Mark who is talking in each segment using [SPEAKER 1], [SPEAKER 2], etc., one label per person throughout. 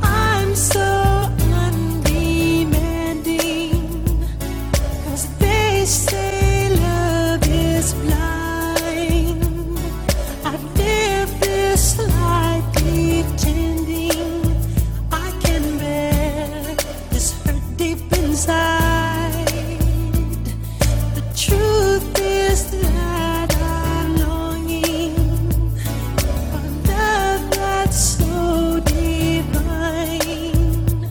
[SPEAKER 1] I'm so undemanding, 'cause they say love is blind. I've lived this life pretending I can bear this hurt deep inside. The truth is that I'm longing Love that's so divine.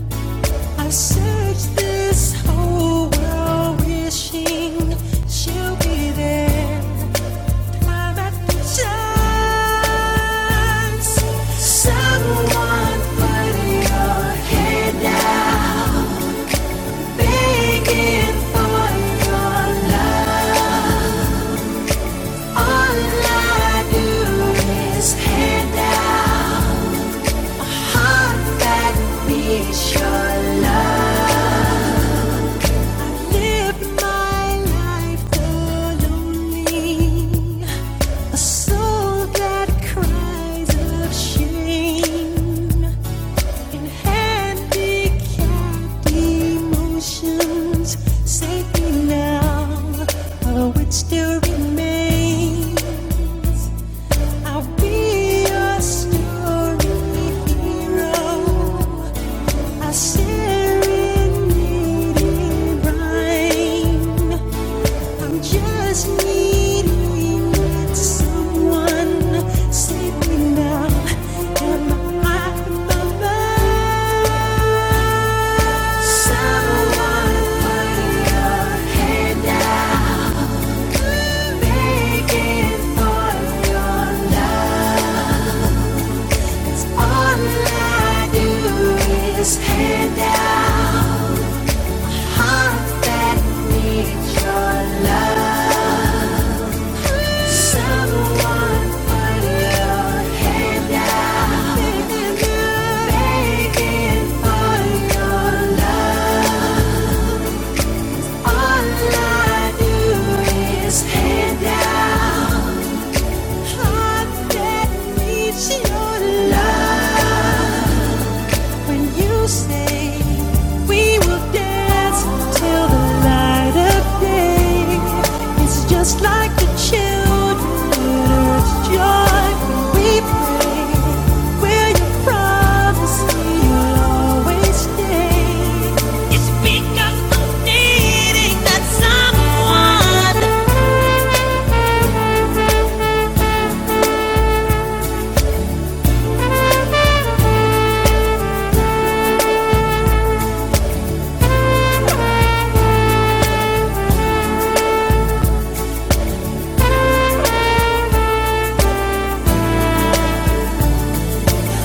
[SPEAKER 1] I searched this whole world wishing she'll be there. I'm at the chance. Someone put your head down, begging for your love. All I do is hand out. heart that needs your love. Live my life lonely, a soul that cries of shame handicapped emotions. Save me now, of which still remain. I'll be your story hero. I share needing rain. I'm just needing that someone save me now. Am I the Someone put your head down, begging for your love. All I do is hand out hearts that need your love. Someone put your hand out, begging for your love. All I do is hand out hearts that need your love. When you say we will dance till the light of day, it's just like the children joy when we pray. Will you promise me you'll always stay? It's because i needing that someone,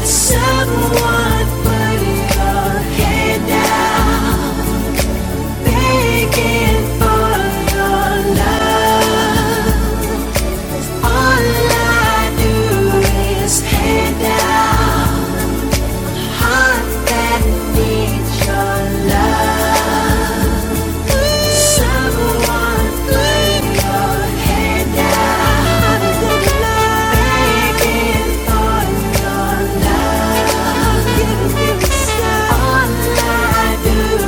[SPEAKER 1] someone putting your hand down. Begging for your love. All I do is lay down hearts that need your love. Someone put your head down. Begging for your love. All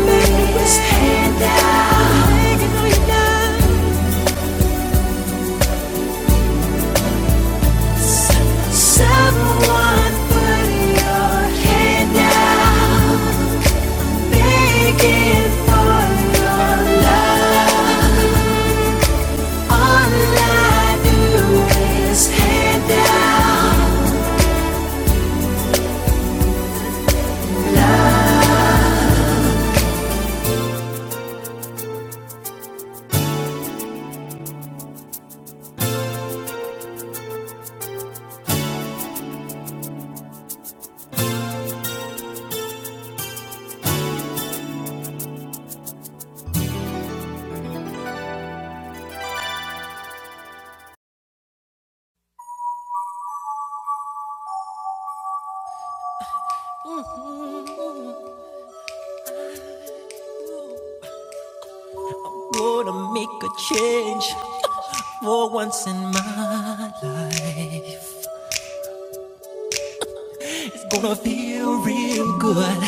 [SPEAKER 1] I do is hand out. Someone put your hand out, begging for your love. All I do is hand out. Gonna make a change for once in my life. It's gonna feel real good.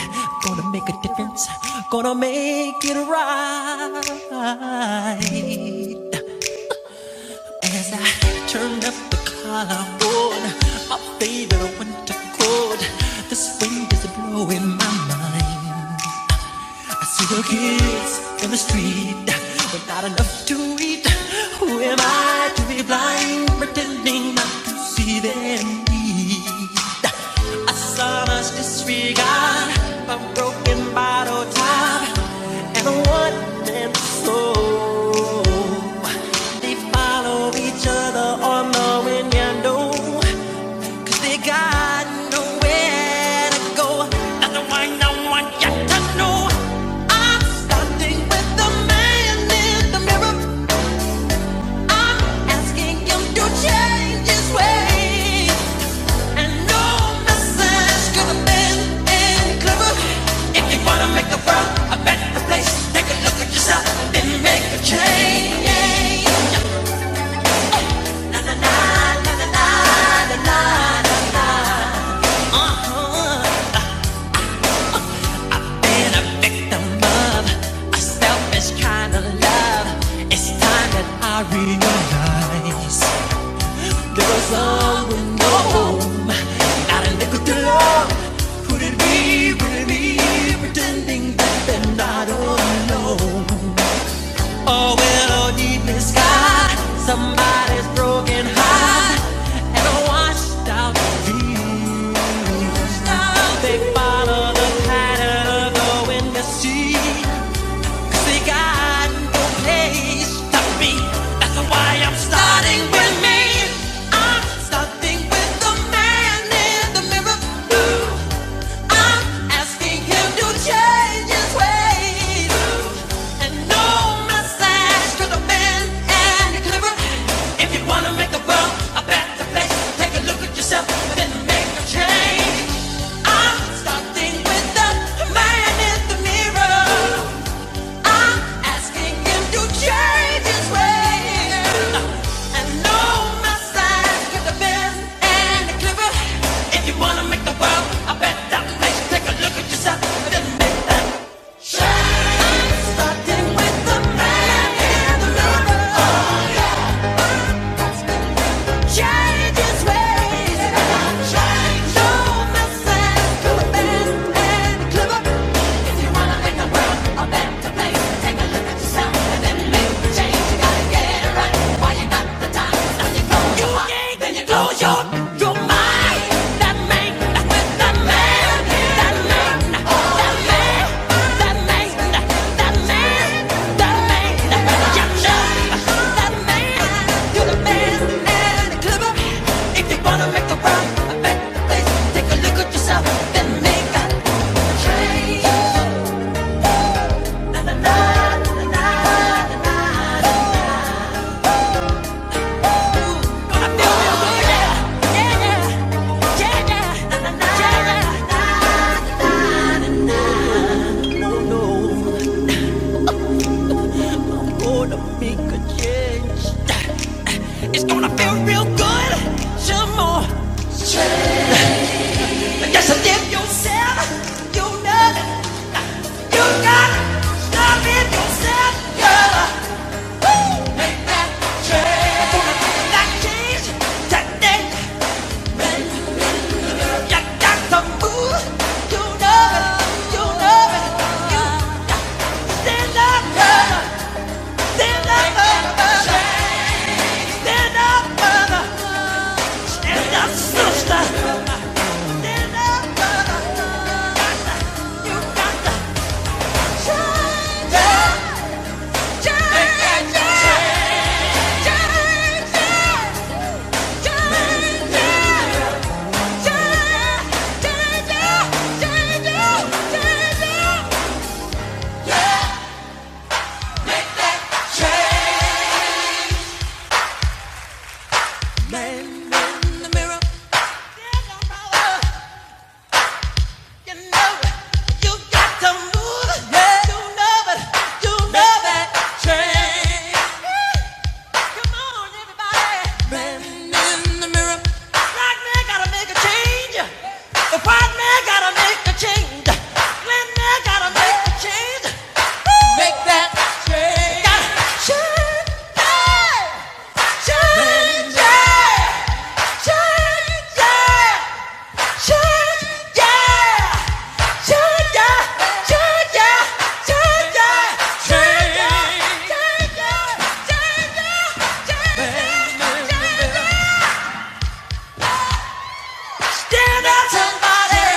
[SPEAKER 1] Gonna make a difference. Gonna make it right. As I turned up the collar on my favorite winter coat, this wind is blowing my mind. I see the kids in the street, but not enough to eat. Who am I to be blind, pretending not to see them eat? I saw much disregard, a broken bottle top, and a one-man soul. They follow each other on the window, 'cause they got nowhere to go. Not the one, I want you to know. And no man's gonna make it clever. If you wanna make the world a better place, take a look at yourself and make a change. Been a victim of a selfish kind of love. It's time that I realize there was someone more. Not a nickel to love. Who did we really be pretending that they're not alone? Oh, well, deep in the sky, somebody's broken high and a washed out view. They follow the pattern of the wind to see, 'cause they got no place to be. That's why I'm starting with me. I'm starting with the man in the mirror. Ooh. I'm asking him to change his ways and no massage to the man and the If you wanna make the world a better place, take a look at yourself and then make a change. I'm starting with the man in the mirror. I'm asking him to change his ways. And know my size, get the bend and the clipper. If you wanna make the world a better place, take a look at yourself. and sure. I'm starting with the man and the lover. Oh, yeah. Change his ways. Change. Know my signs. get the bend and the clipper. Take a look at yourself, then make that gonna feel real good, yeah, yeah. No, no, gonna make a change. It's gonna feel real good. Some more. Change. Just live yourself. You know, you got to stop it yourself, girl. Woo, Make that change. I'm gonna make that change today. You got to move. You know it. You know it. You stand up, girl. Stand up. Make that change. Stand up, brother. Stand up, sister. Stand up, brother. Change, change, change, change, change, change, change, Stand up, brother. You know it. You got to move it. You know it. You know that change. Come on, everybody. Man in the mirror. Black man gotta make a change. The white man gotta make a change. Black man gotta make a change. Make that change. Change. Change. Change. Change. Change. Change. Change. Stand up, somebody.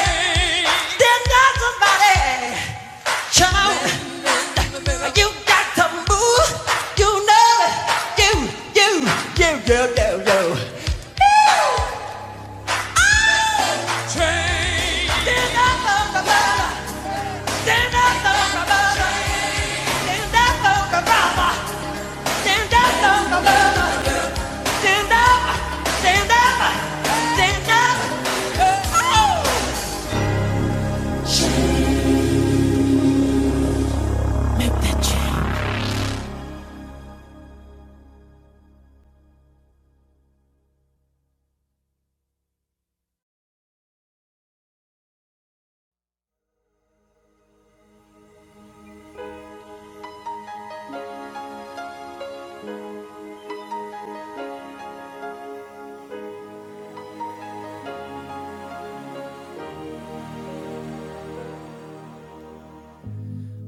[SPEAKER 1] Stand up, somebody. Child, you got to move. You know it. You, you, you, you, you, you. Stand up for the Stand up for the Stand up Stand up Stand up. Stand up. Stand up. Oh. change.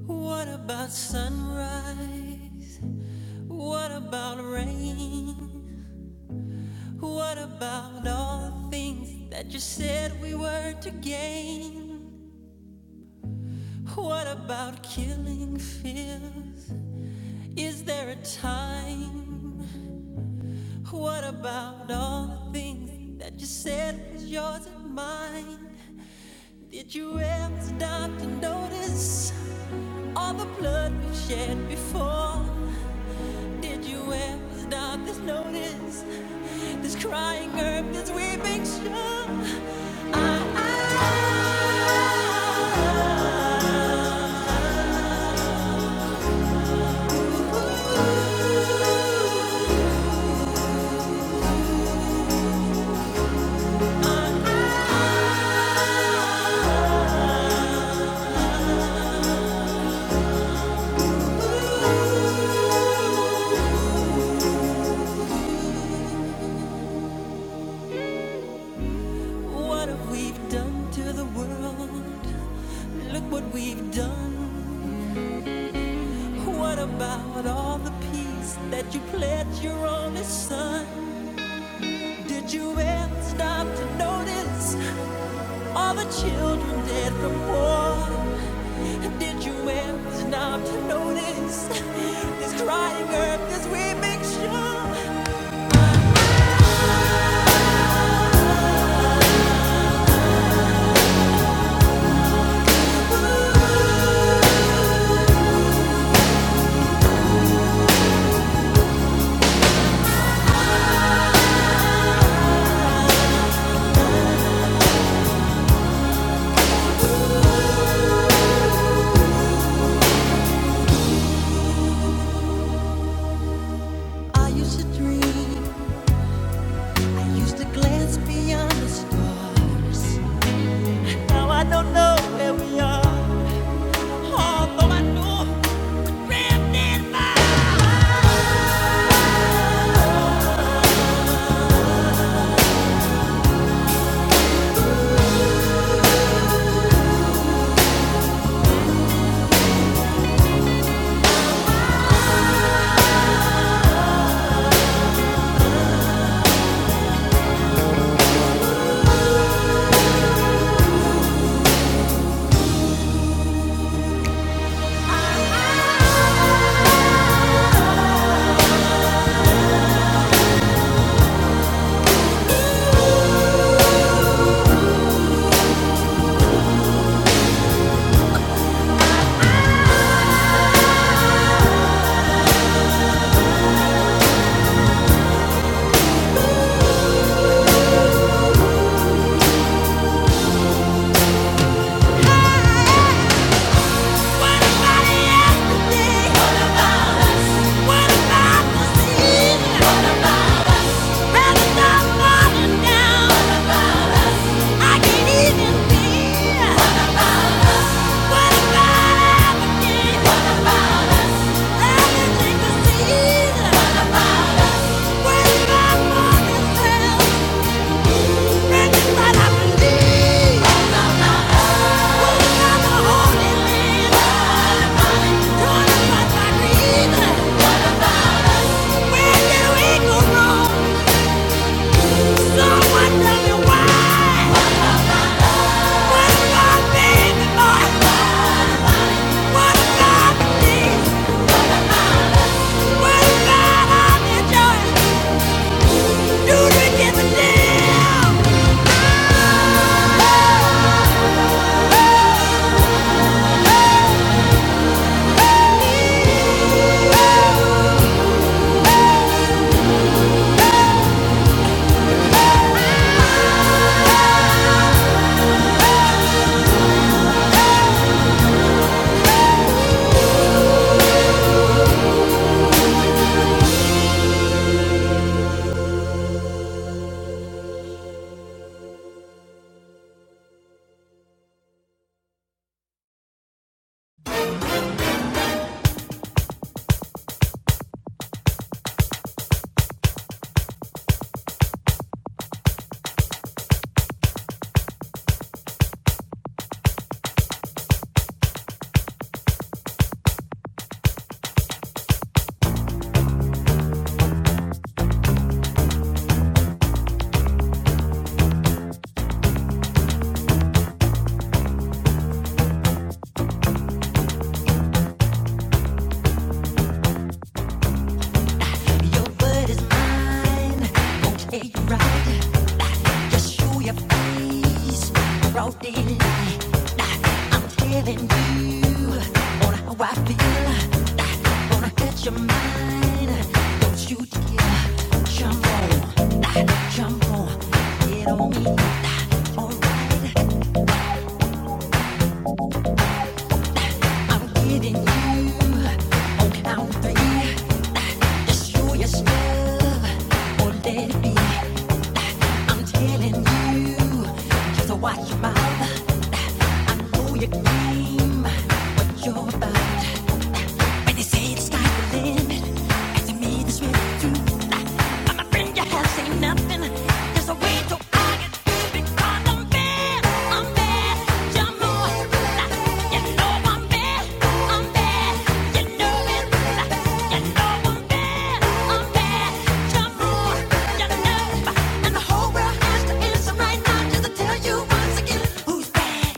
[SPEAKER 1] What about sunrise? What about rain? What about all the things that you said we were to gain? What about killing fears? Is there a time? What about all the things that you said was yours and mine? Did you ever stop to notice all the blood we've shed before? Did you ever stop to notice? This crying earth, this weeping shore? I, I What have we done to the world? Look what we've done. What about all the peace that you pledged your only son? Did you ever stop to notice all the children dead from war? Did you ever stop to notice this crying earth, this weeping shore? I used to dream, I used to glance beyond the stars. Now I don't know where we are. What about us? Do you give a damn? Watch your mouth. I know your game, but you're about. When they say the sky's the limit, and to me this really true. I'm afraid you have seen nothing. There's a way to argue through because I'm bad, I'm bad, you know it. You know I'm bad, I'm bad, you know it. You know I'm bad, I'm bad, you know it. You know, and the whole world has to answer right now just to tell you once again who's bad.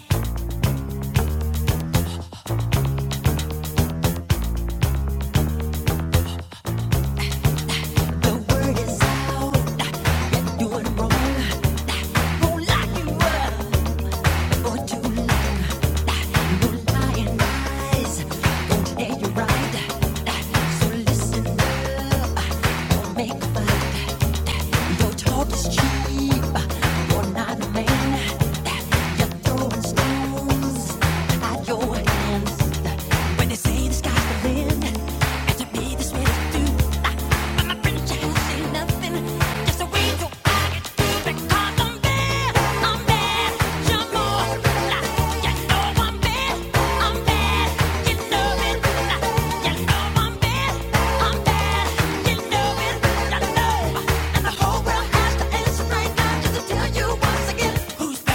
[SPEAKER 1] The word is out. Your hands. When they say the sky's the limit, and to me this way is But my friends just say nothing, just a way to argue too. I'm bad, I'm bad, you know it. You know I'm bad, I'm bad, you know it. like, You know I'm bad, I'm bad, you know it. You know, and the whole world has to answer right now just to tell you once again who's bad.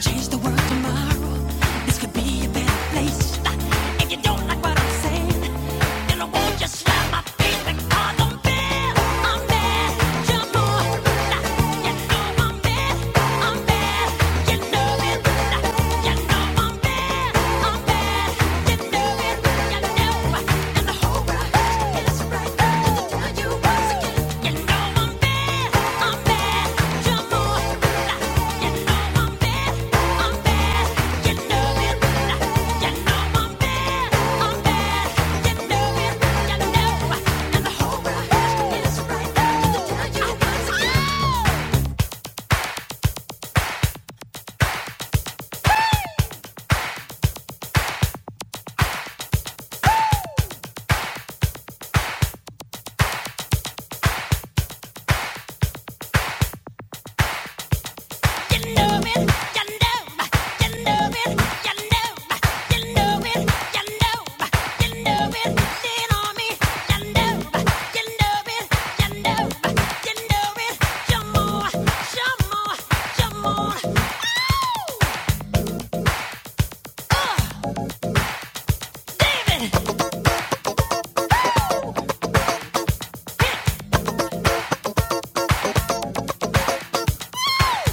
[SPEAKER 1] Change the world tomorrow. This could be a better place. If you don't like what I'm saying, then I won't just slap my face I'm bad. I'm bad. You know it. You know I'm bad. I'm bad. You know it. You know I'm bad. I'm bad. You know it. You know. Yeah! David! Woo! Woo!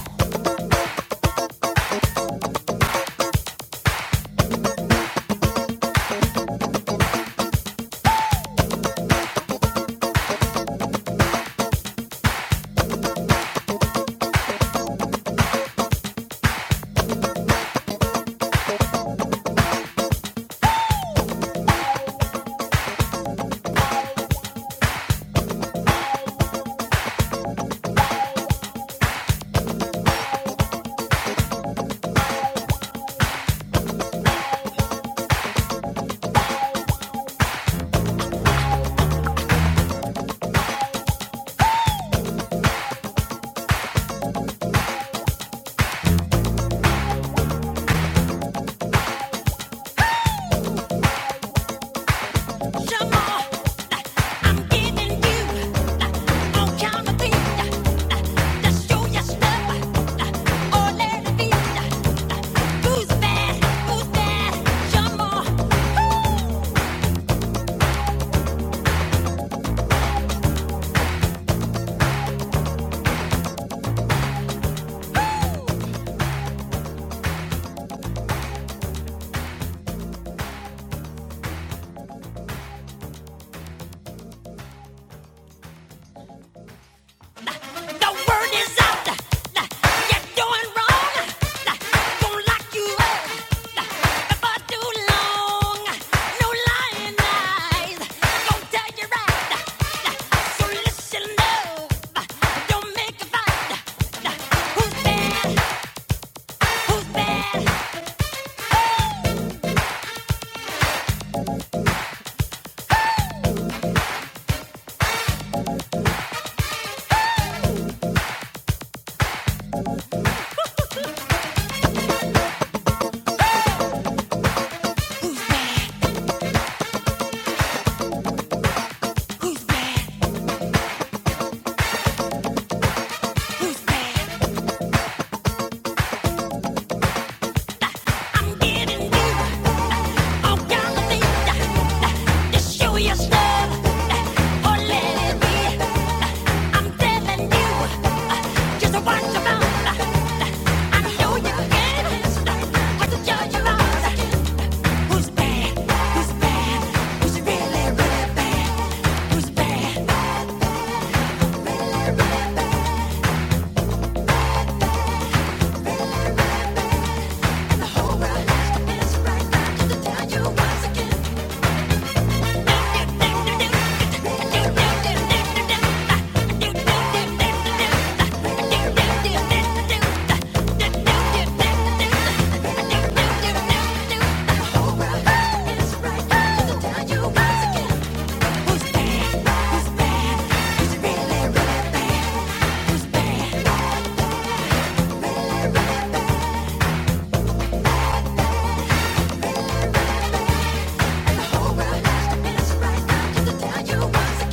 [SPEAKER 1] Who's bad? Who's bad? Some more. The word is out. Nah, nah, You're doing wrong. Gonna lock you up. For too long. No lying eyes. Gonna tell you right. Nah, nah, So listen up. Nah, Don't make a fight. Nah, nah, Who's bad? Who's bad? Who's bad? Who's bad? Who's bad? I'm giving you all kinds of things to show your love or let it be. I'm telling you just what you want. I know you can. Hard to judge you on who's bad, who's bad, who's really really bad, who's bad. And the whole world has to right now to tell you once again. Who's bad? The whole world has to miss right now to tell you once again.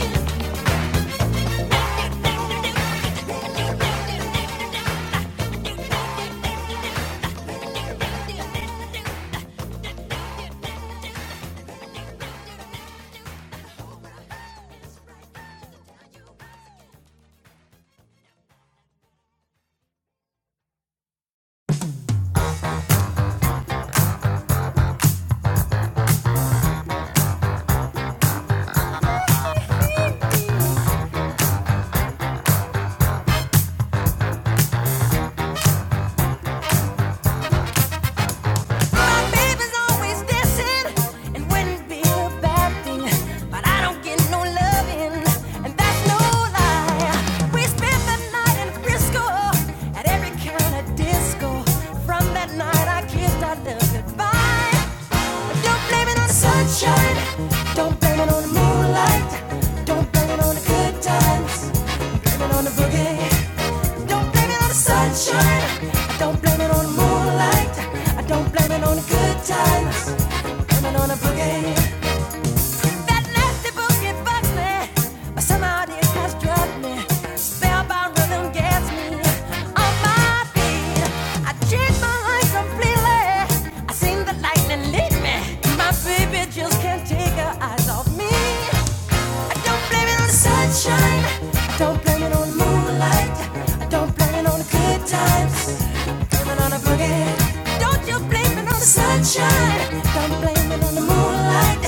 [SPEAKER 1] My baby's always dancing, and wouldn't be a bad thing. But I don't get no loving, and that's no lie. We spent the night in Frisco at every kind of disco. From that night, I kissed our love goodbye. Don't blame it on the sunshine. Don't blame it on the moonlight. Don't blame it on the good times blame it on the boogie. don't blame it on the sunshine. I don't blame it on the moonlight. I don't blame it on the good times. blame it on the boogie. That nasty boogie bugs me, somehow it has struck me. Spellbound rhythm gets me on my feet. I change my life completely. I seen the lightning lead me. My baby just can't take her eyes off me. I don't blame it on the sunshine. I don't blame it on the moonlight. I don't blame it on the good times. I blame it on the boogie. Don't you blame it on the sunshine. I Don't blame it on the moonlight.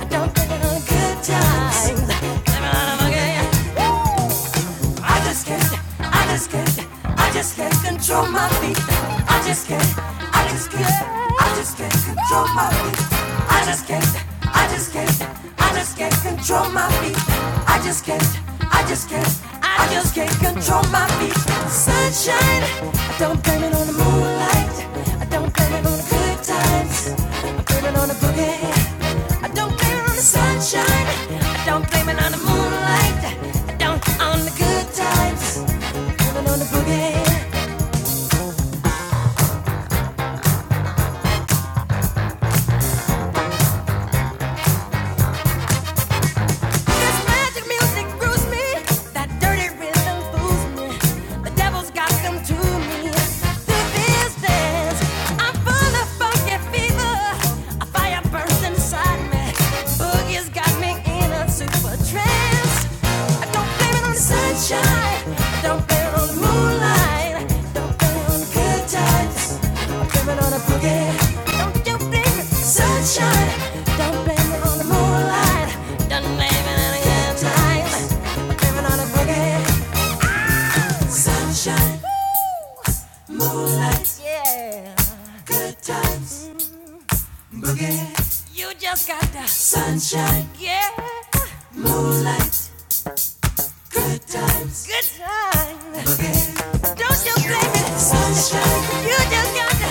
[SPEAKER 1] I don't blame it on the good times. Boogie. Woo! I just can't, I just can't, I just can't control my feet. I just can't, I just can't, I just can't control my feet. I just can't, I just can't, I just can't control my feet. I just can't, I just can't, I just can't control my feet. Sunshine, I don't blame it on the moonlight. I don't blame it on the good times. I blame it on the okay. I don't blame it on the sunshine. I don't blame it on the moonlight. I don't on the good times. Blame it on the boogie. This magic music brews me. That dirty rhythm fools me. The devil's got them to me. This is dance. I'm full of funky fever. A fire burns inside me. Boogie's got me in a super trance. don't blame it on the sunshine. don't blame it on the moonlight. don't blame it on the good times. blame it on the boogie. Don't you blame it sunshine. Don't blame it on the moonlight. Don't blame it on the good times. blame it on the boogie. Ah! Sunshine. Moonlight. Yeah. Good times. You just got the sunshine. Yeah. Moonlight. Good Don't you blame it. You just got to.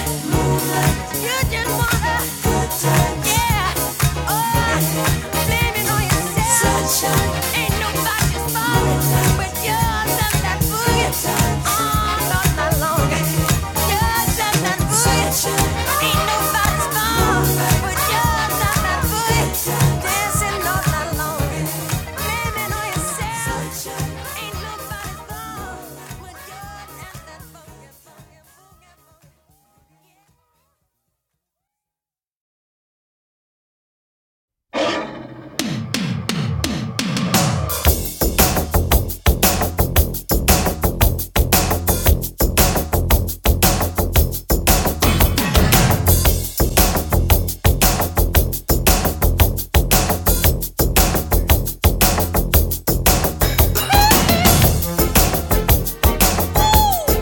[SPEAKER 1] Woo!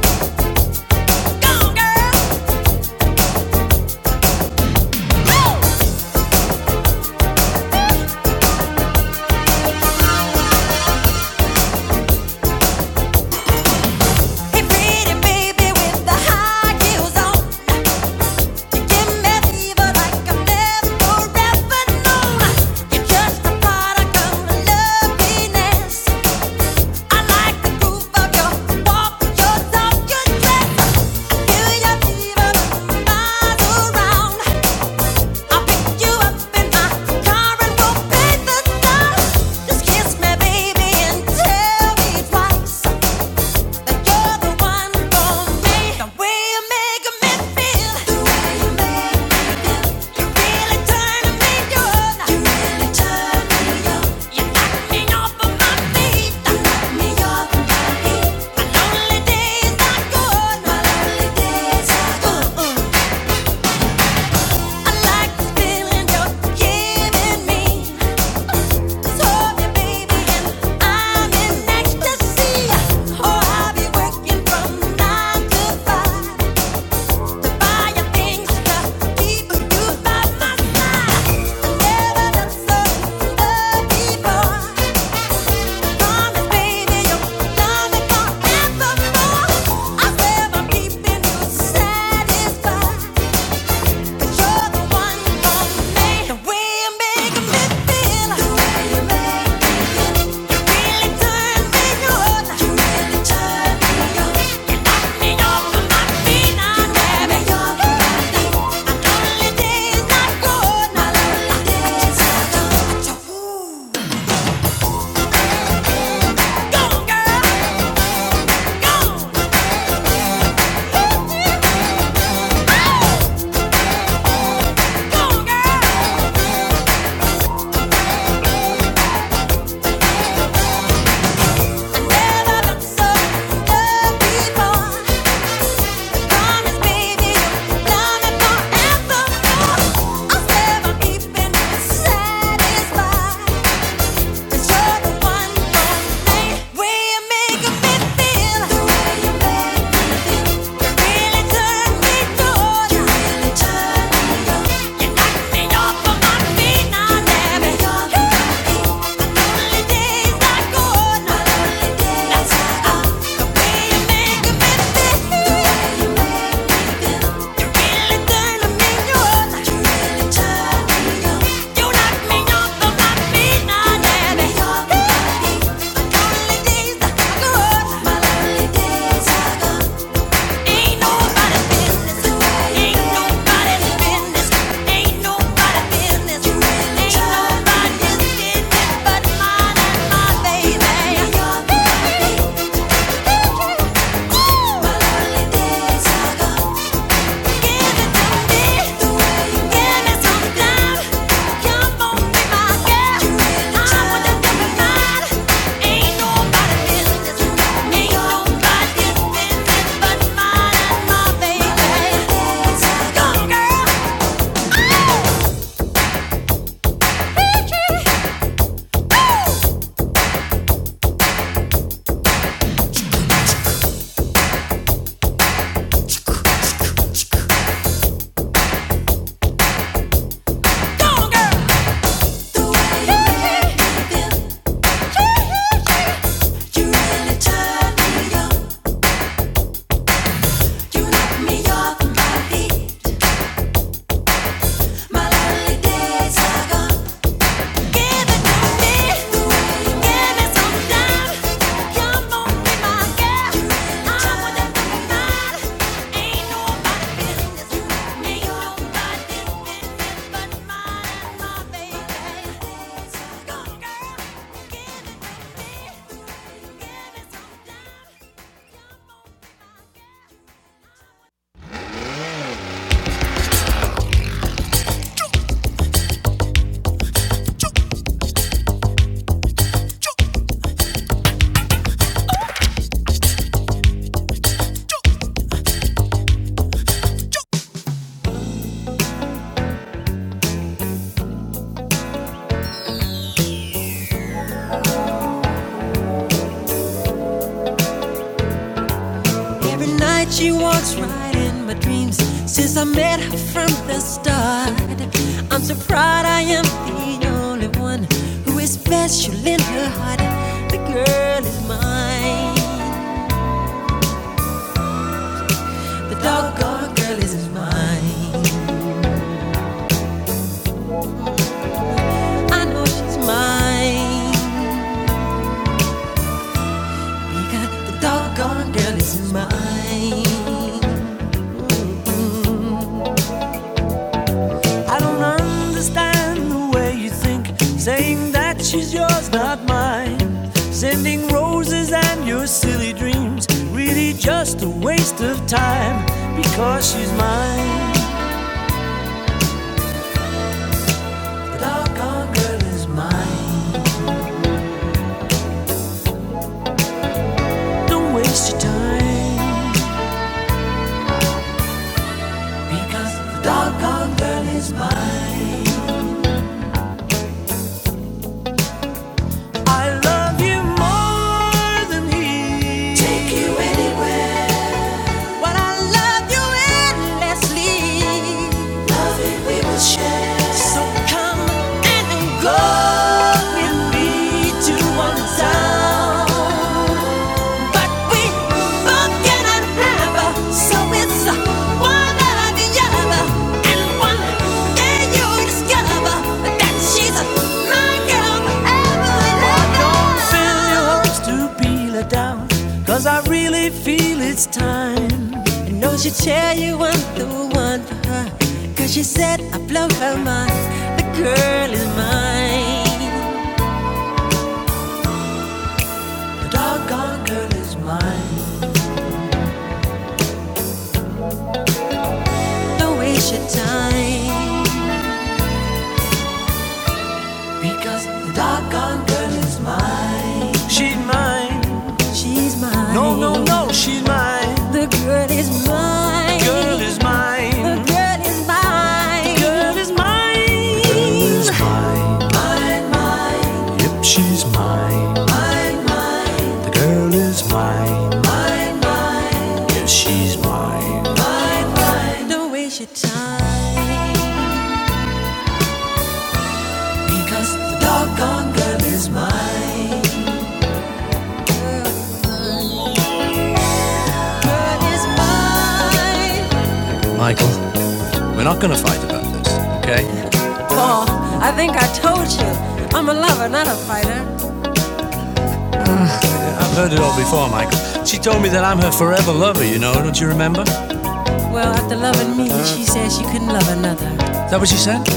[SPEAKER 1] Just kiss me, baby, and tell me twice. I'm in ecstasy. Oh, I'll be working from nine to five. Satisfied Never look so other people. Make me feel the way you make me feel. Really You really turned me good. You knocked me off of my feet, now never. My lonely days are gone. My lonely days are gone. The way you make me feel. The way you make me feel. You really turned me good. You really me off of my feet, now never. My lonely days are gone. My lonely days are gone. Days ago Go, girl! Give it to me. Every night she walks right in my dreams. Since I met her from the start, I'm so proud I am the only one who is special in her heart. The girl is mine. The doggone girl is mine. I know she's mine because the doggone girl is mine. I don't understand the way you think, saying that she's yours, not mine. Sending roses and your silly dreams, really just a waste of time, because she's mine. The doggone girl is mine. Don't waste your time, because the doggone girl is mine. I love you more than he. Take you anywhere. But I love you endlessly. Loving we will share. So come and go with me to one town. But we both cannot have a. Cause I really feel it's time. And don't she tell you I'm the one for her? 'cause she said I blow her mind. The girl is mine. The doggone girl is mine. Don't waste your time. Because the doggone girl is mine. She's mine. She's mine. No, no, no, she's mine. The girl is mine. Girl is mine, The girl is mine. girl is mine. The Girl is mine. mine. mine, mine. Yep, she's mine. The girl is mine. Yes, she's mine. Because the doggone girl is mine. Michael, we're not gonna fight about this, okay? Oh, I think I I've heard it all before, Michael. She told me that I'm her forever lover, you know, don't you remember? Is that what she said?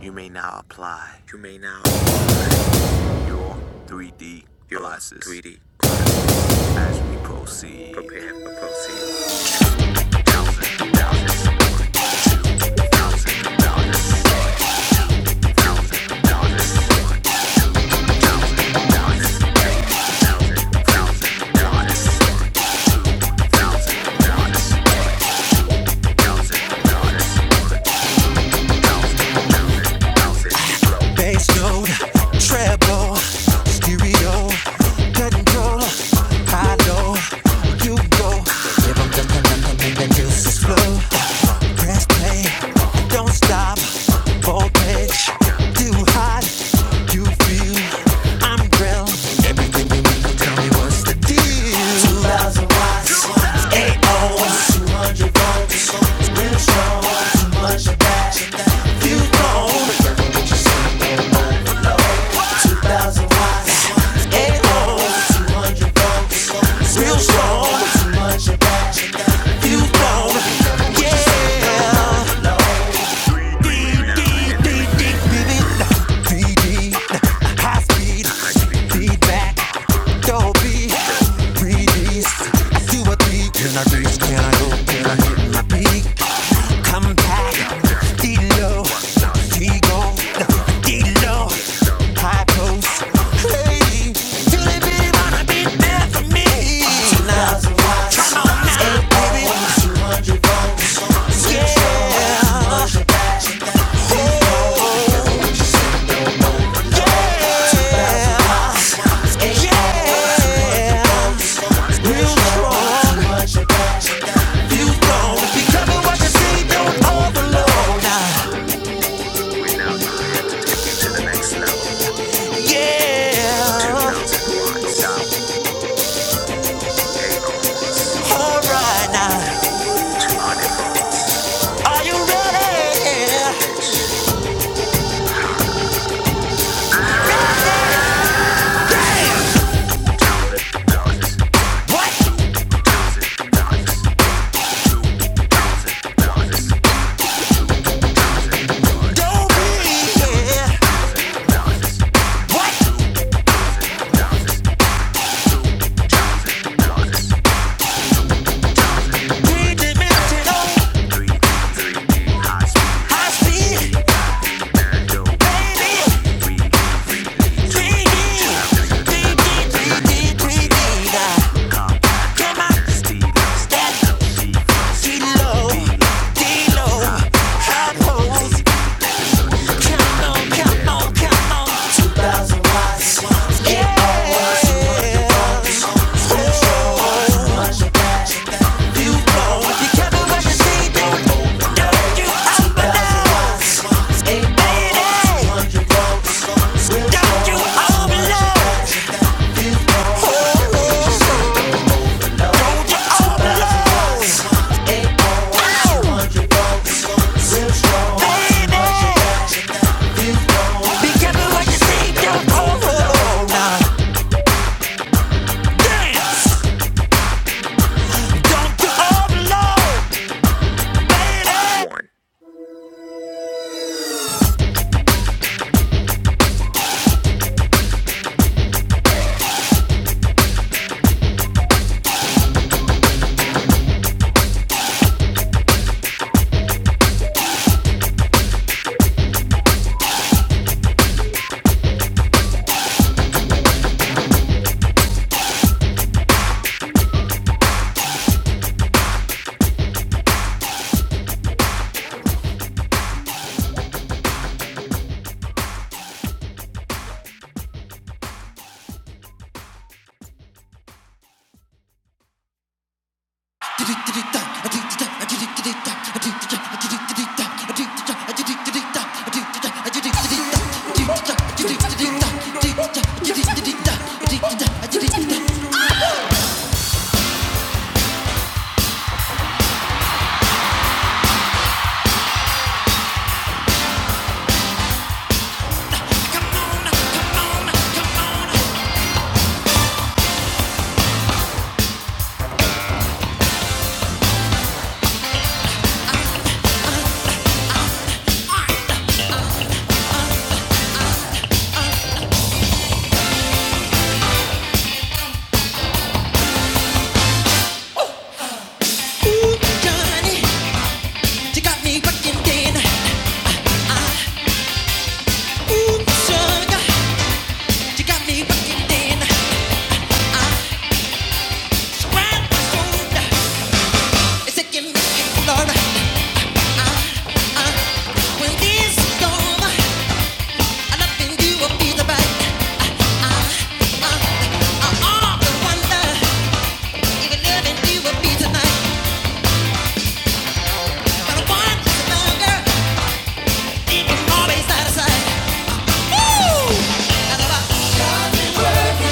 [SPEAKER 1] You may now apply. You may now apply your 3D glasses. 3D as we proceed. Prepare for proceed. Come on now, baby. Yeah. yeah. feel strong. You don't. Tell me what you see. Two thousand watts. Down. All right now. Are you ready? Damn! What? Don't be here. What? Three dimensional. High speed. Baby. 3D. 3D, 3D, 3D. Now, Come on. Step. See low. D low. High pose. Come on, come on, come on. Yeah. You know. You tell me what you see, baby. Come on, come on, You got me fucking dead. Ooh, sugar. You got me walking in, surround my soul. It's taking me exploring. Uh, when this is over, I love in you will be the right. Uh, uh, uh, uh, all the wonder, even loving you will be tonight. But I want you longer, even always out of sight. Woo! I love how God is working.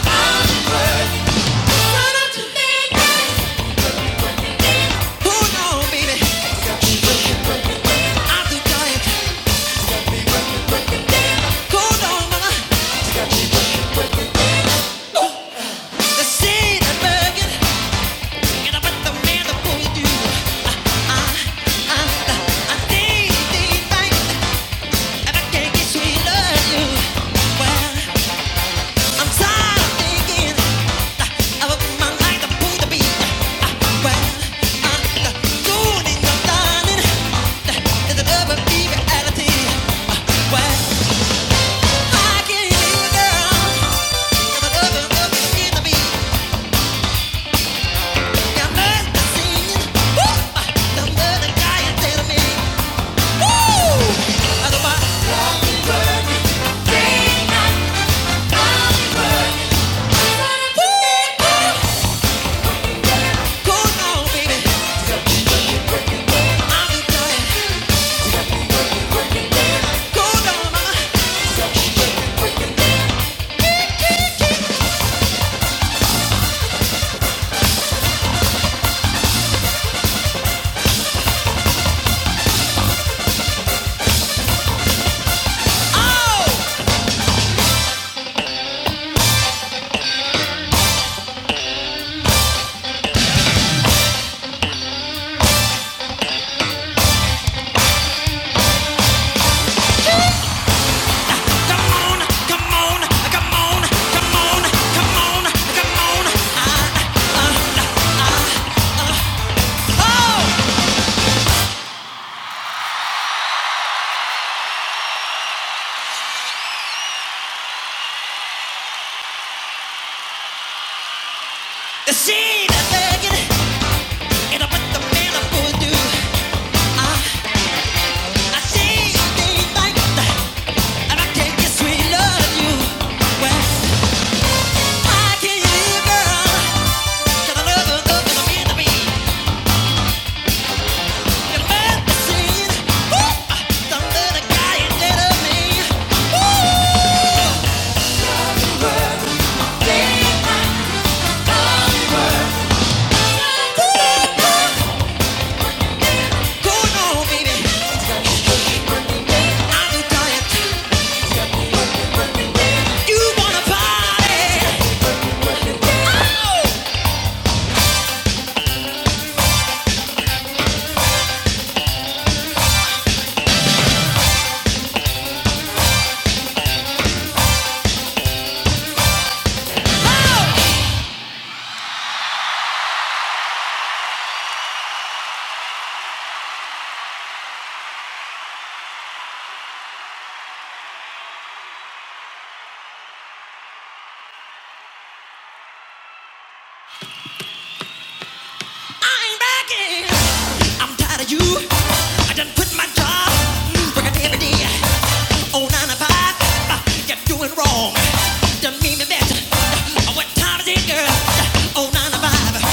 [SPEAKER 1] Son of a man. Hold on, baby, I'll do giant. Hold on, mama, the scene is Yeah. Ano ba? Go on, baby. I'm enjoying. Go on, mama. Oh, come on, come on, come on, come on, come on, come on. The scene is begging, and I put the man up for you. I see you day like that, and I can't get sweet love you. Well, I can't leave, girl, 'cause I love you, love you, love you. Wrong. Done me my best. What time is it, girl? Oh, nine to five.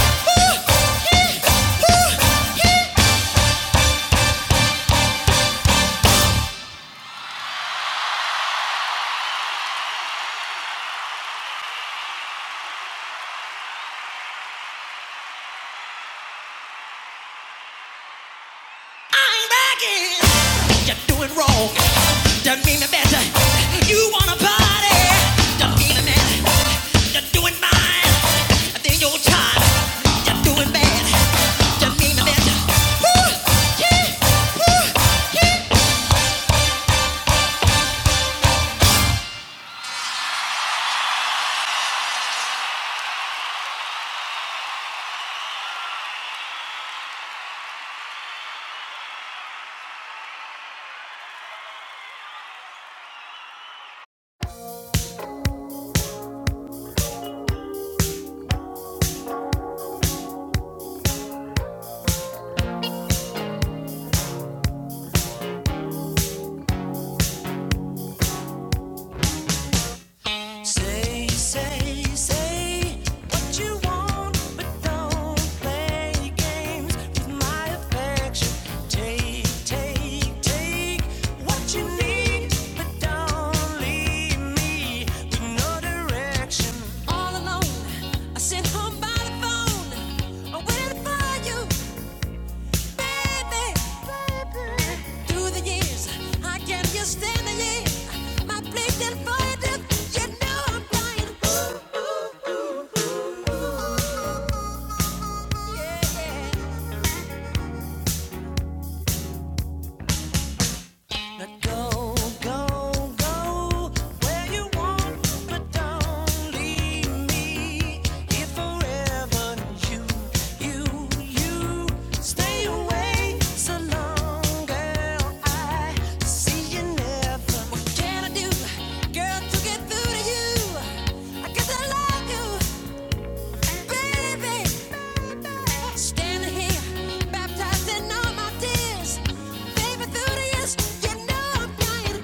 [SPEAKER 1] I ain't bragging. You're doing wrong. Don't mean the better. You wanna party? Don't mean the man. You're doing fine. I think you're tired. You're doing bad. You mean the best. Say, say what you want, but don't play games with my affection. Tick, tick, tick. But all alone, I sit home by the phone, I'm waiting for you. Ooh, ooh, ooh. Girl, to get through to you, I guess I love you. Baby, standing here, baptized in all my tears. Baby, through the years, you know I'm crying.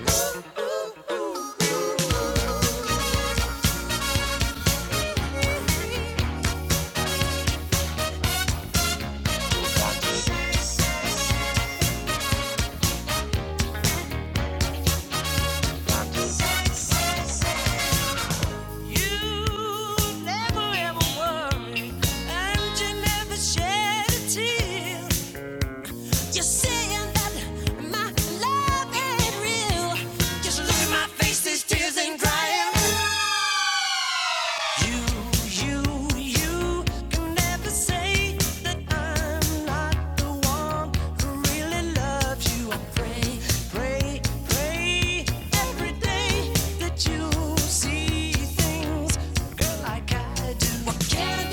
[SPEAKER 1] You never ever worry, and you never shed a tear. You said my love real, 'cause my face is tears and crying. Can I do?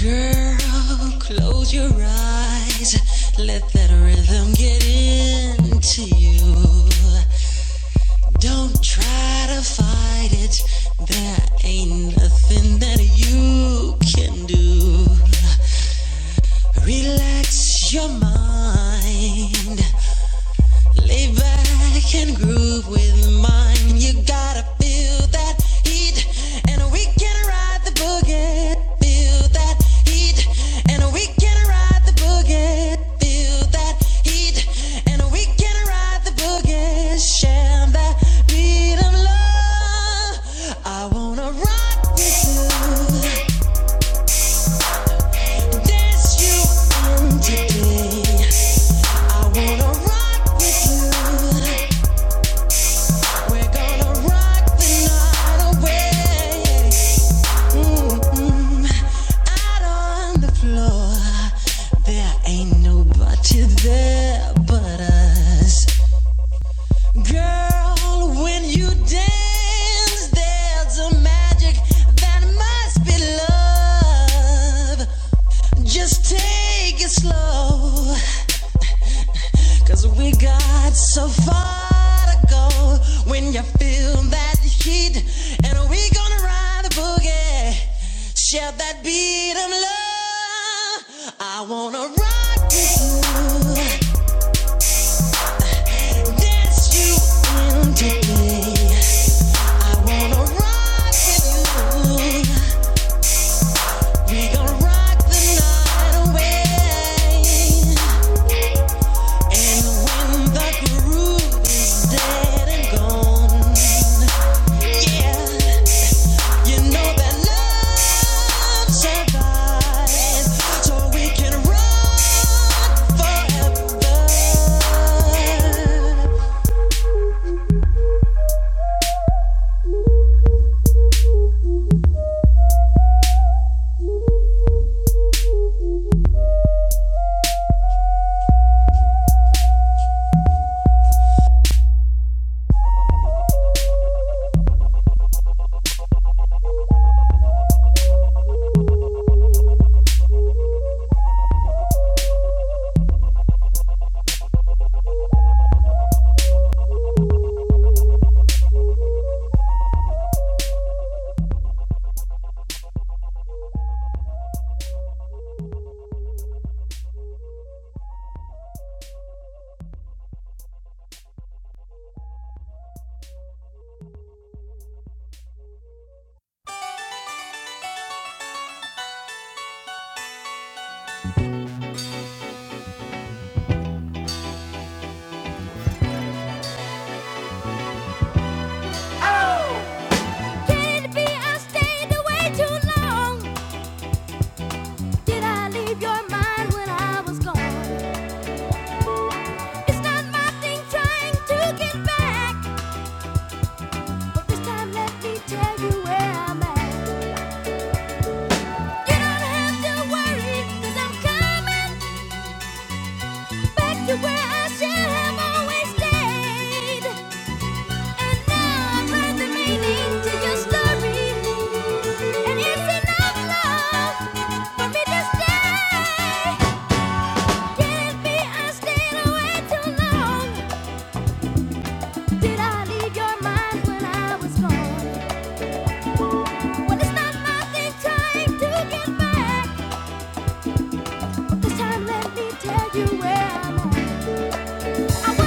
[SPEAKER 1] Girl, close your eyes. Let that rhythm get into you. Don't try to fight it. There ain't nothing that you can do. Relax your mind. Lay back and groove with mine. You gotta feel that heat, and we can ride the boogie. Feel that heat, and we can ride the boogie. Feel that heat, and we can ride the boogie. Share that beat of love. I wanna rock with you, dance you on today. I wanna rock with you. We're gonna rock the night away. Mm-hmm. Out on the floor, there ain't nobody there but us. Girl, when you dance, there's a magic that must be love. Take it slow, and I'm gonna ride the boogie. Share that beat of love. I want you. It's not this time, let me tell you where I'm at. You don't have to worry, i I'm coming back to where I should have always stayed. And now I've the meaning to your story. And it's enough love for me to stay. Can't be I stayed away too long. Did I leave your mind when I was gone? Well, it's not nothing trying to get back. this time let me tell you where I'm at. There's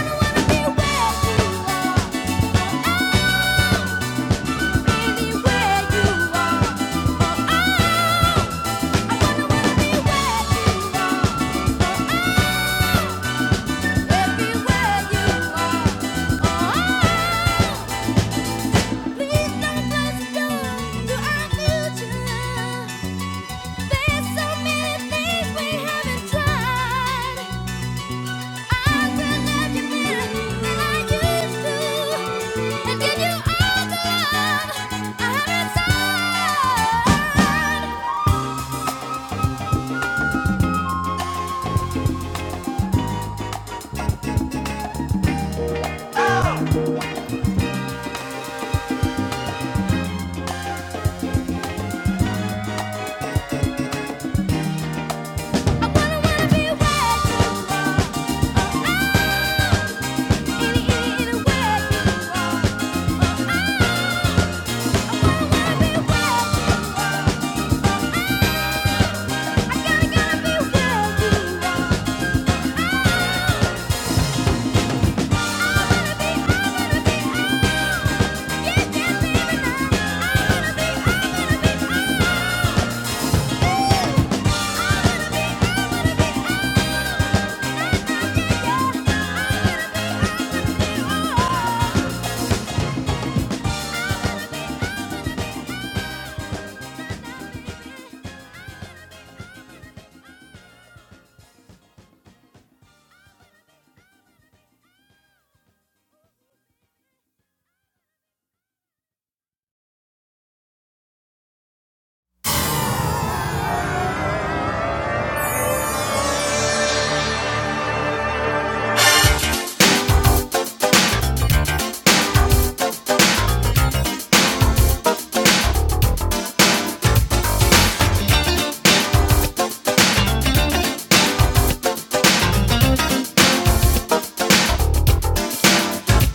[SPEAKER 1] so many things we haven't tried. I wanna be, I wanna be, I wanna be.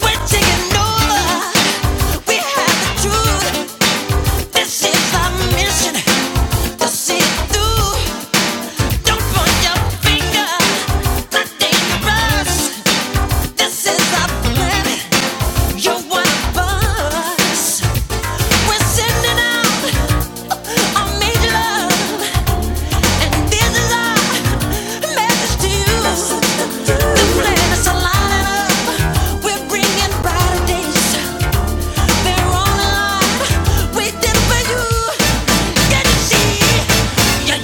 [SPEAKER 1] We're taking over. We have the truth. This is our mission. To see it through. Don't point your finger. Not dangerous. This is our planet. You're one of us. We're sending out a major love.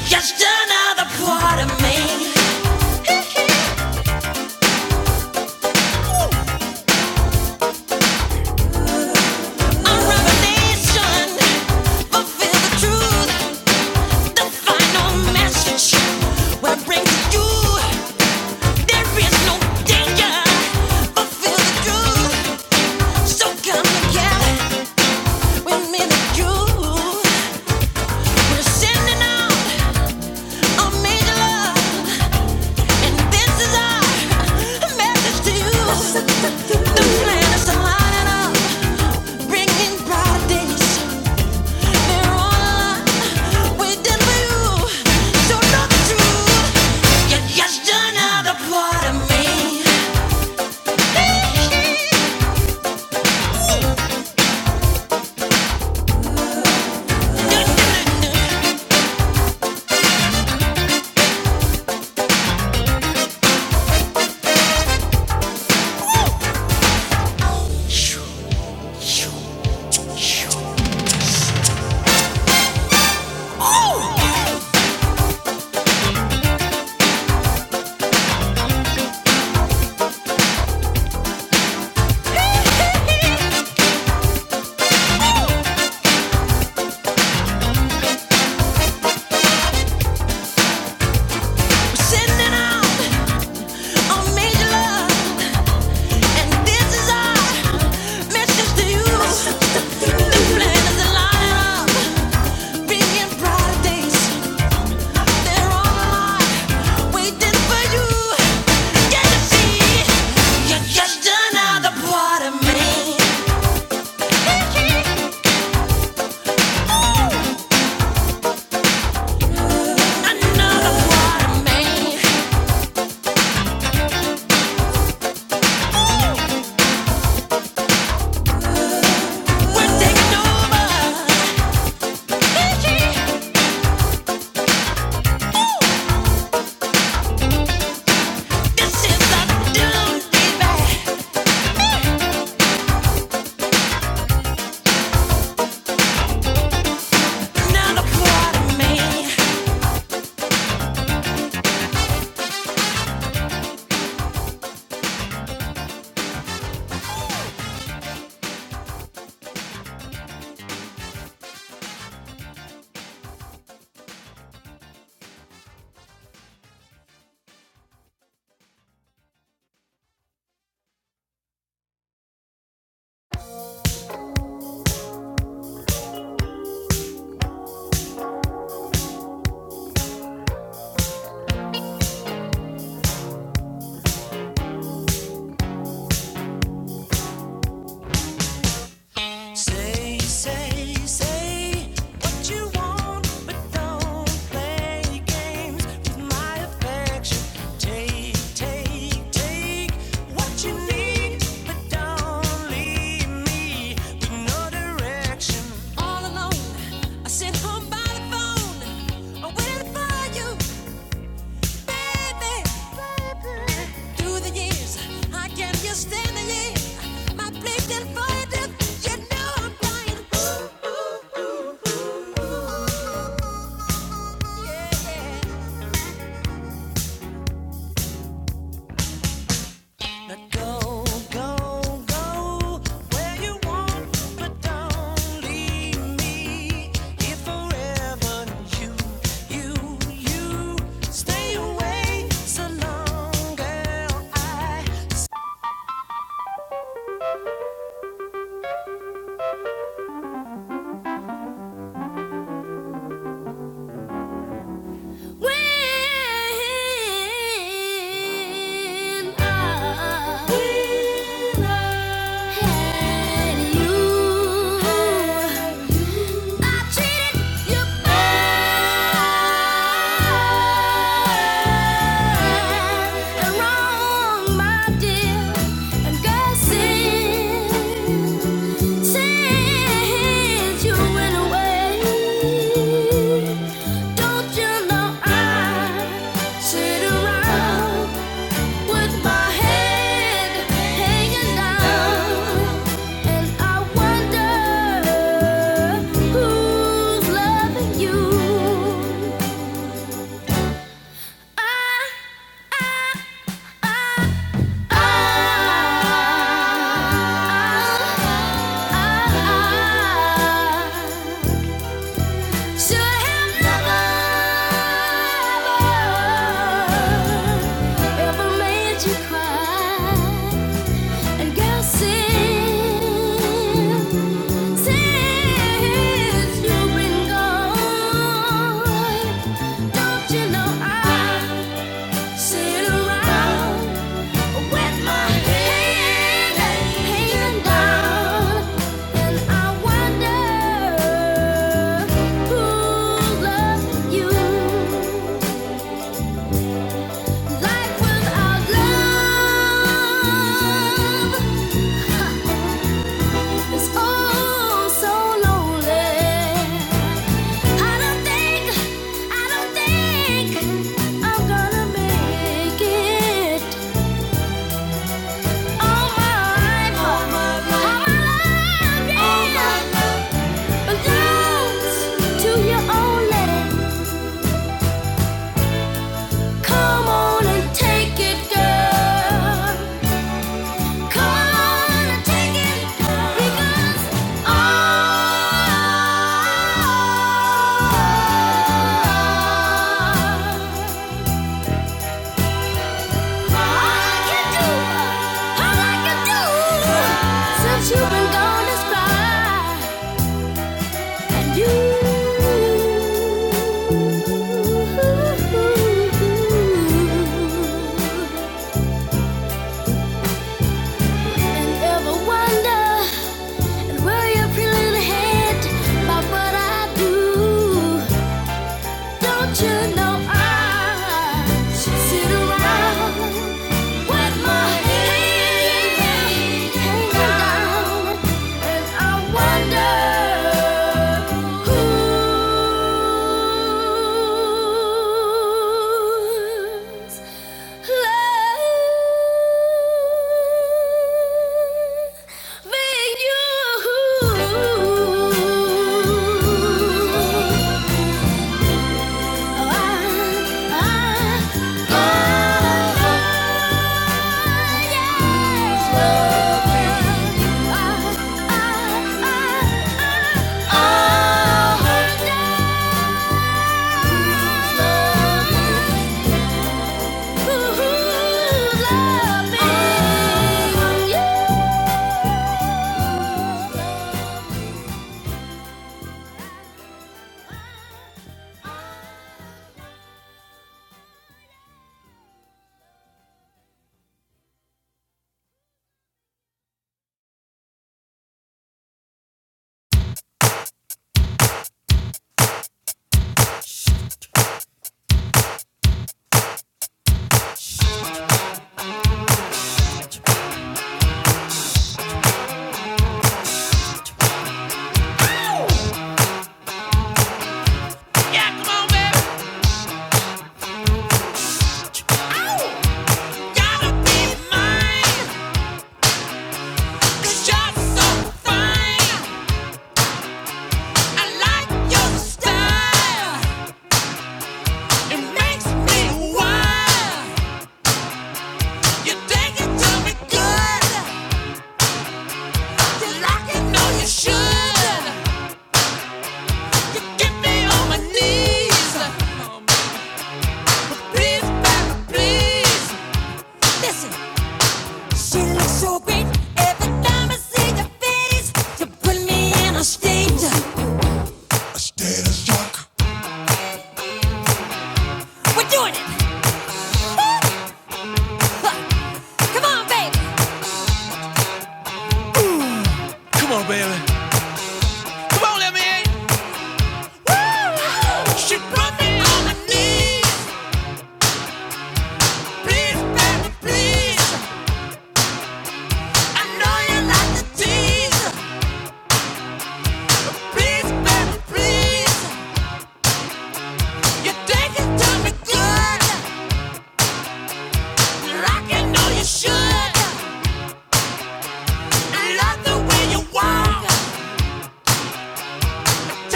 [SPEAKER 1] Just another part of me, a revelation. Fulfill the truth, the final message. we bring to you. There is no danger. Fulfill the truth. So come together with me and you. We're sending out a major love, and this is our message to you. The planets are lining up, bringing brighter days. They're on waiting for you. So know the truth. You're just another part of me. We're sending out a major love. Just another part of me, another part of me. We're taking over. This is our doom, baby. Another part of me. Say, say, say what you want, but don't play games with my affection. Take, take, take what you need, but don't leave me with no direction. All alone, I sit home by the phone, waiting for you. Through the years, I can't just stand the year. My place and void, you know I'm flying. Ooh, ooh, ooh. Now go, go, go where you want, but don't leave me here forever. You, you, you, stay away so long, girl. I When I When I had you, had you, I treated you bad and wrong, my dear, and God since you went away. Don't you know I sit around with my head hanging down, and I wonder who's loving you. I I sit around with my head hanging down, and I wonder who's loving you. Life without love is oh so lonely. I don't think, I don't think I'm gonna make it all my life, all my life, all my life. Come on and take it, girl. Come and take it, girl. You've been gone this and where you and ever wonder and worry your pretty little head about what I do. Don't you know I sit around with my head hanging down, and I wonder who's loving you. Yeah, come on, baby. Ow! Gotta be mine, 'cause you're so fine. I like your style. It makes me wild. You think you do me good. You like it, no, you should. You get me on my knees. Please, baby, please. Listen, she looks so great. Every time I see your face, you put me in a state. We're doing it. Woo! Come on, babe. Come on, let me in. Woo! She put me on my knees. Please, baby, please. I know you like the tease. Please, baby, please. You take it me good, like I know you should. I love the way you walk,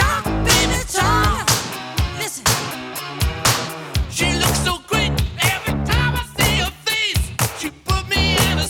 [SPEAKER 1] talk, baby, talk. Listen, she looks so great every time I see her face. She be in a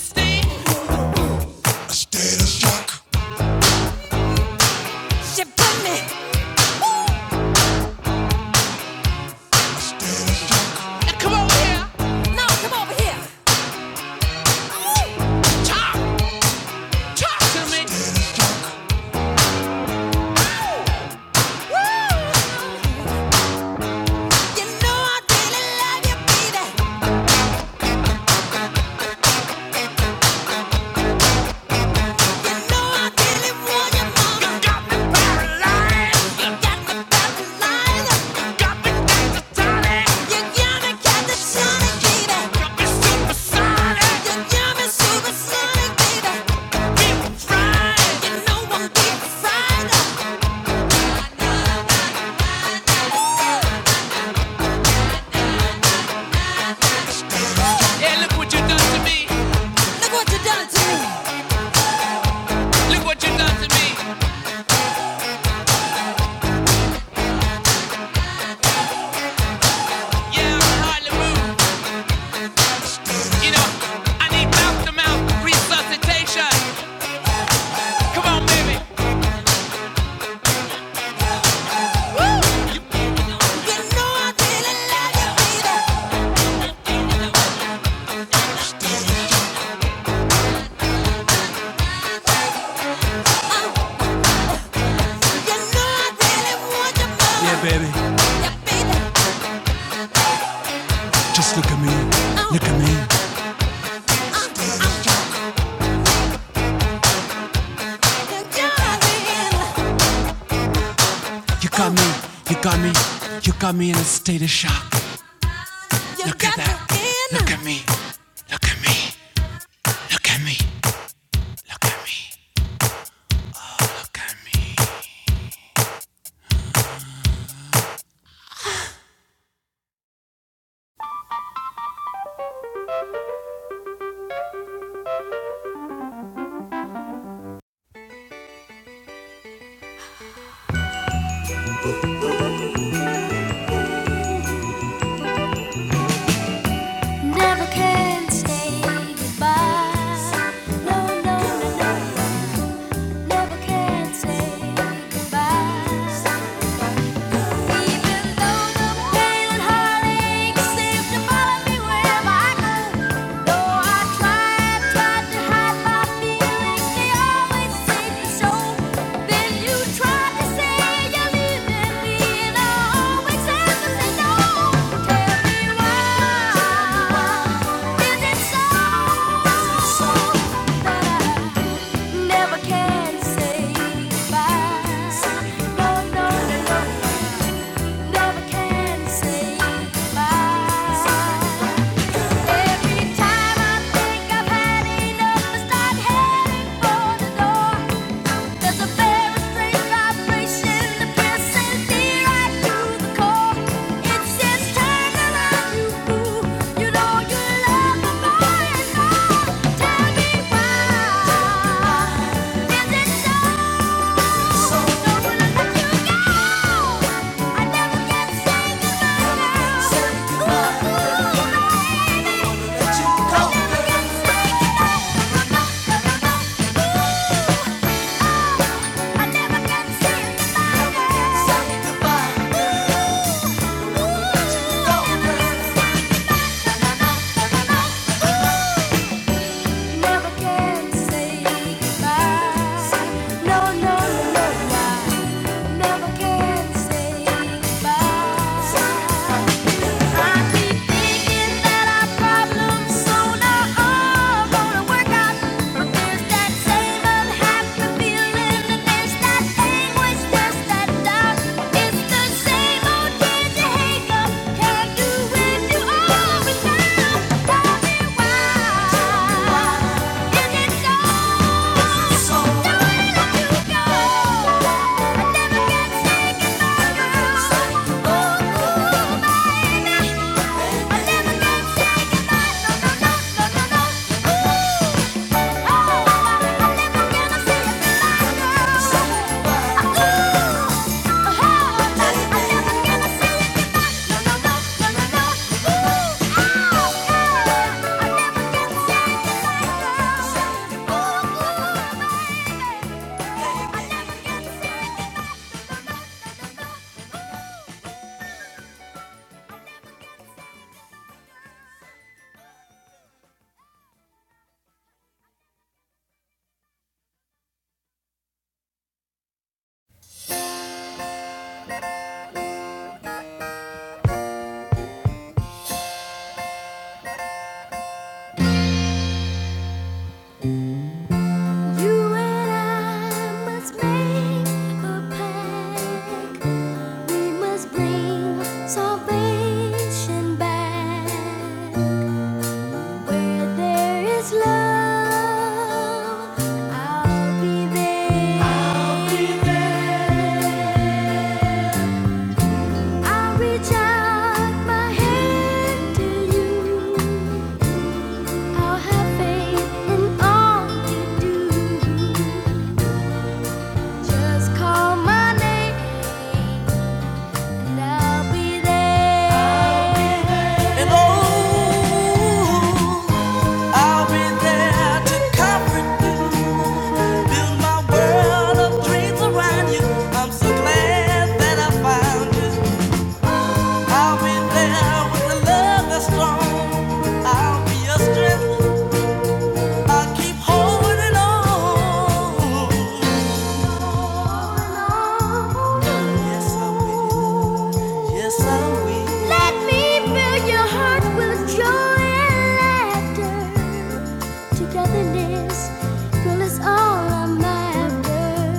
[SPEAKER 1] Yeah, look what you done to me. Look what you done to me. Yeah, I hardly move. You know, I need mouth to mouth resuscitation. Come on, baby. Yeah, baby. Just look at me. Look at me. I Never can say goodbye. No, no, no, no. Never can say goodbye. Even though the pain and heartache seemed to follow me wherever I go, though I tried, tried to hide my feelings, they always seemed to show. Then you tried to say you're leaving me, and I always had to no. Tell me why is it so so that I never can say goodbye? Tell me why is it so? Never can say goodbye. No, no, no, no, why? Thank you Ooh. You and I must make a pact. We must bring salvation back. Where there is love, I'll be there. I'll reach out my hand to you. I'll have faith in all you do. Just call my name and I'll be there. And oh, I'll be there to comfort you, build my world of dreams around you. I'm so glad that I found you. I'll be there with a love that's strong. I'll be your strength. I'll keep holding on. Yes, I will. Yes, I will. Let me fill your heart with joy and laughter. Togetherness, girl, is all I'm after.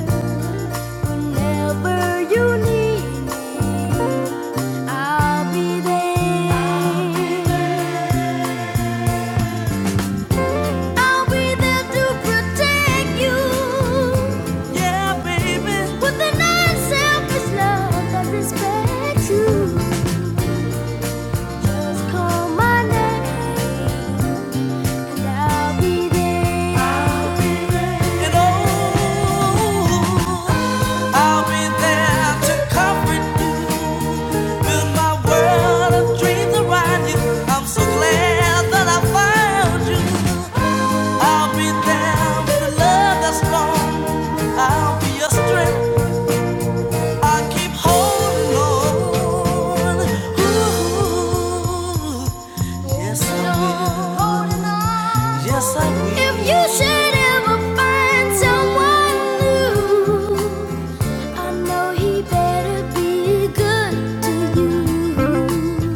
[SPEAKER 1] Whenever you need me, I'll be there. I'll be there to protect you Yeah, baby. with an unselfish love that respects you. Just call my name and I'll be there. And oh, I'll be there to comfort you. Build my world of dreams around you. I'm so glad that I found you. I'll be there with a love that's strong. I'll be your strength. I keep holding on. Ooh, yes, I will. Yes, I will. If you should ever find someone new, I know he better be good to you.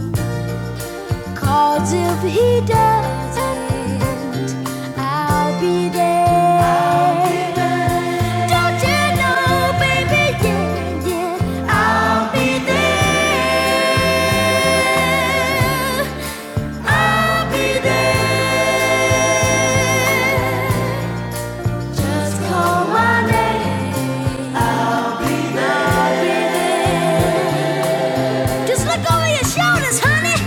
[SPEAKER 1] Cause if he doesn't, I'll be there. I'll be there. Don't you know, baby? Yeah, yeah, I'll be there. I'll be there. Just call my name. I'll be there. I'll be there. Just look over your shoulders, honey.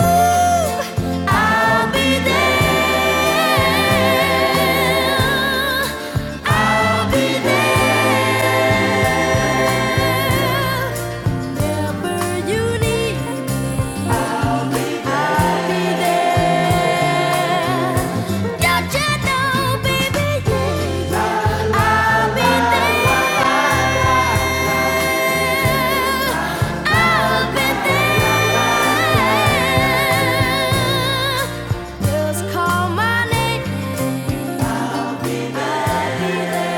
[SPEAKER 1] Ooh, I'll be there. I'll be there. Whenever you need me, I'll be there. I'll be there. Don't you know, baby? yeah, I'll be there. I'll be there. Just call my name. I'll be there.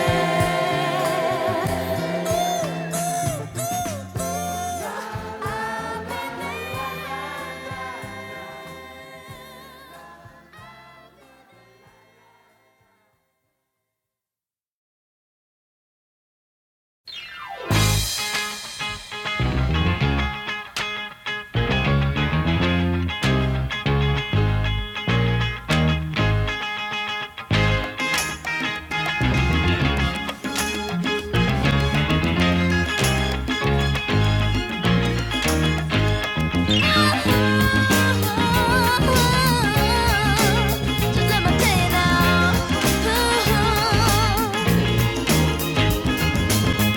[SPEAKER 1] Just let me play now.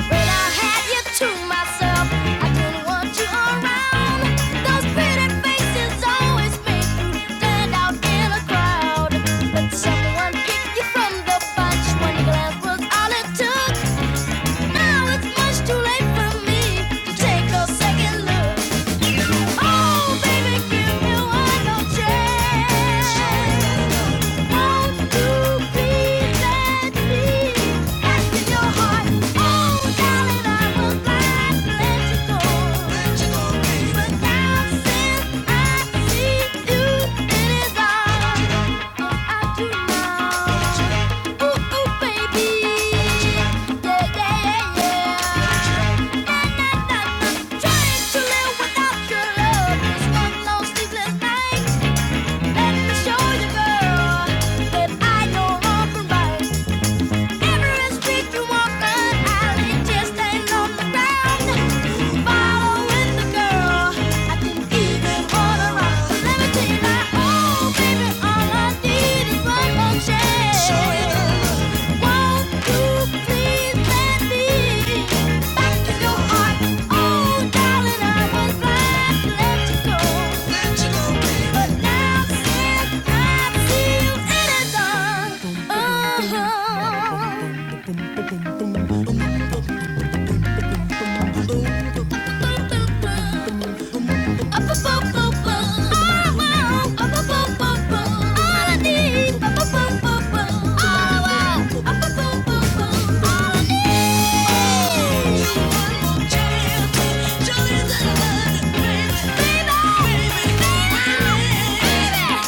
[SPEAKER 1] When I had you to myself, I didn't want you around. Those pretty faces always make you stand out in a crowd. But someone picked you from the bunch. One glance was all it took. Now it's much too late for me to take a second look. Oh, baby, give me one more chance. Want to be that deep in your heart. Oh, darling, I was blind to let you go. But now since I see you in his I do know. Let me show you, girl, that I know wrong from right. Every street you walk an alley just ain't on the ground. Following the girl, I didn't even wanna run. Levitina, oh baby, all I need is one more chance. Won't you please let me back in your heart? Oh darling, I was glad to let you go. Baby, baby, baby, baby.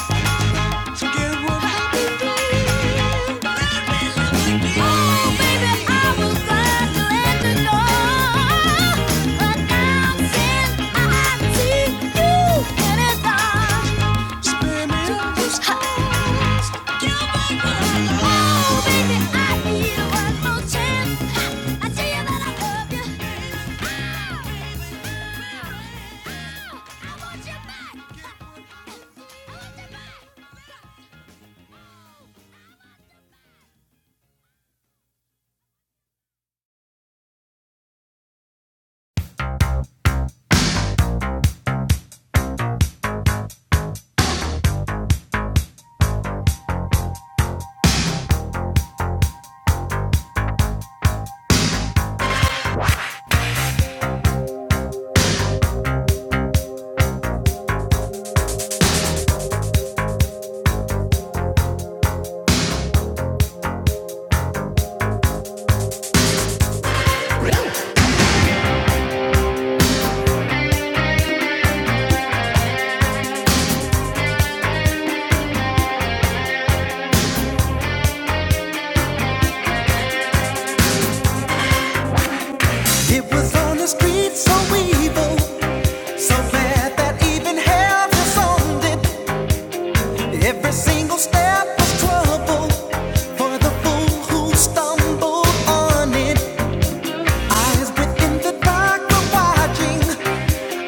[SPEAKER 1] It was on the street so evil. So bad that even hell was on it. Every single step was trouble for the fool who stumbled on it. Eyes within the dark were watching.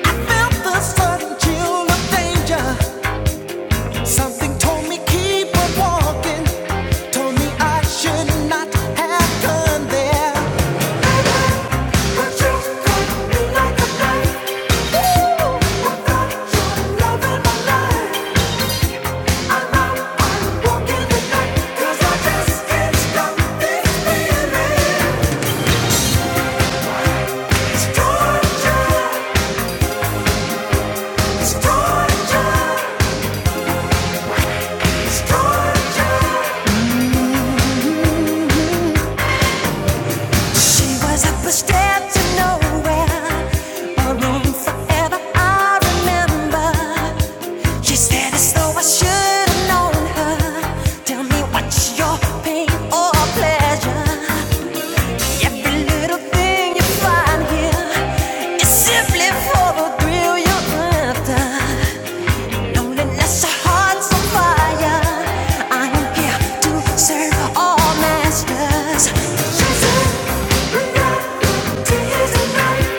[SPEAKER 1] I felt the sudden chill of danger. Something told me keep on walking. Told me I should not have gone there. But you cut me like a knife. Ooh, I thought you were loving my life. She was up a step to nowhere, a room forever I remember. She said as though I should have known her. Tell me what's your pain or pleasure? Every little thing you find here is simply for the thrill you're after. Loneliness, heart's on fire. I am here to serve all masters. Tears and night,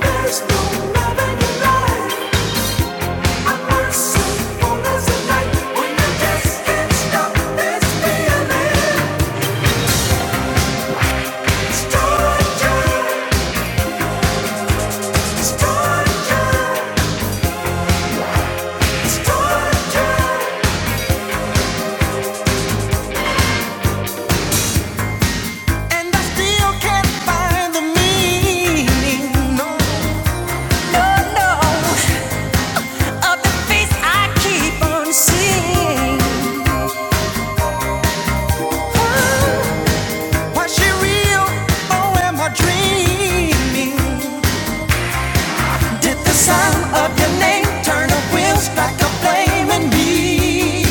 [SPEAKER 1] there's no love in your life. I work so long as a night when I just can't stop this feeling. It's torture, it's torture. And I still can't find the meaning. No, no, keep on seeing. Was she real or am I dreaming? Did the sound of your name turn the wheels back blaming me?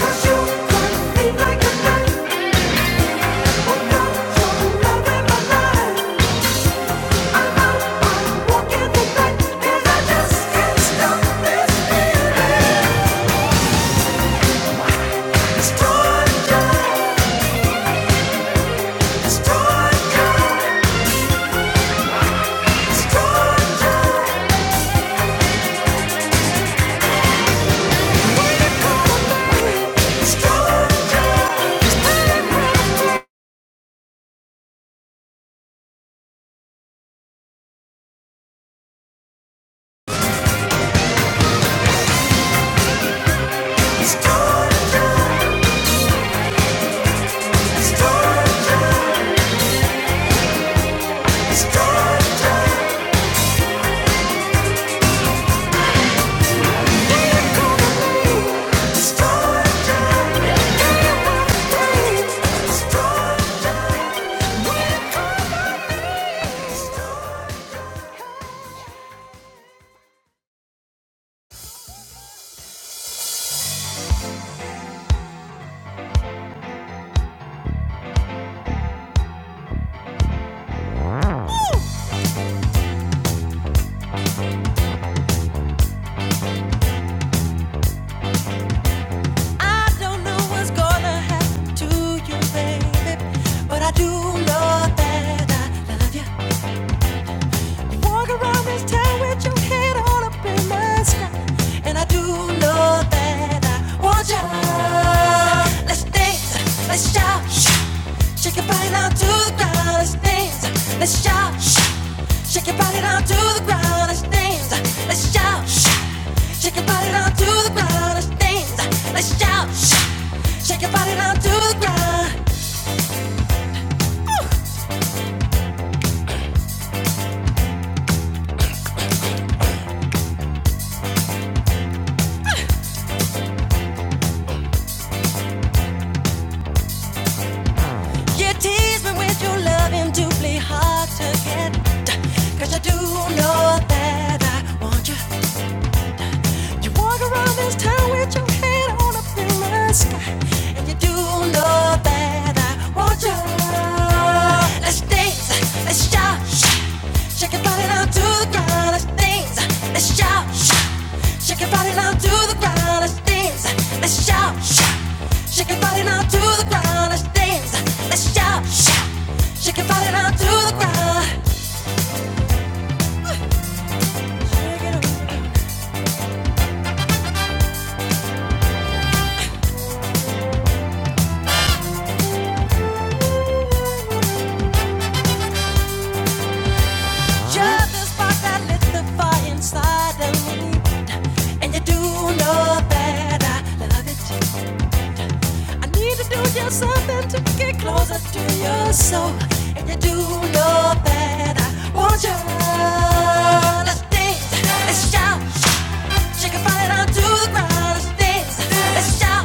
[SPEAKER 1] Cause you could be like a knife, or not, your love in my life. I don't know what's gonna happen to you, baby, but I do know that I love you. Walk around this town with your head on up in the sky, and I do know that I want you. Let's dance, let's shout. Shake your body down to the ground, let's dance, let's shout. Shake your body down to the ground, let's dance, let's shout. Shake your body down to the ground, let's dance, let's shout. Shake your body down to the ground. You tease me with your love and doubly hard to get. Cause I do know that I want you. You walk around this town with your head on up in the sky. And you do know that I want you. Let's dance, let's shout, shout. Shake your body down to the ground. Let's dance, let's shout, shout. Shake your body down to the ground. Let's dance, let's shout, shout. Shake your body down to the ground. Let's dance, let's shout, shout. Shake your body down to the ground. Just the spark that lit the fire inside of me. And you do know that I love it. I need to do just something to get closer to your soul. And you do know that I want you. Let's dance, let's shout. Shake your body down to the ground. Let's dance. Let's shout.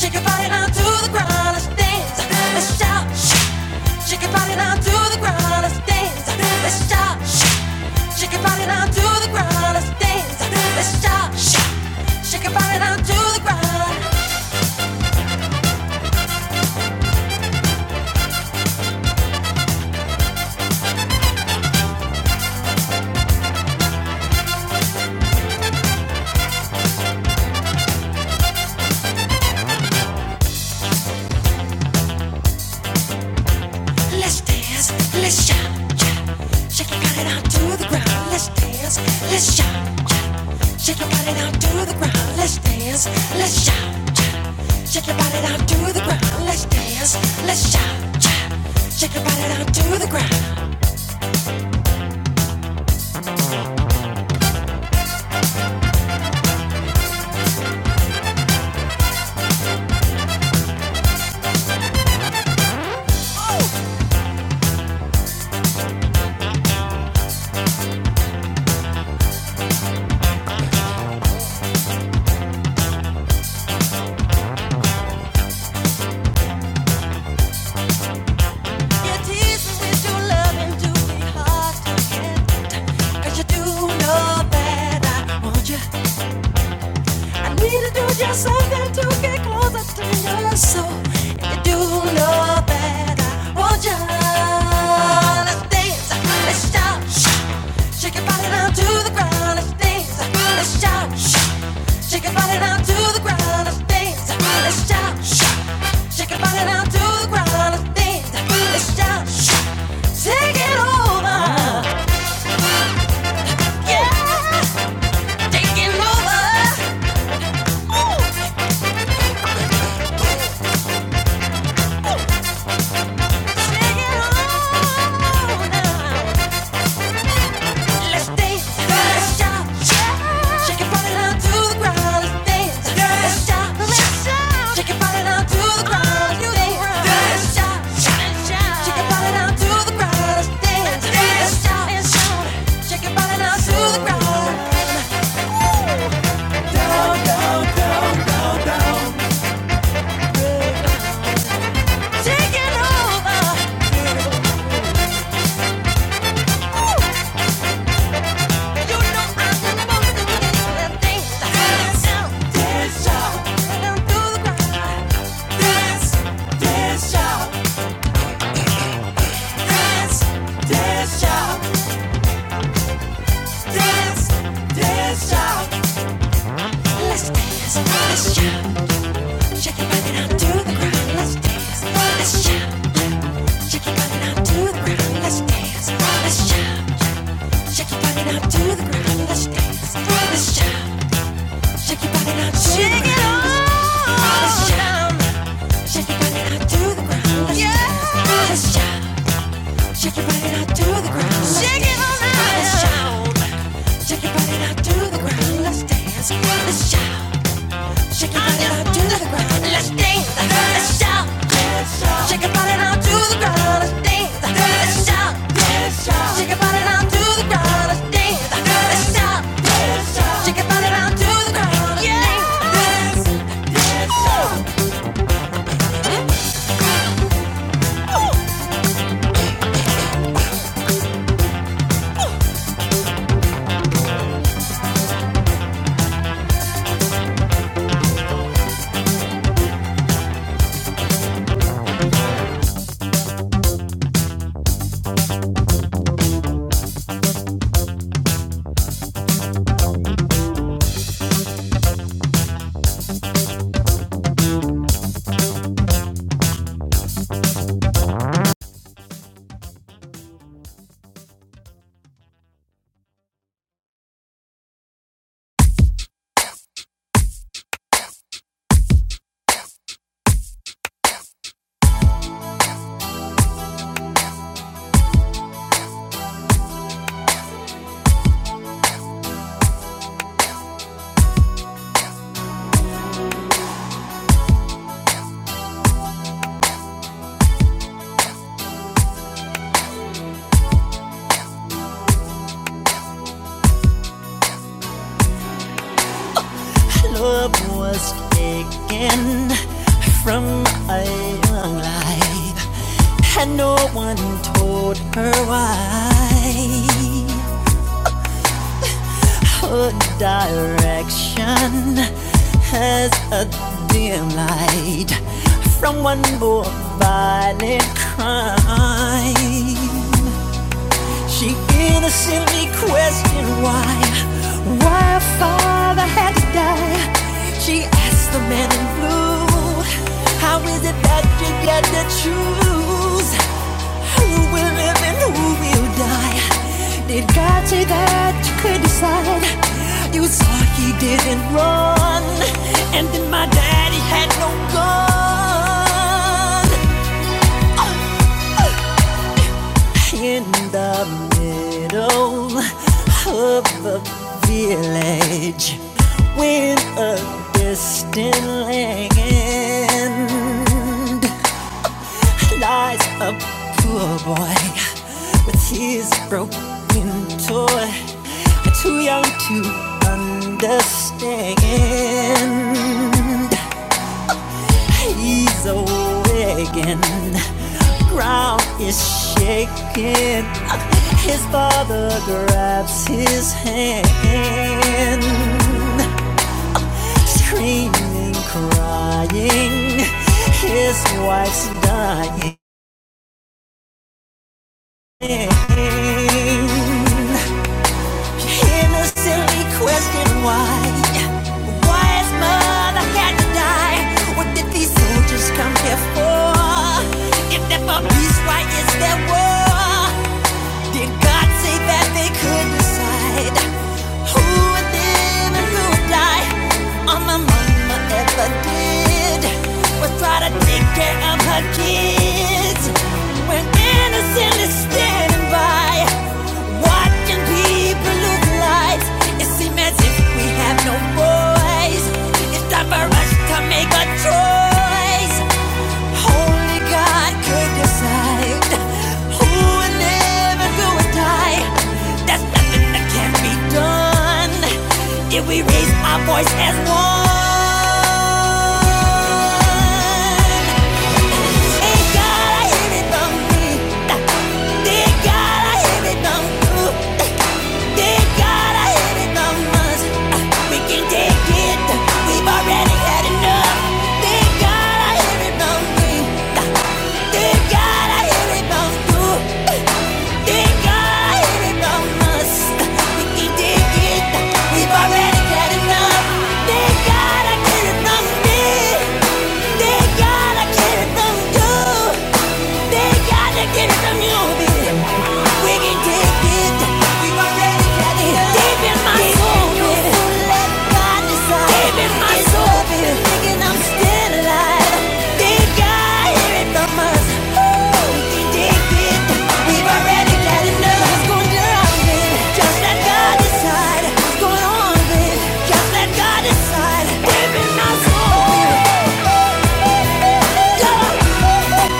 [SPEAKER 1] Shake your body down to the ground. Let's dance. Let's shout. Shake your body down to the ground. Let's dance. Let's shout. Shake your body down to the ground. Let's dance. Let's shout. Shake your body down to the ground. Let's dance. Let's shout. Shake your body down to the ground. Let's dance. Let's shout. Shake your body down to the ground. Let's dance. Let's shout. shout. Shake your body down to the ground. Let's dance. Let's shout. shout. Shake your body down to the ground. You tease me with your love and do me hard to get. 'Cause you do know that I want you. I need to do just something to get closer to your soul. And you do know that I want you. Let's dance, let's shout, shake your body down to the ground. Let's dance, let's shout, shout. shake your body down to the ground. Let's dance, let's shout, shout. shake your body down to the ground. Let's dance, let's shout, shout. take it over, yeah, take it over. Dance, dance, y'all. dance, dance, y'all. Let's dance, let's jump, shake your body down to the ground. Let's dance, let's jump, shake your body down to the ground. Let's dance, let's jump, shake your body down to the ground. Let's dance, let's jump, shake your body down to the ground. Let's jump, shake your body down to the ground. Let's dance, let's jump, shake your body down to the ground. Let's dance, let's jump, shake your body down to the ground. Let's dance, let's jump. Shake your body now to the ground. Let's dance, let's shout. Shake your body now to the ground. Let's dance, let's shout. Shake your body now to the ground. Let's dance, let's shout. Shake your body now to the ground. yeah. The club was taken from a young life, and no one told her why. Put direction has a dim light from one more violent crime. She innocently questioned why, why her father had to die. She asked the man in blue, How is it that you get to choose who will live and who will die? Did God say that you could decide? You saw he didn't run, and then my daddy had no gun. In the middle of a village, when a distant land lies a poor boy with his broken toy, too young to understand. He's awakened. the Ground is shaking. His father grabs his hand. Screaming, crying. His wife's dying. Innocently question why. Why his mother had to die? What did these soldiers come here for? If they're for peace, why is there war? Did God say that they could decide? Who would live and who would die? All my mama ever did was try to take care of her kids. When innocent is standing by, watching people lose lives, it seems as if we have no voice. Time for us to make a choice. Only God could decide who would live and who would die. Be done if we raise our voice as one. Thank God I get it from you. They gotta get some music. We can take it. We already got it. Deep in my soul, baby. Deep in my soul, baby. Thinking I'm still alive. They gotta hear it from us. we can take it. We've already got enough. What's going on, baby? Just let God decide. What's going on, baby? Just let God decide. Deep in my soul, baby. Yeah,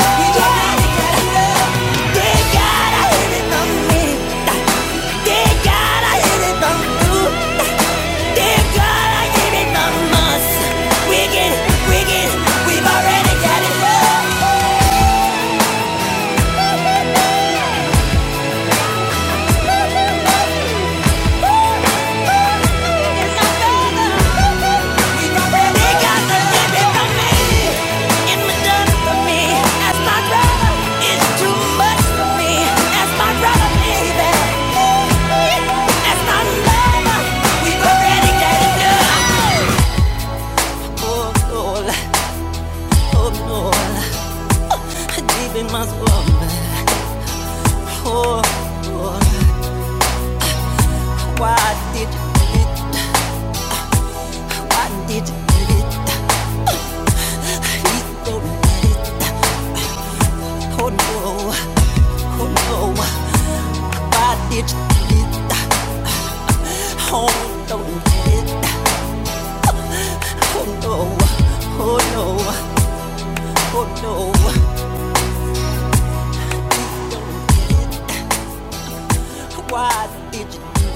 [SPEAKER 1] I made it. Oh no, oh no, why did you do it?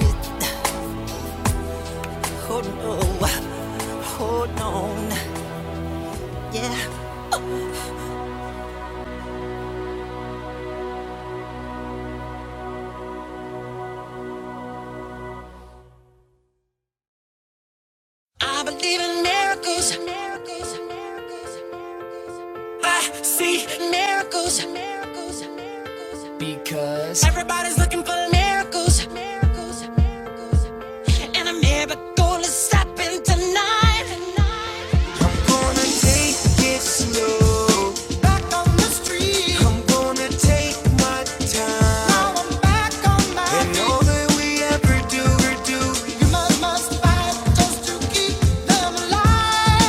[SPEAKER 1] I believe in miracles. I see miracles. Because everybody's looking.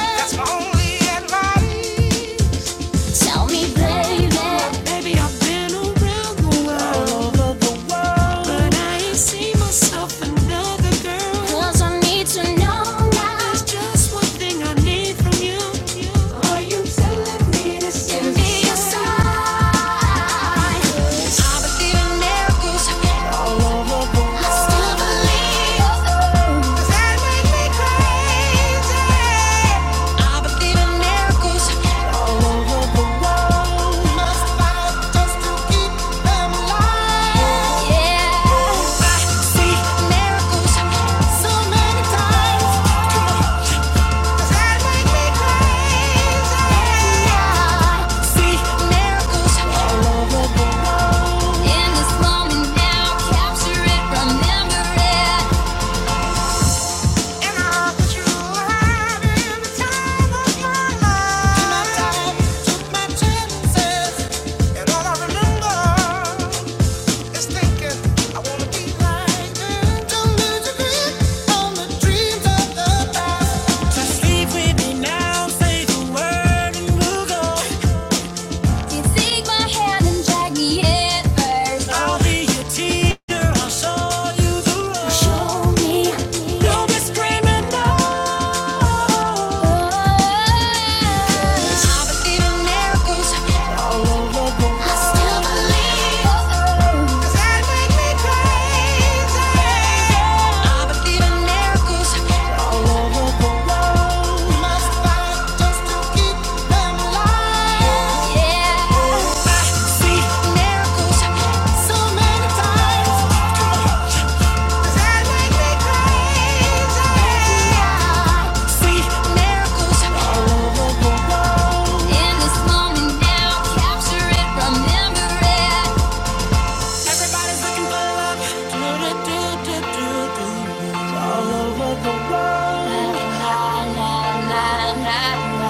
[SPEAKER 1] That's maybe I've been around the world, all over the world, but I ain't seen myself another girl. 'Cause I need to know now. There's just one thing I need from you. Are you telling me this is me I wanna be Remember it. La, la, la, la, la, la.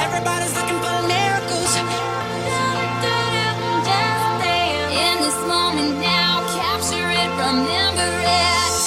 [SPEAKER 1] Everybody's looking for miracles. In this moment now, capture it, remember it.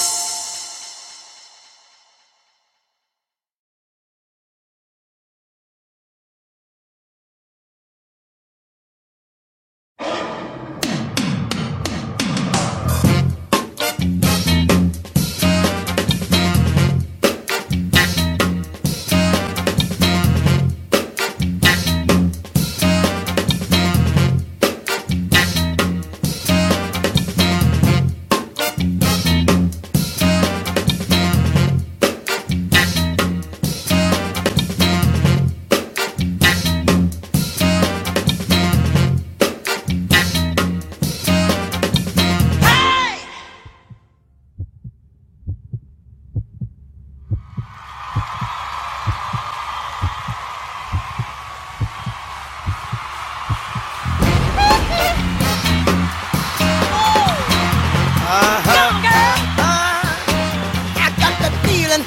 [SPEAKER 1] I got the feeling,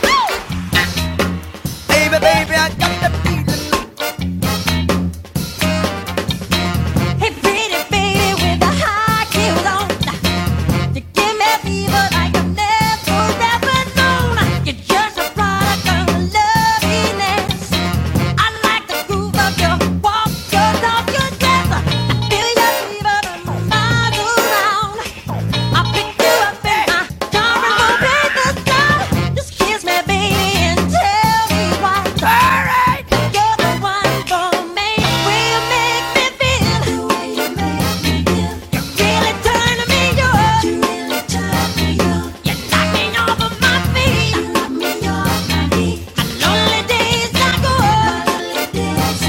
[SPEAKER 1] baby, baby, I got the feeling, baby, with a high heel on. You give me fever like I've never ever known. You're just a product of loveliness. I like the groove of your walk, your talk, your dress. I feel your fever from around. I pick you up in my car and we'll break the sky. Just kiss me, baby and tell me why. Alright, you're the one for me. you make me feel? You really turn me on. You really knock me off my feet. You lonely days I go.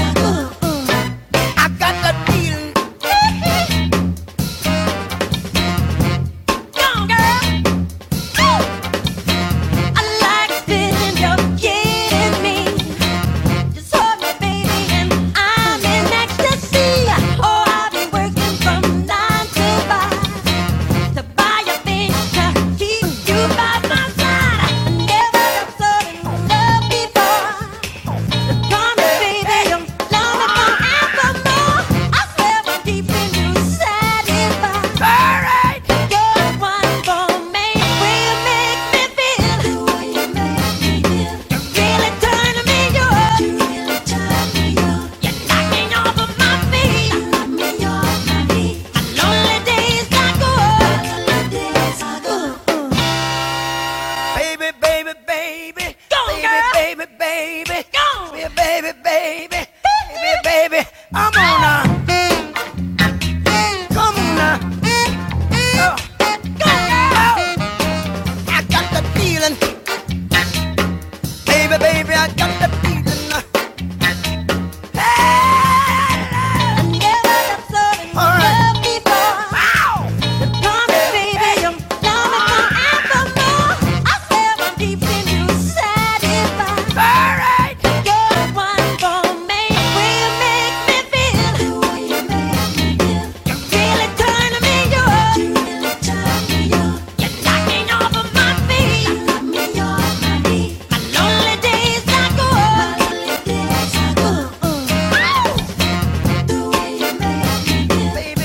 [SPEAKER 1] I go. got that feeling. Come on, girl. I like feeling you're getting me. Just hold me, baby, and I'm in ecstasy. Oh, I'll be working from nine till five to buy your things to keep you by my side. I never felt so in love before. Ooh. Baby, baby, baby. Go, baby, girl. baby, baby. Go. Baby, baby, baby. Baby, baby. I'm on now. Come on now. I got the feeling. Baby, baby, I got the feeling. I never loved so Uh, before. Promise, baby, you'll love me forevermore. I swear I'm deep in you satisfied. You're the one for me. Will you make me feel? You really turn me on. You're knocking off of my feet. My lonely days are gone. Ooh, ooh. Lonely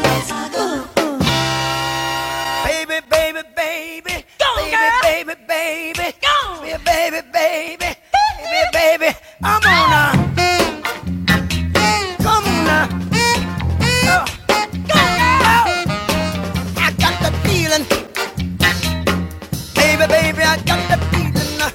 [SPEAKER 1] days I go. Baby, baby, baby. Go, baby, girl. baby, baby. Go. Baby, baby, baby. Baby, baby. I'm on a. Come on now. Go. Go, girl. Baby, baby, I got the feeling. uh,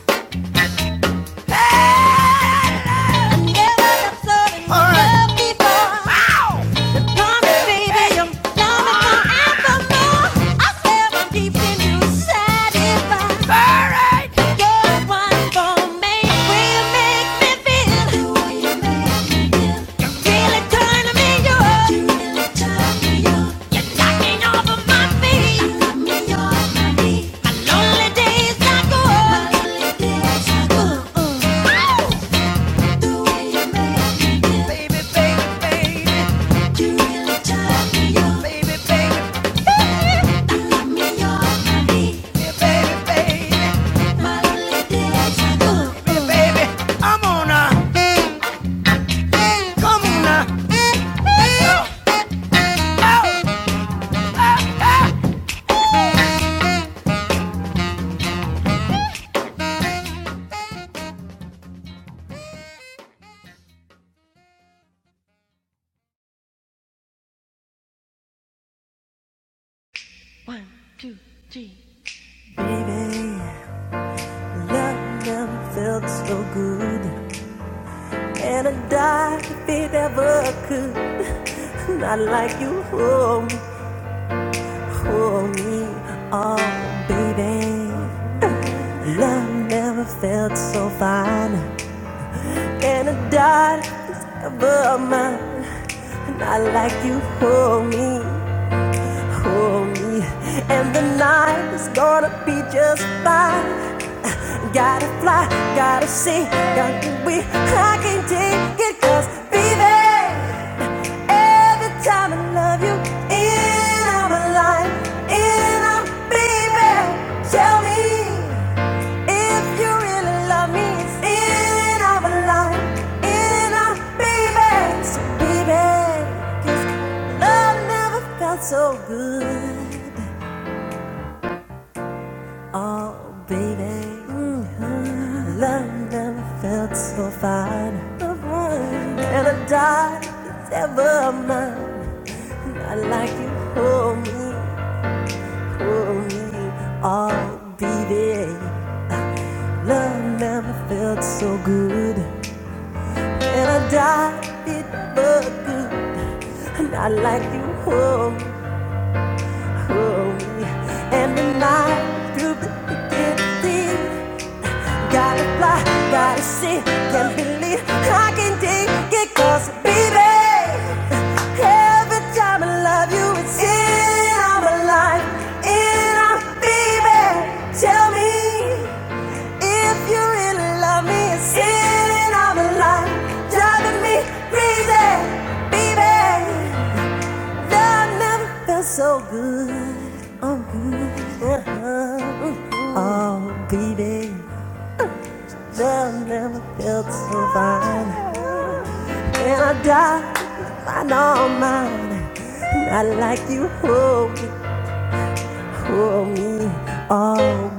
[SPEAKER 1] And a dark if it ever could. I like you for, for me, oh baby. Love never felt so fine. And I died above mine. I like you for me, for me. And the night is gonna be just fine. Gotta fly, love you and I'm alive. And I'm baby. Tell me you really love me and I'm alive. And I'm baby, so baby. Love never felt so good, oh baby. Mhm. Love never felt so fine. So And I dime it's ever mine. I like you for me, for me, oh baby. Love never felt so good. And I dime it but good. And I like you for me, for me. And the night through the day I fly. I can dig it up. Tell if you really love and I'm alive. Driving me crazy, baby. Baby, love never felt so fine. When I die, I know I'm mine. I like you for me. All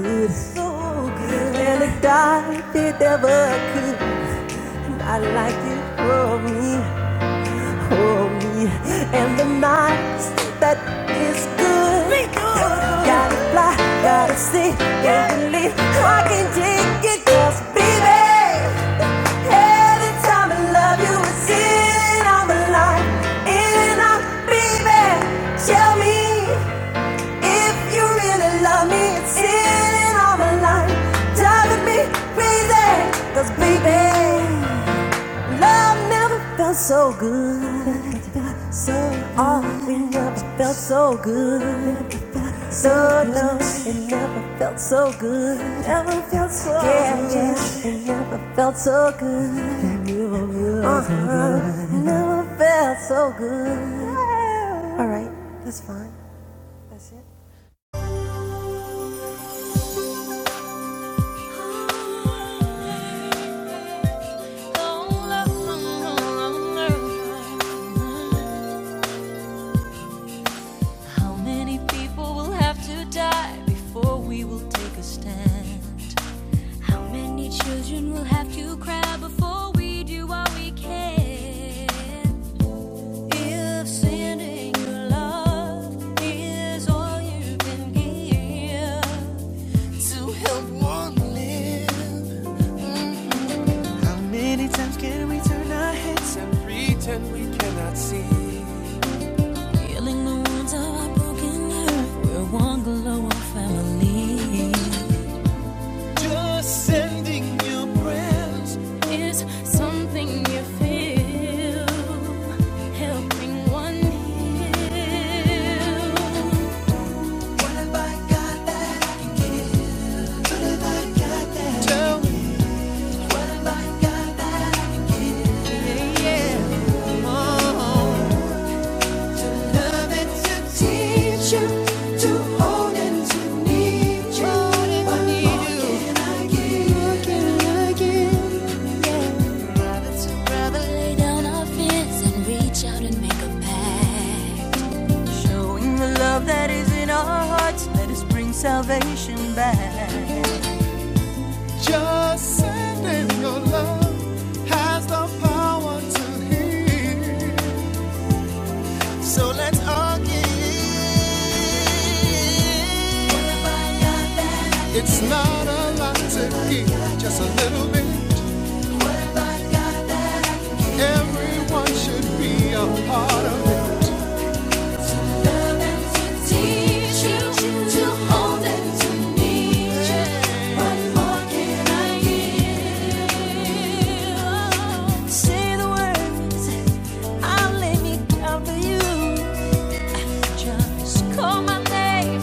[SPEAKER 1] good stuff it ever could. I like you for me. for me and the nights that is good. Be good. Gotta fly, gotta see, can't believe I can take it. Cause baby, every time I love you, it's in on the line. In and out, baby, tell me if you really love me. It's in on the line, driving me crazy. Cause baby, love never felt so good. So off, it never felt so good, so low. It never felt so good, never felt so yeah, good. Yeah. Never felt so good, never felt so good. All right, that's fine. How many people will have to die before we will take a stand? How many children will have to cry before we do what we can? If sending your love is all you can give to help one live, healing the wounds of our broken earth, we're one global family. Is something you feel helping one heal? What can I give? What can I give? Showing the love that it's that is bringing. Say the words, I'll lay me down for you. Just call my name.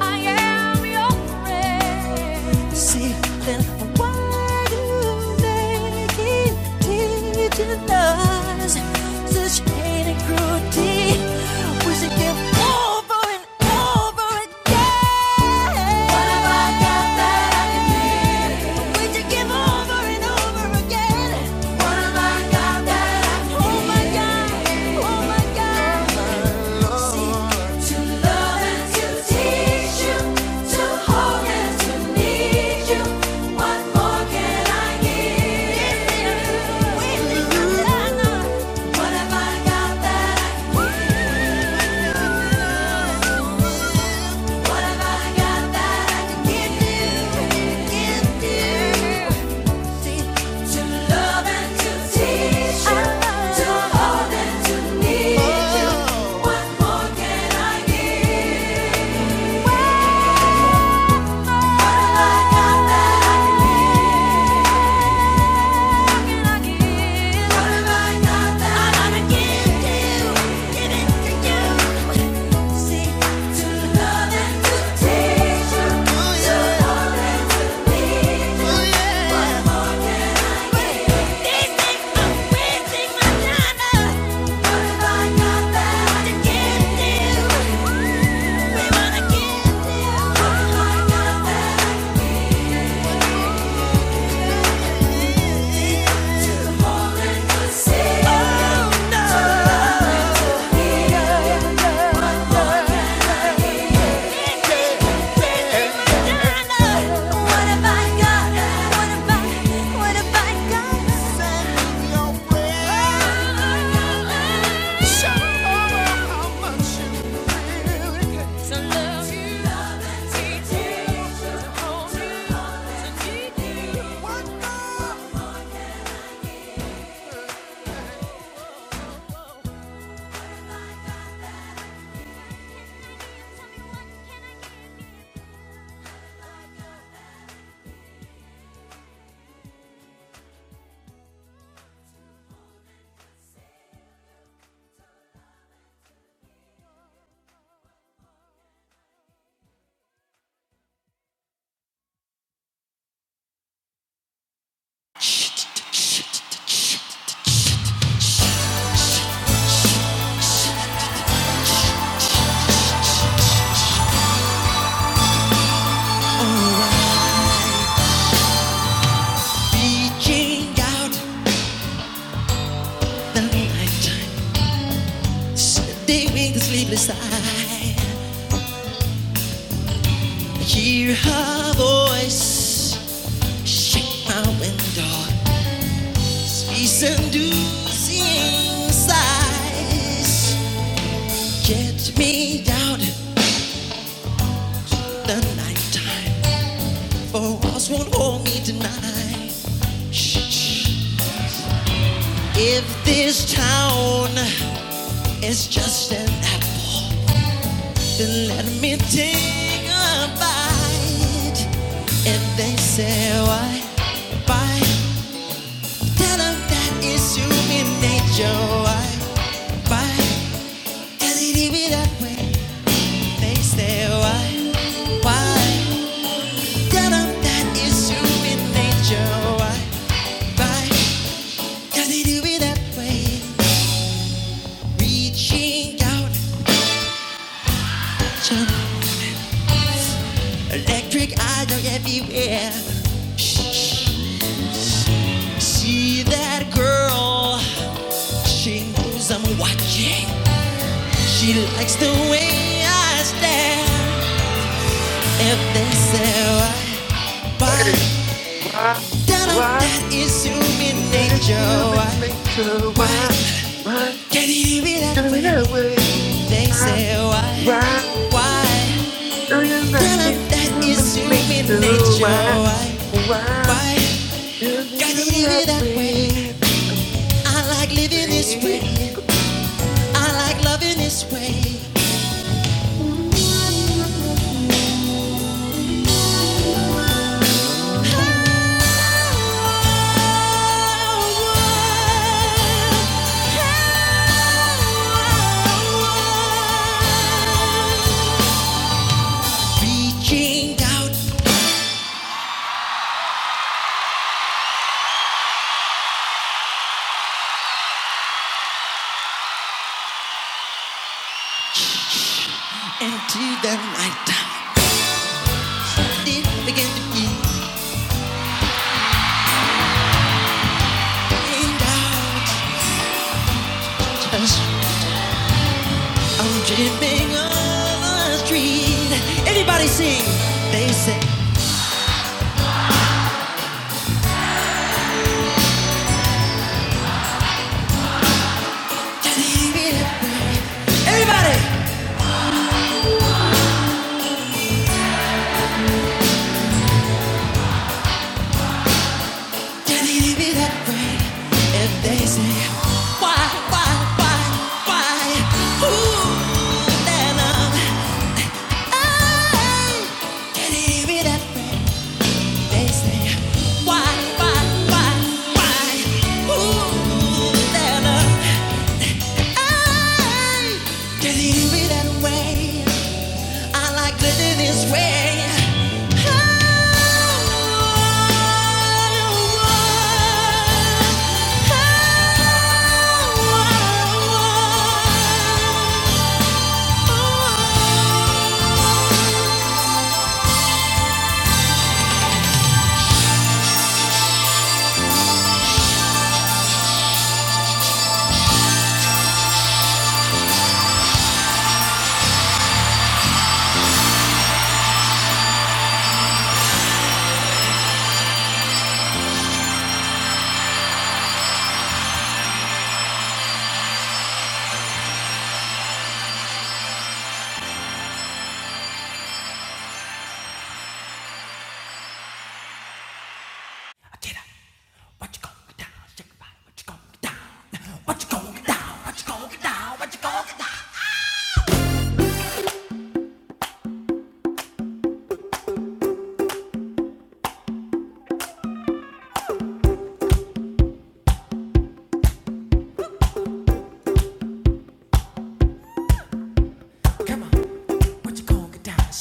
[SPEAKER 1] I am your friend. See, then why do they keep teaching us such hate and cruelty? We should give over and over again. What have I got that I can give? We should give over and over again. What have I got that I can Oh my God! Oh my God! To love and to teach you, to hold and to need you. What more can I give? What have I got that I can give? What have I got that I can give you? To love and to teach you, to hold and to need you. What more can I give? What have I got that I can give? What can I give? What have I got that I can give you? Give it to you. to love and to teach you, to love and to lead you. What more can I give? What have I got that Reaching out the nighttime, sending the sleepless eye. I Hear her voice, shake my window. Be seducing sighs get me down in the nighttime. For walls won't hold me tonight. Shh, shh. If this town is just an apple, then let me take a bite. And they say why, why? Tell 'em that it's human nature. Why, why? Does it even that way? They say why. Why? Tell them human nature. Why? Why? Does it do it that way? Reaching out, Electric eyes are everywhere. See that girl? She knows I'm watching. She likes the way I stare. If they say why, why?
[SPEAKER 2] Hey, why,
[SPEAKER 1] Tell 'em
[SPEAKER 2] why
[SPEAKER 1] that is human
[SPEAKER 2] is
[SPEAKER 1] nature. Why?
[SPEAKER 2] human nature?
[SPEAKER 1] Why?
[SPEAKER 2] Why, why
[SPEAKER 1] Can it be that
[SPEAKER 2] do we
[SPEAKER 1] way?
[SPEAKER 2] that way?
[SPEAKER 1] They
[SPEAKER 2] Why,
[SPEAKER 1] say why,
[SPEAKER 2] why
[SPEAKER 1] why?
[SPEAKER 2] do you know
[SPEAKER 1] Tell 'em
[SPEAKER 2] it's
[SPEAKER 1] that it's
[SPEAKER 2] human
[SPEAKER 1] human
[SPEAKER 2] nature?
[SPEAKER 1] nature.
[SPEAKER 2] Why,
[SPEAKER 1] Why,
[SPEAKER 2] why
[SPEAKER 1] why?
[SPEAKER 2] do we
[SPEAKER 1] Gotta
[SPEAKER 2] do
[SPEAKER 1] do it
[SPEAKER 2] that
[SPEAKER 1] that way.
[SPEAKER 2] way?
[SPEAKER 1] I like living this
[SPEAKER 2] Hey.
[SPEAKER 1] way. I like loving this way. Reaching out into the night time. It began to be out. Just I'm dreaming on the street. Everybody sing. They say, give it up. Everybody. Just give it be that? right? And they say, why, why, why, why? Ooh, and I'm high. Just give it be that way. They say, why, why, why, why? Ooh, and I'm high. Just give it be that way. I like living this way. Get up. What get down?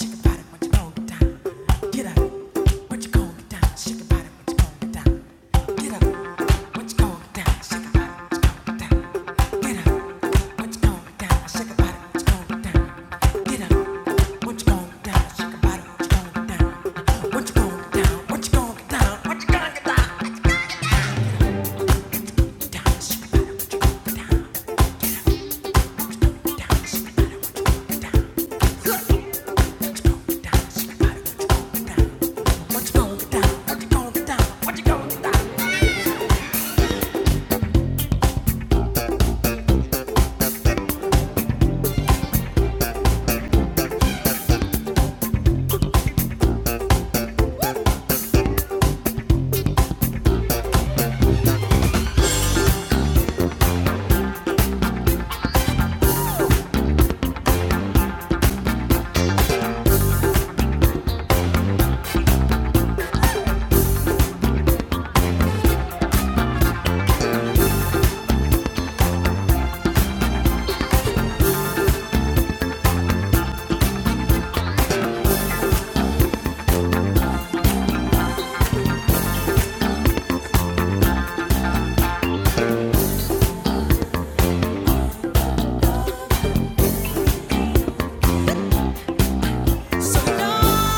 [SPEAKER 1] So long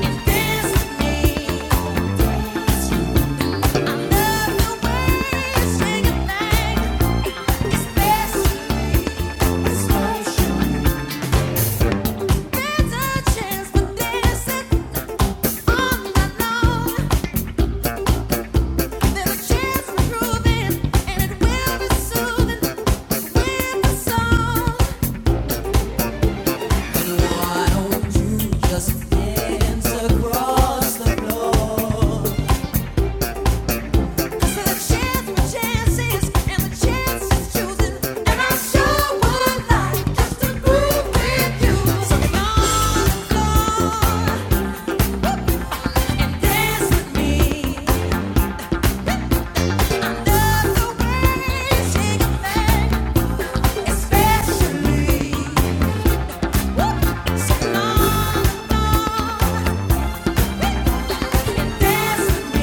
[SPEAKER 1] you dance with me. So long. Dance with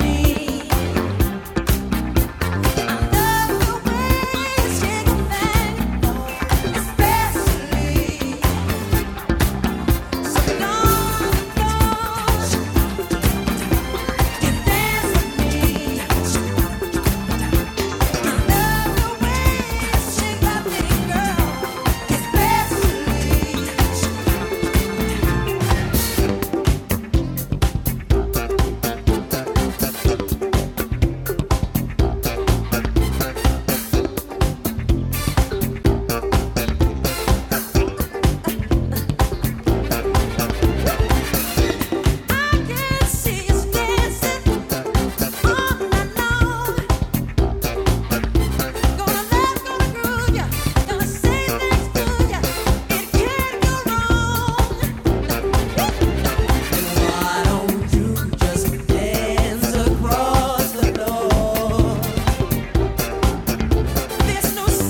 [SPEAKER 1] me. Gonna say things to ya, it can't go wrong.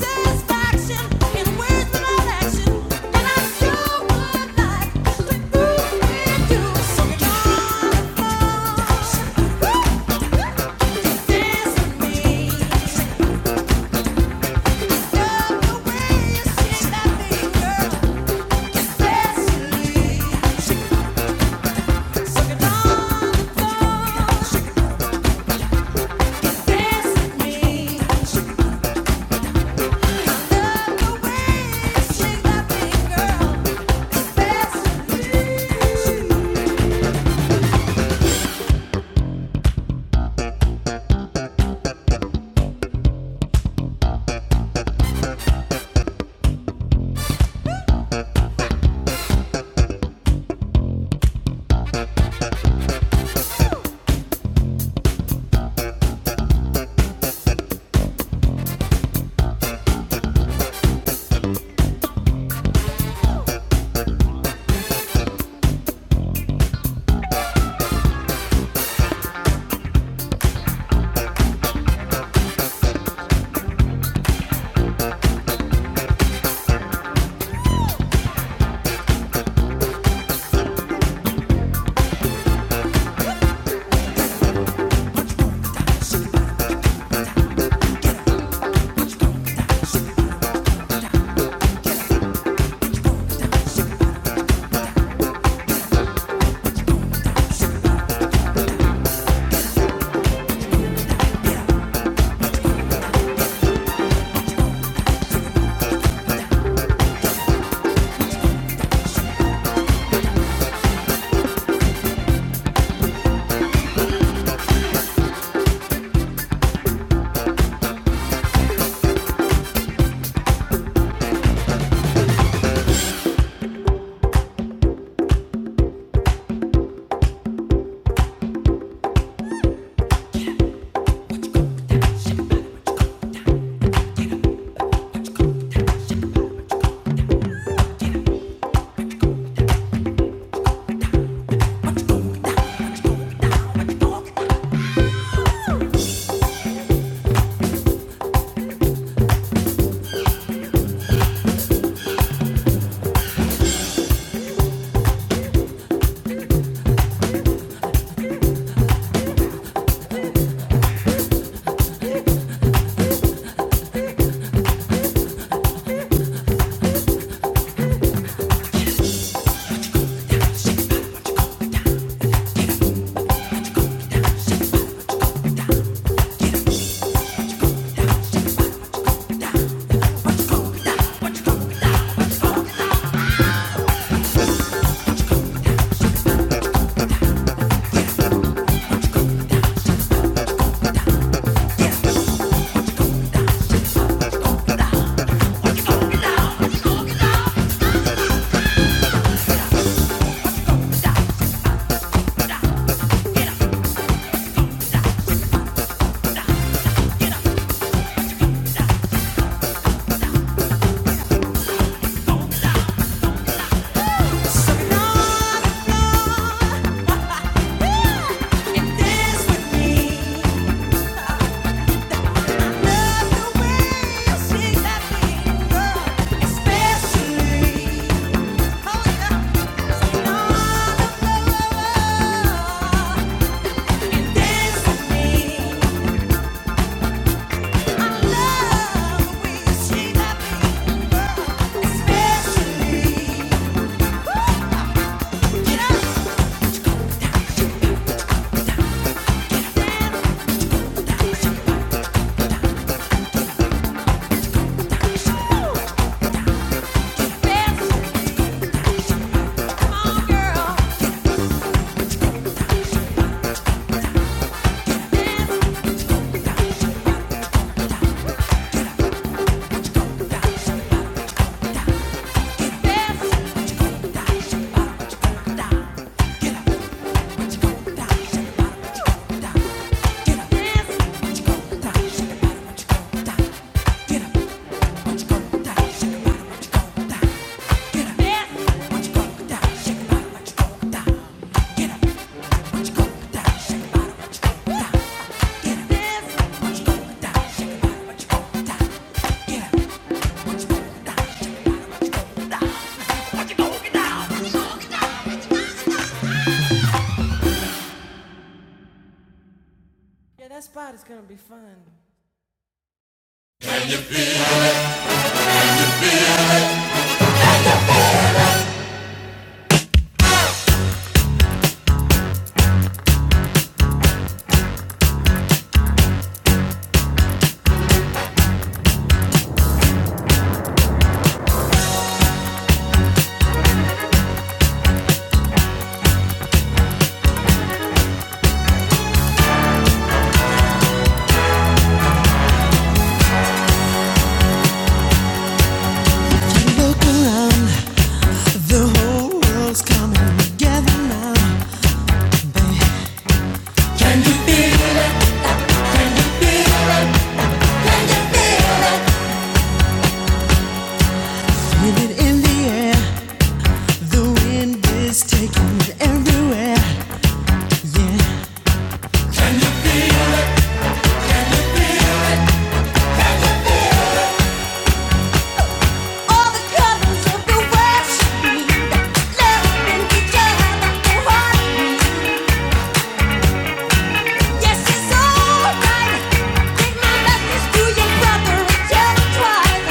[SPEAKER 1] Yeah, that spot is gonna be fun. whole world's coming together now. With it in the air, the wind is taking it everywhere. All the colors of the world should be loving each other like a heartbeat. Yes, it's alright. Take my message to your brother and tell him twice.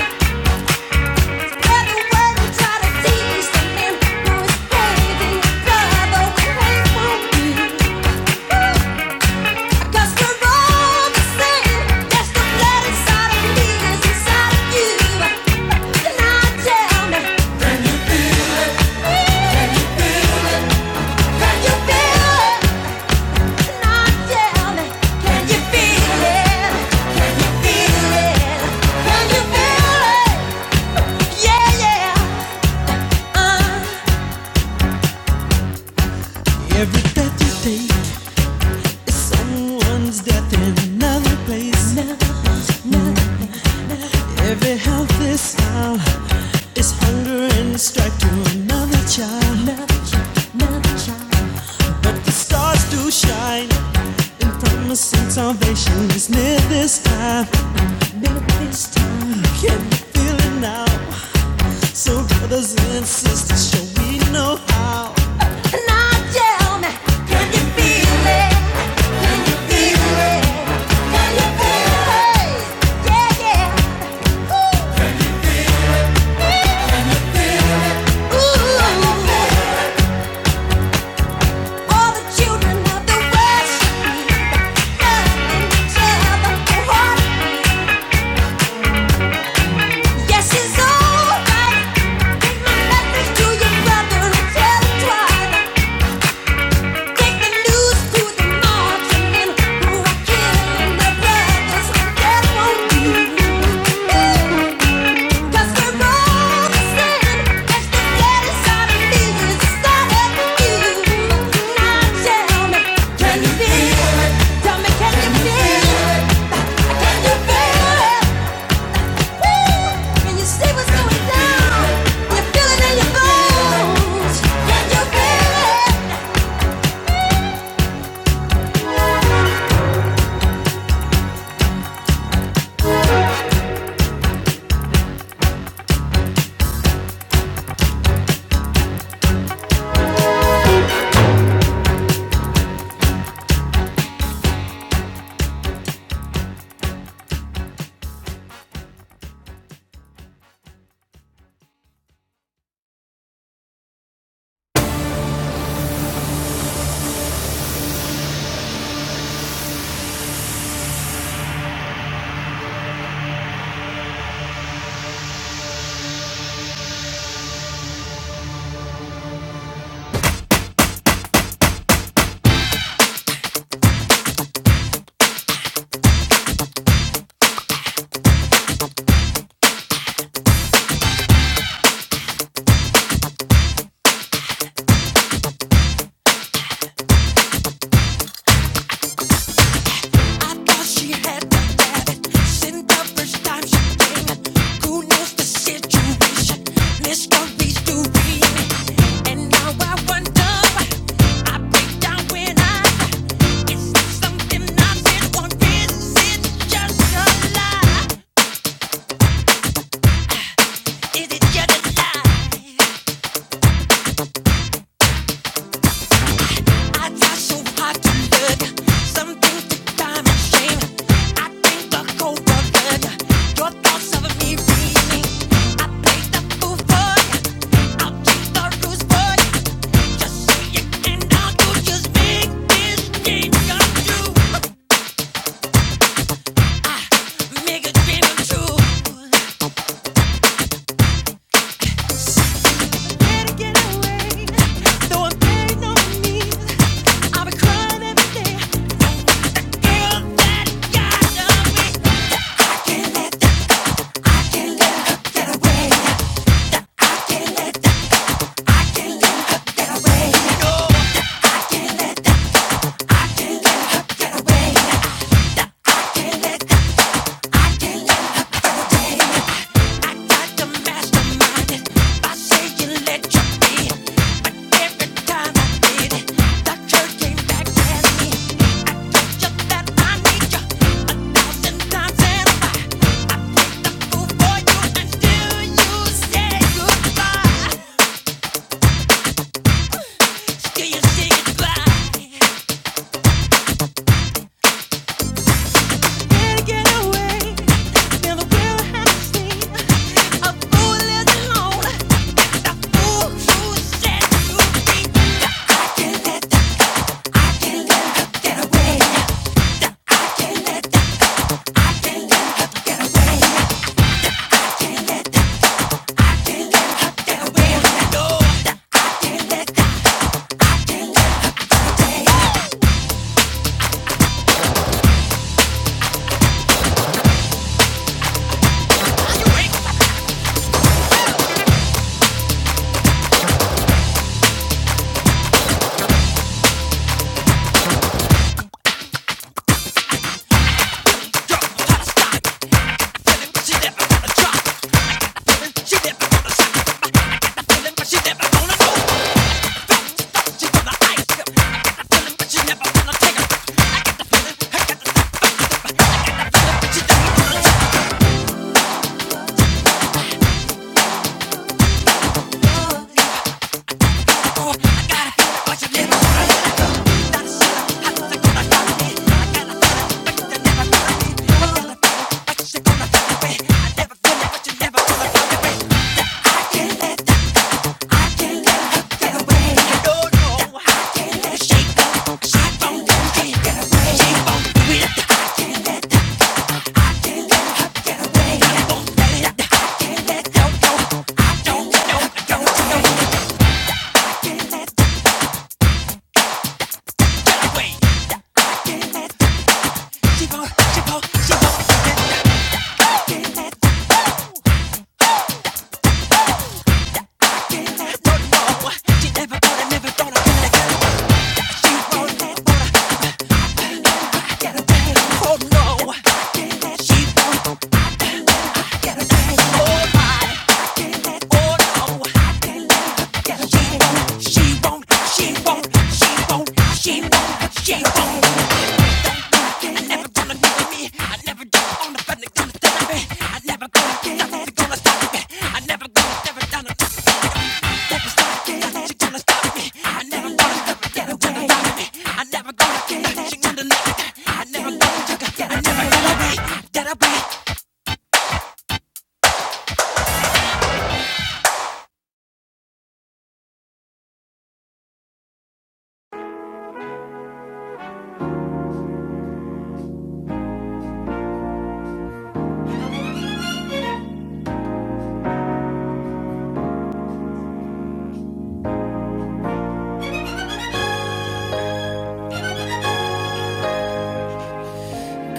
[SPEAKER 1] Spread the word and try to teach the man who is crazy. Brother, we hate for you. 'Cause we're all the same. There's no blood inside of me as inside of you. Now tell me, can you feel it? Can you feel it? Now tell me, can you feel it? Can you feel it? Can you feel it? Yeah, yeah. Uh. Every breath you take is someone's death in another place. every healthy smile It's hunger and strife to another child. another child. another child. The stars do shine and promising salvation is near this time. near this time. Can you feel it now? So brothers and can Can you you feel Feel feel it? it? it? Yeah, yeah. Ooh, ooh, All the children of the West, loving each other, Yes, it's alright. Nothing to your brother and tell him twice. Take the news to the marching who are killing their brothers. That won't do. 'Cause we're all the the saddest side of me is it's not you. Now tell me, can you feel it? Tell me, can you feel it? Can you yes. Since the first time she came in, who knows the situation? Mysteries to be in. it. And now I wonder, I break down when I. Is this something I'm in, or is it just a lie? Is it just a lie? I try so hard to look. Some things that drive me insane. I think the cold blood. Your thoughts of me really. I play the fool for you. I'll take the rules for you. Just say it and I'll do. Just make this dream come true. Make a dream come true. For pain on me, I've been crying every day. Girl, that God done me. you a thousand times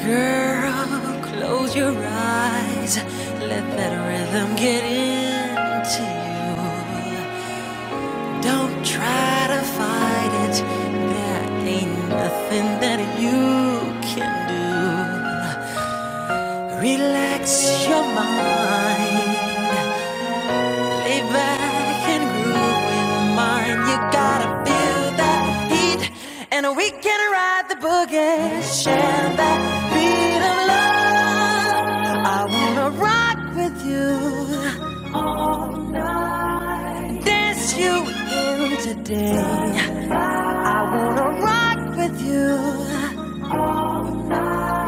[SPEAKER 1] Girl, close your eyes. Let that rhythm get into you. Don't try to fight it. There ain't nothing that you can do. Relax your mind. Lay back and groove with mine. Gotta feel that heat. And we can ride the boogie. Share that beat of love. I wanna rock with you. You into the rock with.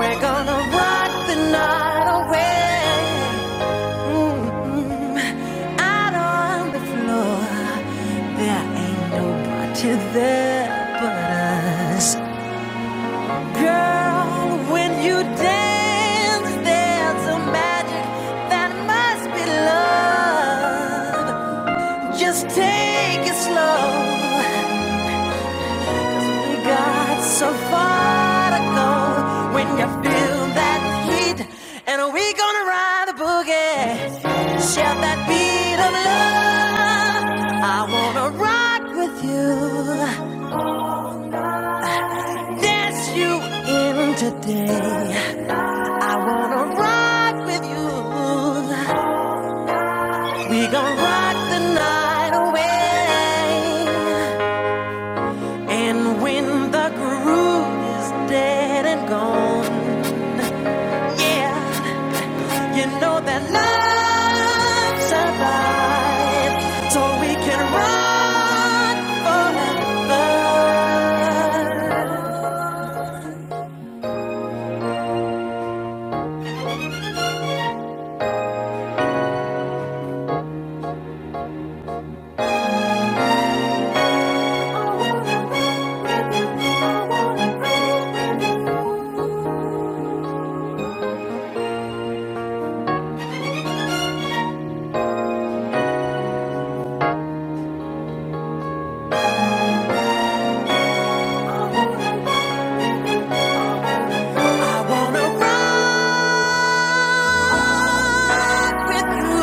[SPEAKER 1] We're gonna rock the night away. Out on the floor, there ain't nobody there but us. Girl, when you dance, there's a magic that must be love. Just take it slow. We got so far to go when you feel that heat, and we gonna ride the boogie. Shout that beat of love. I wanna rock with you. Dance you in today. I wanna rock with you. We gon' rock the night away. And when the groove is dead and gone, yeah. You know that love survives, so we can run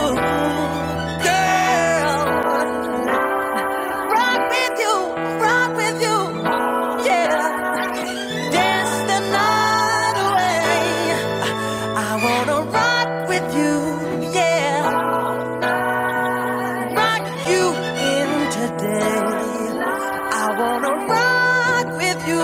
[SPEAKER 1] forever. Girl, rock with you, rock with you, yeah. Dance the night away. I wanna rock with you, yeah. Rock you in today. I wanna rock with you.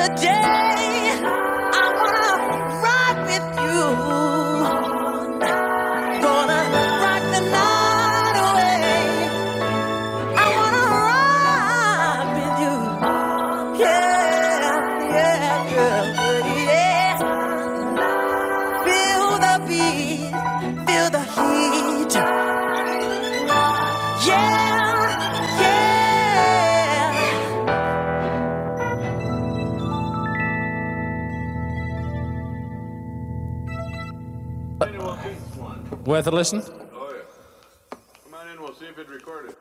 [SPEAKER 1] Today, I wanna ride with you. Yeah, yeah, yeah, yeah. Yeah, yeah. Worth a listen? Come on in, we'll see if it recorded.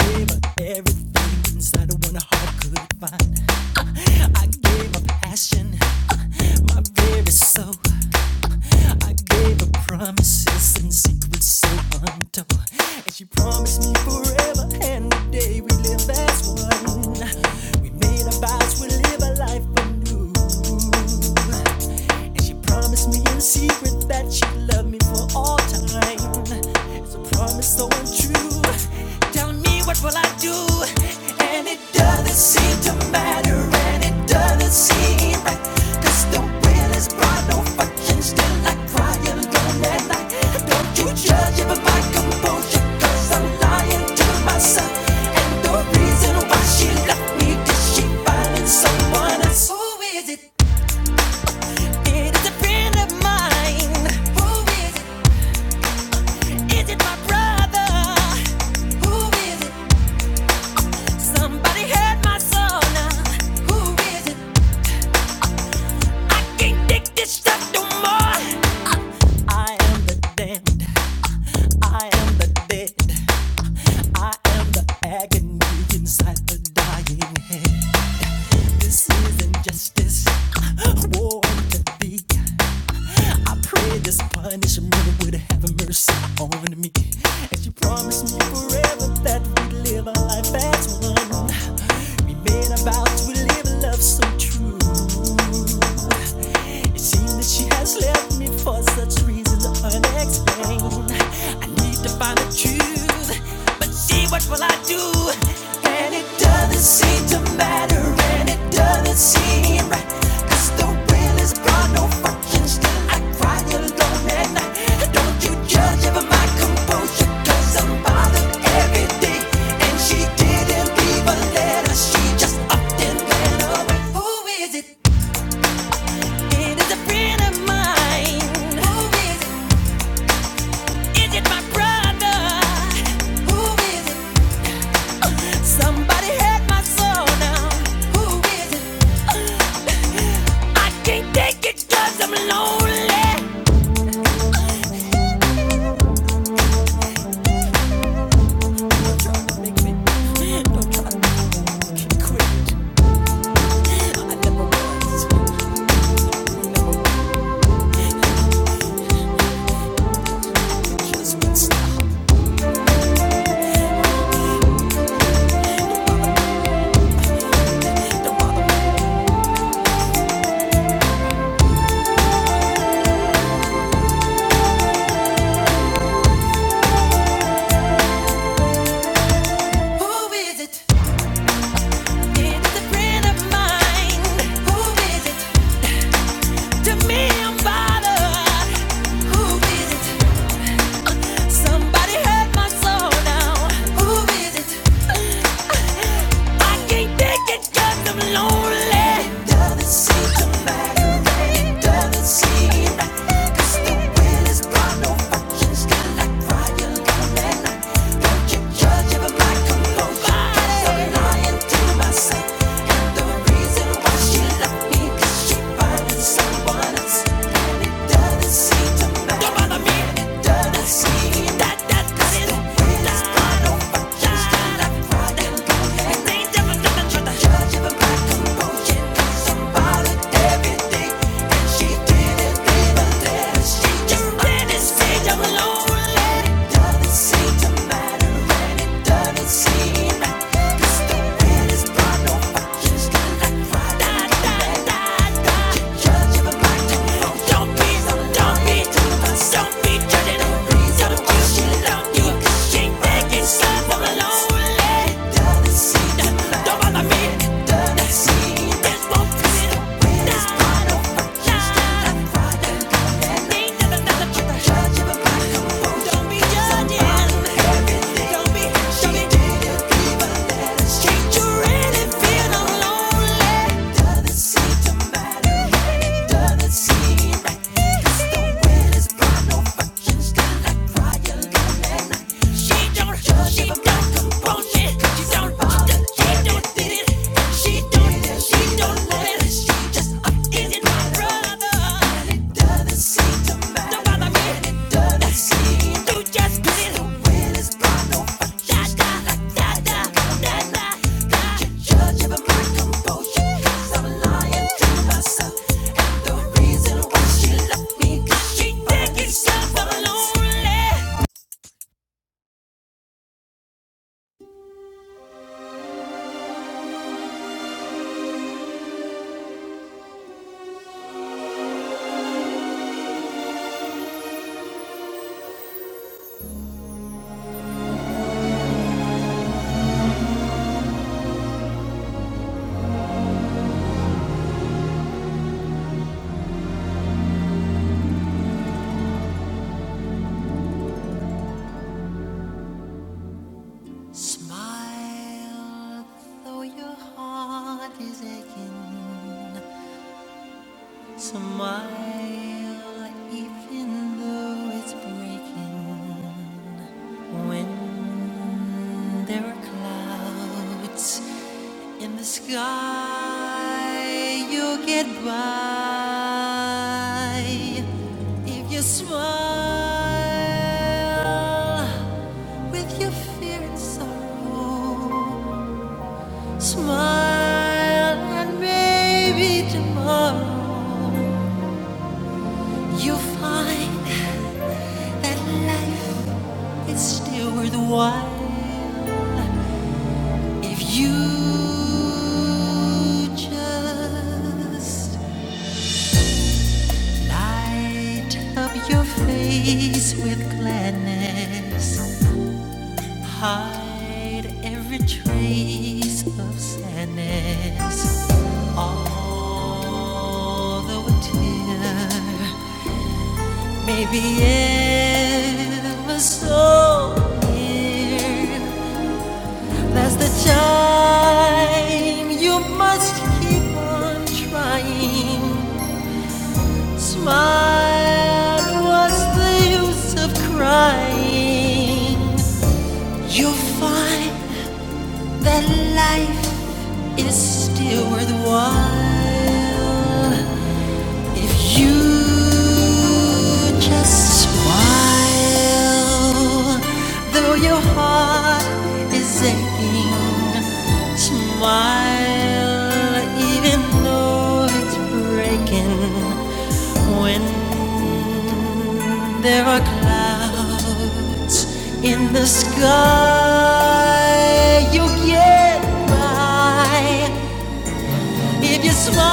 [SPEAKER 1] Gave her everything inside of one heart could find. I gave her passion, my very soul. I gave her promises and secrets so untold. And she promised me forever and the day we live as one. We made our vows, we live a life anew. And she promised me in secret that she'd love me for all time. It's a promise so untrue. Tell me. What will I do? And it doesn't seem to matter, and it doesn't seem right. Cause the will is brought, no function, still I cry alone at night. Don't you judge it by my composure, cause I'm lying to myself. And the reason why she left me, cause she finding someone else. Who is it? It is a friend of mine. Who is it? Is it my brother? Who is it? Somebody hurt my soul now. Who is it? I can't take this stuff no more. I am the damned. I am the dead. I am the agony inside the dying head. This is injustice. War to be. I pray this punishment would have mercy on me. And you promised me forever that we'd live a life as one. We made a vow to live a love so true. It seems that she has left me for such reasons unexplained. I need to find the truth, but she me, What will I do? And it doesn't seem to matter, and it doesn't seem right, 'cause the will is gone, no fucking still. I cry alone at night. Don't you judge ever my composure, i I'm bothered every day. And she didn't leave a letter, she just upped and ran away. Who is it? It is a friend of mine. Who is it? Is it my brother? Who is it? Somebody had my soul now. Who is it? I can't take it i I'm lonely. I never was. Just would stop. do Who is it? It's a friend of mine. Who is it? To me, I'm bothered. Who is it? Somebody hurt my soul now. Who is it? I can't take it 'cause I'm lonely. Doesn't seem to matter. It doesn't seem right. the wind is gone. No functions. Got like fire coming. Don't you judge it my composure. I'm lying to myself. And the reason why she she just let it stay alone, let it doesn't seem to don't bother me. This won't fit. This part of my life. Doesn't seem right. 'Cause the wind is blowing no fucking stop. She don't, she got composure. She don't, she don't need it. She don't, she it. She just up in my brother. And it doesn't seem to matter. Don't bother me. it doesn't seem to just be the wind is gone. No, da da da da da da da. Judge of my composure. I'm lying to myself. And the reason why she left me 'cause she think it's so. Smile, though your heart is aching. Smile, even though it's breaking. When there are clouds in the sky, you'll get by. If you smile with your fear and sorrow. Smile and maybe tomorrow you'll find that life is still worthwhile if you just light up your face with gladness, hide every trace of sadness. Although a tear Maybe it was so near. That's the chime. You must keep on trying. Smile. What's the use of crying? You'll find that life is still worthwhile. If you just smile, though your heart is aching, smile even though it's breaking. When there are clouds in the sky, you'll get by. If you smile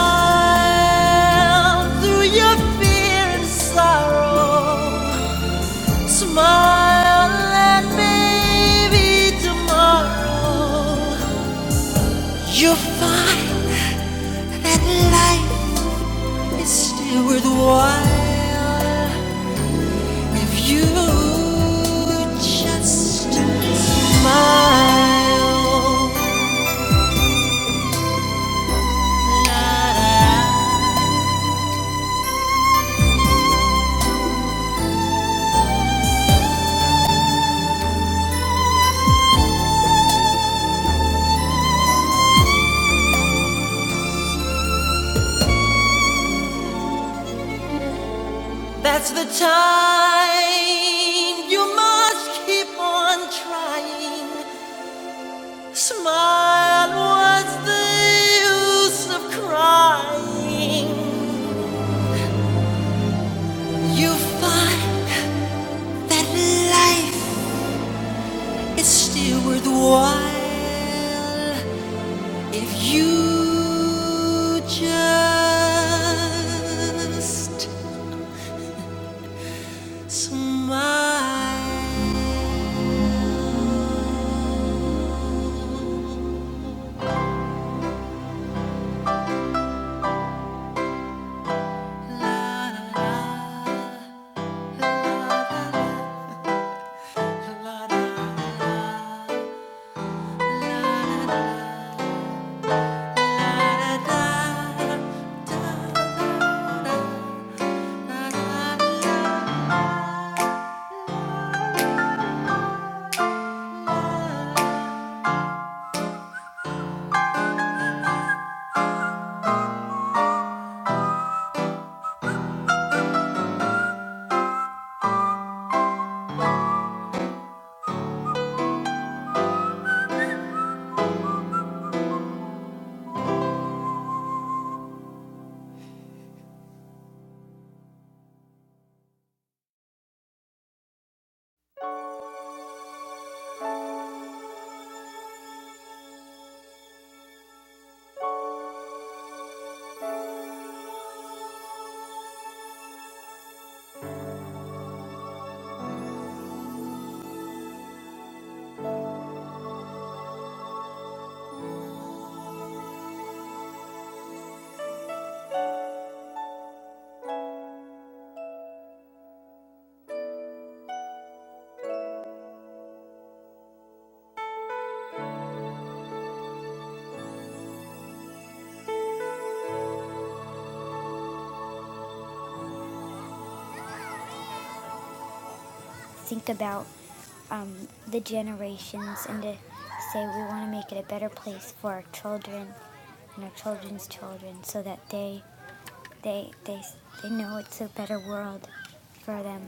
[SPEAKER 1] through your fear and sorrow, smile and maybe tomorrow you'll find that life is still worthwhile if you just smile. That's the time you must keep on trying. Smile, what's the use of crying? You find that life is still worthwhile if you just smile. think about um, the generations and to say we want to make it a better place for our children and our children's children so that they they they, they know it's a better world for them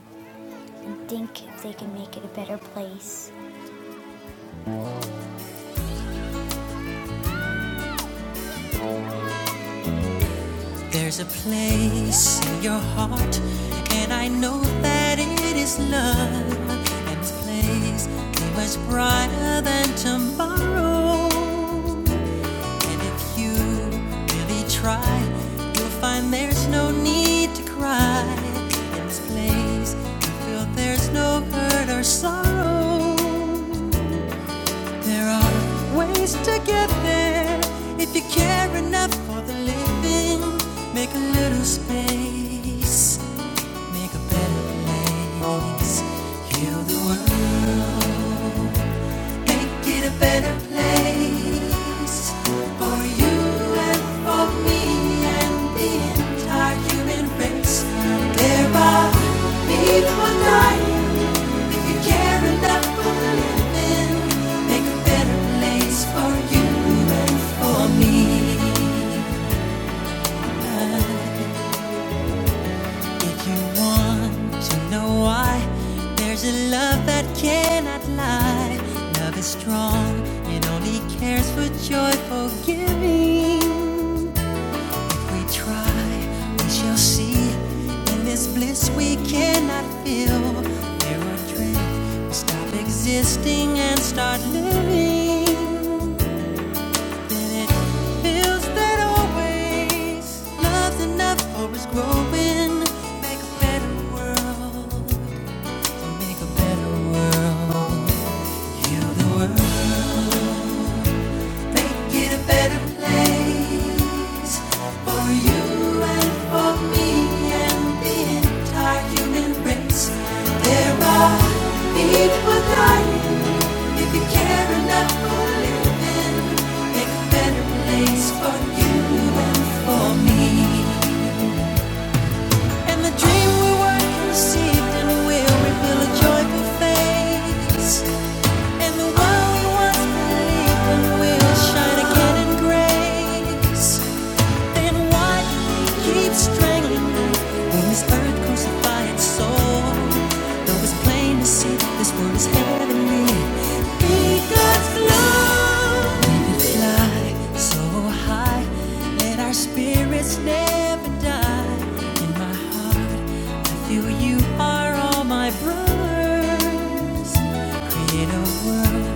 [SPEAKER 1] and think if they can make it a better place There's a place in your heart, and I know that it is love. And this place is much brighter than tomorrow. And if you really try, you'll find there's no need to cry. In this place, you feel there's no hurt or sorrow. There are ways to get there if you care enough for the living. Make a little space, make a better place. Heal the world. Make it a better place for you and for me and the entire human race. There are people will if you care enough for the living. Make a better place for you and for me. If you want to know why, there's a love that cannot lie. Love is strong, it only cares for joyful giving. If we try, we shall see. In this bliss we cannot feel. Mirror drift, we stop existing and start living. Then it feels that always love's enough for us growing. Make a better world. Make a better world. Heal the world. Make it a better place for you and for me and the entire human race. There are people dying. If you care enough for living, make a better place for you and for me. And the dream we work conceived and will reveal a joyful face. And the world we once believed in will shine again in grace. Then why keep strangling me when this earth crucified its soul? Though it's plain to see that this world is heavenly. Be God's love. Let it fly so high. Let our spirits never die. In my heart, I feel you are all my brothers. Create a world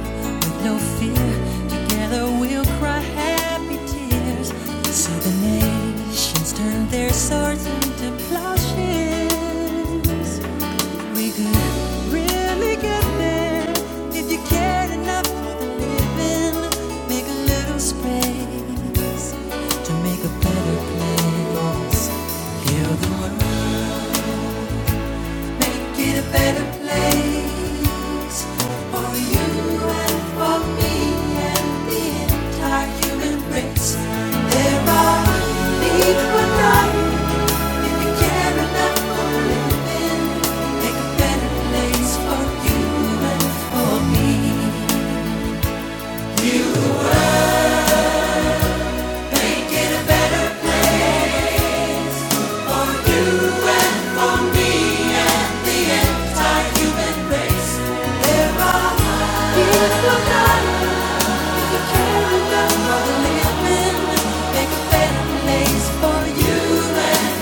[SPEAKER 1] with no fear. Together we'll cry happy tears. So the nations turn their swords into plowshares. We could really get there if you cared enough for the living. Make a little space to make a better place. Heal the world, make it a better place for you and for me and the entire human race. There are people but Make a better place for you and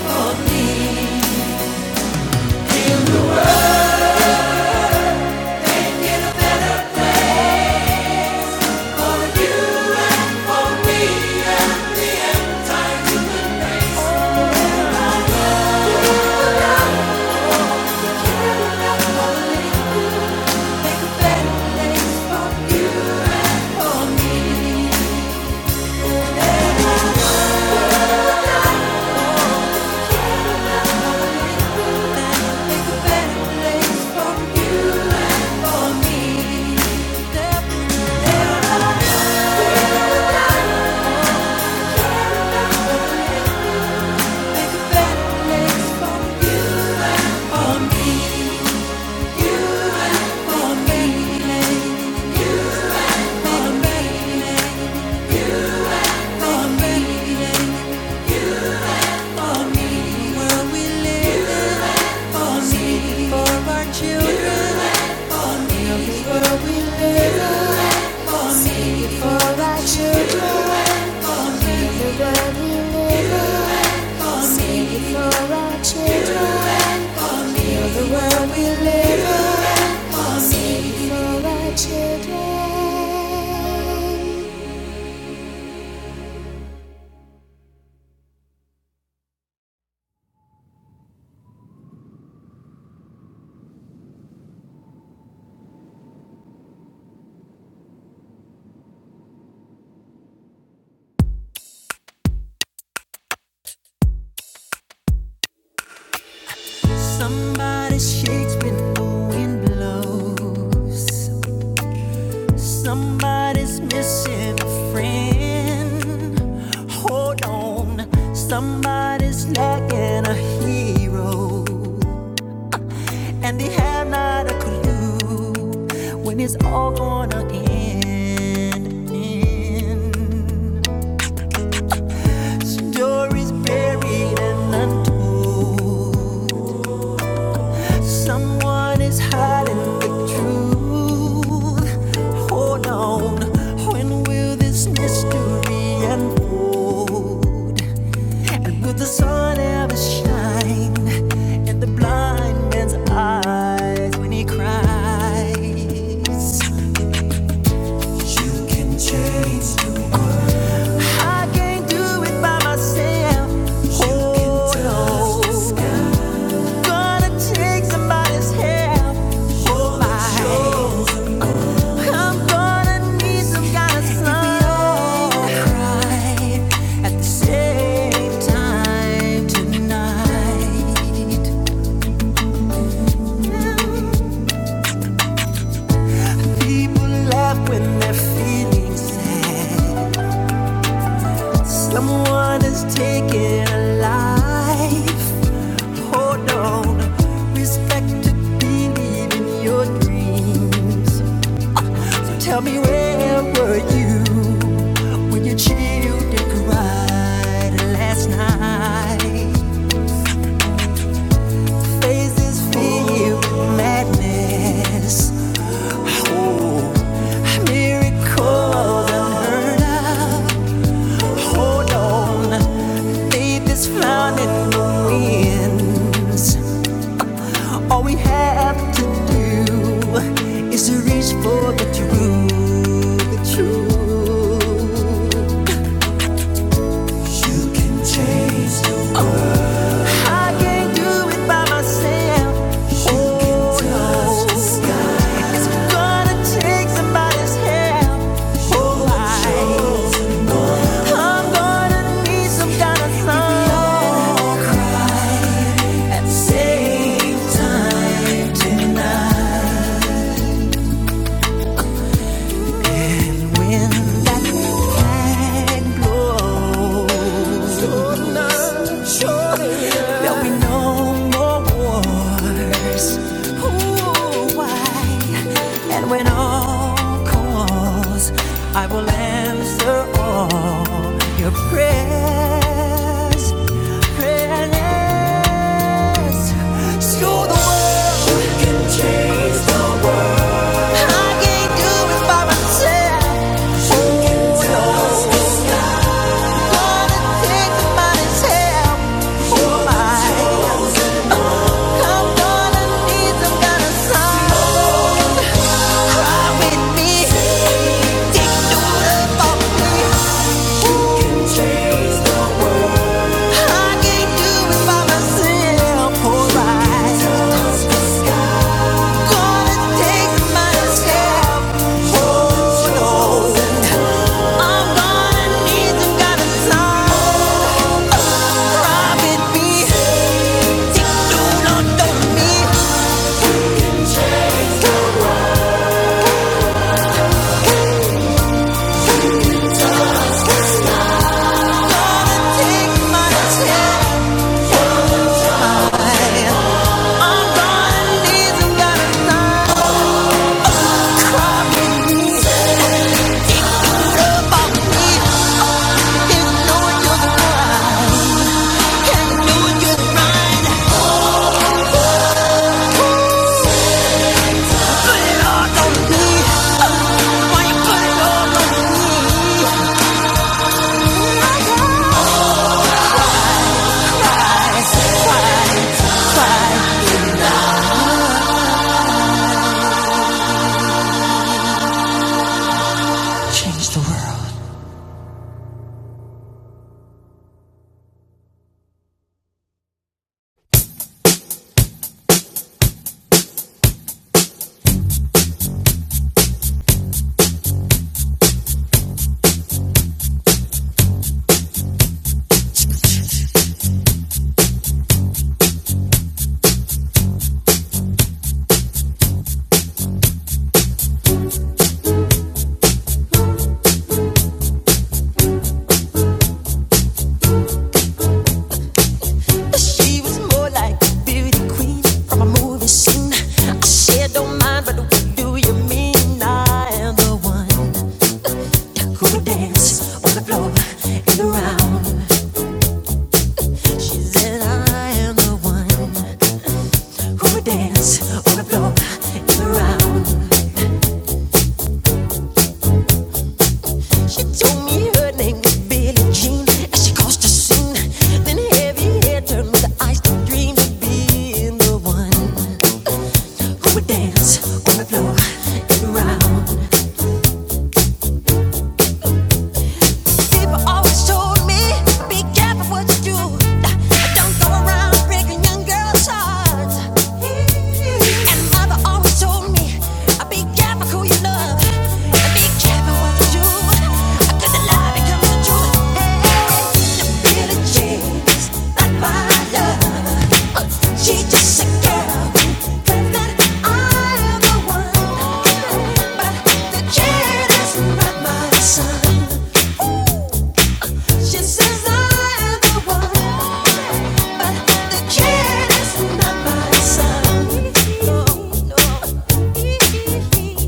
[SPEAKER 1] for me. Somebody shakes when the wind blows. Somebody's missing a friend. Hold on. Somebody's lacking a hero. And they have not a clue when it's all gonna end. end. Stories buried and untold. Someone is hiding the truth. Hold on, when will this mystery unfold? And will the sun ever shine in the blind man's eyes when he cries? You can change the world. I can't do it by myself. Oh no. Gonna take somebody's help. Hold my I'm gonna need some kind at the same time tonight. People laugh when they're feeling sad. Someone is taking a life. Hold on, respect to believe in your dreams. Tell me where were you when you chilled and cried last night? Faces filled with madness. Oh, miracles unheard of. Hold on, faith is found in the winds. All we have to do is to reach for the truth, the truth. Change the world. I can't do it by myself. You oh, can touch no. the sky. It's gonna take somebody's help. Oh, I, I'm gonna need some kind of If we all cry at the same time tonight. when that flag blows, there'll be no more wars. Ooh, why? And when all calls, I will answer all your prayers prayerless, prayerless. So the world you can change the world. I can't do it by myself. You can touch the sky. Gonna take somebody's help. You're my chosen I'm gonna need some kind of sign. Cry with me, take the love off me. About me, Dance on the floor in the round. She told me her name was Billie Jean and she caused a scene. Then heavy hair turned with the eyes that dreamed of being the one who would dance on the floor and around. Jeans, not my love. She's just a girl, claims that I'm the one, but the kid is not my son. She says I'm the one, but the kid is not my son. No, no.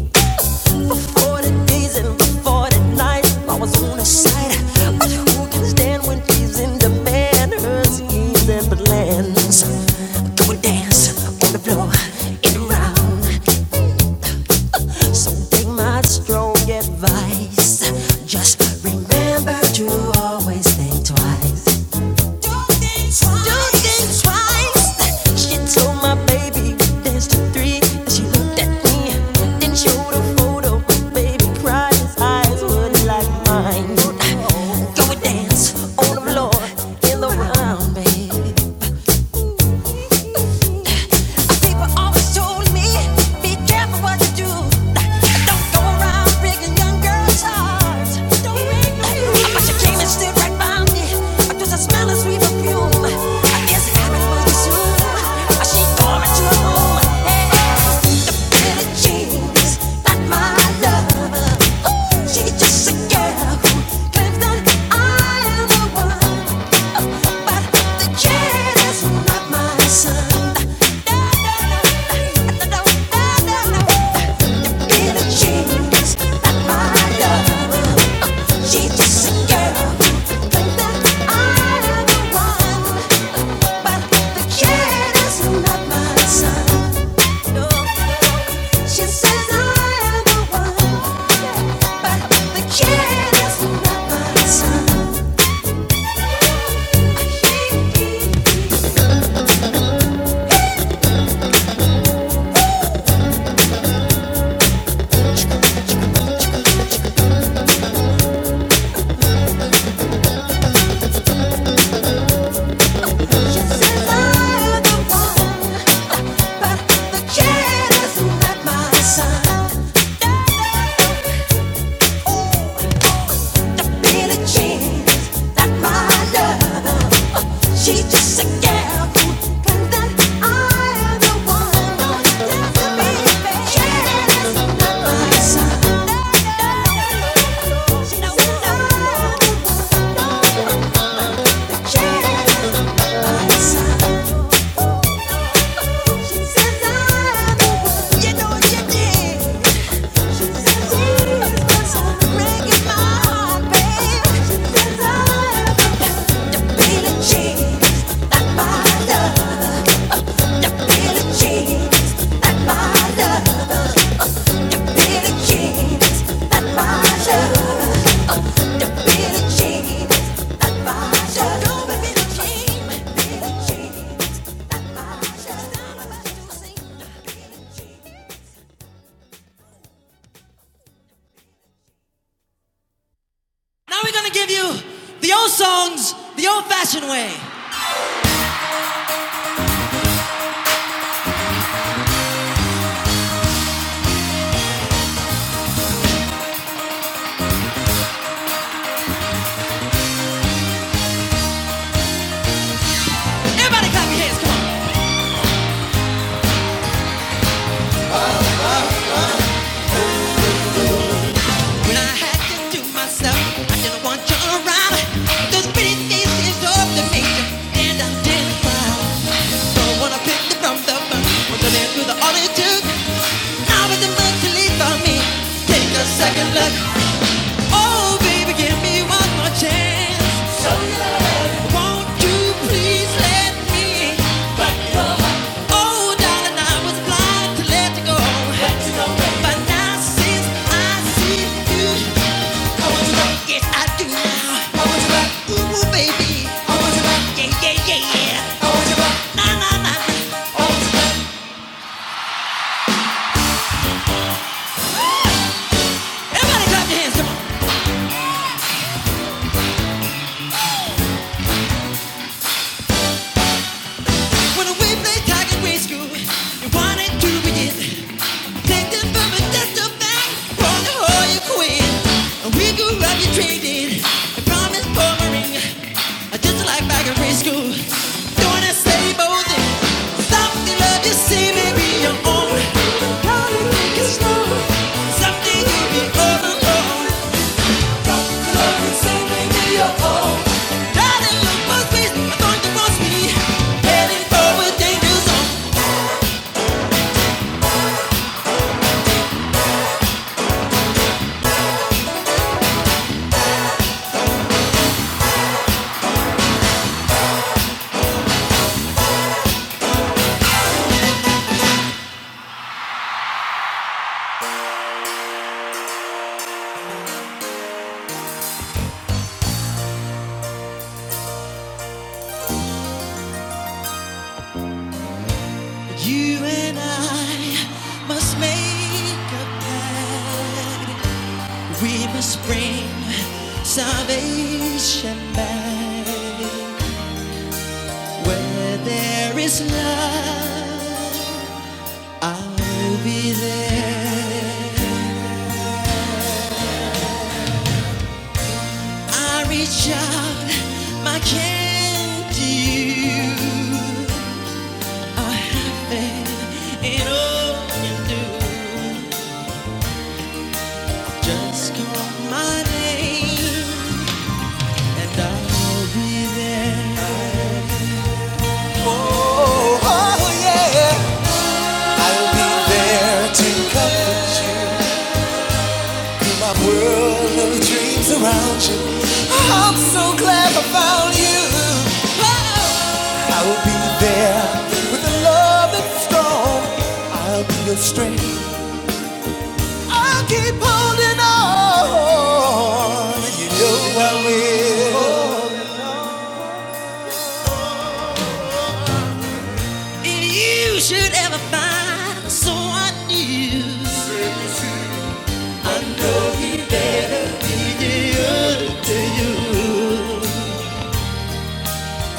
[SPEAKER 1] Before the days and before the nights, I was on his side. But who can stand when he's in demand? Her schemes and plans. Go and dance on the floor in the round. So take my strong advice. Just remember to always think twice. Go and dance on the floor in the round, baby. People always told me, be careful what you do. Don't go around breaking young girls' hearts. But you came and stood right by me. Does I smell a sweet perfume? I guess it happened much too soon. She to her room. Hey, the pretty jeans, not my love. She's just a girl who claims that I am the one, but the kid is not my son. Little genius, not my love. She's just a girl who claims that I am the one, but the kid is not my son. No, no. She says I am the one, but the kid is not my son. She says I am the one, but the kid is not my son. Ooh, Jean, not my lover. She's just a girl who thinks that I am the one. Don't a big fan. She's not my son. I am the one. She's not my son. She says I'm the one. You know you did. She says she's are breaking my heart, babe. She says I'm the one. Now we're gonna give you the old songs the old fashioned way. Everybody clap your hands, come on. When I had this to myself, I didn't want you around. Those pretty faces of the nature, and I didn't frown. Don't wanna pick them from the bunch, was it through the all it took? Now it's too much to leave for me. Take a second look. Oh, baby, give me one more chance. Won't you please let me? Oh, darling, I was blind to let you go. But now since I see you, I want you back. Yes, I do now. Ooh, ooh, baby. Yeah, yeah, yeah, yeah. Na, na, na, na. Everybody clap your hands, When we played tag in grade school, you wanted to be it. Take the bumper just back, wanna hold you we grew up, you traded. I promised for my ring. just like back in grade school. Doing the same old thing. Something love you see may be your own. How you think it's wrong. Someday you'll be all alone must We must Bring salvation back where there is love. I'll be there. I reach out my hand to you. I have faith in all you do. Just call my name and I'll be there. Oh yeah, I'll be there to comfort you. My world looks around you. I'm so proud. I will be there with a love that's strong. I'll be your strength holding on. You know I will. If you should ever find someone new, I know he better be good to you.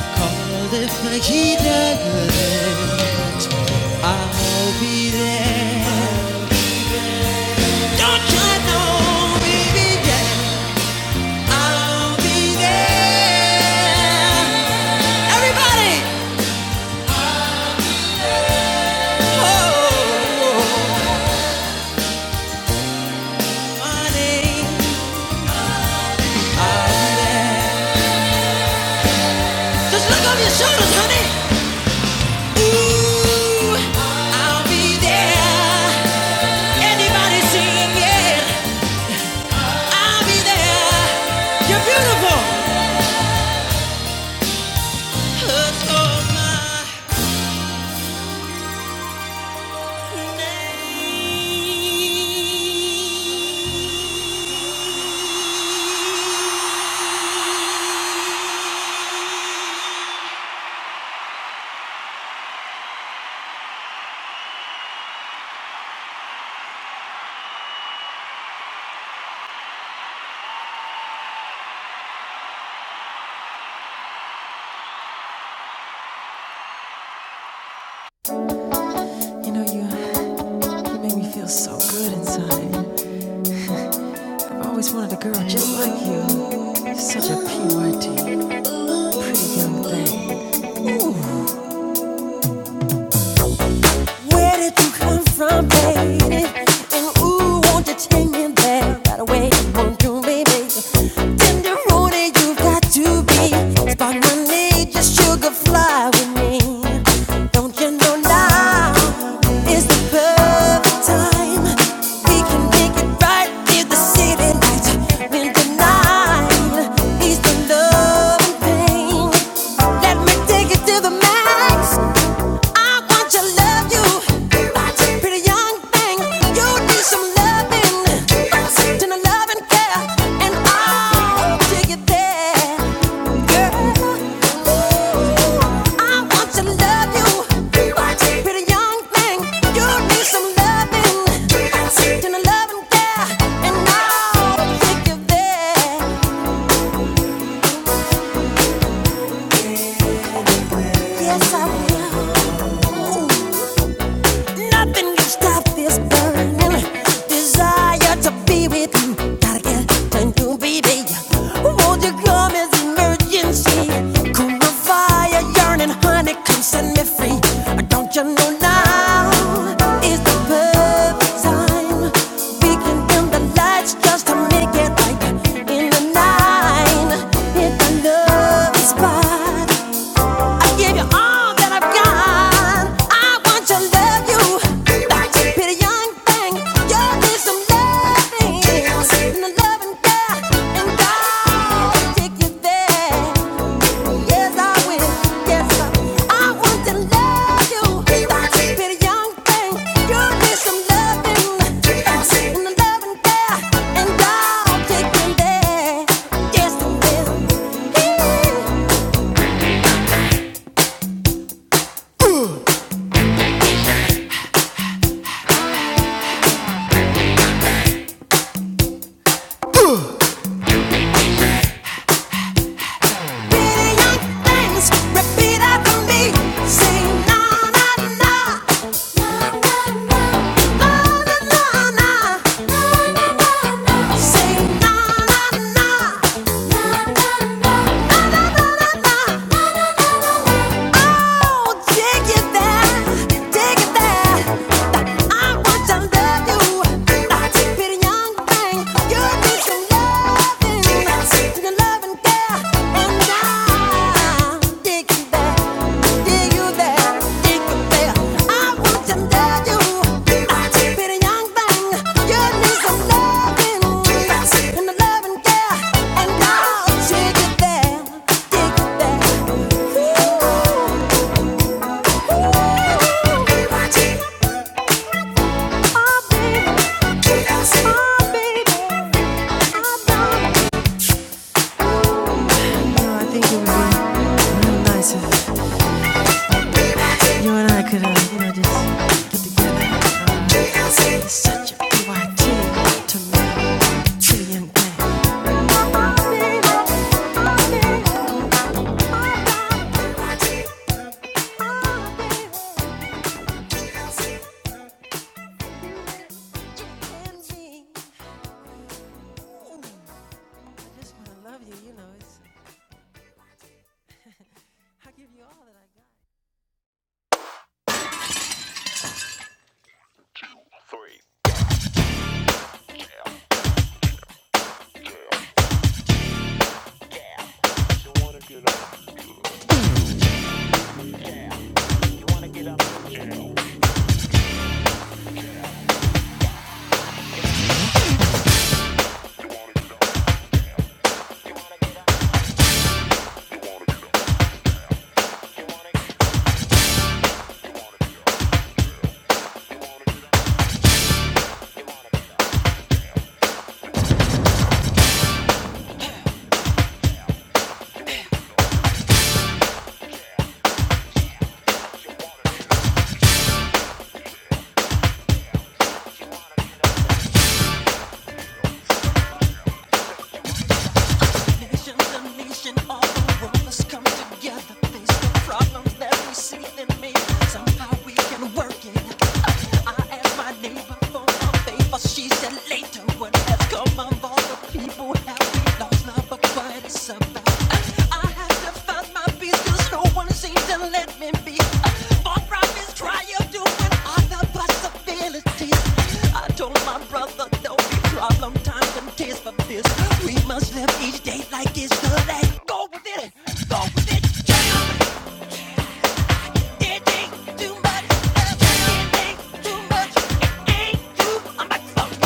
[SPEAKER 1] Cause if he doesn't, I'll be there. Don't you know, baby, Yeah, I'll be there. Everybody, oh, just look over your shoulders, honey. Ooh, I'll be there. Anybody singing, yeah, I'll be there. You're beautiful. You know, you, you make me feel so good inside. I've always wanted a girl just like you. You're such a PYT, pretty young thing. Ooh. Where did you come from, baby? And ooh, won't you take me there? That way you want to, baby. Tenderoni, you got to be. Spark my need, just sugar fly with me. Don't you know now is the perfect time? We can make it right near the city lights. When the night is the love and pain. Let me take it to the max. I want to love you, pretty young thing. You need some loving, then a loving care, and I'll take it there, girl. I want to love you, pretty young thing. You need some loving, then a loving care, and I'll take you there. Yes, I will. Nothing can stop this burning desire to be with you. Gotta get to be there. Won't you come as emergency? Cool the fire, yearning, honey, come set me free. Don't you know now is the perfect time? We can dim the lights just to make it right in the night. Hit the spot. I give you all that I've got. I want to love you. Pretty young thing, you need some loving. And the loving God, and God will take you there. Yes, I will. Yes, I I want to love you. Pretty young thing, you need some loving. And the loving God, and God will take you there. Yes, I will. Yeah. Dig it there, dig it there, I want to love you. Oh, baby. Oh, baby. You know, I think it would be real nice if you and I could, uh, you know, just get together. Uh, it's such a BYT to make truly young man. I just wanna love you, you know. It's, I give you all that I Go with it, go with it. jam, dig, dig, too much,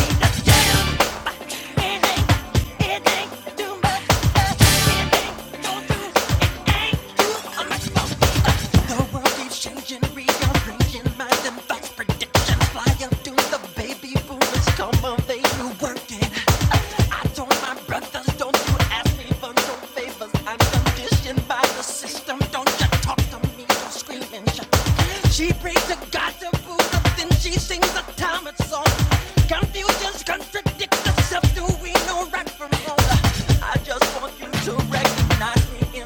[SPEAKER 1] ain't no jam. The world keeps changing, rearranging mind and thoughts, prediction. Fly up to the baby boomers, come of age, working. I told my brothers, don't you ask me for no favors. I'm conditioned by the system. Don't you talk to me, don't scream She prays to God to food up, she sings a Thomas song. Confusions contradict themselves. Do we know right from wrong? I just don't you, it ain't you, I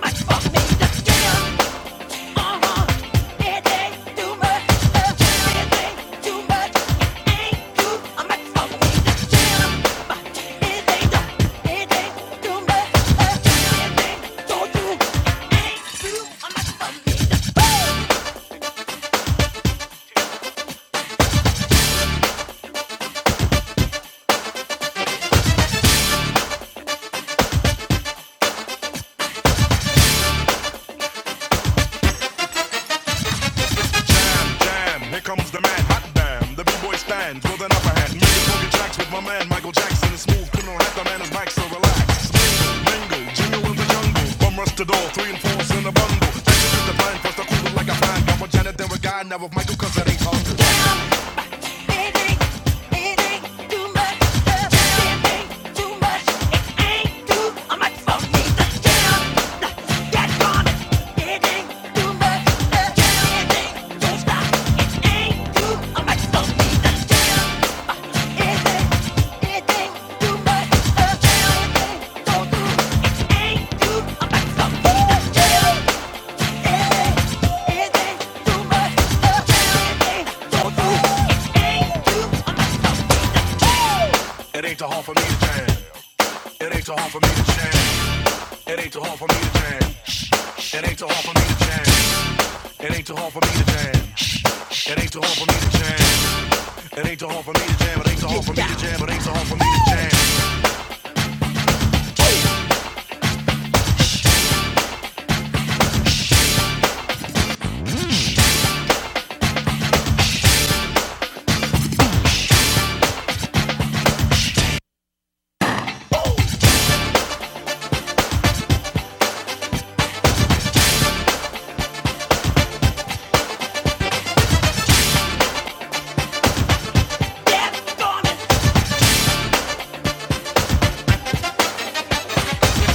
[SPEAKER 1] might fuck me to jam. Hey! Yeah.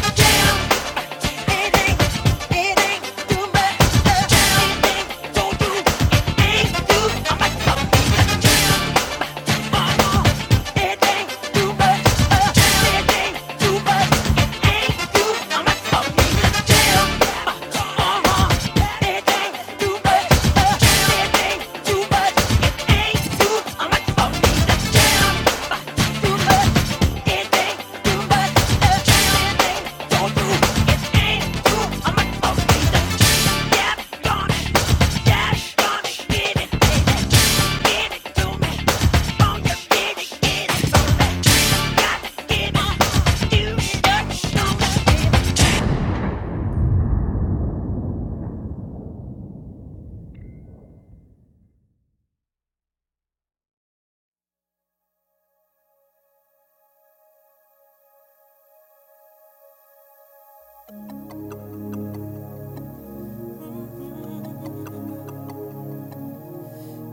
[SPEAKER 1] Yeah. Too much.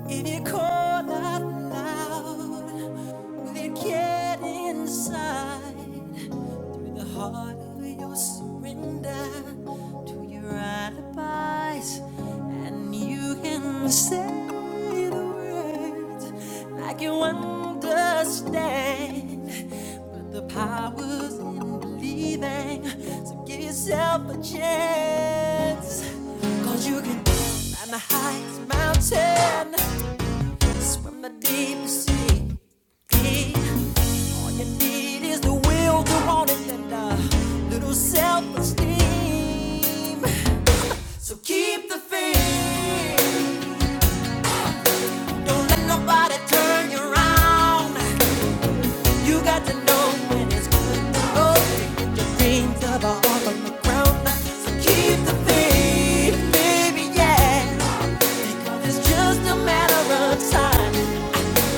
[SPEAKER 1] If you call out loud, will it get inside? through the heart of your surrender to your alibis, and you can say the words like you understand. But the power's in believing, so give yourself a chance, 'cause you can climb the highest mountain, Swim the deep sea. All you need is the will to want it and a little self-esteem. So keep the faith. Don't let nobody turn you around. You got to know when it's good to go. Get your dreams up off on the ground. So keep the faith, baby, yeah. Because it's just a matter of time.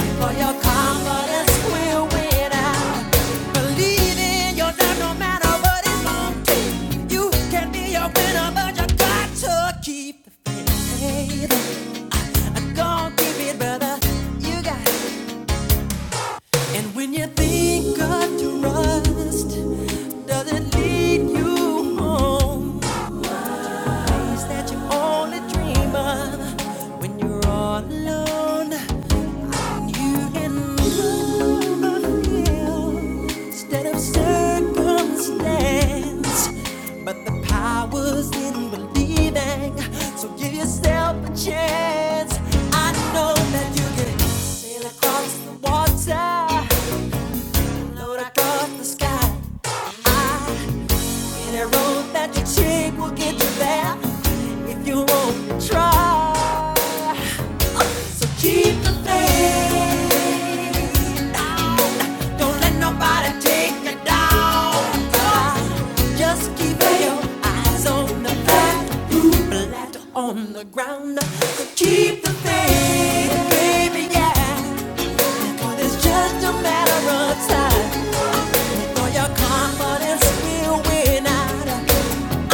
[SPEAKER 1] before your confidence will win out. Believe in yourself no matter what it's gonna take. You can be a winner, but you got to keep the faith. I'm gonna keep it, brother. You got And when you think of trust, does it lead you home? Place that you only dream of when you're all alone. You can move instead of circumstance. But the power's in believing, so give yourself a chance. I know that you can sail across the water, float across the sky. I any road that you take will get you there if you only try. So keep the faith. Don't let nobody take you down. Just keep your eyes on the back, flat on the ground. So keep the faith, baby, yeah. 'Cause it's just a matter of time. For your confidence will win out.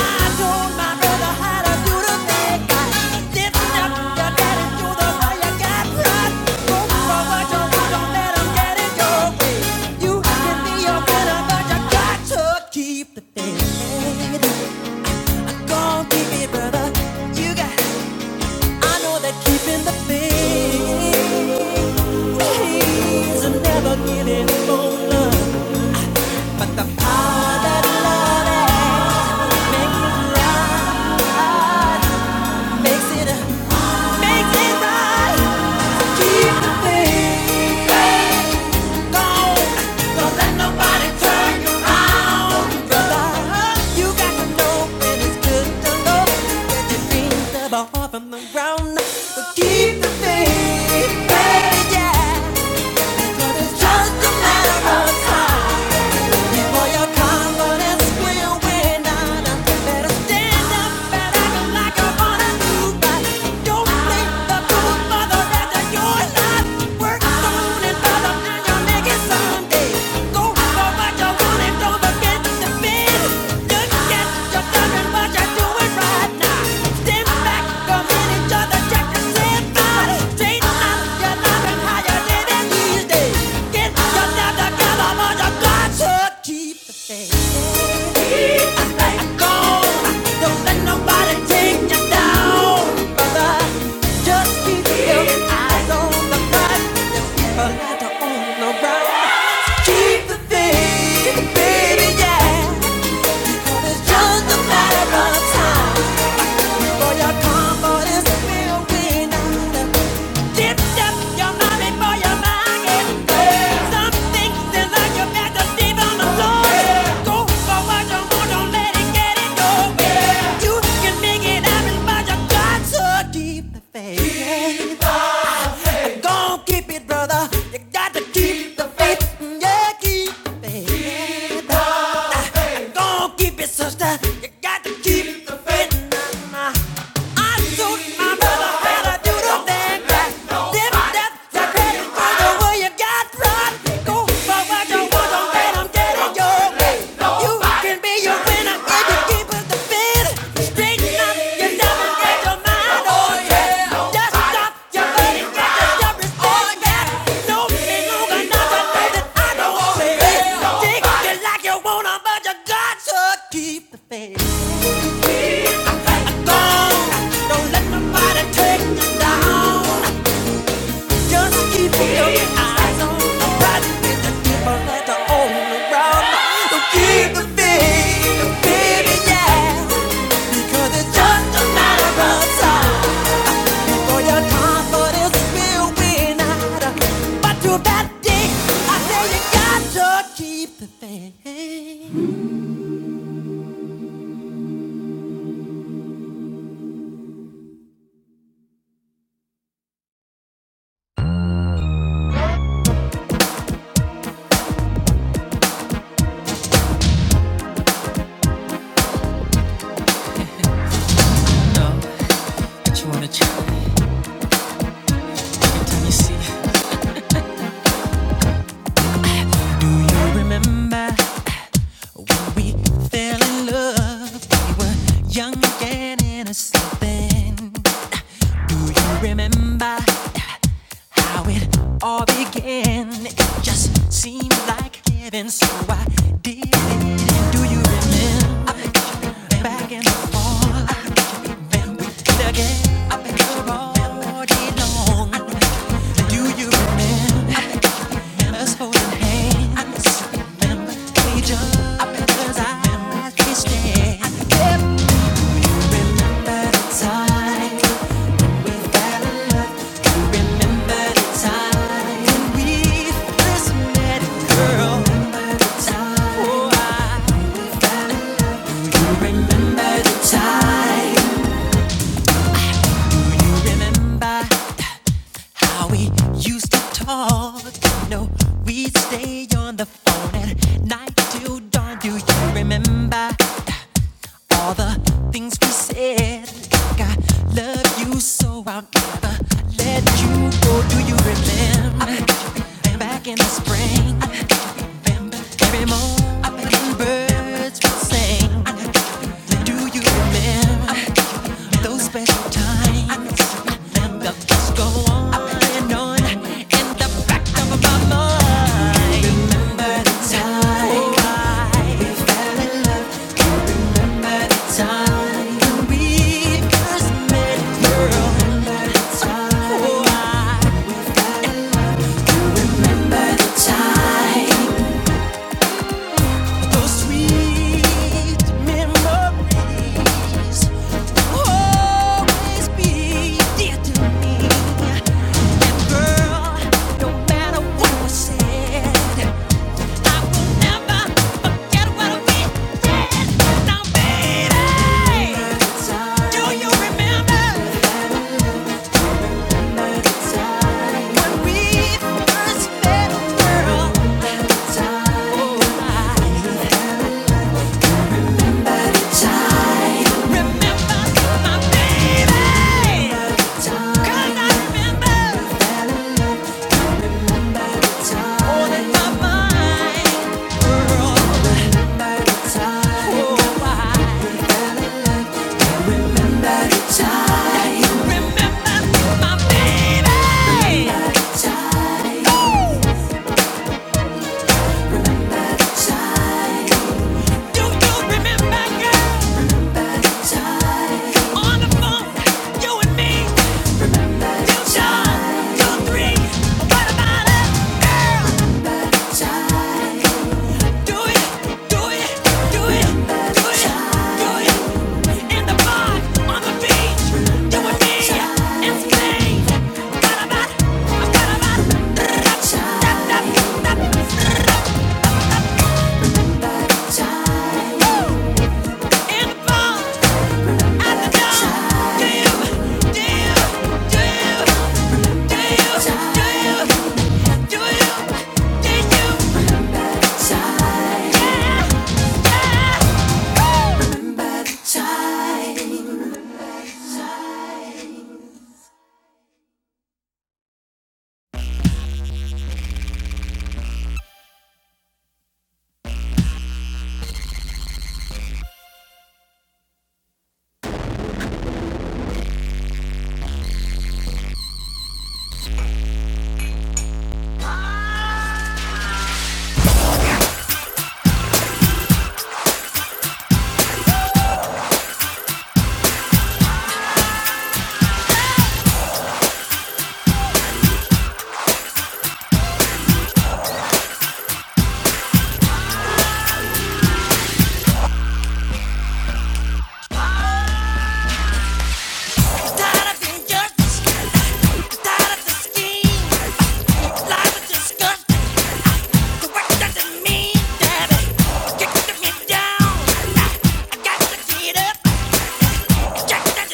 [SPEAKER 1] I told my brother how to do the thing right. Lift up your daddy to the way you got right. Go for what you want, don't let 'em get in your way. You can be a winner, but you got to keep the faith. Go on, keep it, brother. You got. I know that keeping the faith. Please never give it Love and love makes it. From the ground, up, but keep the faith, baby, yeah. 'Cause it's just a matter of time. For your confidence, we'll win on. Better stand up and act like you wanna do right. Don't think the truth for the rest of your life. Work on it, brother, and you'll make it someday. Go for what you want and don't Keep the faith. For your confidence, we'll be Sister, you got to keep the faith. Nah, nah. I Keep the faith. Keep the faith. Don't you wanna check? me? Let me see. Do you remember? We fell in love. We were young and innocent then. Do you remember uh, how it all began? It just seemed like heaven, so I did it. Do you remember? I've been back and forth again. I've been all day long. Do you remember us holding hands? I Remember we just- I bet 'cause I- I can't stand. Remember the time Remember how we used to talk? No, we'd stay on the phone at night till dawn. Do you remember all the things we said? Like I love you so I'll never let you go. Do you remember? And back in the spring, every morning, I think birds would sing at the time. When we first met, girl, Oh, I When we first met, girl, oh, I Remember my baby. Do you remember, girl, on the phone, you and me, two shots, two three. What about it, girl? Do it, do it, do it, do it, do it. In the bar, Woo! In the bar.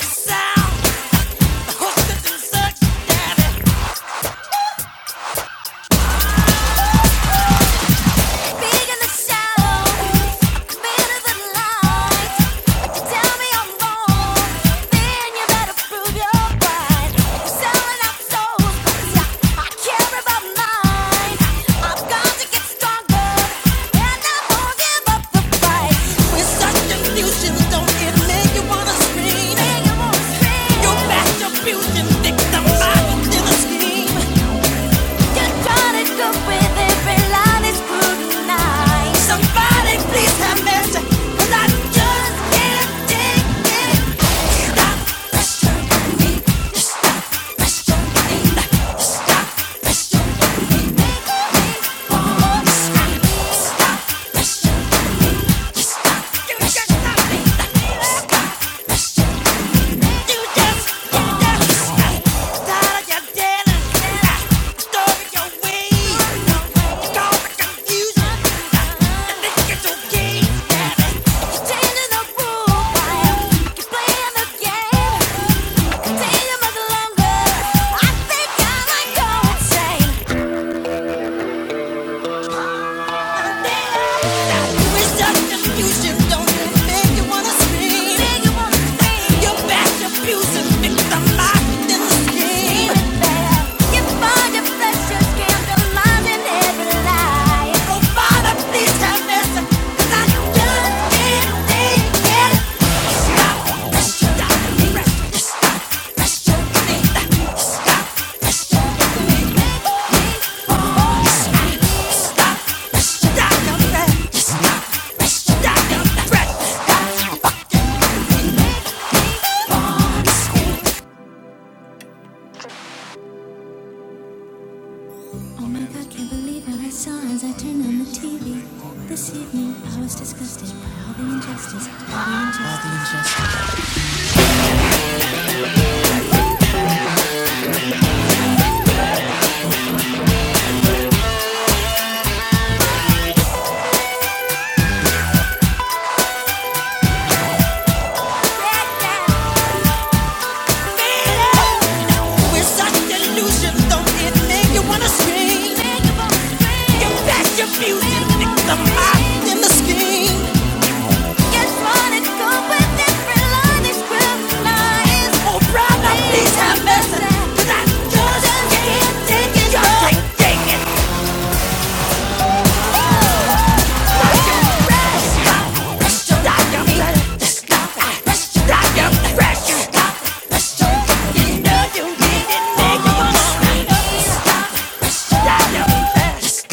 [SPEAKER 1] Sound, the horse doesn't suck, daddy. Big in the shallow, better than light. Tell me I'm wrong, and you better prove your right. Selling out soul, I've got to won't give up the fight. we such confusion, don't it make you wanna scream? You back your fusion, think somebody did a with every line is scrutinized. Somebody please have mercy, 'cause I just can't take it. Stop pressuring me. Stop pressuring me. Stop pressuring me. Make me wanna scream. Stop pressuring me. Stop pressuring me. Stop pressuring me. Continue much longer. I think I might go insane. Please have mercy, I Oh my god, can't believe what I saw as I turned on the TV. This evening I was disgusted by all the injustice. All the injustice. All the injustice. We're such delusions, don't it make you wanna scream? You pack your music, pick them in the scheme. Get fun and go with every line is criminalized. Oh, have mercy, 'cause I just can't take it. Just can't take it. You're fresh, i know you make you wanna scream. Stop, stop, stop.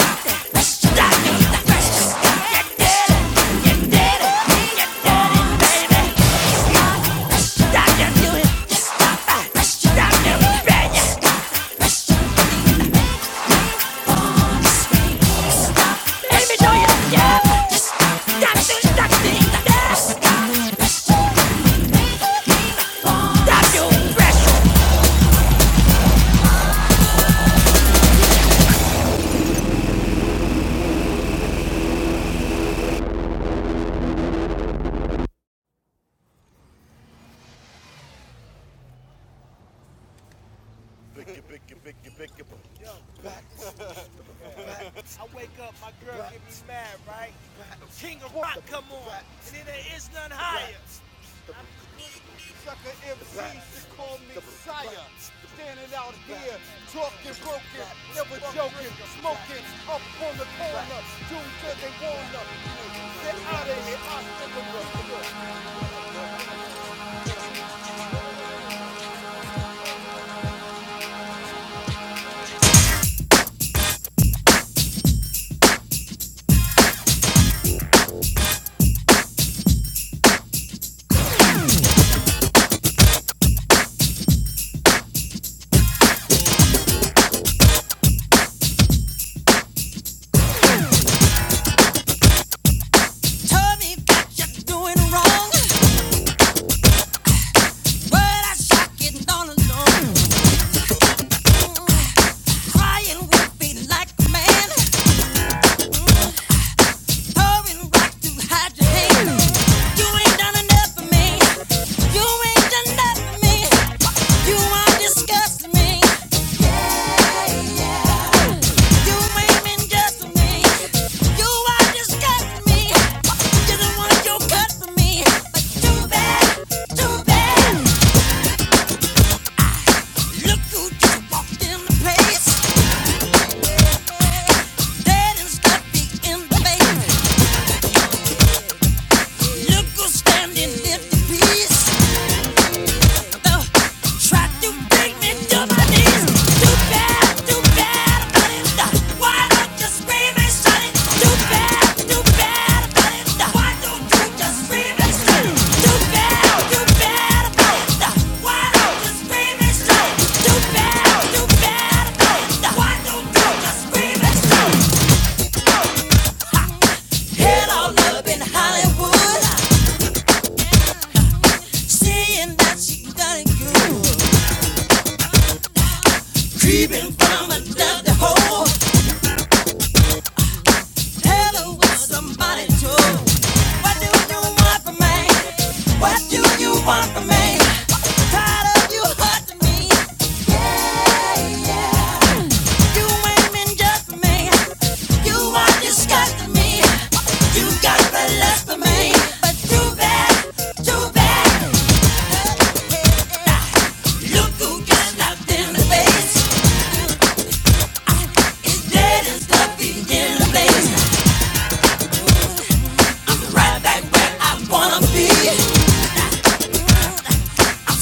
[SPEAKER 1] King of rock, come on, and there is none higher. Sucker MCs to call me sire. Standing out here, talking broken, never joking, smoking, up on the corner, do till they wanna. Get out of here, I still remember. Tell me what you're doing wrong. But I shock it all alone. Crying with me like a man. Pouring rock to hide your hand. You ain't done enough for me. You ain't done enough for me. You are disgusting me. Standing in the peace. Creeping from another hole Hello, what's somebody do? What do you want from me? What do you want from me? Tired of you hurting me. Yeah, yeah. You ain't been just for me. You are disgusting me. You got the lust for me. But too bad, too bad. Hey, hey, hey, hey. Look who got knocked in the face. Dead is the place, right back where I wanna be.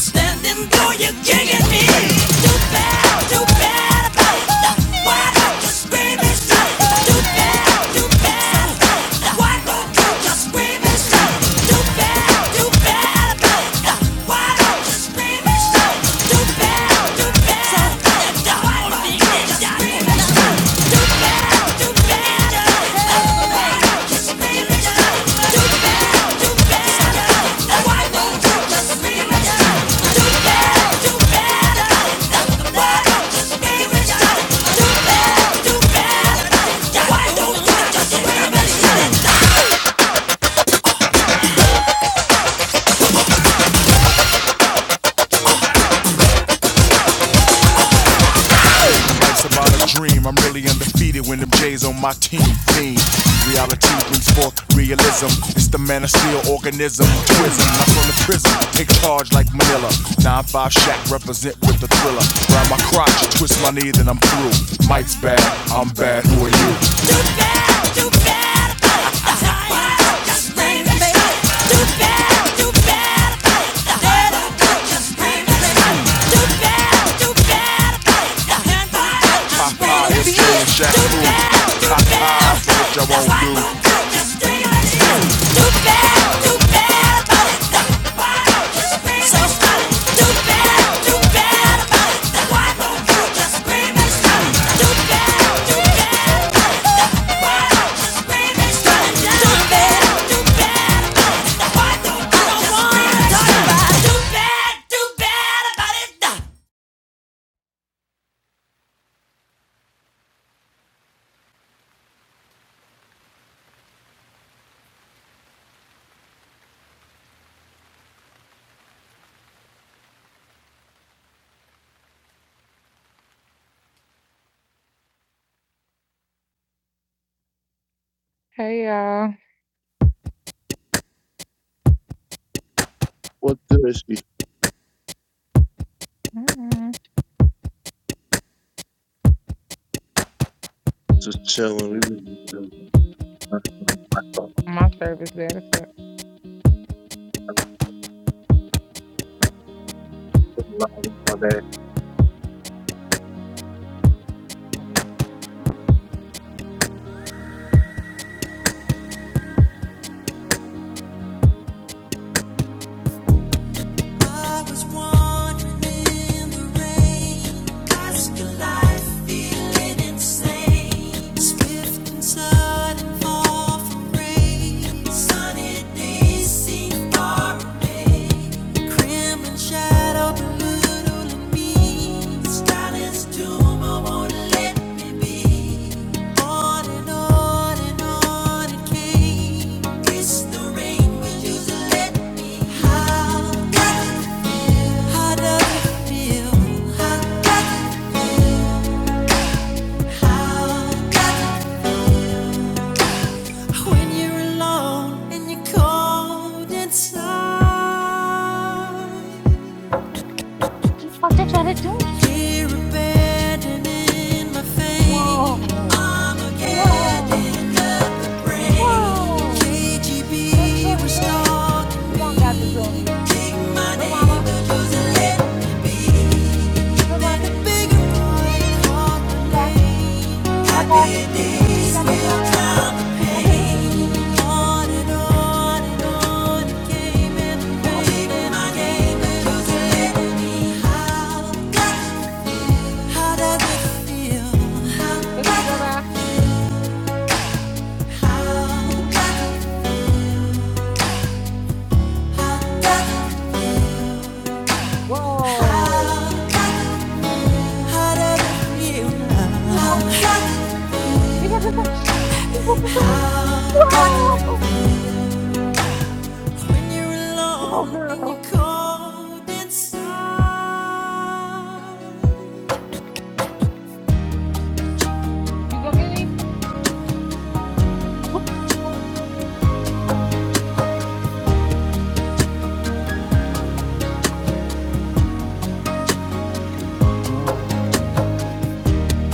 [SPEAKER 1] Standing though you're kicking me. Too bad, too bad about it. Why don't you scream and shout? Too bad, too bad about it. Why don't you just scream and shout? Too bad, too bad about it. Why don't you scream and shout? Too bad, too bad about it. Why don't you just do better, do better. Yeah, why don't you just do better? Do better about it. Why don't you just scream and shout? Do, do better. Do bad, do bad about it.
[SPEAKER 3] Hey y'all.
[SPEAKER 4] What good is she
[SPEAKER 3] Mm-mm.
[SPEAKER 4] just chilling?
[SPEAKER 3] My service better. So.
[SPEAKER 1] It's the rain will usually let me howl. How does it feel? How does it feel when you're alone and you're cold inside?
[SPEAKER 3] Keep what they try to do.
[SPEAKER 1] Fear abandoning my fame.
[SPEAKER 3] Whoa, whoa,
[SPEAKER 1] Armageddon of the brain.
[SPEAKER 3] whoa. What is
[SPEAKER 1] KGB
[SPEAKER 3] that,
[SPEAKER 1] was
[SPEAKER 3] the zoomies?
[SPEAKER 1] stalking
[SPEAKER 3] You don't got the
[SPEAKER 1] me.
[SPEAKER 3] zoomies.
[SPEAKER 1] Take my
[SPEAKER 3] Look,
[SPEAKER 1] name,
[SPEAKER 3] mama.
[SPEAKER 1] but doesn't let me be.
[SPEAKER 3] Look,
[SPEAKER 1] Then a
[SPEAKER 3] mommy.
[SPEAKER 1] bigger boy called
[SPEAKER 3] Bye.
[SPEAKER 1] my
[SPEAKER 3] Bye bye. You got the zoomies. You got the zoomies.
[SPEAKER 1] name.
[SPEAKER 3] Whoa. Cookie, bye bye. Whoa. Whoa. You got the zoomies. You got the zoomies. Whoa. Whoa, girl. You gonna get me?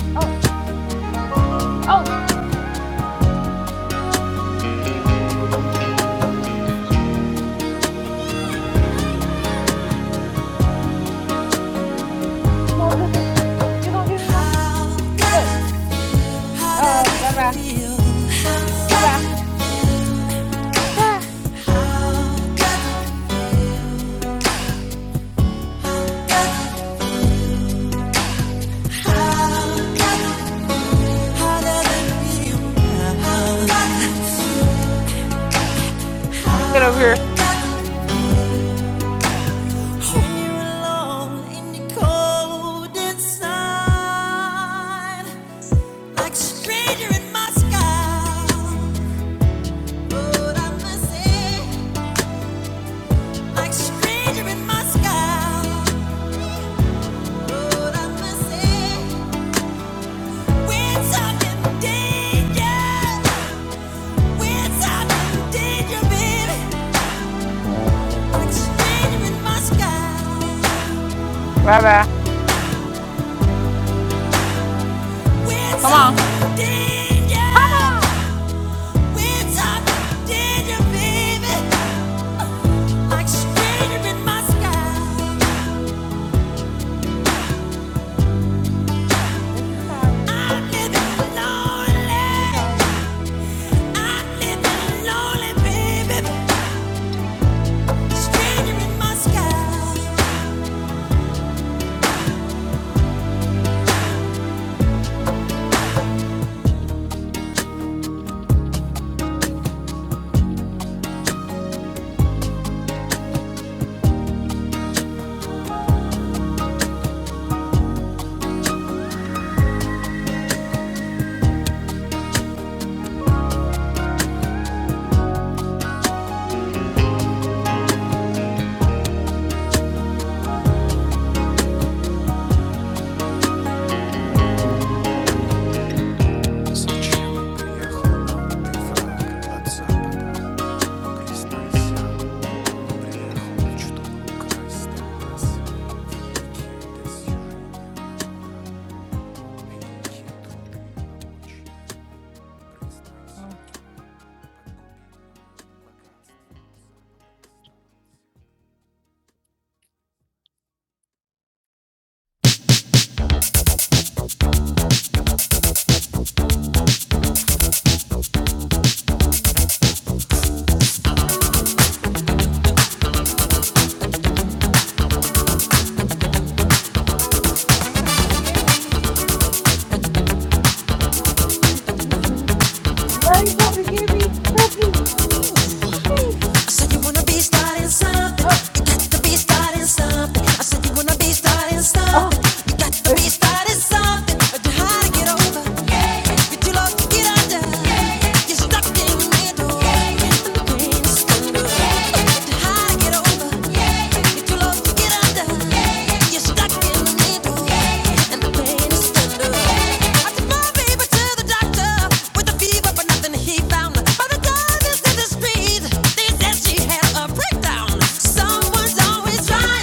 [SPEAKER 3] Oh, oh. You gonna get me? You gonna get me, mom? Look. Uh oh, bye bye. Bye bye. Ah, uh, get over here.
[SPEAKER 1] Stranger in my but I must say, like stranger in my but I must say, we're talking danger.
[SPEAKER 3] Bye bye. Come on. Come on. Is you tired? Is you tired? Is you tired? Is you tired?
[SPEAKER 1] Stranger
[SPEAKER 3] Huh?
[SPEAKER 1] in my
[SPEAKER 3] Bokey.
[SPEAKER 1] sky.
[SPEAKER 3] Huh? You ain't coming to get me. You coming to get me. No, you coming to get me. Cookie. Cookie.
[SPEAKER 1] Something, you got to be starting something. I
[SPEAKER 3] Oh.
[SPEAKER 1] don't
[SPEAKER 3] Oh.
[SPEAKER 1] know how to get over. Someone's always trying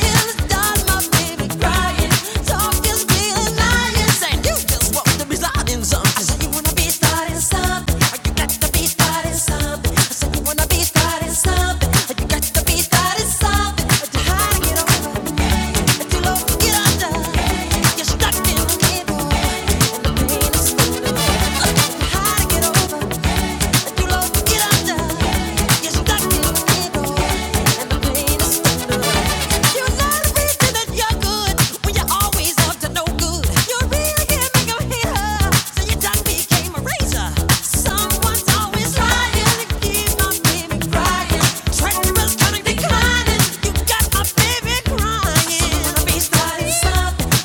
[SPEAKER 1] how to get over? Something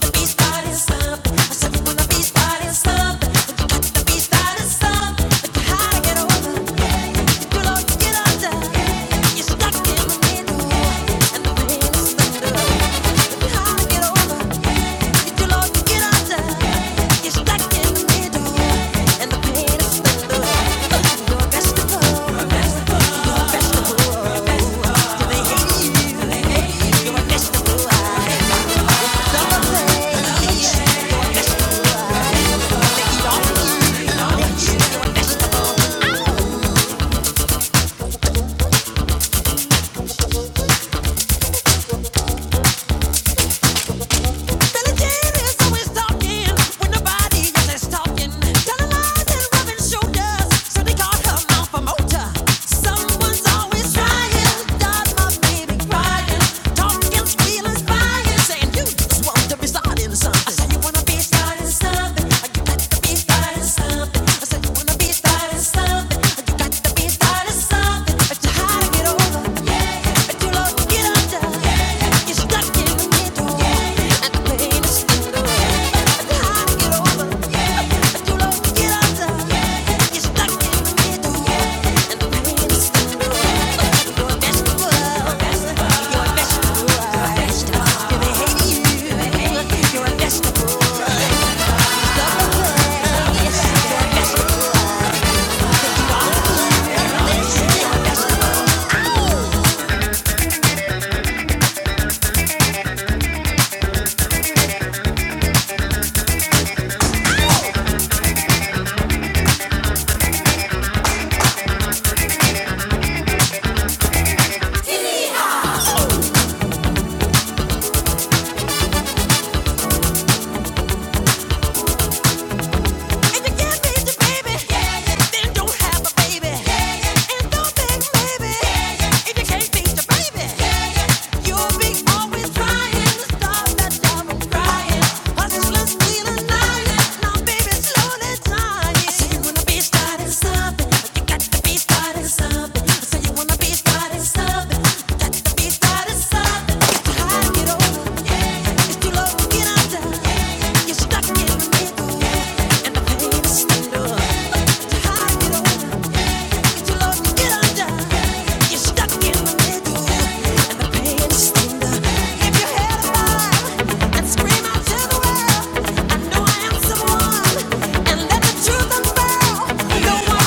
[SPEAKER 1] Vegetable, vegetable, they hate you. Saying you just want to be starting something. I say you wanna be starting something. Yeah. Something. So you wanna be starting something I know I am someone, and let the truth unveil. Yeah.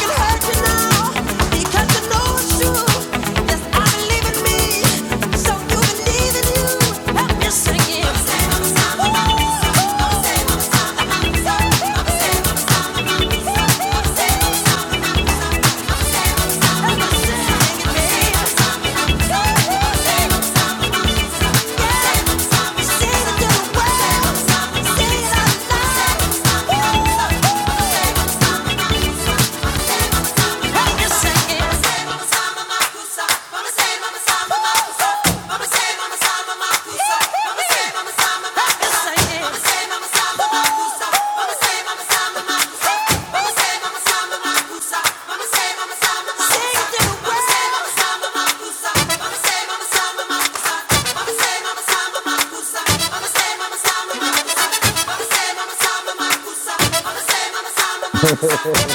[SPEAKER 1] Thank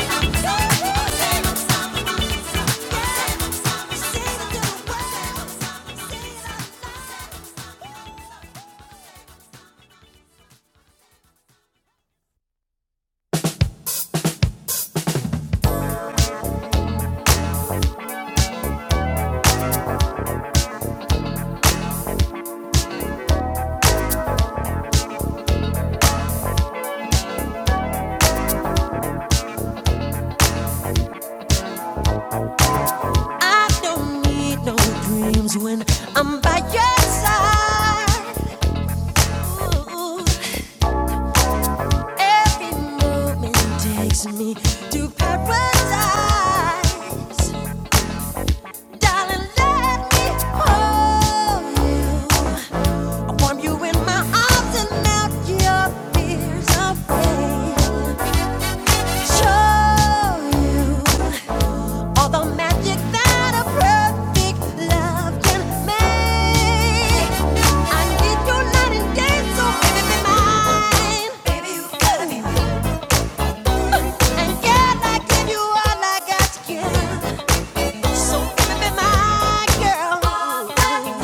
[SPEAKER 1] you. I don't need no dreams when I'm by your side. every moment takes me to paradise. Darling, let me hold you. Warm you in my arms and melt your fears away. Show you all the magic that a perfect love can make. I need you night and day, so baby be mine. Baby, you gotta be mine. And girl, I give you all I got to give. So baby be my girl.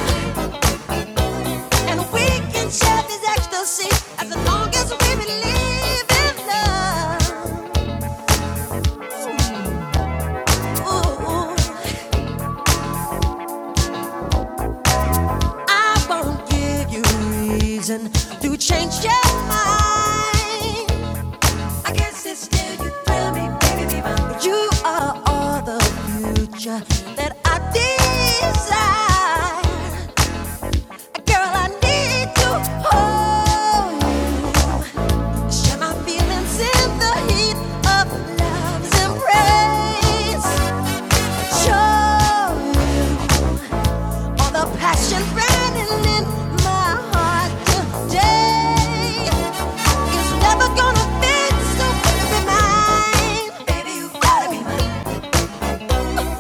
[SPEAKER 1] And we can share this ecstasy as long as we believe in love. I won't give you reason to change your mind. I guess it's still you thrill me, baby, divine. You are all the future that I desire.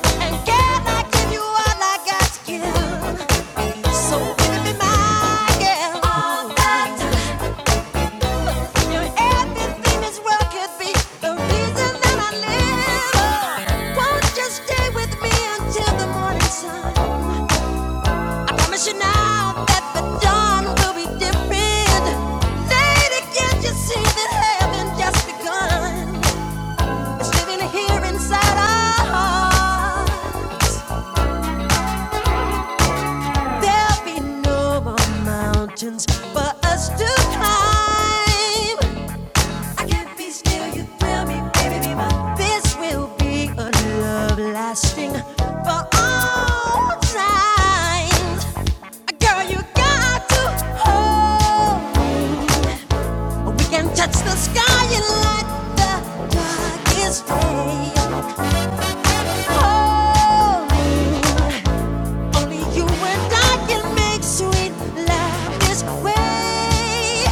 [SPEAKER 1] And can I give you all I got to give? So baby, be my girl. All that time. Everything is well could be the reason that I live. Won't you stay with me until the morning sun? I promise you now that the dawn will be different. Lady, can't you see that heaven just begun? living here inside our heart. There'll be no more mountains for us to climb. I can't be still, you thrill me, baby, be my. This will be a love lasting for all time. Girl, you got to hold. We can touch the sky and light the darkest day. Hold me, only you and I can make sweet love this way.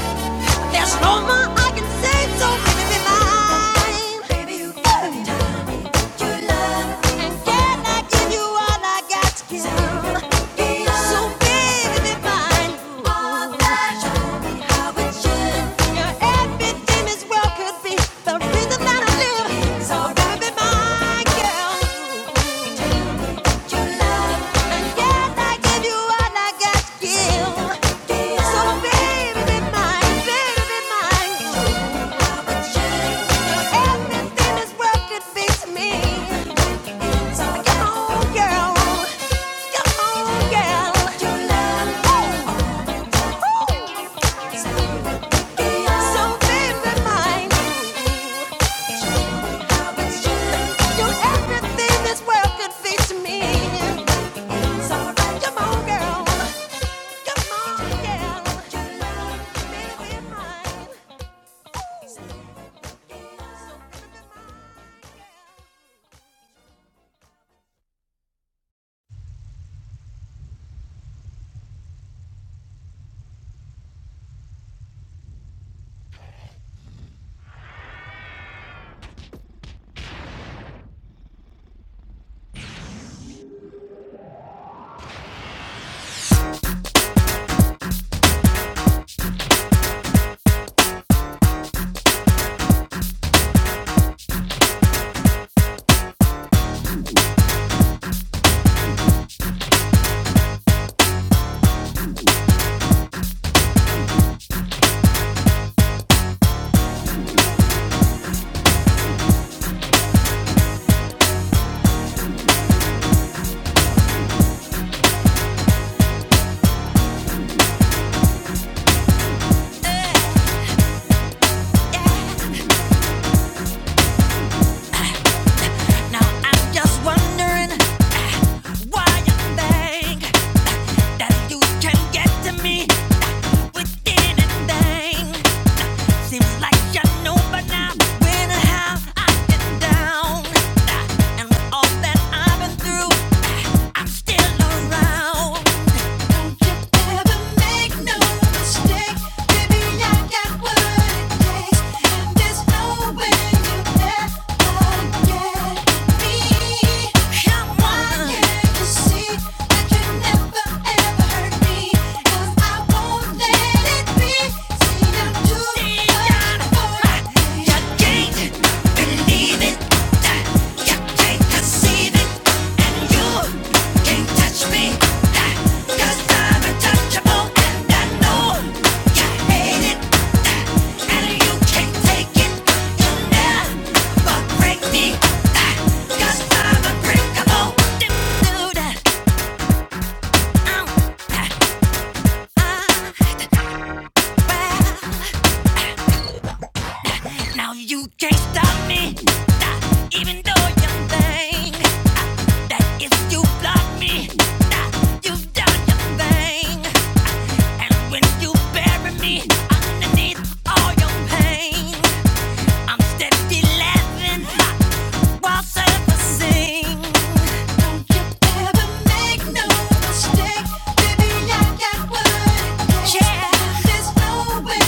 [SPEAKER 1] There's no more I can say, so baby, be mine. Baby, you got me you love. And can I give you all I got to give? So baby, be mine. All that show me how it should. Your everything is well could be the reason that I live. So baby, be mine, girl. Everything this world could fix me. come on, girl. Come on, girl. So so Now I'm just wondering why you think that you can get to me with anything. Seems like you know by now when and how I get down. And with all that I've been through, I'm still around. Yeah. Unbreakable. Do, do that. Um, that. I, well. Now you can't stop me, uh, even though you think uh, that if you block me, uh, you've done your thing. And when you bury me underneath all your pain, I'm steady laughing while surfacing. Don't you ever make no mistake, baby, I got what it takes. Yeah. There's no way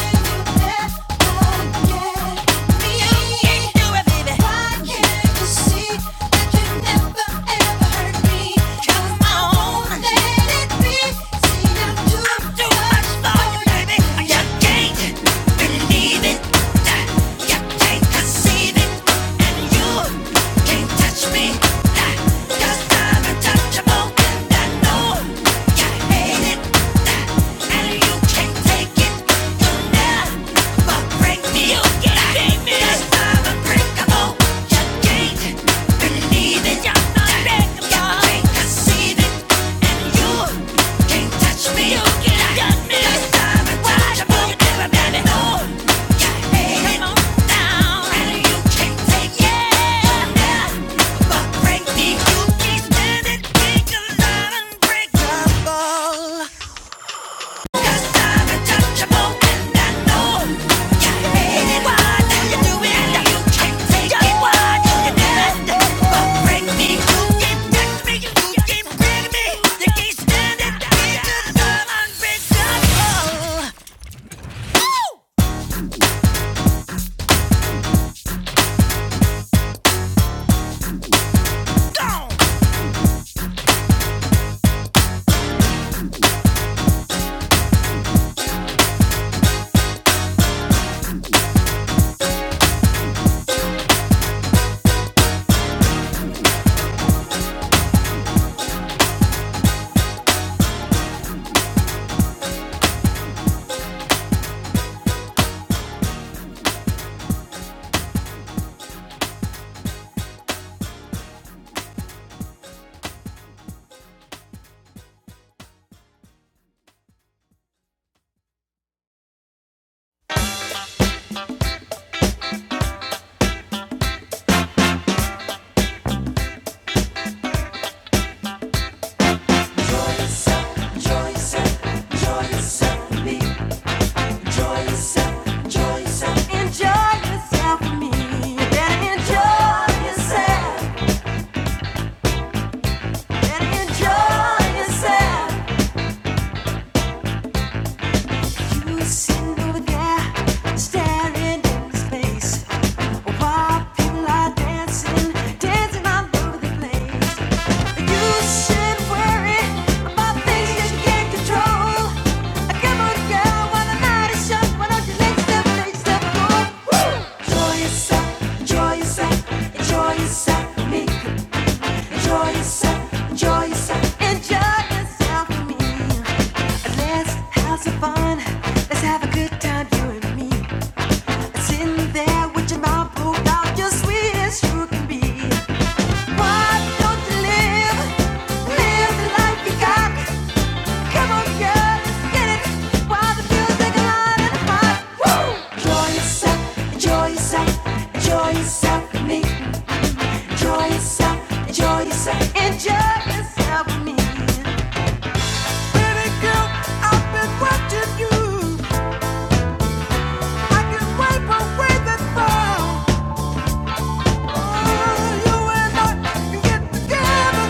[SPEAKER 1] you ever get me. You can't do it, baby. Why can't you see that you never ever hurt me? Come on, let it be. See, I'm doing You'll get me. That's unbreakable. Break me, you keep standing, kick alive and break the ball. Enjoy yourself. Enjoy yourself, enjoy yourself, enjoy yourself for me. Let's have some fun. Let's have a good time, you and me. And sitting there with your mouth pulled out, you're sweet as you can be. Why don't you live, live the life you got? Come on, girl, let's get it. While the music is loud and hot. Woo! Enjoy yourself, enjoy yourself, enjoy yourself with me. Enjoy yourself, enjoy yourself, enjoy yourself with me. Baby girl, I've been watching you. I can wipe away the frown. Oh, you and I can get together.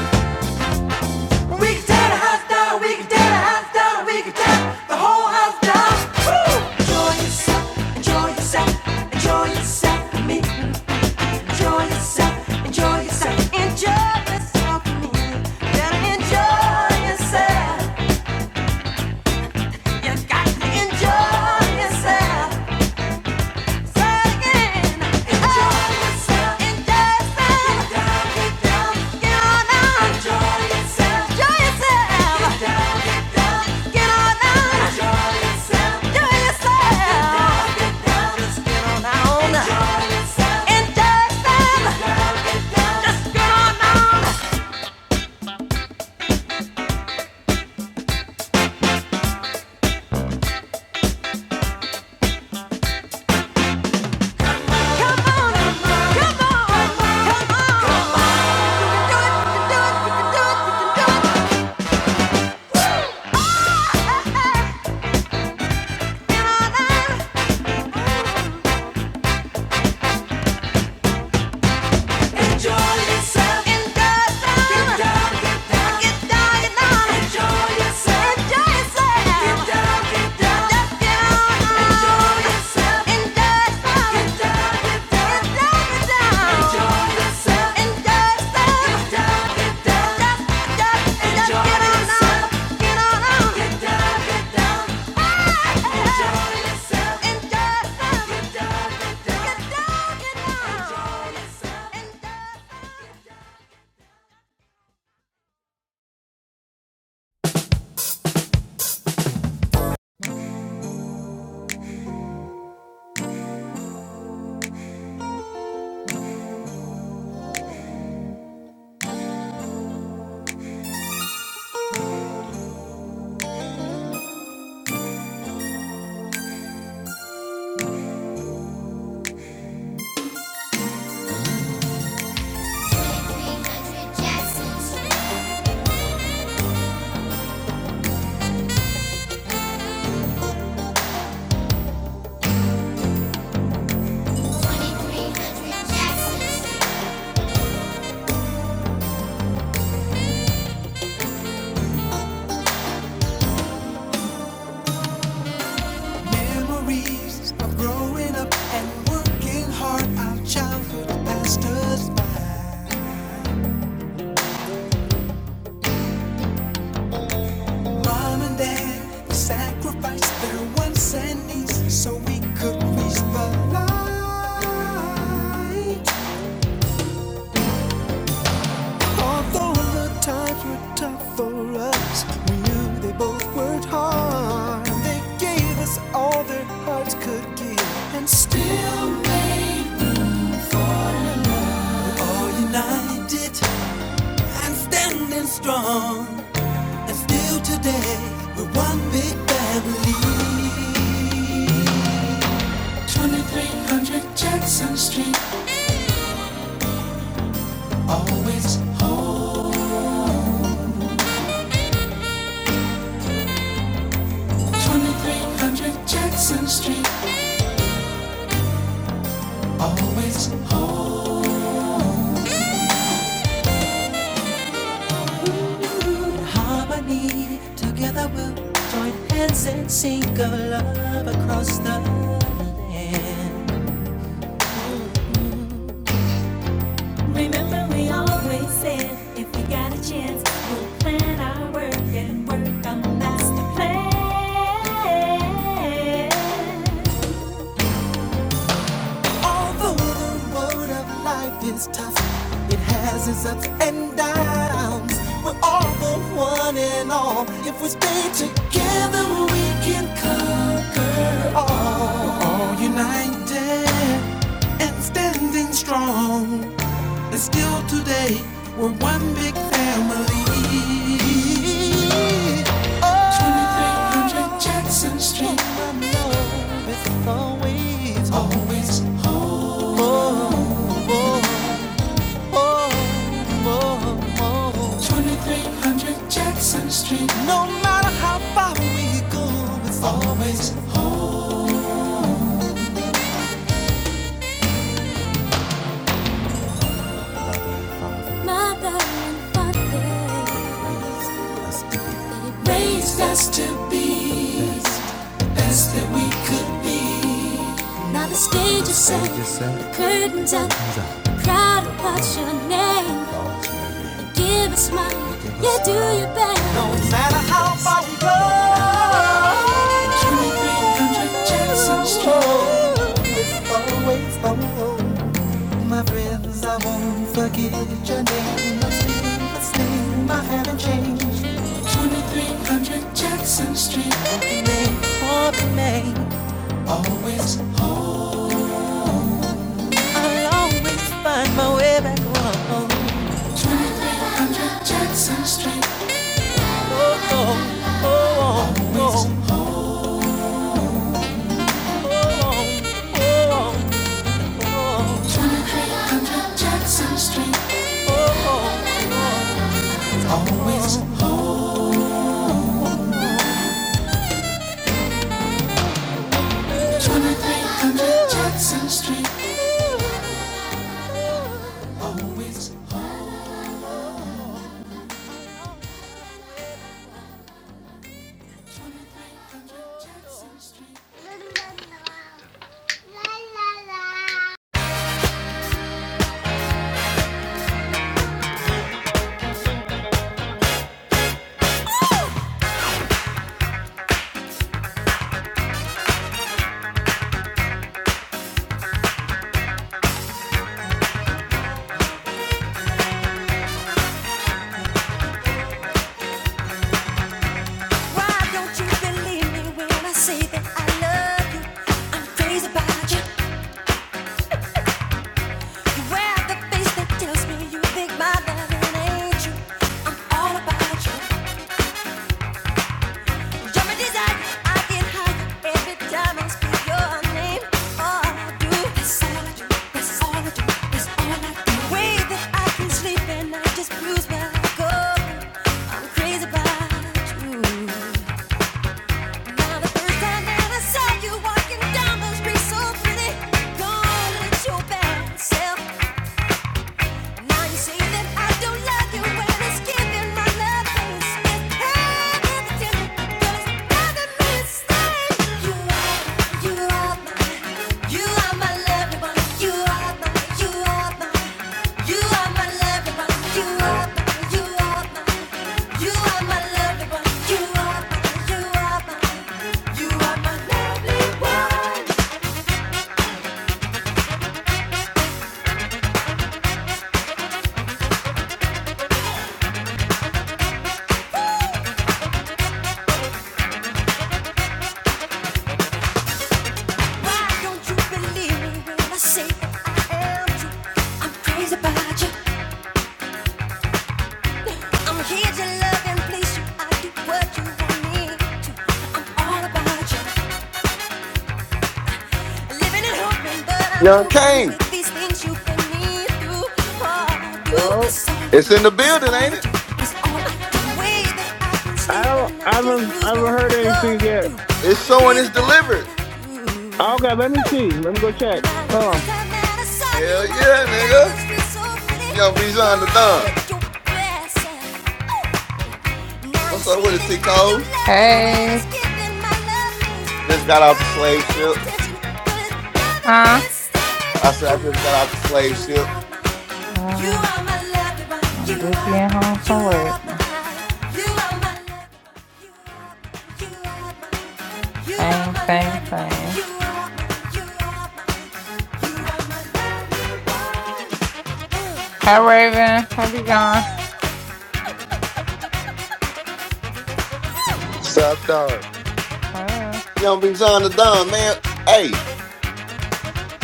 [SPEAKER 1] We can tear the house down. We can tear the house down. We can tear the whole house down. Woo! Enjoy yourself. Enjoy yourself. Enjoy yourself. with Me. Enjoy yourself. Enjoy yourself. Enjoy yourself. with Me. Better enjoy yourself. You got to enjoy yourself. Woo! Enjoy yourself. Get down, get down. Enjoy yourself. Get down, get down. Enjoy yourself. Get down, get down. Enjoy yourself. Memories of growing up and working hard, our childhood past us Mom and dad sacrificed their wants and needs so we could reach the light. Although the times were tough for us, we knew they both worked hard. They gave us all their hearts could give and still made all united and standing strong. 2300 Jackson Street, always. 2300 Jackson Street, always. Harmony, together we'll join hands and sing of love across the land. Remember we always said if we got a chance, we'll plan our work and work on the master plan. Although the road of life is tough, it has its ups and downs. We're all the one and all. If we stay together, we can conquer all. United and standing strong. And still today, we're one big family. 300 Jackson Street. Mother and father raised us to Best that we could be. Now the stage is set, the curtains up, the crowd will watch your name. Give a smile, you do your best. Jackson Street, name for the name. I'll always find my way back home. 2300 Jackson Street. Oh, oh, oh, oh, oh, oh, oh, oh. 2300 Jackson Street. 2300 Jackson Street. Why don't you believe me when I say that I love you? I'm crazy about you. You wear the face that tells me you think my love ain't you. I'm all about you. You're my desire. I get higher every time I speak your name. All I do, that's all I do, that's all I do. There's no way that I can sleep and I just lose my goal. I'm crazy about you. Now the first time that I saw you. Why don't you believe me when I say I am I'm crazy about you. I'm here to love and please you. I do what you want me to. I'm all about you. Living and hoping, but I'm
[SPEAKER 5] Young
[SPEAKER 1] coping
[SPEAKER 5] Kane.
[SPEAKER 1] with these things you put me through. Oh, do. That's
[SPEAKER 5] It's in the building,
[SPEAKER 1] all I do. That's all I
[SPEAKER 5] ain't
[SPEAKER 1] do.
[SPEAKER 5] it?
[SPEAKER 1] That's all I do. The way that I can
[SPEAKER 4] I
[SPEAKER 1] sleep
[SPEAKER 4] don't
[SPEAKER 1] and I just lose what I go
[SPEAKER 4] get.
[SPEAKER 1] through.
[SPEAKER 5] It's
[SPEAKER 1] I'm
[SPEAKER 5] showing
[SPEAKER 1] crazy
[SPEAKER 5] it's
[SPEAKER 1] about
[SPEAKER 5] delivered.
[SPEAKER 4] Okay, let me see it. Oh,
[SPEAKER 5] Hell yeah, nigga. Young Bijan the Don.
[SPEAKER 1] you. Now you
[SPEAKER 5] What's up
[SPEAKER 1] see
[SPEAKER 5] with it,
[SPEAKER 1] that
[SPEAKER 5] T
[SPEAKER 1] I don't
[SPEAKER 5] Code?
[SPEAKER 1] love you when it's
[SPEAKER 3] Hey.
[SPEAKER 1] giving my love means
[SPEAKER 5] Just got off the slave
[SPEAKER 1] paying
[SPEAKER 5] ship.
[SPEAKER 1] attention, but it's driving me
[SPEAKER 3] Huh?
[SPEAKER 1] insane.
[SPEAKER 5] I said
[SPEAKER 1] You
[SPEAKER 5] I just got off
[SPEAKER 1] are,
[SPEAKER 5] the slave
[SPEAKER 1] you
[SPEAKER 5] ship.
[SPEAKER 1] are my, you
[SPEAKER 3] Ah.
[SPEAKER 1] are my love divine. You
[SPEAKER 3] I'm just
[SPEAKER 1] are,
[SPEAKER 3] getting home
[SPEAKER 1] you
[SPEAKER 3] from work.
[SPEAKER 1] are my, you are my You are,
[SPEAKER 3] Same,
[SPEAKER 1] my,
[SPEAKER 3] same, same.
[SPEAKER 1] you are You are,
[SPEAKER 3] Hi, Raven. How you gone?
[SPEAKER 2] Stop down
[SPEAKER 3] Uh,
[SPEAKER 5] Young Bijan the Don, man. Hey,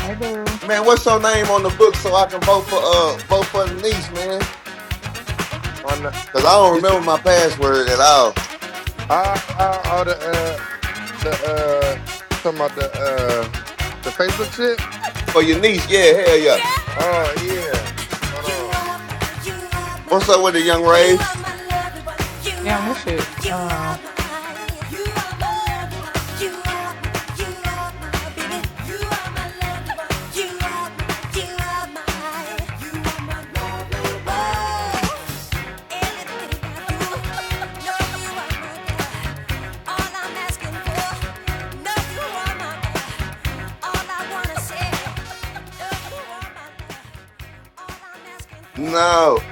[SPEAKER 3] hey, boo.
[SPEAKER 5] man, what's your name on the book so I can vote for uh vote for the niece, man?
[SPEAKER 2] on the.
[SPEAKER 5] Cause I don't
[SPEAKER 2] You see,
[SPEAKER 5] remember my password at all.
[SPEAKER 2] I, I, all the uh, the uh, talking about the uh, the Facebook shit.
[SPEAKER 5] For your niece, yeah, hell yeah.
[SPEAKER 2] Oh yeah. Hold
[SPEAKER 1] you
[SPEAKER 2] on.
[SPEAKER 1] are my, you are my, you are my.
[SPEAKER 5] What's up with it, young
[SPEAKER 1] You
[SPEAKER 5] Ray?
[SPEAKER 1] are my loved one. You are
[SPEAKER 3] Damn, this shit.
[SPEAKER 1] my, you are my. You are my loved one. You are my, you are my baby. You are my loved one. You are my, you are my. You are my loved one. Everything I do, know you are my girl. All I-
[SPEAKER 5] No.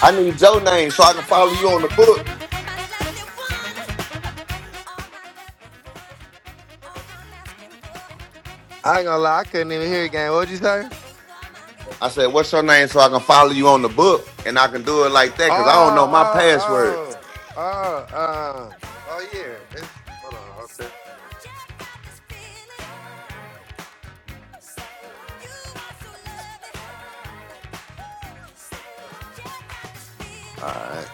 [SPEAKER 5] I need your name so I can follow you on the book.
[SPEAKER 2] I ain't gonna lie, I couldn't even hear it, gang. What'd you say?
[SPEAKER 5] I said, "What's your name?" So I can follow you on the book, and I can do it like that
[SPEAKER 2] Oh,
[SPEAKER 5] because I don't know my password.
[SPEAKER 2] oh, oh, oh, um, oh, yeah. It's, hold on, I'll tell
[SPEAKER 5] All right,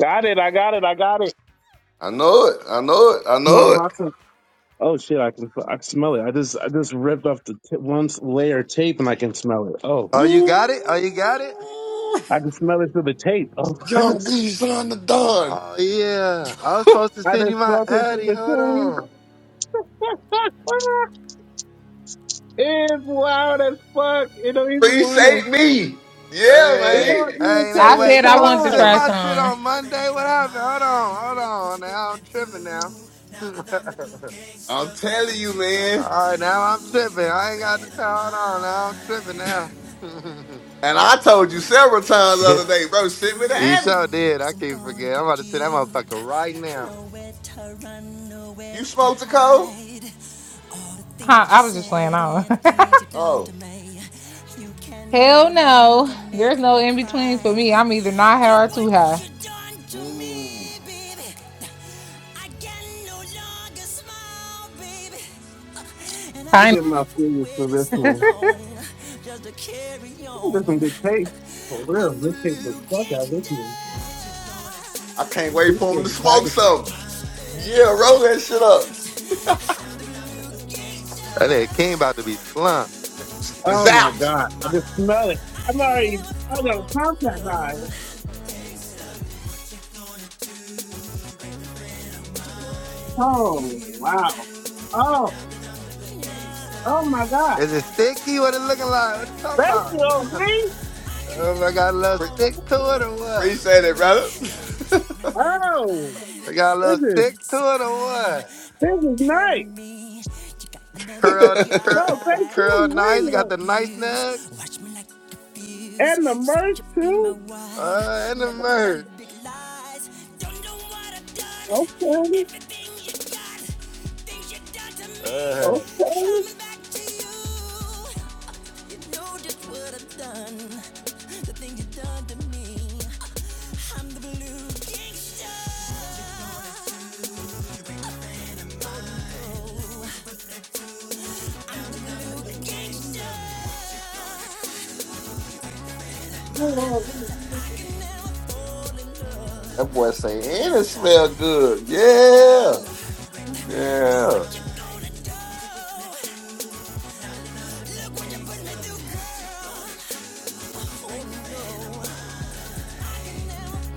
[SPEAKER 4] got it. I got it. I got it.
[SPEAKER 5] I know it. I know it. I
[SPEAKER 4] My
[SPEAKER 5] know it.
[SPEAKER 4] box is- Oh shit! I can I can smell it. I just I just ripped off the t- one layer of tape and I can smell it. Oh,
[SPEAKER 2] Oh, you got it? Oh, you got it?
[SPEAKER 5] Ooh,
[SPEAKER 4] I can smell it through the tape. Oh, I
[SPEAKER 5] young
[SPEAKER 4] just
[SPEAKER 5] B, son of Don,
[SPEAKER 2] Oh, yeah. I was supposed to
[SPEAKER 4] I
[SPEAKER 2] send you
[SPEAKER 4] just
[SPEAKER 2] my
[SPEAKER 4] smelled it through
[SPEAKER 2] Addy.
[SPEAKER 4] the
[SPEAKER 2] Hold
[SPEAKER 4] tape.
[SPEAKER 2] on.
[SPEAKER 4] it's wild as fuck. It don't even wanna.
[SPEAKER 5] appreciate me. Yeah,
[SPEAKER 4] It
[SPEAKER 2] Hey,
[SPEAKER 4] don't
[SPEAKER 5] man.
[SPEAKER 4] even
[SPEAKER 2] hey,
[SPEAKER 4] take
[SPEAKER 3] I
[SPEAKER 2] nigga,
[SPEAKER 4] its
[SPEAKER 2] wait.
[SPEAKER 3] said
[SPEAKER 2] You
[SPEAKER 3] I
[SPEAKER 2] supposed to
[SPEAKER 3] wanted to
[SPEAKER 2] send
[SPEAKER 3] try
[SPEAKER 4] time.
[SPEAKER 2] my shit
[SPEAKER 3] some.
[SPEAKER 2] on Monday? What happened? Hold on, hold on. Now I'm tripping now. All
[SPEAKER 5] I'm telling you, man.
[SPEAKER 2] right, now I'm tripping. I ain't got the time. Hold on, now I'm tripping now.
[SPEAKER 5] And I told you several times the other day, bro.
[SPEAKER 1] What you
[SPEAKER 5] Send me the
[SPEAKER 2] you
[SPEAKER 1] gonna
[SPEAKER 5] Addy.
[SPEAKER 2] sure
[SPEAKER 1] do?
[SPEAKER 2] did. I
[SPEAKER 1] Cause I'm
[SPEAKER 2] can't
[SPEAKER 1] gonna
[SPEAKER 2] forget. I'm about
[SPEAKER 1] get
[SPEAKER 2] to send that motherfucker
[SPEAKER 1] you.
[SPEAKER 2] right now.
[SPEAKER 1] Nowhere to run, nowhere
[SPEAKER 5] You
[SPEAKER 1] to
[SPEAKER 5] smoked the cold?
[SPEAKER 1] hide. All the
[SPEAKER 3] Huh,
[SPEAKER 1] things you
[SPEAKER 3] I was just playing
[SPEAKER 1] said
[SPEAKER 3] on.
[SPEAKER 1] and the things you have done to
[SPEAKER 5] Oh,
[SPEAKER 1] me. You can no
[SPEAKER 3] Hell no.
[SPEAKER 1] longer make
[SPEAKER 3] There's no
[SPEAKER 1] me
[SPEAKER 3] in between for
[SPEAKER 1] cry.
[SPEAKER 3] me. I'm either not
[SPEAKER 1] Look
[SPEAKER 3] high or
[SPEAKER 1] what
[SPEAKER 3] too high.
[SPEAKER 1] you done to
[SPEAKER 5] mm,
[SPEAKER 1] me, baby. I can no longer smile, baby. And
[SPEAKER 4] Let
[SPEAKER 3] I
[SPEAKER 4] me get my
[SPEAKER 1] I've
[SPEAKER 4] fingers to
[SPEAKER 1] waited
[SPEAKER 4] this
[SPEAKER 1] so
[SPEAKER 3] know.
[SPEAKER 4] one.
[SPEAKER 1] long just to carry
[SPEAKER 4] Oh,
[SPEAKER 1] on.
[SPEAKER 4] There's some good tape. For real,
[SPEAKER 1] I'm the
[SPEAKER 4] this tape was
[SPEAKER 1] blue
[SPEAKER 4] fuck out of this
[SPEAKER 1] gangster.
[SPEAKER 4] man.
[SPEAKER 1] What you gonna do?
[SPEAKER 5] I can't wait for him
[SPEAKER 4] Appreciate
[SPEAKER 5] to
[SPEAKER 4] the
[SPEAKER 5] smoke
[SPEAKER 4] packaging.
[SPEAKER 5] something. Yeah, roll that shit up.
[SPEAKER 2] That nigga King about to be slumped.
[SPEAKER 5] Z-
[SPEAKER 4] Oh my
[SPEAKER 5] Zapped.
[SPEAKER 4] god, I just smell it. I'm already, I got a contact high. Oh wow. Oh, oh my god.
[SPEAKER 2] Is it sticky? What it looking like? What it talking
[SPEAKER 4] Thank
[SPEAKER 2] about?
[SPEAKER 4] you, OB.
[SPEAKER 2] Oh, I got a little stick to it or what?
[SPEAKER 5] Appreciate it, brother.
[SPEAKER 1] My nine to
[SPEAKER 4] Oh,
[SPEAKER 1] five,
[SPEAKER 2] I got a
[SPEAKER 4] this
[SPEAKER 2] little
[SPEAKER 1] life
[SPEAKER 4] is
[SPEAKER 1] for you
[SPEAKER 2] stick to
[SPEAKER 1] is a
[SPEAKER 2] it or
[SPEAKER 1] crime.
[SPEAKER 2] what?
[SPEAKER 4] this
[SPEAKER 1] People
[SPEAKER 4] is nice.
[SPEAKER 1] telling me you got another
[SPEAKER 2] Curl, this
[SPEAKER 5] that
[SPEAKER 4] No,
[SPEAKER 2] curl, this
[SPEAKER 4] thank
[SPEAKER 1] guy.
[SPEAKER 4] you.
[SPEAKER 2] curl
[SPEAKER 1] I've
[SPEAKER 4] Wait,
[SPEAKER 2] nice.
[SPEAKER 4] a-
[SPEAKER 1] been
[SPEAKER 2] Got
[SPEAKER 4] minute.
[SPEAKER 2] the nice
[SPEAKER 1] abused,
[SPEAKER 2] nugs
[SPEAKER 1] watch me like a fuse.
[SPEAKER 4] and the
[SPEAKER 1] Said
[SPEAKER 4] merch
[SPEAKER 1] you'd be my
[SPEAKER 4] too.
[SPEAKER 2] uh,
[SPEAKER 1] wife,
[SPEAKER 2] and the
[SPEAKER 1] nothing but
[SPEAKER 2] merch.
[SPEAKER 1] big lies. Don't know what I've done,
[SPEAKER 4] Okay,
[SPEAKER 1] everything you got, things you done to me,
[SPEAKER 2] Uh,
[SPEAKER 4] okay.
[SPEAKER 1] coming back to you. You know just
[SPEAKER 5] boy say, and it smell good. Yeah. Yeah.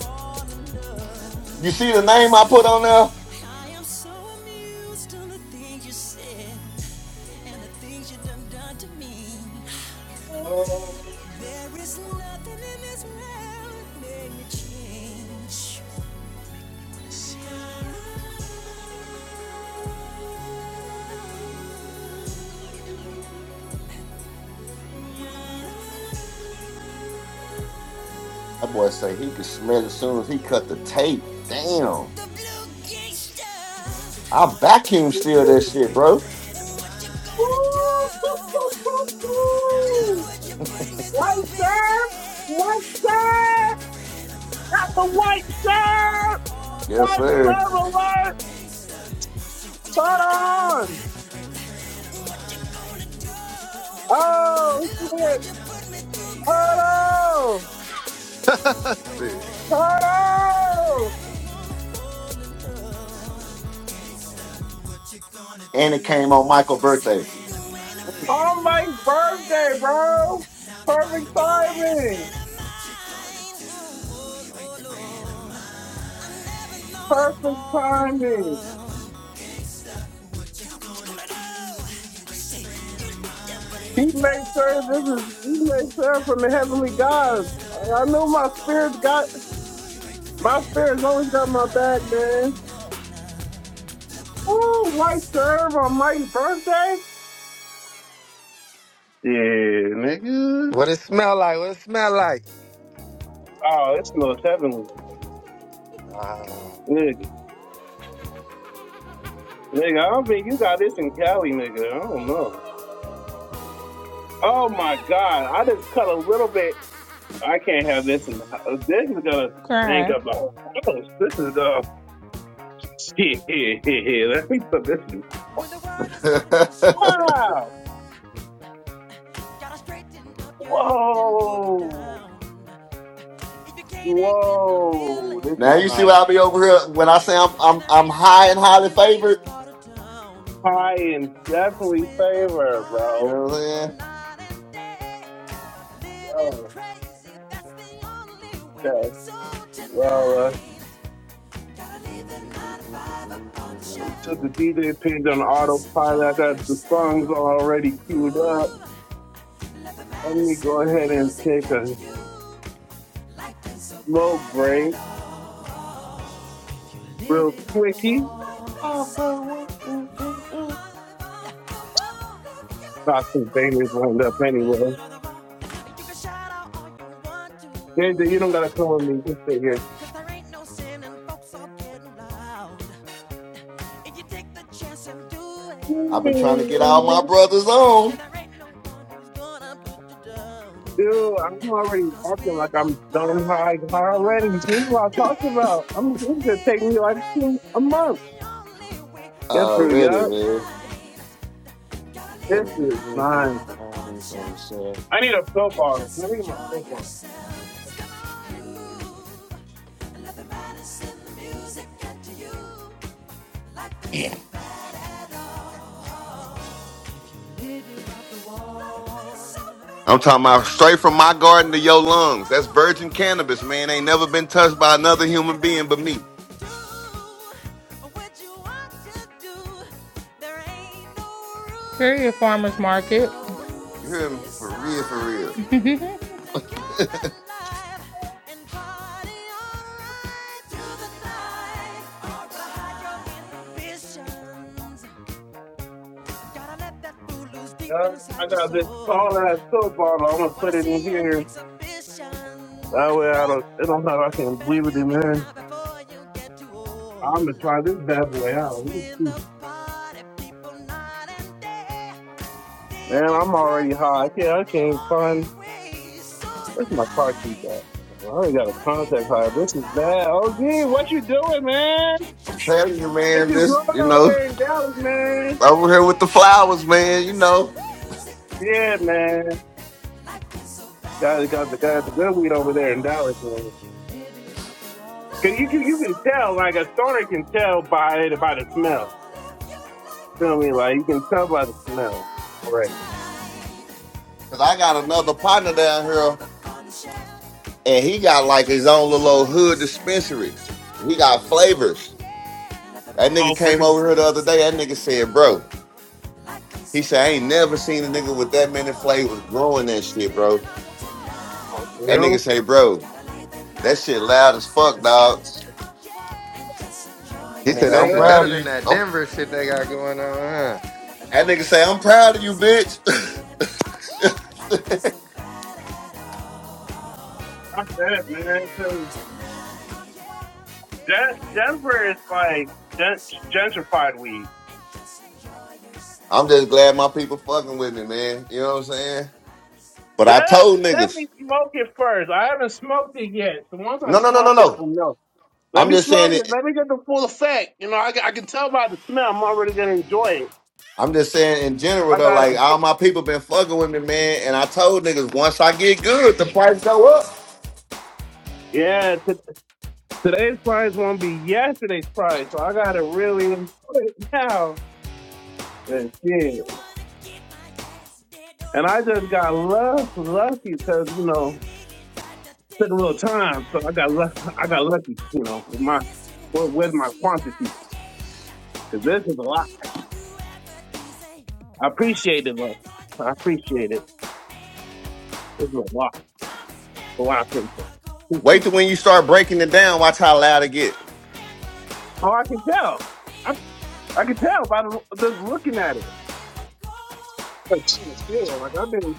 [SPEAKER 1] fall in love.
[SPEAKER 5] You see the name I
[SPEAKER 1] See,
[SPEAKER 5] put on there?
[SPEAKER 1] I am so amused on the things you said. and the things you done done to me.
[SPEAKER 4] Oh,
[SPEAKER 1] There is nothing in this world that made me change.
[SPEAKER 5] That boy say he could smell it as soon as he cut the tape. Damn.
[SPEAKER 1] The blue gangster,
[SPEAKER 5] I vacuum sealed that shit, bro.
[SPEAKER 1] what you gonna do? Look what you put me through,
[SPEAKER 4] White serve,
[SPEAKER 1] baby.
[SPEAKER 4] white serve. got the white serve,
[SPEAKER 5] Yes,
[SPEAKER 4] white
[SPEAKER 5] sir.
[SPEAKER 4] serve alert. Hold on. Oh shit. Hold on.
[SPEAKER 2] see.
[SPEAKER 4] Hold on.
[SPEAKER 5] And it came on Michael's birthday. Mm.
[SPEAKER 4] On my birthday, bro. Perfect timing. Perfect timing. He made sure this is. He made sure from the heavenly gods. I I know my spirit got my spirit's always got my back, man. Oh, white serve on my birthday? Yeah, nigga.
[SPEAKER 2] What it smell like? What it smell like?
[SPEAKER 4] Oh, it's North Heavenly.
[SPEAKER 2] Uh,
[SPEAKER 4] Nigga. Nigga, I don't think you got this in Cali, nigga. I don't know. Oh my god. I just cut a little bit. I can't have this in the house. This is gonna yank
[SPEAKER 3] crying.
[SPEAKER 4] up the whole house. This is uh here, here, here, here. Let me put this in.
[SPEAKER 1] When the world is on your shoulder,
[SPEAKER 4] Ah!
[SPEAKER 1] gotta straighten up your acting, booger
[SPEAKER 4] Whoa.
[SPEAKER 1] down. If you can't hang with the
[SPEAKER 4] Whoa. This
[SPEAKER 5] now
[SPEAKER 1] feeling,
[SPEAKER 4] is
[SPEAKER 5] you see why
[SPEAKER 4] nice.
[SPEAKER 5] I be over here when I say I'm
[SPEAKER 1] then
[SPEAKER 5] I'm
[SPEAKER 1] there
[SPEAKER 5] I'm
[SPEAKER 1] ain't no
[SPEAKER 5] high and
[SPEAKER 1] room for
[SPEAKER 5] highly
[SPEAKER 1] you in this
[SPEAKER 5] favored.
[SPEAKER 1] part of town.
[SPEAKER 4] High in
[SPEAKER 1] Cause
[SPEAKER 4] definitely
[SPEAKER 1] we're the
[SPEAKER 4] favor,
[SPEAKER 5] You
[SPEAKER 1] party
[SPEAKER 4] bro.
[SPEAKER 1] people
[SPEAKER 5] know what
[SPEAKER 1] night and day. Living
[SPEAKER 4] Yo.
[SPEAKER 1] crazy, that's the only way.
[SPEAKER 4] Okay.
[SPEAKER 1] So
[SPEAKER 4] Well, uh,
[SPEAKER 1] tonight, gotta leave the
[SPEAKER 5] I'm
[SPEAKER 1] nine to five up on the
[SPEAKER 4] So
[SPEAKER 1] shelf
[SPEAKER 4] the DJ page on
[SPEAKER 1] and just
[SPEAKER 5] saying?
[SPEAKER 4] autopilot. I
[SPEAKER 1] enjoy
[SPEAKER 4] got the songs
[SPEAKER 1] yourself.
[SPEAKER 4] already queued up.
[SPEAKER 1] Groove, let the
[SPEAKER 4] Let me go
[SPEAKER 1] medicine, the
[SPEAKER 4] ahead and
[SPEAKER 1] music
[SPEAKER 4] take a
[SPEAKER 1] get to you. Life ain't so
[SPEAKER 4] smoke
[SPEAKER 1] bad
[SPEAKER 4] break
[SPEAKER 1] at all. Live
[SPEAKER 4] real
[SPEAKER 1] it off the
[SPEAKER 4] quickie.
[SPEAKER 1] wall. Life
[SPEAKER 5] All
[SPEAKER 1] is short,
[SPEAKER 5] the
[SPEAKER 1] break
[SPEAKER 5] way.
[SPEAKER 1] it
[SPEAKER 5] Mm, mm,
[SPEAKER 1] off. Live
[SPEAKER 5] mm.
[SPEAKER 1] life off the wall. Live your
[SPEAKER 4] I think
[SPEAKER 1] life off
[SPEAKER 4] Bailey's lined
[SPEAKER 1] the
[SPEAKER 4] up
[SPEAKER 1] wall.
[SPEAKER 4] anyway.
[SPEAKER 1] Live it on the wall. You can shout out all you want to.
[SPEAKER 4] JJ, you don't gotta come with me. Just sit here.
[SPEAKER 1] Cause there ain't no sin and folks are getting loud. If you take the chance and do it,
[SPEAKER 5] I've been trying to get all my brothers
[SPEAKER 1] then
[SPEAKER 5] on
[SPEAKER 1] there ain't no one who's gonna put you down.
[SPEAKER 4] Dude, I'm already
[SPEAKER 1] Cause
[SPEAKER 4] acting
[SPEAKER 1] we're
[SPEAKER 4] like
[SPEAKER 1] the
[SPEAKER 4] I'm done
[SPEAKER 1] party
[SPEAKER 4] high
[SPEAKER 1] people
[SPEAKER 4] already. This
[SPEAKER 1] night
[SPEAKER 4] is what I
[SPEAKER 1] and
[SPEAKER 4] talked
[SPEAKER 1] day.
[SPEAKER 4] about. I'm this is gonna take
[SPEAKER 1] Living
[SPEAKER 4] me like two-
[SPEAKER 1] crazy,
[SPEAKER 4] a
[SPEAKER 1] that's
[SPEAKER 4] month.
[SPEAKER 1] the only way.
[SPEAKER 4] Get
[SPEAKER 1] So
[SPEAKER 4] through,
[SPEAKER 5] already,
[SPEAKER 4] yeah.
[SPEAKER 5] man.
[SPEAKER 1] tonight, gotta leave
[SPEAKER 5] Gotta
[SPEAKER 4] This
[SPEAKER 1] the
[SPEAKER 5] live
[SPEAKER 1] 9
[SPEAKER 4] is
[SPEAKER 1] to
[SPEAKER 5] with all the
[SPEAKER 4] mine.
[SPEAKER 1] 5 up on the
[SPEAKER 5] problems, all the
[SPEAKER 1] shelf
[SPEAKER 5] stuff.
[SPEAKER 4] I need a soap
[SPEAKER 1] and
[SPEAKER 4] bottle. I
[SPEAKER 1] just
[SPEAKER 4] need my
[SPEAKER 1] enjoy
[SPEAKER 4] soap bottle.
[SPEAKER 1] yourselves. Come on and move. And let the madness in the music get to you. Life is so bad at all. All
[SPEAKER 5] I'm talking about straight from my garden to your lungs. That's virgin cannabis, man. Ain't never been touched by another human being but me.
[SPEAKER 3] Period. Farmer's market.
[SPEAKER 5] You hear me? For real, for real.
[SPEAKER 3] hey,
[SPEAKER 1] right. Gotta let that fool loose deep
[SPEAKER 4] Uh,
[SPEAKER 1] inside
[SPEAKER 4] I
[SPEAKER 1] your
[SPEAKER 4] got this
[SPEAKER 1] soul.
[SPEAKER 4] tall ass soap bottle. I'm gonna put
[SPEAKER 1] Wanna
[SPEAKER 4] it in
[SPEAKER 1] see an
[SPEAKER 4] here.
[SPEAKER 1] exhibition?
[SPEAKER 4] That way I don't, I don't know if I can
[SPEAKER 1] Better
[SPEAKER 4] leave it
[SPEAKER 1] do
[SPEAKER 4] in
[SPEAKER 1] it
[SPEAKER 4] there.
[SPEAKER 1] now before you get too old.
[SPEAKER 4] I'm gonna try this bad boy
[SPEAKER 1] Cause
[SPEAKER 4] out. Let me
[SPEAKER 1] we're
[SPEAKER 4] see.
[SPEAKER 1] the party people night and day.
[SPEAKER 4] Man,
[SPEAKER 1] Living
[SPEAKER 4] I'm already high.
[SPEAKER 1] crazy,
[SPEAKER 4] Okay,
[SPEAKER 1] that's
[SPEAKER 4] I
[SPEAKER 1] the
[SPEAKER 4] can't
[SPEAKER 1] only
[SPEAKER 4] find.
[SPEAKER 1] way. So
[SPEAKER 4] Where's my car keys at?
[SPEAKER 1] tonight,
[SPEAKER 4] I already got a
[SPEAKER 1] gotta leave
[SPEAKER 4] contact
[SPEAKER 1] the
[SPEAKER 4] high.
[SPEAKER 1] night
[SPEAKER 4] This is
[SPEAKER 1] vibe
[SPEAKER 4] bad.
[SPEAKER 1] up
[SPEAKER 4] Oh,
[SPEAKER 1] on the
[SPEAKER 4] gee, what you
[SPEAKER 1] shelf
[SPEAKER 4] doing, man?
[SPEAKER 1] and
[SPEAKER 5] I'm
[SPEAKER 1] just
[SPEAKER 5] telling you,
[SPEAKER 1] enjoy
[SPEAKER 4] What
[SPEAKER 5] man.
[SPEAKER 4] you
[SPEAKER 5] This,
[SPEAKER 4] doing
[SPEAKER 5] you
[SPEAKER 4] out
[SPEAKER 5] know,
[SPEAKER 1] yourself.
[SPEAKER 4] there in
[SPEAKER 1] Come
[SPEAKER 4] Dallas,
[SPEAKER 1] on,
[SPEAKER 4] man?
[SPEAKER 1] you,
[SPEAKER 5] over here with the
[SPEAKER 1] yeah.
[SPEAKER 5] flowers,
[SPEAKER 1] Let the
[SPEAKER 5] man. You
[SPEAKER 1] madness
[SPEAKER 5] know,
[SPEAKER 1] in the music get to
[SPEAKER 4] Yeah,
[SPEAKER 1] you.
[SPEAKER 4] man.
[SPEAKER 1] so
[SPEAKER 4] Got got the got the good weed over there in Dallas, man. Cause you can you can
[SPEAKER 1] so
[SPEAKER 4] tell like a stoner can tell by it by the smell. Feel me? Like you can tell by the
[SPEAKER 1] So
[SPEAKER 4] smell. Right.
[SPEAKER 1] tonight,
[SPEAKER 5] cause I got
[SPEAKER 1] gotta
[SPEAKER 5] another
[SPEAKER 1] leave the 9
[SPEAKER 5] partner
[SPEAKER 1] to
[SPEAKER 5] down here,
[SPEAKER 1] on the shelf
[SPEAKER 5] and he got
[SPEAKER 1] and
[SPEAKER 5] like his
[SPEAKER 1] just
[SPEAKER 5] own little
[SPEAKER 1] enjoy
[SPEAKER 5] old hood
[SPEAKER 1] yourself.
[SPEAKER 5] dispensary. He got
[SPEAKER 1] Ooh,
[SPEAKER 5] flavors.
[SPEAKER 1] yeah. Let the
[SPEAKER 5] That nigga
[SPEAKER 4] Oh,
[SPEAKER 1] madness
[SPEAKER 4] for
[SPEAKER 5] came
[SPEAKER 1] in
[SPEAKER 4] real.
[SPEAKER 5] over
[SPEAKER 1] the
[SPEAKER 5] here the other
[SPEAKER 1] music
[SPEAKER 5] day. That
[SPEAKER 1] get
[SPEAKER 5] nigga
[SPEAKER 1] to you.
[SPEAKER 5] said, bro,
[SPEAKER 1] Life ain't
[SPEAKER 5] he
[SPEAKER 1] so
[SPEAKER 5] said, I ain't
[SPEAKER 1] bad
[SPEAKER 5] never
[SPEAKER 1] at
[SPEAKER 5] seen a nigga with that many
[SPEAKER 1] all.
[SPEAKER 5] flavors growing
[SPEAKER 1] If
[SPEAKER 5] that
[SPEAKER 1] you're
[SPEAKER 5] shit, bro.
[SPEAKER 1] living on the
[SPEAKER 4] Oh,
[SPEAKER 1] wall.
[SPEAKER 4] for
[SPEAKER 5] That
[SPEAKER 1] Tonight,
[SPEAKER 5] nigga
[SPEAKER 4] real?
[SPEAKER 5] say, bro,
[SPEAKER 1] Gotta leave at
[SPEAKER 5] that
[SPEAKER 1] nine,
[SPEAKER 5] shit loud
[SPEAKER 1] five
[SPEAKER 5] as
[SPEAKER 1] up on
[SPEAKER 5] fuck,
[SPEAKER 1] the
[SPEAKER 5] dog.
[SPEAKER 1] shelf. And just
[SPEAKER 2] he
[SPEAKER 1] enjoy
[SPEAKER 5] That nigga
[SPEAKER 2] said
[SPEAKER 5] say,
[SPEAKER 4] For
[SPEAKER 2] that
[SPEAKER 5] I'm
[SPEAKER 2] shit
[SPEAKER 4] real?
[SPEAKER 1] yourself.
[SPEAKER 2] better
[SPEAKER 5] proud of
[SPEAKER 2] than
[SPEAKER 5] you.
[SPEAKER 2] that
[SPEAKER 5] I'm,
[SPEAKER 2] Denver shit they got going on, huh?
[SPEAKER 1] Let the
[SPEAKER 5] that nigga
[SPEAKER 1] light of
[SPEAKER 5] say, I'm
[SPEAKER 1] some
[SPEAKER 5] proud of you,
[SPEAKER 1] music
[SPEAKER 5] bitch.
[SPEAKER 1] get to you. Life ain't so bad at all.
[SPEAKER 4] I'm dead, man. Cause
[SPEAKER 1] Tonight,
[SPEAKER 4] Den-
[SPEAKER 1] gotta leave at
[SPEAKER 4] Denver is
[SPEAKER 1] nine, five
[SPEAKER 4] like
[SPEAKER 1] up on the
[SPEAKER 4] gen-
[SPEAKER 1] shelf.
[SPEAKER 4] gentrified weed.
[SPEAKER 1] And just enjoy
[SPEAKER 5] I'm
[SPEAKER 1] yourself.
[SPEAKER 5] just glad my people fucking with me, man. You know what I'm saying? But
[SPEAKER 4] Let
[SPEAKER 5] I told
[SPEAKER 4] let me
[SPEAKER 5] niggas,
[SPEAKER 4] smoke it first. I haven't smoked it yet. So once I
[SPEAKER 5] no, no, no, no,
[SPEAKER 4] smoke it, I
[SPEAKER 5] no.
[SPEAKER 4] know. Let
[SPEAKER 5] I'm
[SPEAKER 4] me
[SPEAKER 5] just saying
[SPEAKER 4] smoke it.
[SPEAKER 5] it.
[SPEAKER 4] Let me get the full effect. You know, I, ca- I can tell by the smell. I'm already gonna enjoy it.
[SPEAKER 5] I'm just saying in general
[SPEAKER 4] I
[SPEAKER 5] though,
[SPEAKER 4] got to
[SPEAKER 5] like all my people been fucking with me, man. And I told niggas once I get good, the price go up.
[SPEAKER 4] Yeah, t- today's prize won't be yesterday's prize, so I gotta really enjoy it now. Yeah, yeah.
[SPEAKER 1] They wanna keep my ass dead or
[SPEAKER 4] And I just got
[SPEAKER 1] alive.
[SPEAKER 4] luck, lucky
[SPEAKER 1] You
[SPEAKER 4] because
[SPEAKER 1] know
[SPEAKER 4] you
[SPEAKER 1] he
[SPEAKER 4] know
[SPEAKER 1] really tried to
[SPEAKER 4] took a
[SPEAKER 1] take
[SPEAKER 4] little
[SPEAKER 1] me
[SPEAKER 4] time, so I got
[SPEAKER 1] by
[SPEAKER 4] luck, I got
[SPEAKER 1] surprise.
[SPEAKER 4] lucky,
[SPEAKER 1] I
[SPEAKER 4] you know,
[SPEAKER 1] bet he
[SPEAKER 4] with my
[SPEAKER 1] missing
[SPEAKER 4] with,
[SPEAKER 1] with the
[SPEAKER 4] with my quantity
[SPEAKER 1] CIA.
[SPEAKER 4] because this is a lot.
[SPEAKER 1] He don't do everything say.
[SPEAKER 4] I
[SPEAKER 1] Don't
[SPEAKER 4] appreciate it though.
[SPEAKER 1] stand on
[SPEAKER 4] I
[SPEAKER 1] the go.
[SPEAKER 4] appreciate it.
[SPEAKER 1] Don't
[SPEAKER 4] This is a lot
[SPEAKER 1] stand
[SPEAKER 4] for lot
[SPEAKER 1] on
[SPEAKER 4] of
[SPEAKER 1] the
[SPEAKER 4] people.
[SPEAKER 1] go.
[SPEAKER 5] Wait
[SPEAKER 4] Appreciate
[SPEAKER 5] till
[SPEAKER 4] it.
[SPEAKER 5] when you start breaking it down. Watch how loud it get.
[SPEAKER 1] Don't stand on the go. don't stand on the
[SPEAKER 4] Oh, I
[SPEAKER 1] go.
[SPEAKER 4] can tell. I I can tell by the, just looking at it. Like, still, like I've been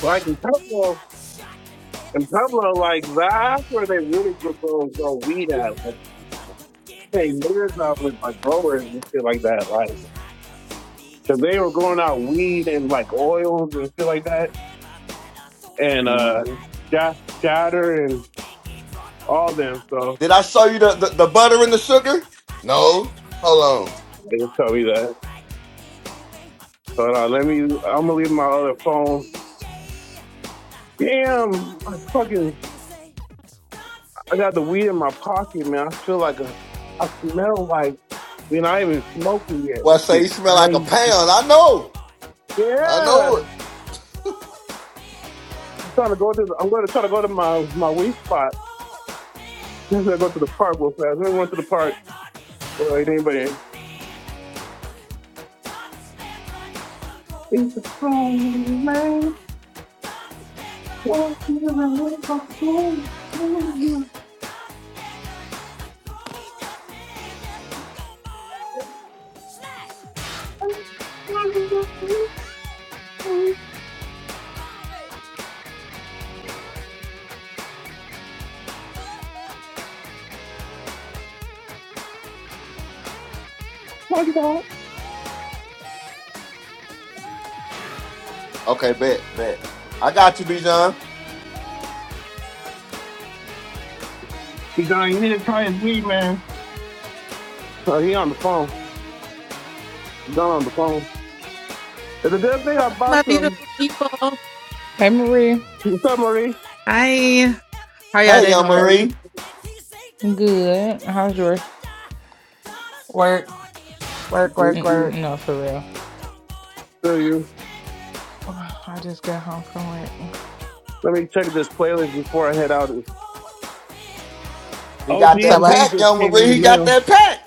[SPEAKER 4] like in
[SPEAKER 1] He
[SPEAKER 4] Pueblo,
[SPEAKER 1] had a shot and
[SPEAKER 4] in
[SPEAKER 1] every
[SPEAKER 4] Pueblo,
[SPEAKER 1] single
[SPEAKER 4] like
[SPEAKER 1] way.
[SPEAKER 4] that's where they really get those,
[SPEAKER 1] He's
[SPEAKER 4] those weed
[SPEAKER 1] talking
[SPEAKER 4] at. Like,
[SPEAKER 1] nothing but to get his
[SPEAKER 4] paying years of it, like
[SPEAKER 1] political
[SPEAKER 4] growers
[SPEAKER 1] say.
[SPEAKER 4] and shit like
[SPEAKER 1] He
[SPEAKER 4] that.
[SPEAKER 1] think
[SPEAKER 4] Like.
[SPEAKER 1] he hot 'cause he the
[SPEAKER 4] Cause they were going
[SPEAKER 1] SBA.
[SPEAKER 4] out weed and like oils
[SPEAKER 1] I
[SPEAKER 4] and shit
[SPEAKER 1] bet
[SPEAKER 4] like
[SPEAKER 1] he
[SPEAKER 4] that,
[SPEAKER 1] never met a
[SPEAKER 4] and
[SPEAKER 1] social
[SPEAKER 4] uh,
[SPEAKER 5] Mhm.
[SPEAKER 1] night
[SPEAKER 4] Sh-
[SPEAKER 1] anyway.
[SPEAKER 4] Shatter
[SPEAKER 1] You
[SPEAKER 4] and
[SPEAKER 1] think he drunk on
[SPEAKER 4] all
[SPEAKER 1] the
[SPEAKER 4] them.
[SPEAKER 1] gay,
[SPEAKER 4] So
[SPEAKER 5] Did I
[SPEAKER 1] gay,
[SPEAKER 5] show you the, the,
[SPEAKER 1] gay.
[SPEAKER 5] the butter and the sugar?
[SPEAKER 1] I bet
[SPEAKER 5] No.
[SPEAKER 1] mother
[SPEAKER 5] Hold on.
[SPEAKER 1] never
[SPEAKER 4] they just
[SPEAKER 1] taught
[SPEAKER 4] told me
[SPEAKER 1] him
[SPEAKER 4] that.
[SPEAKER 1] right anyway. He
[SPEAKER 4] So uh, let
[SPEAKER 1] wants
[SPEAKER 4] me.
[SPEAKER 1] your vote
[SPEAKER 4] I'm gonna
[SPEAKER 1] 'cause
[SPEAKER 4] leave
[SPEAKER 1] you
[SPEAKER 4] my other
[SPEAKER 1] remain
[SPEAKER 4] phone.
[SPEAKER 1] DA. He don't
[SPEAKER 4] Damn,
[SPEAKER 1] do
[SPEAKER 4] I
[SPEAKER 1] what
[SPEAKER 4] fucking.
[SPEAKER 1] you say. Don't
[SPEAKER 4] I got
[SPEAKER 1] stand
[SPEAKER 4] the
[SPEAKER 1] on
[SPEAKER 4] weed in my
[SPEAKER 1] the go.
[SPEAKER 4] pocket, man. I feel like a. I
[SPEAKER 1] Don't
[SPEAKER 4] smell
[SPEAKER 1] boy,
[SPEAKER 4] like.
[SPEAKER 1] don't
[SPEAKER 4] I mean, I ain't
[SPEAKER 1] stand
[SPEAKER 4] even
[SPEAKER 1] on the
[SPEAKER 4] smoking
[SPEAKER 1] go.
[SPEAKER 4] yet.
[SPEAKER 5] Boy,
[SPEAKER 4] This
[SPEAKER 5] say
[SPEAKER 4] shit
[SPEAKER 5] you smell like a
[SPEAKER 4] crazy.
[SPEAKER 5] pound. I know.
[SPEAKER 1] Don't boy, don't
[SPEAKER 5] I
[SPEAKER 4] Yeah,
[SPEAKER 1] stand
[SPEAKER 5] know it.
[SPEAKER 1] on the go. Don't stand
[SPEAKER 4] I'm
[SPEAKER 1] on
[SPEAKER 4] trying to go to. The, I'm going
[SPEAKER 1] the
[SPEAKER 4] to
[SPEAKER 1] go.
[SPEAKER 4] try to
[SPEAKER 1] Don't
[SPEAKER 4] go to my
[SPEAKER 1] stand
[SPEAKER 4] my
[SPEAKER 1] on
[SPEAKER 4] weed
[SPEAKER 1] the
[SPEAKER 4] spot.
[SPEAKER 1] go.
[SPEAKER 4] I'm gonna go to the park real fast. Let me run to
[SPEAKER 1] Don't
[SPEAKER 4] the park.
[SPEAKER 1] stand on the
[SPEAKER 4] Well, ain't
[SPEAKER 1] go.
[SPEAKER 4] anybody.
[SPEAKER 1] Don't stand on the
[SPEAKER 4] It's a man. Don, you
[SPEAKER 1] go. Yeah.
[SPEAKER 5] Okay, bet, bet. I got you, Bijan.
[SPEAKER 4] need to try his weed, man. So he on the phone. He gone on the phone. It's a good thing I bought
[SPEAKER 6] my
[SPEAKER 4] some.
[SPEAKER 6] beautiful people.
[SPEAKER 3] Marie.
[SPEAKER 4] What's up, Marie?
[SPEAKER 6] Hi. How y'all
[SPEAKER 5] Hey,
[SPEAKER 6] day
[SPEAKER 5] Young
[SPEAKER 6] going?
[SPEAKER 4] Oh,
[SPEAKER 5] Marie.
[SPEAKER 3] Good. How's your?
[SPEAKER 6] Work, work,
[SPEAKER 4] you,
[SPEAKER 6] work,
[SPEAKER 3] N-
[SPEAKER 4] you,
[SPEAKER 6] work.
[SPEAKER 3] No, for real.
[SPEAKER 4] feel you.
[SPEAKER 3] Ugh, I just got home from work.
[SPEAKER 4] Let me check this playlist before I head out.
[SPEAKER 5] He
[SPEAKER 4] Oh,
[SPEAKER 5] got
[SPEAKER 6] What's
[SPEAKER 4] geez,
[SPEAKER 5] that
[SPEAKER 6] what?
[SPEAKER 4] weed
[SPEAKER 5] pack,
[SPEAKER 4] just
[SPEAKER 5] Young
[SPEAKER 4] came in
[SPEAKER 5] Marie.
[SPEAKER 4] the
[SPEAKER 5] He got
[SPEAKER 4] mail.
[SPEAKER 5] that pack.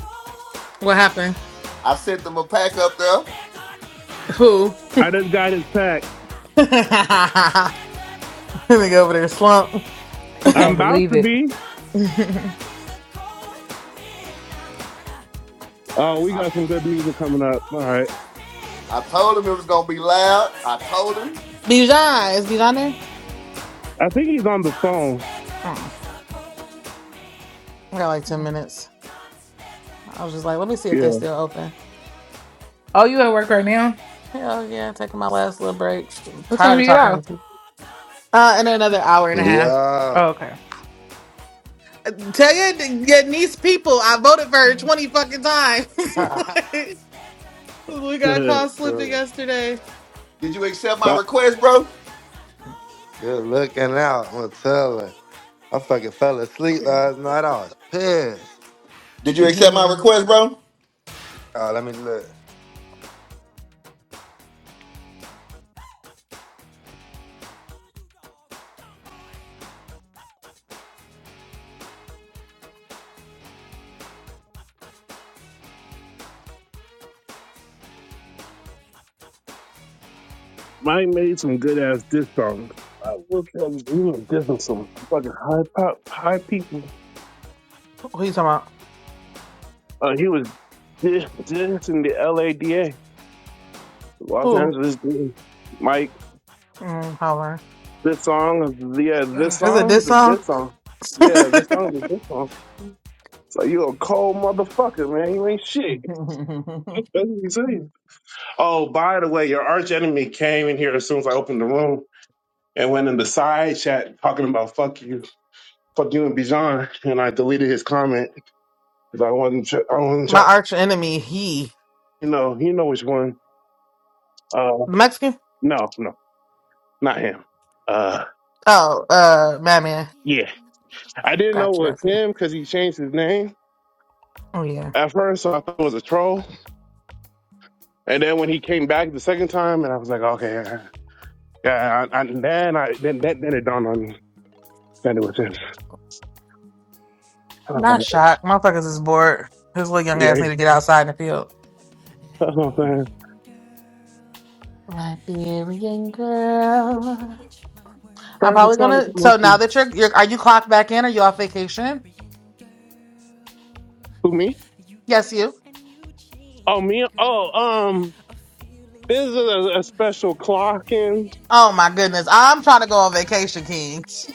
[SPEAKER 6] What happened?
[SPEAKER 5] I sent him a pack up there.
[SPEAKER 1] Promised Land is a
[SPEAKER 6] Who?
[SPEAKER 1] cold
[SPEAKER 4] I just got his
[SPEAKER 1] man.
[SPEAKER 4] pack.
[SPEAKER 1] Promised
[SPEAKER 6] Let
[SPEAKER 1] Land is a
[SPEAKER 6] me go over there,
[SPEAKER 1] cold
[SPEAKER 6] slump.
[SPEAKER 1] man.
[SPEAKER 3] He
[SPEAKER 4] I'm
[SPEAKER 3] can't
[SPEAKER 4] about
[SPEAKER 3] believe
[SPEAKER 4] to
[SPEAKER 3] it.
[SPEAKER 4] be.
[SPEAKER 1] Promised Land
[SPEAKER 6] Bijan,
[SPEAKER 1] is a cold man.
[SPEAKER 4] Oh, we
[SPEAKER 1] Promised
[SPEAKER 5] I,
[SPEAKER 4] got some
[SPEAKER 1] Land
[SPEAKER 4] good music
[SPEAKER 1] is a
[SPEAKER 4] coming up. All
[SPEAKER 1] cold
[SPEAKER 4] right.
[SPEAKER 5] I told him it
[SPEAKER 1] man.
[SPEAKER 5] was gonna be loud. I
[SPEAKER 1] Promised Land
[SPEAKER 5] told him.
[SPEAKER 1] is a cold man. Promised Land is a cold
[SPEAKER 6] is Bijan there?
[SPEAKER 1] man.
[SPEAKER 4] I think he's on the
[SPEAKER 1] Promised
[SPEAKER 4] phone.
[SPEAKER 1] Land
[SPEAKER 6] Oh, I got like 10 minutes. I was just like, let me see if they still open.
[SPEAKER 3] Oh, you at work right now?
[SPEAKER 6] Hell yeah, taking my last little break.
[SPEAKER 3] What time
[SPEAKER 6] tired
[SPEAKER 3] do
[SPEAKER 6] of
[SPEAKER 3] you get
[SPEAKER 6] talking to
[SPEAKER 3] out?
[SPEAKER 6] people. Uh, and
[SPEAKER 1] is
[SPEAKER 6] another hour and a
[SPEAKER 1] a cold
[SPEAKER 6] half.
[SPEAKER 1] man.
[SPEAKER 2] Yeah.
[SPEAKER 3] Oh, okay.
[SPEAKER 6] Tell your, your niece people I voted for her
[SPEAKER 3] Mm.
[SPEAKER 6] 20 fucking times. we got
[SPEAKER 4] Yeah.
[SPEAKER 2] I'm
[SPEAKER 6] caught slipping
[SPEAKER 2] telling you.
[SPEAKER 6] yesterday.
[SPEAKER 5] Did you accept
[SPEAKER 4] Bye.
[SPEAKER 5] my request, bro?
[SPEAKER 2] Good looking out. I'm telling. you. I fucking fell asleep last night. I was pissed.
[SPEAKER 5] Did you
[SPEAKER 2] She,
[SPEAKER 5] accept my
[SPEAKER 6] hmm
[SPEAKER 5] request, bro?
[SPEAKER 2] oh, let me look.
[SPEAKER 4] Mike made some good ass diss songs. I look at him, he was dissing some fucking high pop, high people.
[SPEAKER 6] Who you talking about?
[SPEAKER 4] Uh, he was diss- dissing the LADA, Los
[SPEAKER 6] Who?
[SPEAKER 4] Angeles. DA. Mike,
[SPEAKER 6] Mm, holler.
[SPEAKER 4] this song, is- yeah, this
[SPEAKER 3] Ugh.
[SPEAKER 6] Is it
[SPEAKER 4] song,
[SPEAKER 6] this
[SPEAKER 4] the
[SPEAKER 6] song?
[SPEAKER 4] diss song, yeah, this song, is a diss song. So you a cold motherfucker, man. You ain't shit. That's what he's saying. Oh, by the way, your arch enemy came in here as soon as I opened the room and went in the side chat talking about fuck you, fuck you and Bijan, and I deleted his comment Because I wasn't, tr- I wasn't
[SPEAKER 6] My
[SPEAKER 4] trying,
[SPEAKER 6] arch enemy, he.
[SPEAKER 4] you know, you know which one. Uh,
[SPEAKER 6] The Mexican?
[SPEAKER 4] no, no, not him. Uh,
[SPEAKER 6] Oh, uh, Madman.
[SPEAKER 4] yeah, I didn't know
[SPEAKER 6] Got you,
[SPEAKER 4] it
[SPEAKER 6] got
[SPEAKER 4] was
[SPEAKER 6] you.
[SPEAKER 4] him because he changed his name
[SPEAKER 6] Oh, yeah.
[SPEAKER 4] at first, so I thought it was a troll. And then when he came back the second time, and I was like, okay, yeah. yeah, I, I, then I then that then it dawned on me that it was him. And I
[SPEAKER 6] Not
[SPEAKER 4] was like,
[SPEAKER 6] shocked. Motherfuckers is bored. His little young
[SPEAKER 4] Yeah,
[SPEAKER 6] ass need to get outside in the field.
[SPEAKER 4] that's what I'm saying.
[SPEAKER 6] Liberian girl. I'm
[SPEAKER 4] Perfect
[SPEAKER 6] probably
[SPEAKER 4] Sonic
[SPEAKER 6] gonna. So
[SPEAKER 4] Promotion.
[SPEAKER 6] now that you're, you're, are you clocked back in? Are you off vacation?
[SPEAKER 4] Who me?
[SPEAKER 6] Yes, you.
[SPEAKER 4] Oh me? Oh um, this is a, a special clocking.
[SPEAKER 6] Oh my goodness, I'm trying to go on vacation, Kings.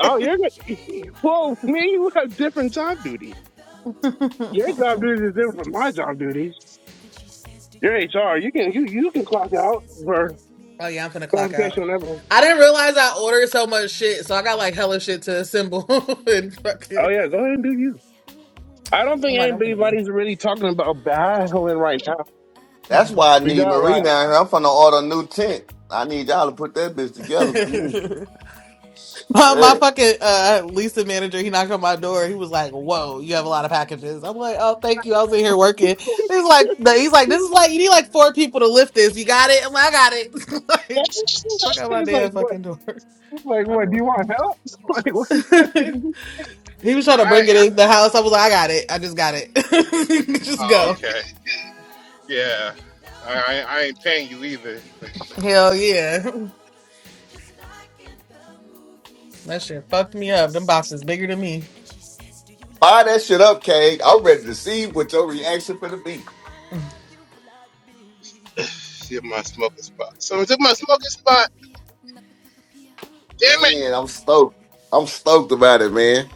[SPEAKER 4] Oh, you're gonna. Whoa, man, you have different job duties. Your job duties is different
[SPEAKER 1] In
[SPEAKER 4] from
[SPEAKER 1] a
[SPEAKER 4] my job
[SPEAKER 1] scene,
[SPEAKER 4] duties.
[SPEAKER 1] then she says, Do
[SPEAKER 4] Your
[SPEAKER 1] you love
[SPEAKER 4] HR, you
[SPEAKER 1] me?
[SPEAKER 4] can you you can
[SPEAKER 1] And
[SPEAKER 4] clock
[SPEAKER 1] he
[SPEAKER 4] out
[SPEAKER 1] says, So will
[SPEAKER 4] for
[SPEAKER 6] Oh yeah, I'm finna clock
[SPEAKER 1] I
[SPEAKER 6] out.
[SPEAKER 4] qualification and everything.
[SPEAKER 1] love
[SPEAKER 6] I
[SPEAKER 1] you,
[SPEAKER 6] didn't realize I ordered so
[SPEAKER 1] Bloodberry.
[SPEAKER 6] much shit, so I got like hella shit to assemble
[SPEAKER 1] Look
[SPEAKER 6] and
[SPEAKER 1] up in the
[SPEAKER 4] Oh
[SPEAKER 6] fucking.
[SPEAKER 4] yeah,
[SPEAKER 1] beer,
[SPEAKER 4] go ahead and do you. I
[SPEAKER 1] and
[SPEAKER 4] don't
[SPEAKER 6] I'm
[SPEAKER 4] think
[SPEAKER 6] like, I'm finna be.
[SPEAKER 4] anybody's really talking about battling right now.
[SPEAKER 5] That's
[SPEAKER 6] mhm.
[SPEAKER 5] why I
[SPEAKER 4] We
[SPEAKER 5] need
[SPEAKER 4] got
[SPEAKER 5] Marie
[SPEAKER 4] like
[SPEAKER 5] down here. I'm finna order a new tent. I need y'all to put that bitch together. for me.
[SPEAKER 6] my, my
[SPEAKER 5] Shit.
[SPEAKER 6] fucking uh, Lisa manager, he knocked on my door. He was like, "Whoa, you have a lot of packages." I'm like, "Oh, thank you. I was in here working." He's
[SPEAKER 1] just
[SPEAKER 6] like, "He's like, this is like you need like four people to lift this. You got it?" I'm like, "I got it." like, fuck out my
[SPEAKER 4] it's like
[SPEAKER 6] damn
[SPEAKER 4] what
[SPEAKER 6] fucking door.
[SPEAKER 4] it's like
[SPEAKER 6] I
[SPEAKER 4] what do
[SPEAKER 6] don't.
[SPEAKER 4] you want help? Like what's your
[SPEAKER 1] kiss me, then ooh,
[SPEAKER 6] he was trying to bring it in the house. I was like, "I got it. I
[SPEAKER 1] it's
[SPEAKER 6] just got it. just go."
[SPEAKER 1] okay.
[SPEAKER 6] Hell yeah.
[SPEAKER 1] Just like in the movies,
[SPEAKER 6] That
[SPEAKER 1] two
[SPEAKER 6] shit fucked
[SPEAKER 1] lovers
[SPEAKER 6] me
[SPEAKER 1] in a
[SPEAKER 6] up. Them boxes
[SPEAKER 1] scene,
[SPEAKER 6] bigger than me.
[SPEAKER 1] and she says, "Do you love
[SPEAKER 5] Fire that
[SPEAKER 1] me?"
[SPEAKER 5] shit up, Cade.
[SPEAKER 1] And
[SPEAKER 5] I'm
[SPEAKER 1] he
[SPEAKER 5] ready to
[SPEAKER 1] says, "So
[SPEAKER 5] see what your
[SPEAKER 1] endlessly."
[SPEAKER 5] reaction for the beat.
[SPEAKER 6] Mm.
[SPEAKER 1] 뺀다 피야 나 뺐다가 피야 Ooh,
[SPEAKER 5] Man,
[SPEAKER 1] 뺀다
[SPEAKER 5] I'm stoked. I'm stoked about it, man.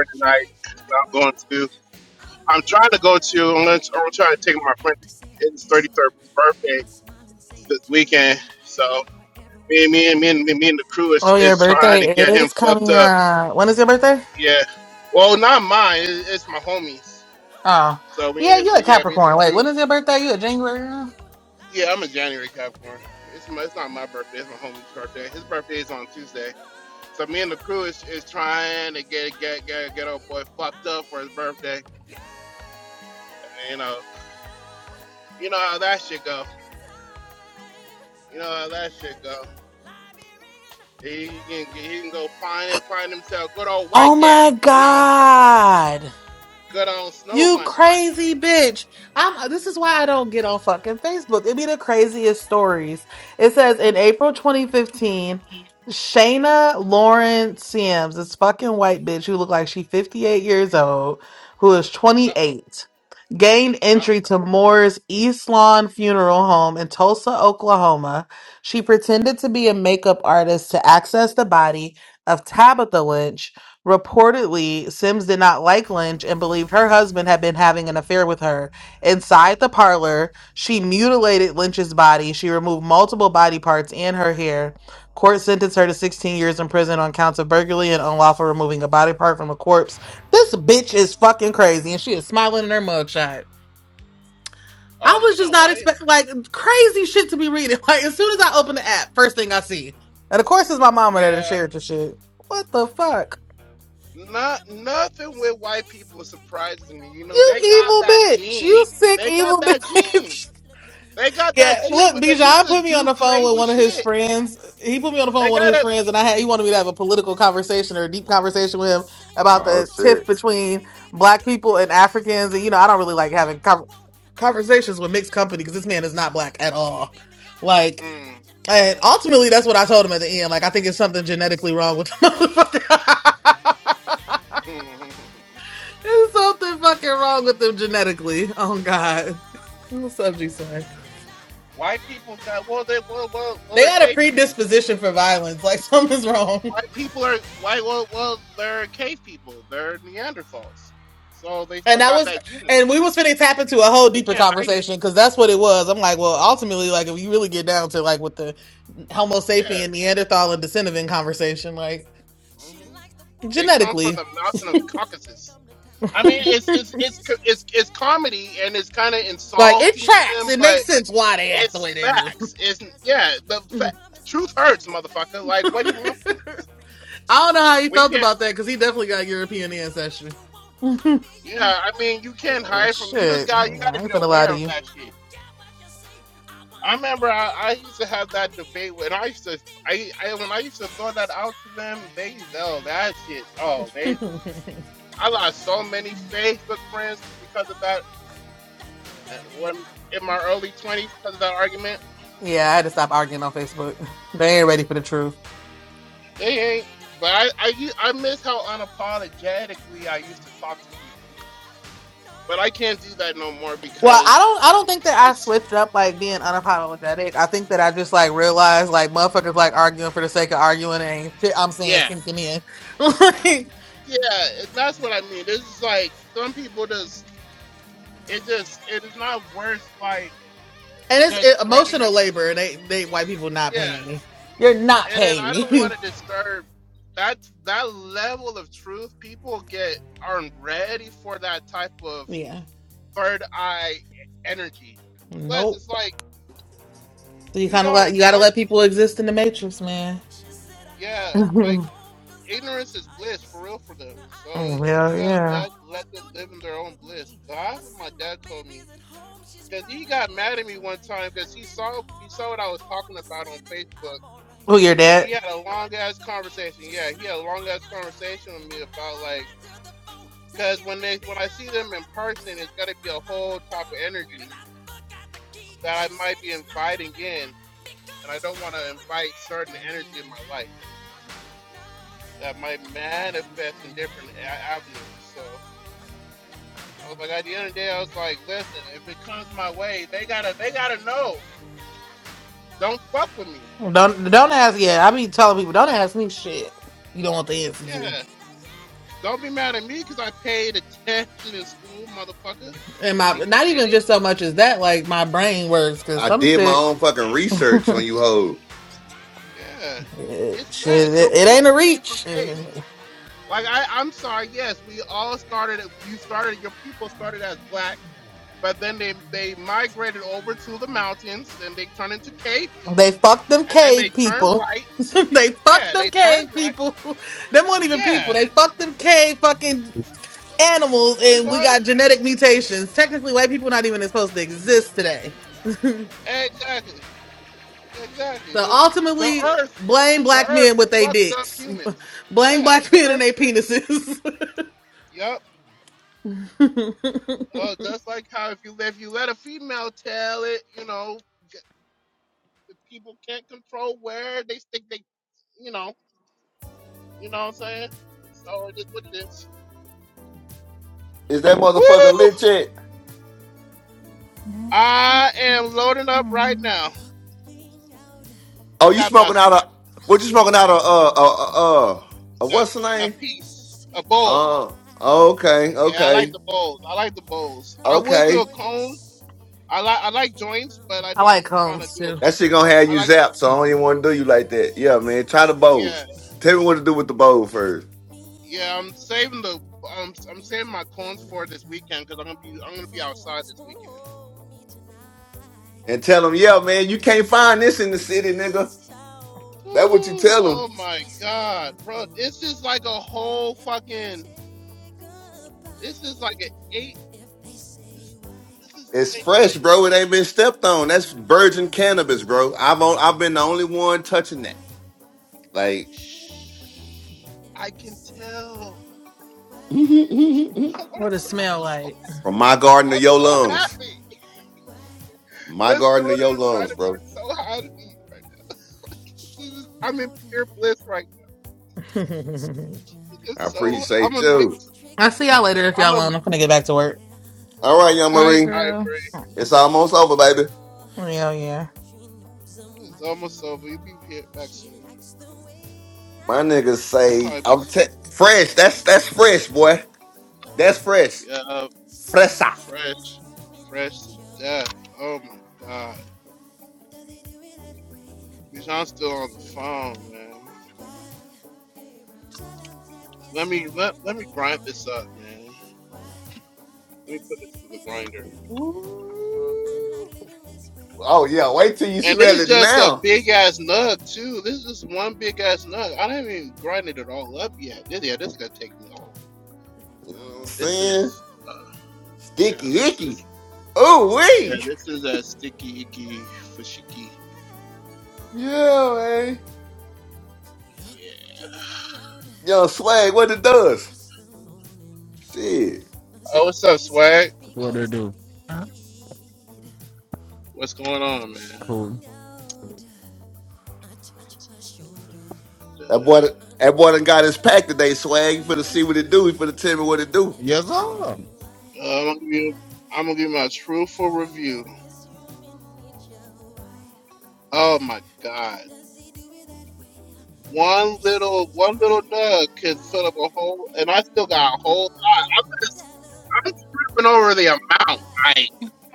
[SPEAKER 1] but change my world. I'll wait for the day when you have to say I do, and I'll smile and say it too, and forever will be true. I
[SPEAKER 6] Oh, your
[SPEAKER 1] love you,
[SPEAKER 6] birthday is coming
[SPEAKER 1] Lottie,
[SPEAKER 6] up. When is your birthday? Oh. Yeah, you are a Capricorn. Wait, when is your birthday? You a January? now?
[SPEAKER 1] the girl
[SPEAKER 6] Oh my
[SPEAKER 1] all the
[SPEAKER 6] God.
[SPEAKER 1] time.
[SPEAKER 6] You crazy bitch. I'm this is
[SPEAKER 1] I
[SPEAKER 6] why I
[SPEAKER 1] love
[SPEAKER 6] don't
[SPEAKER 1] you.
[SPEAKER 6] get on fucking Facebook. It'd be the craziest stories. It says in April 2015, Shayna Lauren Sims, this fucking white bitch who looked like she 58 years old, who is 28, gained entry to Moore's East Lawn Funeral Home in Tulsa, Oklahoma. She pretended to be a makeup artist to access the body of Tabitha Lynch Reportedly, Sims did not like Lynch and believed her husband had been having an affair with her. Inside the parlor, she mutilated Lynch's body. She removed multiple body parts and her hair. Court sentenced her to 16 years in prison on counts of burglary and unlawful removing a body part from a corpse. This bitch is fucking crazy, and she is smiling in her mugshot. I was just not expecting like crazy shit to be reading. Like as soon as I open the app, first thing I see, and of course it's my mama that had shared the shit. What the fuck?
[SPEAKER 1] You'll never make me stay, so take your weight off of me.
[SPEAKER 6] You
[SPEAKER 1] I
[SPEAKER 6] evil
[SPEAKER 1] know your
[SPEAKER 6] bitch. You
[SPEAKER 1] every
[SPEAKER 6] sick
[SPEAKER 1] move,
[SPEAKER 6] evil
[SPEAKER 1] so won't you
[SPEAKER 6] bitch.
[SPEAKER 1] just let me be? I've
[SPEAKER 6] yeah,
[SPEAKER 1] been here
[SPEAKER 6] look,
[SPEAKER 1] times
[SPEAKER 6] Bijan put me on the
[SPEAKER 1] before,
[SPEAKER 6] phone
[SPEAKER 1] but
[SPEAKER 6] with one of
[SPEAKER 1] I was
[SPEAKER 6] his
[SPEAKER 1] too blind
[SPEAKER 6] friends.
[SPEAKER 1] to see
[SPEAKER 6] He put me on
[SPEAKER 1] that
[SPEAKER 6] the phone
[SPEAKER 1] you
[SPEAKER 6] with one of his friends
[SPEAKER 1] seduce
[SPEAKER 6] and I had he
[SPEAKER 1] every
[SPEAKER 6] wanted me to have
[SPEAKER 1] man.
[SPEAKER 6] a
[SPEAKER 1] This
[SPEAKER 6] political
[SPEAKER 1] time you won't
[SPEAKER 6] conversation or a deep
[SPEAKER 1] seduce me.
[SPEAKER 6] conversation with him
[SPEAKER 1] Just saying
[SPEAKER 6] about
[SPEAKER 5] Oh
[SPEAKER 6] the
[SPEAKER 1] that's okay.
[SPEAKER 6] tiff
[SPEAKER 5] shit.
[SPEAKER 1] Hey
[SPEAKER 6] between
[SPEAKER 1] hey, baby,
[SPEAKER 6] black
[SPEAKER 1] do what
[SPEAKER 6] people
[SPEAKER 1] you
[SPEAKER 6] and
[SPEAKER 1] please.
[SPEAKER 6] Africans.
[SPEAKER 1] I
[SPEAKER 6] And you know, I
[SPEAKER 1] have
[SPEAKER 6] don't
[SPEAKER 1] the
[SPEAKER 6] really like
[SPEAKER 1] stuff that
[SPEAKER 6] having
[SPEAKER 1] you
[SPEAKER 6] con
[SPEAKER 1] want. I am the
[SPEAKER 6] conversations with
[SPEAKER 1] thing
[SPEAKER 6] mixed
[SPEAKER 1] that
[SPEAKER 6] company
[SPEAKER 1] you
[SPEAKER 6] because this
[SPEAKER 1] need.
[SPEAKER 6] man is
[SPEAKER 1] She
[SPEAKER 6] not black
[SPEAKER 1] looked me
[SPEAKER 6] at all.
[SPEAKER 1] deep in the eyes.
[SPEAKER 6] Like
[SPEAKER 1] She touching me
[SPEAKER 6] and
[SPEAKER 1] so to
[SPEAKER 6] ultimately
[SPEAKER 1] start.
[SPEAKER 6] that's what I
[SPEAKER 1] She
[SPEAKER 6] told him
[SPEAKER 1] says
[SPEAKER 6] at the
[SPEAKER 1] there's
[SPEAKER 6] end.
[SPEAKER 1] no
[SPEAKER 6] Like I think it's
[SPEAKER 1] turning
[SPEAKER 6] something
[SPEAKER 1] back.
[SPEAKER 6] genetically
[SPEAKER 1] She
[SPEAKER 6] wrong
[SPEAKER 1] got
[SPEAKER 6] with
[SPEAKER 1] me
[SPEAKER 6] the
[SPEAKER 1] yelling. I'm dirty
[SPEAKER 6] motherfucker.
[SPEAKER 1] Diana. No,
[SPEAKER 6] There's something fucking
[SPEAKER 1] dirty
[SPEAKER 6] wrong with them
[SPEAKER 1] Diana. No,
[SPEAKER 6] genetically. Oh God. I'm Subjects one.
[SPEAKER 1] dirty Diana. No,
[SPEAKER 6] They got a
[SPEAKER 1] dirty
[SPEAKER 6] predisposition for violence. Like
[SPEAKER 1] Diana.
[SPEAKER 6] something's wrong.
[SPEAKER 1] Let me be.
[SPEAKER 6] And that was and we was finna tap into a whole deeper conversation because that's what it was. I'm like, well, ultimately, like if you really get down to like with the Homo sapien, Neanderthal, and Decentivin conversation, like
[SPEAKER 1] She likes the boys in the
[SPEAKER 6] genetically,
[SPEAKER 1] band. She knows when they come to town. Every musician's fan after the curtain comes down.
[SPEAKER 6] like it
[SPEAKER 1] She
[SPEAKER 6] tracks.
[SPEAKER 1] waits
[SPEAKER 6] It
[SPEAKER 1] at
[SPEAKER 6] makes sense
[SPEAKER 1] backstage
[SPEAKER 6] why they act
[SPEAKER 1] doors
[SPEAKER 6] the
[SPEAKER 1] for
[SPEAKER 6] way they do.
[SPEAKER 1] those who have prestige, who promise fortune and fame, a life
[SPEAKER 6] I
[SPEAKER 1] that's so carefree. She's
[SPEAKER 6] don't know how he
[SPEAKER 1] saying
[SPEAKER 6] felt
[SPEAKER 1] that's
[SPEAKER 6] about that because he
[SPEAKER 1] okay.
[SPEAKER 6] definitely got
[SPEAKER 1] Hey baby,
[SPEAKER 6] European
[SPEAKER 1] do what
[SPEAKER 6] ancestry.
[SPEAKER 1] you want. I'll be your night loving thing.
[SPEAKER 6] Oh,
[SPEAKER 1] I'll be the
[SPEAKER 6] Shit,
[SPEAKER 1] freak you
[SPEAKER 6] I
[SPEAKER 1] can
[SPEAKER 6] ain't finna
[SPEAKER 1] talk.
[SPEAKER 6] lie to you.
[SPEAKER 1] I don't care what you say. I wanna go too far. I'll be your everything. If you make me your star. Dirty Diana, no. Dirty Diana,
[SPEAKER 3] Mm,
[SPEAKER 1] no. Dirty Diana, no. Dirty
[SPEAKER 6] Yeah, I had to stop arguing on Facebook.
[SPEAKER 1] Diana,
[SPEAKER 6] They ain't ready for the truth. Well, I don't. I don't think that I switched up like being unapologetic. I think that I just like realized like motherfuckers like arguing for the sake of arguing and ain't shit. I'm saying sinking in, Like, and it's it,
[SPEAKER 1] it's
[SPEAKER 6] emotional labor.
[SPEAKER 1] Diana,
[SPEAKER 6] They they white people not
[SPEAKER 1] yeah,
[SPEAKER 6] paying
[SPEAKER 1] yeah.
[SPEAKER 6] me. You're not paying me. yeah. Nope. So you kind of like you gotta let people exist in the matrix, man.
[SPEAKER 1] She said I have to go
[SPEAKER 6] oh
[SPEAKER 1] home cause I'm retired, you see. Now I hear
[SPEAKER 6] hell
[SPEAKER 1] sleeping
[SPEAKER 6] yeah.
[SPEAKER 1] alone. Why don't you come with me? I said my baby's at home. She's probably worried tonight. I didn't call on the phone to say that I'm alright.
[SPEAKER 6] Oh, you're dead.
[SPEAKER 1] Diana walked up to me. She said I'm on yours tonight. And then I ran to the phone saying
[SPEAKER 6] Don't don't ask. Yeah, I be telling people don't ask me shit. You don't want the answer to. And my not even just so much as that. Like my brain works because
[SPEAKER 5] I
[SPEAKER 6] some
[SPEAKER 5] did my
[SPEAKER 6] shit,
[SPEAKER 5] own fucking research on you, hoe.
[SPEAKER 6] it, shit, it, it ain't a reach. They fuck them cave people. they fuck them cave people. Them weren't even people. They fuck them cave fucking animals, and we got genetic mutations. Technically, white people not even supposed to exist today. So ultimately, blame black men with their dicks. blame black men and their penises.
[SPEAKER 5] Is that motherfucker lit yet?
[SPEAKER 3] mm, mm, mm, mm.
[SPEAKER 5] Oh, you smoking out of what you smoking out of uh uh uh, uh what's the name? Uh okay, okay, okay.
[SPEAKER 6] I like combs too.
[SPEAKER 5] That shit gonna have you zapped, so I don't even want to do you like that. Yeah, man. Try the bows. Tell me what to do with the bow first, and tell them, yeah, man, you can't find this in the city, nigga. That what you tell them. It's fresh, bro. It ain't been stepped on. That's virgin cannabis, bro. I've on, I've been the only one touching that. Like
[SPEAKER 6] What does smell like?
[SPEAKER 5] from my garden to your lungs, my garden to your lungs, bro. I appreciate you.
[SPEAKER 6] I'll see y'all later if y'all alone. I'm gonna get back to work.
[SPEAKER 5] All right, young
[SPEAKER 3] See you,
[SPEAKER 5] Marie,
[SPEAKER 3] girl.
[SPEAKER 6] Oh,
[SPEAKER 5] it's almost over, baby.
[SPEAKER 6] Yeah, yeah.
[SPEAKER 5] My niggas say I'm te- fresh. That's that's fresh, boy. That's fresh. Fresa. Ooh. Oh yeah, wait till you smell it now. You know what I'm saying? Sticky icky. Ooh wee. Yeah, man. Yo, swag, what it does. Shit.
[SPEAKER 7] What they do? Cool.
[SPEAKER 5] That boy that boy done got his pack today, swag. You finna see what it do. He finna tell me what it do.
[SPEAKER 7] Yes, sir.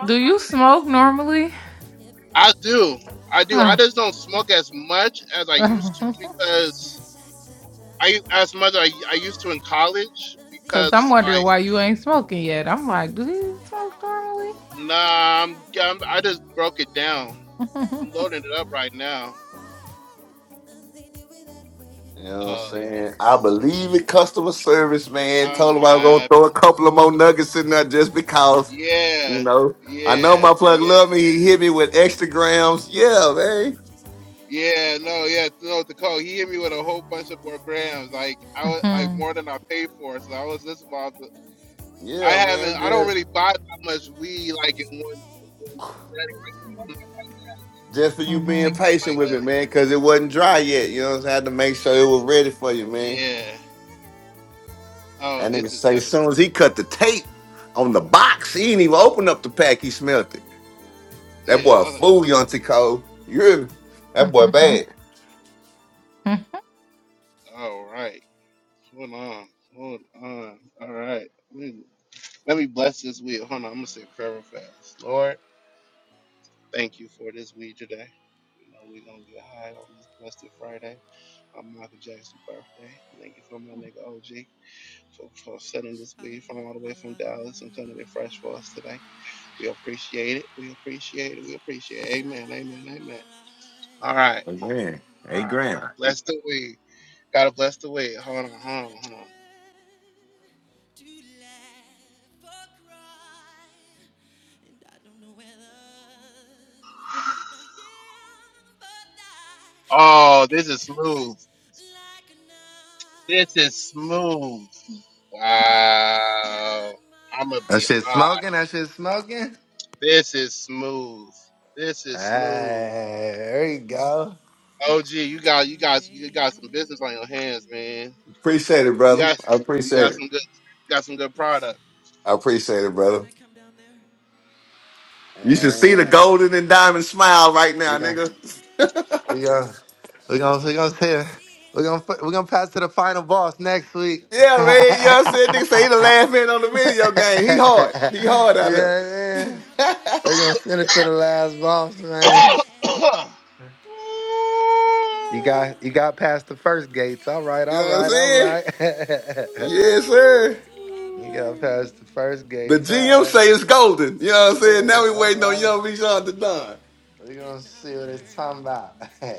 [SPEAKER 3] Do you smoke normally? Because I'm wondering why you ain't smoking yet. I'm like, do you smoke
[SPEAKER 5] You know what I'm saying? I believe in customer service, man. Told him I was gonna throw a couple of more nuggets in there just because. You know, I know my plug love me. He hit me with extra grams. Yeah, man.
[SPEAKER 3] normally?
[SPEAKER 5] Yeah, man. Just,
[SPEAKER 3] Mhm,
[SPEAKER 5] just for you being
[SPEAKER 3] mhm,
[SPEAKER 5] patient with me, man, because it wasn't dry yet. You know, what I'm saying? I had to make sure it was ready for you, man. That nigga say as soon as he cut the tape on the box, he didn't even open up the pack. He smelt it. That boy a fool, Yonty Cole. You hear me? That boy
[SPEAKER 3] mhm,
[SPEAKER 5] bad.
[SPEAKER 3] mhm.
[SPEAKER 1] out of my
[SPEAKER 5] Like,
[SPEAKER 1] life,
[SPEAKER 5] man, eight grand.
[SPEAKER 1] and I don't know where they're to laugh or cry. And I don't know whether to live or die. And it cuts like a knife. She's out of my
[SPEAKER 2] That shit smoking. That shit
[SPEAKER 1] life.
[SPEAKER 2] smoking. Hey, there you go.
[SPEAKER 1] It's out of my hand.
[SPEAKER 5] Appreciate it, brother. I appreciate it.
[SPEAKER 1] It's
[SPEAKER 5] I appreciate it,
[SPEAKER 1] can
[SPEAKER 5] brother.
[SPEAKER 1] I come down there?
[SPEAKER 5] You should see the
[SPEAKER 2] Yeah,
[SPEAKER 5] golden and diamond smile right
[SPEAKER 1] Something
[SPEAKER 2] we
[SPEAKER 5] now,
[SPEAKER 1] to
[SPEAKER 2] gonna
[SPEAKER 1] do,
[SPEAKER 5] nigga.
[SPEAKER 2] we gonna
[SPEAKER 1] yes.
[SPEAKER 2] we
[SPEAKER 1] She
[SPEAKER 2] gonna we gonna say
[SPEAKER 1] was
[SPEAKER 2] we gonna we gonna
[SPEAKER 1] here,
[SPEAKER 2] pass to the final boss
[SPEAKER 1] and I
[SPEAKER 2] next
[SPEAKER 1] took
[SPEAKER 2] week.
[SPEAKER 1] her for
[SPEAKER 5] Yeah, man. You know
[SPEAKER 2] yeah,
[SPEAKER 1] granted
[SPEAKER 5] what I'm saying? Nigga say he
[SPEAKER 1] I
[SPEAKER 5] the
[SPEAKER 1] was
[SPEAKER 5] last
[SPEAKER 1] so
[SPEAKER 5] man on the video game. He hard. He
[SPEAKER 1] cavalier,
[SPEAKER 5] hard out here.
[SPEAKER 2] man.
[SPEAKER 1] not the
[SPEAKER 2] We're gonna
[SPEAKER 1] way
[SPEAKER 2] send
[SPEAKER 1] that
[SPEAKER 2] it to
[SPEAKER 1] it's
[SPEAKER 2] the last
[SPEAKER 1] done.
[SPEAKER 2] boss,
[SPEAKER 1] Oh
[SPEAKER 2] man.
[SPEAKER 1] yeah, 'Cause
[SPEAKER 2] You
[SPEAKER 1] I
[SPEAKER 2] got you got past the first gates. All right,
[SPEAKER 5] You
[SPEAKER 2] all
[SPEAKER 1] can't.
[SPEAKER 5] know what I'm
[SPEAKER 2] right, all
[SPEAKER 5] saying?
[SPEAKER 2] right.
[SPEAKER 5] Yes, sir.
[SPEAKER 1] So I've
[SPEAKER 2] You got
[SPEAKER 1] learned
[SPEAKER 2] past the first
[SPEAKER 5] The
[SPEAKER 2] gate. All
[SPEAKER 5] GM
[SPEAKER 2] right.
[SPEAKER 5] say it's golden.
[SPEAKER 1] love's
[SPEAKER 5] You know
[SPEAKER 1] not
[SPEAKER 5] what I'm saying? Now
[SPEAKER 1] possessed.
[SPEAKER 2] Yeah,
[SPEAKER 5] we
[SPEAKER 2] all
[SPEAKER 5] waiting on
[SPEAKER 2] right.
[SPEAKER 5] young Bijan to done.
[SPEAKER 2] We're going to see what it's talking about. yeah,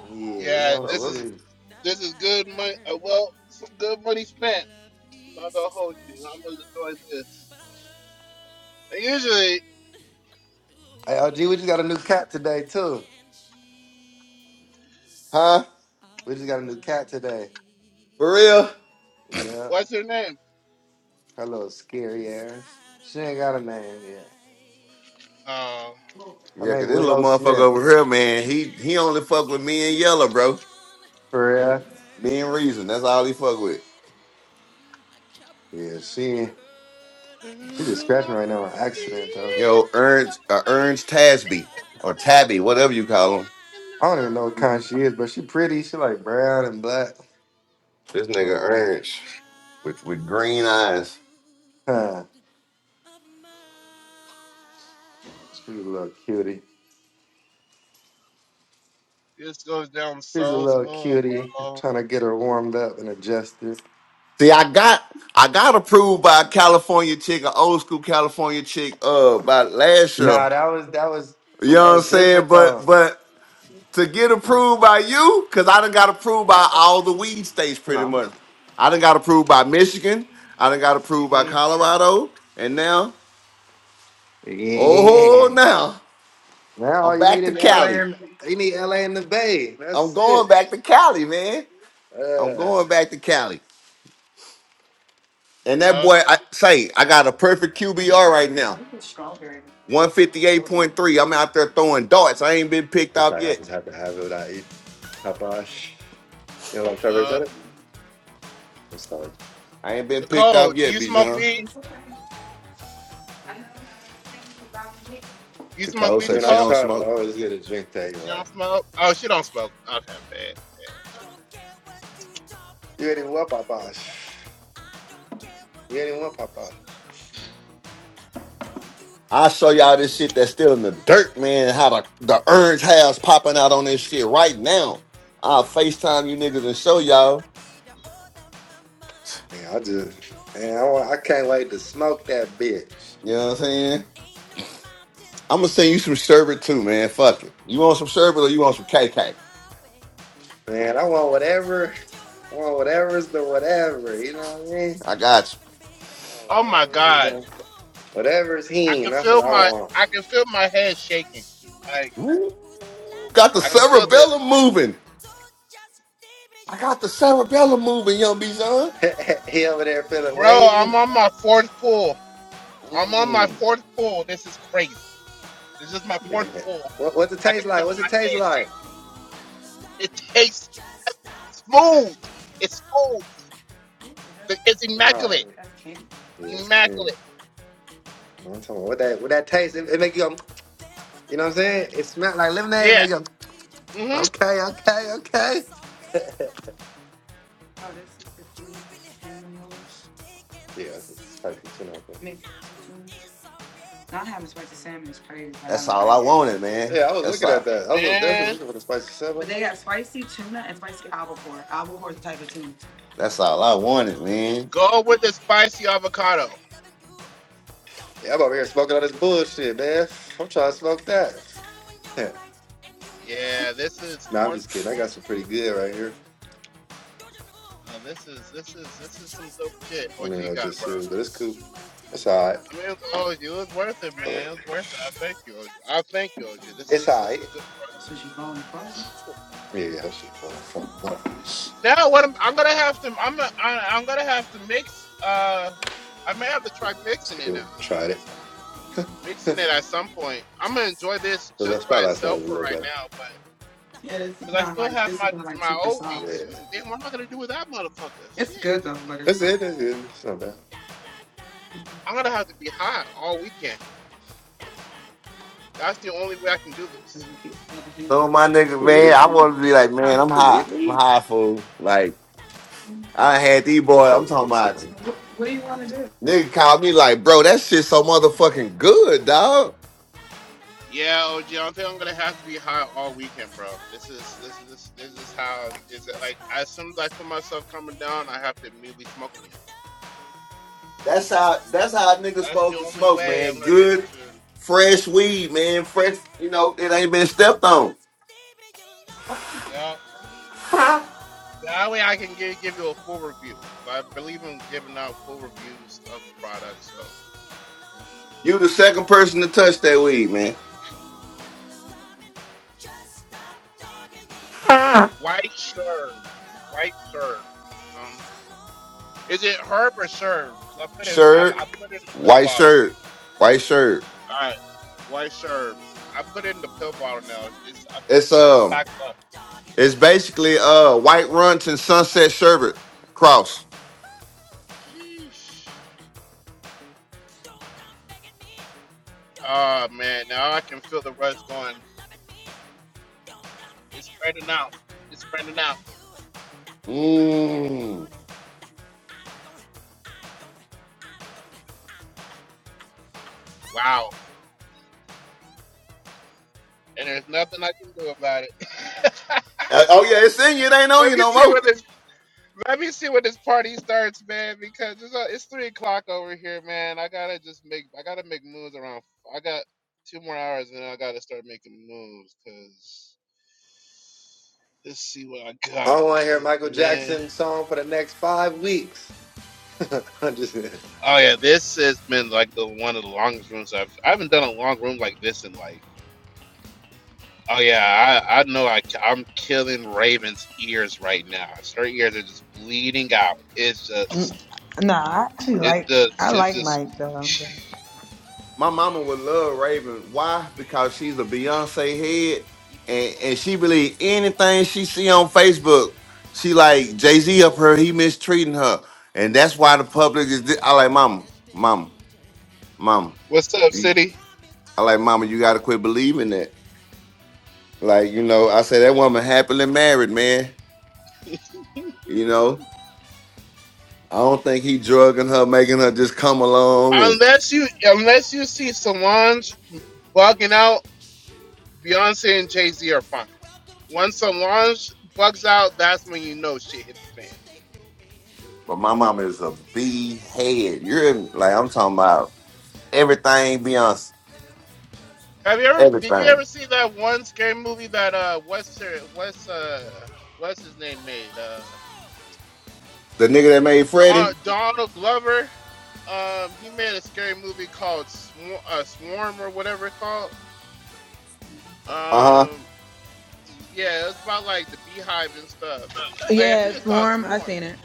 [SPEAKER 2] we're going to see. Hey,
[SPEAKER 1] Holy
[SPEAKER 2] OG, we just got a new cat today, too.
[SPEAKER 1] and she's
[SPEAKER 5] Huh?
[SPEAKER 2] We just got a new cat today.
[SPEAKER 5] For real?
[SPEAKER 2] Yeah. Her little scary
[SPEAKER 1] she's
[SPEAKER 2] ass.
[SPEAKER 1] out of
[SPEAKER 2] She ain't
[SPEAKER 1] my
[SPEAKER 2] got a name yet.
[SPEAKER 1] life.
[SPEAKER 2] Her
[SPEAKER 5] Yeah,
[SPEAKER 2] name
[SPEAKER 5] cause this little
[SPEAKER 2] Willow
[SPEAKER 5] motherfucker
[SPEAKER 2] Smith.
[SPEAKER 5] over here, man, he he
[SPEAKER 1] Damn
[SPEAKER 5] only fuck with me and Yellow, bro.
[SPEAKER 1] indecision and
[SPEAKER 2] For real?
[SPEAKER 1] cursed
[SPEAKER 5] Me and Reason. That's all he fuck with.
[SPEAKER 1] pride. kept
[SPEAKER 2] Yeah,
[SPEAKER 1] my love for
[SPEAKER 2] she
[SPEAKER 1] her like
[SPEAKER 2] she just scratched me right now on
[SPEAKER 1] deep
[SPEAKER 2] accident, though.
[SPEAKER 5] You know,
[SPEAKER 1] inside,
[SPEAKER 5] Ernst uh, Ernst
[SPEAKER 1] down in the
[SPEAKER 5] Tasby or
[SPEAKER 1] cold,
[SPEAKER 5] Tabby, whatever you
[SPEAKER 1] like a
[SPEAKER 5] call him.
[SPEAKER 2] I don't even know what kind
[SPEAKER 1] night.
[SPEAKER 2] she is, but she pretty. She like brown and black.
[SPEAKER 5] This nigga
[SPEAKER 2] Like,
[SPEAKER 5] Ernst
[SPEAKER 1] She's
[SPEAKER 5] with with
[SPEAKER 1] out
[SPEAKER 5] green eyes.
[SPEAKER 2] huh.
[SPEAKER 1] of mind.
[SPEAKER 2] She's a little cutie. She's a little cutie, trying to get her warmed up and adjusted.
[SPEAKER 5] See, I got I got approved by a California chick, an old school California chick, uh, by last year.
[SPEAKER 2] Nah, that was that was
[SPEAKER 5] You
[SPEAKER 2] that
[SPEAKER 5] know what
[SPEAKER 2] was
[SPEAKER 5] I'm saying?
[SPEAKER 2] different though.
[SPEAKER 5] But but to get
[SPEAKER 2] Huh?
[SPEAKER 5] approved by you, cause I done got approved by all the weed states pretty
[SPEAKER 2] No.
[SPEAKER 5] much. I done got approved by Michigan. I done got approved by Colorado. And now, oh
[SPEAKER 2] Yeah.
[SPEAKER 5] now,
[SPEAKER 2] Now
[SPEAKER 5] I'm
[SPEAKER 2] all you need
[SPEAKER 5] back
[SPEAKER 2] is
[SPEAKER 5] to
[SPEAKER 2] LA
[SPEAKER 5] Cali.
[SPEAKER 2] and you need LA and the Bay.
[SPEAKER 5] I'm
[SPEAKER 2] That's
[SPEAKER 5] going
[SPEAKER 2] it.
[SPEAKER 5] back to Cali, man. I'm
[SPEAKER 2] Uh,
[SPEAKER 5] going back to Cali. And that boy, I say, I got a perfect QBR right now. 158.3. I'm out there throwing darts. I ain't been picked
[SPEAKER 2] it's
[SPEAKER 5] up
[SPEAKER 2] like I
[SPEAKER 5] yet.
[SPEAKER 2] was happy to have it without eat Tapash. You know, like Trevor said it. I'm sorry.
[SPEAKER 5] I ain't been picked up yet, Bijan. Taco
[SPEAKER 2] I
[SPEAKER 5] said
[SPEAKER 2] mean, I
[SPEAKER 5] she don't
[SPEAKER 2] try to
[SPEAKER 5] smoke.
[SPEAKER 2] always get a drink that you're like,
[SPEAKER 1] I don't care what you talking
[SPEAKER 2] you ain't even
[SPEAKER 1] about,
[SPEAKER 2] want
[SPEAKER 1] baby.
[SPEAKER 2] Papash.
[SPEAKER 1] I don't care what
[SPEAKER 2] You ain't even
[SPEAKER 1] you
[SPEAKER 2] want
[SPEAKER 1] say.
[SPEAKER 2] Papash.
[SPEAKER 1] Don't you
[SPEAKER 5] I'll
[SPEAKER 1] come
[SPEAKER 5] show y'all this
[SPEAKER 1] walking
[SPEAKER 5] shit that's still
[SPEAKER 1] begging
[SPEAKER 5] in the
[SPEAKER 1] back,
[SPEAKER 5] dirt,
[SPEAKER 1] mama.
[SPEAKER 5] man. How the, the
[SPEAKER 1] I
[SPEAKER 5] orange
[SPEAKER 1] don't
[SPEAKER 5] hair's
[SPEAKER 1] care,
[SPEAKER 5] popping out on this
[SPEAKER 1] believe
[SPEAKER 5] shit right now. I'll FaceTime you
[SPEAKER 1] Dime
[SPEAKER 5] niggas and
[SPEAKER 1] after
[SPEAKER 5] show
[SPEAKER 1] dime,
[SPEAKER 5] y'all.
[SPEAKER 1] I gave you all of my money.
[SPEAKER 2] Yeah, I just,
[SPEAKER 1] No
[SPEAKER 2] man, I, want, I
[SPEAKER 1] excuses,
[SPEAKER 2] can't wait to
[SPEAKER 1] stupid.
[SPEAKER 2] smoke that bitch.
[SPEAKER 5] You know what I'm saying?
[SPEAKER 1] Ain't no mountain
[SPEAKER 5] I'm gonna
[SPEAKER 1] that
[SPEAKER 5] send
[SPEAKER 1] I
[SPEAKER 5] you some
[SPEAKER 1] can't
[SPEAKER 5] sherbet
[SPEAKER 1] climb,
[SPEAKER 5] too,
[SPEAKER 1] baby.
[SPEAKER 5] man. Fuck it. You want some
[SPEAKER 1] All
[SPEAKER 5] sherbet or
[SPEAKER 1] is
[SPEAKER 5] you want some
[SPEAKER 1] your
[SPEAKER 5] KK?
[SPEAKER 1] my way.
[SPEAKER 2] Man, I
[SPEAKER 1] 'Cause
[SPEAKER 2] want
[SPEAKER 1] there's a time
[SPEAKER 2] whatever.
[SPEAKER 1] when you're
[SPEAKER 2] I
[SPEAKER 1] right,
[SPEAKER 2] want
[SPEAKER 1] and you
[SPEAKER 2] whatever's the
[SPEAKER 1] know you
[SPEAKER 2] whatever.
[SPEAKER 1] must
[SPEAKER 2] You know what I
[SPEAKER 1] fight. Who's
[SPEAKER 2] mean?
[SPEAKER 5] I got
[SPEAKER 1] laughing, baby?
[SPEAKER 2] I want whatever's
[SPEAKER 1] Don't
[SPEAKER 2] the
[SPEAKER 1] you know?
[SPEAKER 2] whatever's
[SPEAKER 1] And
[SPEAKER 2] he.
[SPEAKER 1] it's
[SPEAKER 2] That's what
[SPEAKER 1] the
[SPEAKER 2] I
[SPEAKER 1] choice that
[SPEAKER 2] want.
[SPEAKER 1] we make, and this choice you will
[SPEAKER 5] you.
[SPEAKER 1] take. Who's
[SPEAKER 5] Ooh,
[SPEAKER 1] loving
[SPEAKER 5] got the
[SPEAKER 1] me,
[SPEAKER 2] Huh?
[SPEAKER 5] cerebellum
[SPEAKER 1] babe?
[SPEAKER 5] moving.
[SPEAKER 1] So just leave me
[SPEAKER 5] I got the cerebellum moving, young
[SPEAKER 1] alone.
[SPEAKER 5] Bijan.
[SPEAKER 2] he over there feeling
[SPEAKER 1] Leave me
[SPEAKER 2] wavy.
[SPEAKER 1] alone.
[SPEAKER 5] Mm.
[SPEAKER 1] Leave me alone. Leave me alone.
[SPEAKER 2] Yeah. what, what's it taste like? What's it
[SPEAKER 1] Leave me
[SPEAKER 2] taste like?
[SPEAKER 1] alone. Stop it. Just stop dogging me around
[SPEAKER 2] No, that's king. Yeah, that's king. I'm talking about what that what that taste. It, it make you go.
[SPEAKER 1] with the
[SPEAKER 2] You know what I'm
[SPEAKER 1] time I
[SPEAKER 2] saying? It
[SPEAKER 1] used to
[SPEAKER 2] smell
[SPEAKER 1] see,
[SPEAKER 2] like
[SPEAKER 1] girl. I
[SPEAKER 2] lemonade. Make you go.
[SPEAKER 1] need you,
[SPEAKER 2] Okay,
[SPEAKER 1] but you
[SPEAKER 2] okay, okay.
[SPEAKER 1] is already mine. You really hurt me. You taking
[SPEAKER 2] yeah, that's,
[SPEAKER 1] this
[SPEAKER 2] that's
[SPEAKER 1] feeling.
[SPEAKER 2] spicy tuna. I think. Make
[SPEAKER 1] Now
[SPEAKER 2] spicy
[SPEAKER 1] who
[SPEAKER 2] tuna.
[SPEAKER 1] is alright now?
[SPEAKER 5] That's all I
[SPEAKER 1] You
[SPEAKER 5] wanted,
[SPEAKER 1] got a
[SPEAKER 5] man.
[SPEAKER 2] Yeah, I
[SPEAKER 1] way
[SPEAKER 2] was
[SPEAKER 1] of
[SPEAKER 5] That's
[SPEAKER 2] looking at
[SPEAKER 5] all.
[SPEAKER 1] making
[SPEAKER 2] that. I was
[SPEAKER 1] me
[SPEAKER 2] like,
[SPEAKER 1] feel
[SPEAKER 2] definitely
[SPEAKER 1] so
[SPEAKER 2] looking for the spicy salmon.
[SPEAKER 1] sorry.
[SPEAKER 2] But
[SPEAKER 1] I found out right away.
[SPEAKER 5] That's all I wanted,
[SPEAKER 1] Don't you
[SPEAKER 5] man.
[SPEAKER 1] come walking back in my loving you. Don't
[SPEAKER 2] Yeah,
[SPEAKER 1] you
[SPEAKER 2] I'm over here
[SPEAKER 1] get
[SPEAKER 2] smoking all this
[SPEAKER 1] in my
[SPEAKER 2] bullshit,
[SPEAKER 1] way.
[SPEAKER 2] man. I'm trying to smoke
[SPEAKER 1] there's
[SPEAKER 2] that.
[SPEAKER 1] a time when you're right and you know you must
[SPEAKER 2] no, I'm
[SPEAKER 1] fight.
[SPEAKER 2] just kidding. I
[SPEAKER 1] Who's
[SPEAKER 2] got some pretty
[SPEAKER 1] laughing,
[SPEAKER 2] good right
[SPEAKER 1] baby?
[SPEAKER 2] here.
[SPEAKER 1] it's the choice that we
[SPEAKER 2] I
[SPEAKER 1] make,
[SPEAKER 2] don't even know what
[SPEAKER 1] and
[SPEAKER 2] this
[SPEAKER 1] this
[SPEAKER 2] is, but it's
[SPEAKER 1] choice
[SPEAKER 2] cool.
[SPEAKER 1] you will
[SPEAKER 2] It's
[SPEAKER 1] take?
[SPEAKER 2] all right.
[SPEAKER 1] Who's laughing, baby?
[SPEAKER 2] Ugh.
[SPEAKER 1] So just leave me
[SPEAKER 2] It's all
[SPEAKER 1] alone.
[SPEAKER 2] right. Yeah, yeah, that shit fun. It's cool. Tried it. The last spot last night was a little better. Yeah. That's it. That's it. It's not bad.
[SPEAKER 5] Some of my niggas, man,
[SPEAKER 2] Believe
[SPEAKER 5] I
[SPEAKER 2] me.
[SPEAKER 5] want to be like, man, I'm high.
[SPEAKER 2] Believe me.
[SPEAKER 5] I'm high fool. Like I had these boys.
[SPEAKER 2] I
[SPEAKER 5] I'm talking about nigga called me like, bro, that shit so motherfucking good, dog.
[SPEAKER 1] There's a time when you're right, and you know you must fight. Who's laughing, baby? Don't you know it's
[SPEAKER 5] That's
[SPEAKER 1] the
[SPEAKER 5] how.
[SPEAKER 1] choice that
[SPEAKER 5] That's
[SPEAKER 1] we
[SPEAKER 5] how niggas
[SPEAKER 1] make,
[SPEAKER 5] supposed
[SPEAKER 1] and
[SPEAKER 5] to
[SPEAKER 1] this
[SPEAKER 5] smoke,
[SPEAKER 1] choice
[SPEAKER 5] man.
[SPEAKER 1] you will
[SPEAKER 5] Good,
[SPEAKER 1] take? Who's
[SPEAKER 5] fresh weed,
[SPEAKER 1] laughing,
[SPEAKER 5] man. Fresh. You
[SPEAKER 1] baby?
[SPEAKER 5] know, it ain't been
[SPEAKER 1] So
[SPEAKER 5] stepped on.
[SPEAKER 1] just leave me alone. Leave me alone. Leave me
[SPEAKER 5] You the second person to touch that weed, man.
[SPEAKER 1] stop talking.
[SPEAKER 5] Shirt, white shirt, white shirt. It's um. It's basically uh White Runts and Sunset Sherbet Cross. Mm. Uh, oh yeah, it's in you. It ain't on you no more.
[SPEAKER 2] want to hear Michael Jackson song for the next five weeks. I'm just the
[SPEAKER 8] Nah, I actually like I like Mike though. But...
[SPEAKER 5] My mama would love Raven. Why? Because she's a Beyonce head, and and she believe anything she see on Facebook. She like Jay Z up her. He mistreating her, and that's why the public is. Di- I like mama, mama, mama. You- I like mama. You gotta quit believing that. Like you know, I say that woman happily married, man. You know. I don't think he drugging her, making her just come along. And but my mama is a B head. You're like I'm talking about everything Beyonce, everything. The nigga that made Freddie, uh huh,
[SPEAKER 8] Yeah, Swarm. I seen it.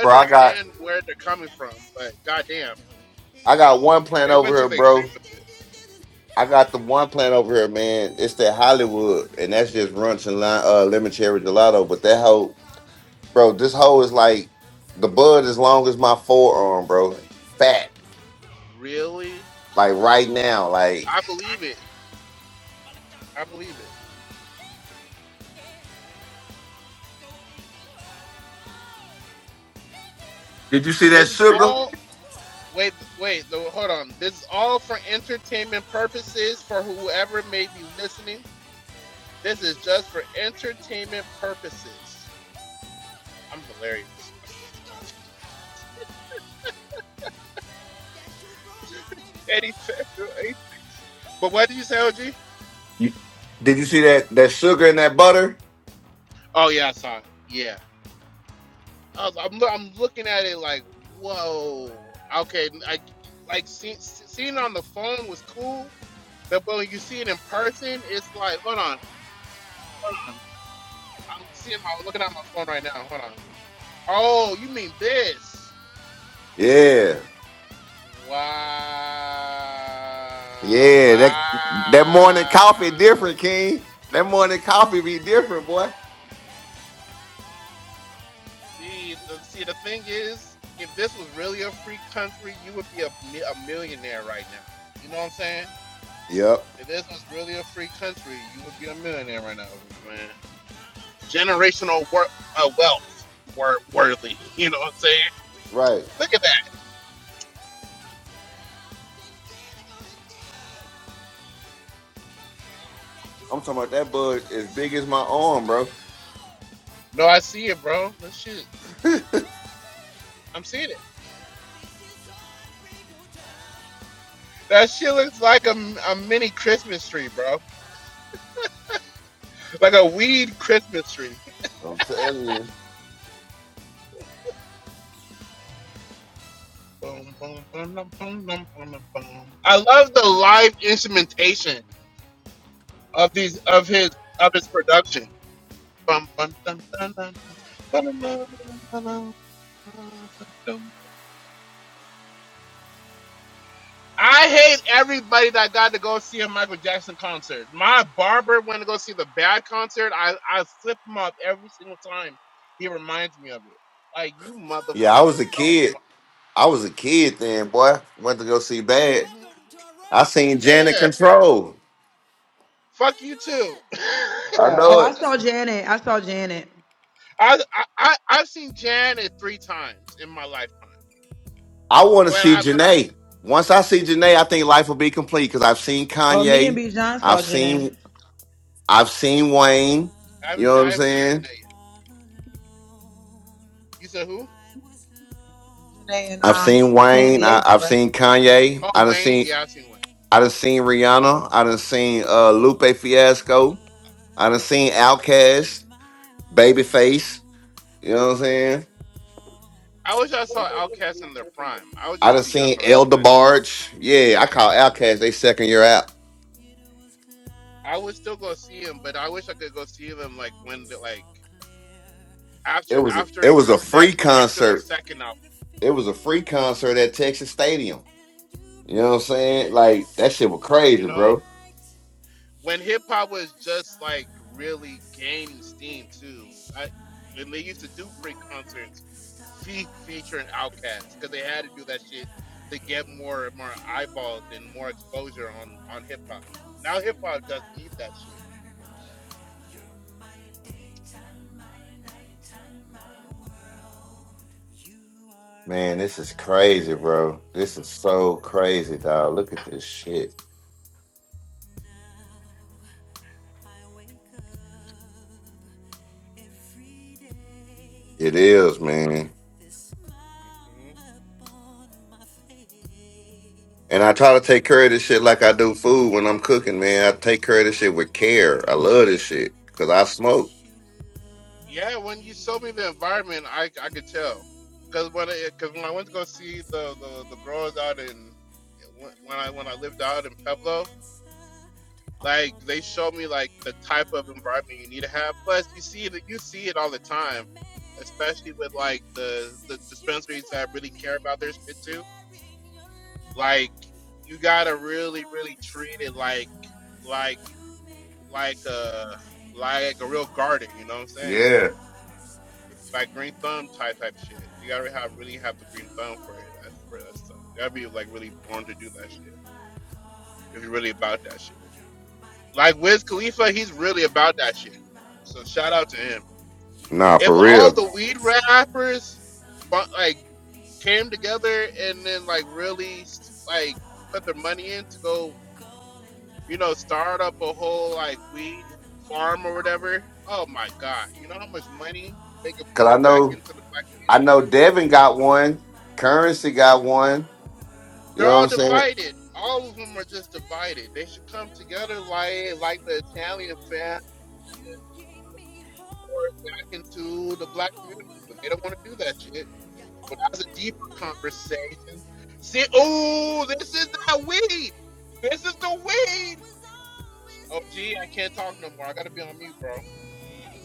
[SPEAKER 5] bro. I got I got one plant
[SPEAKER 1] Everything,
[SPEAKER 5] over here, bro.
[SPEAKER 1] this, this, this, this, this, this, this, this,
[SPEAKER 5] I got the one
[SPEAKER 1] this,
[SPEAKER 5] plant over here, man. It's that Hollywood, and that's just runch and lime, uh, lemon cherry gelato. But that hoe, bro, this hoe is like the bud as long as my forearm, bro. Fat, like right now, like. Did you see that sugar? Did you see that that sugar and that butter? Yeah, yeah. That that morning coffee different, King. That morning coffee be different, boy. Yep. Right. I'm talking about that bud as big as my arm, bro. I'm telling you.
[SPEAKER 1] Hello,
[SPEAKER 5] Yeah, I was a
[SPEAKER 1] London,
[SPEAKER 5] kid. I was a kid then, boy. Went to go see
[SPEAKER 1] and
[SPEAKER 5] Bad.
[SPEAKER 1] welcome to our
[SPEAKER 5] I
[SPEAKER 1] royal
[SPEAKER 5] seen
[SPEAKER 1] guests.
[SPEAKER 5] Janet Control.
[SPEAKER 1] How you doing?
[SPEAKER 5] I
[SPEAKER 8] Oh,
[SPEAKER 5] know
[SPEAKER 8] I
[SPEAKER 5] it.
[SPEAKER 8] saw Janet. I saw Janet.
[SPEAKER 5] I want to see Janae. Once I see Janae, I think life will be complete because I've seen
[SPEAKER 8] Oh, me and
[SPEAKER 5] Kanye.
[SPEAKER 8] B John
[SPEAKER 5] I've
[SPEAKER 8] saw Janet.
[SPEAKER 5] seen I've seen Wayne. You know what I'm saying?
[SPEAKER 8] Janet in
[SPEAKER 5] I've
[SPEAKER 8] um
[SPEAKER 5] seen
[SPEAKER 8] San
[SPEAKER 5] Wayne. I,
[SPEAKER 8] Diego,
[SPEAKER 5] I've
[SPEAKER 8] right?
[SPEAKER 5] seen Kanye. I done seen. I done seen Rihanna. I done seen uh, Lupe Fiasco. I done seen Outkast, Babyface. You know what I'm saying? I done seen Elder Barge. Yeah, I call Outkast. They second year out. It was it was a free concert. It was a free concert at Texas Stadium. You know what I'm saying? Like that shit was crazy, bro. Man, this is crazy, bro. This is so crazy, dog. Look at this shit. It is, man. And I try to take care of this shit like I do food when I'm cooking, man. I take care of this shit with care. I love this shit because I smoke. Yeah. Nah, for real. Cause I know, I know Devin got one. Currency got one. You know what I'm saying?
[SPEAKER 1] I couldn't see I was always here waiting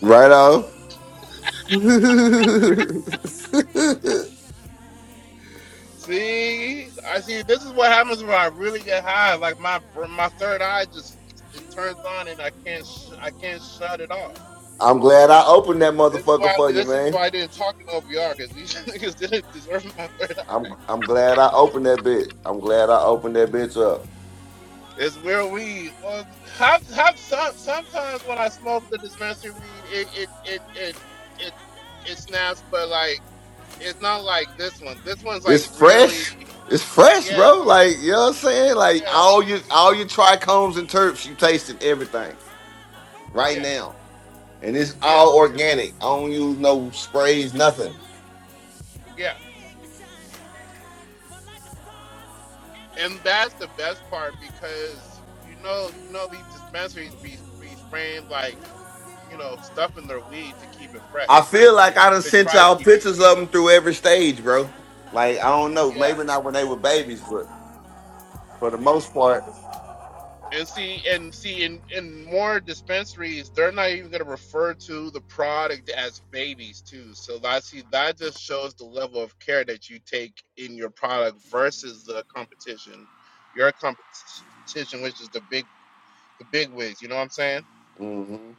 [SPEAKER 5] Right off. I'm glad I opened that motherfucker for you, man. I'm I'm glad I opened that bitch. I'm glad I opened that bitch up. This fresh. It's fresh, bro. Like, you know what I'm saying? Like all your all your trichomes and terps, you tasted everything right now. And it's all organic. I don't use no sprays, nothing. I feel like I done sent y'all pictures of them through every stage, bro. Like, I don't know. Maybe not when they were babies, but for the most part, hmm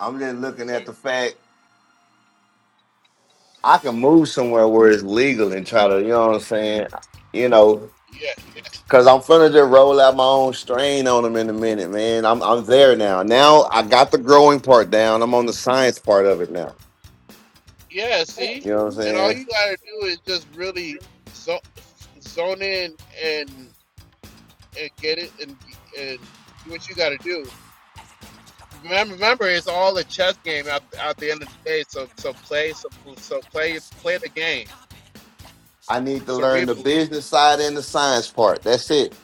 [SPEAKER 5] I'm just looking at the fact I can move somewhere where it's legal and try to, you know what I'm saying? You know, cause I'm finna just roll out my own strain on them in a minute, man. I'm I'm there now. Now I got the growing part down. I'm on the science part of it now. You know what I'm saying? I need to learn the business side and the science part. That's it.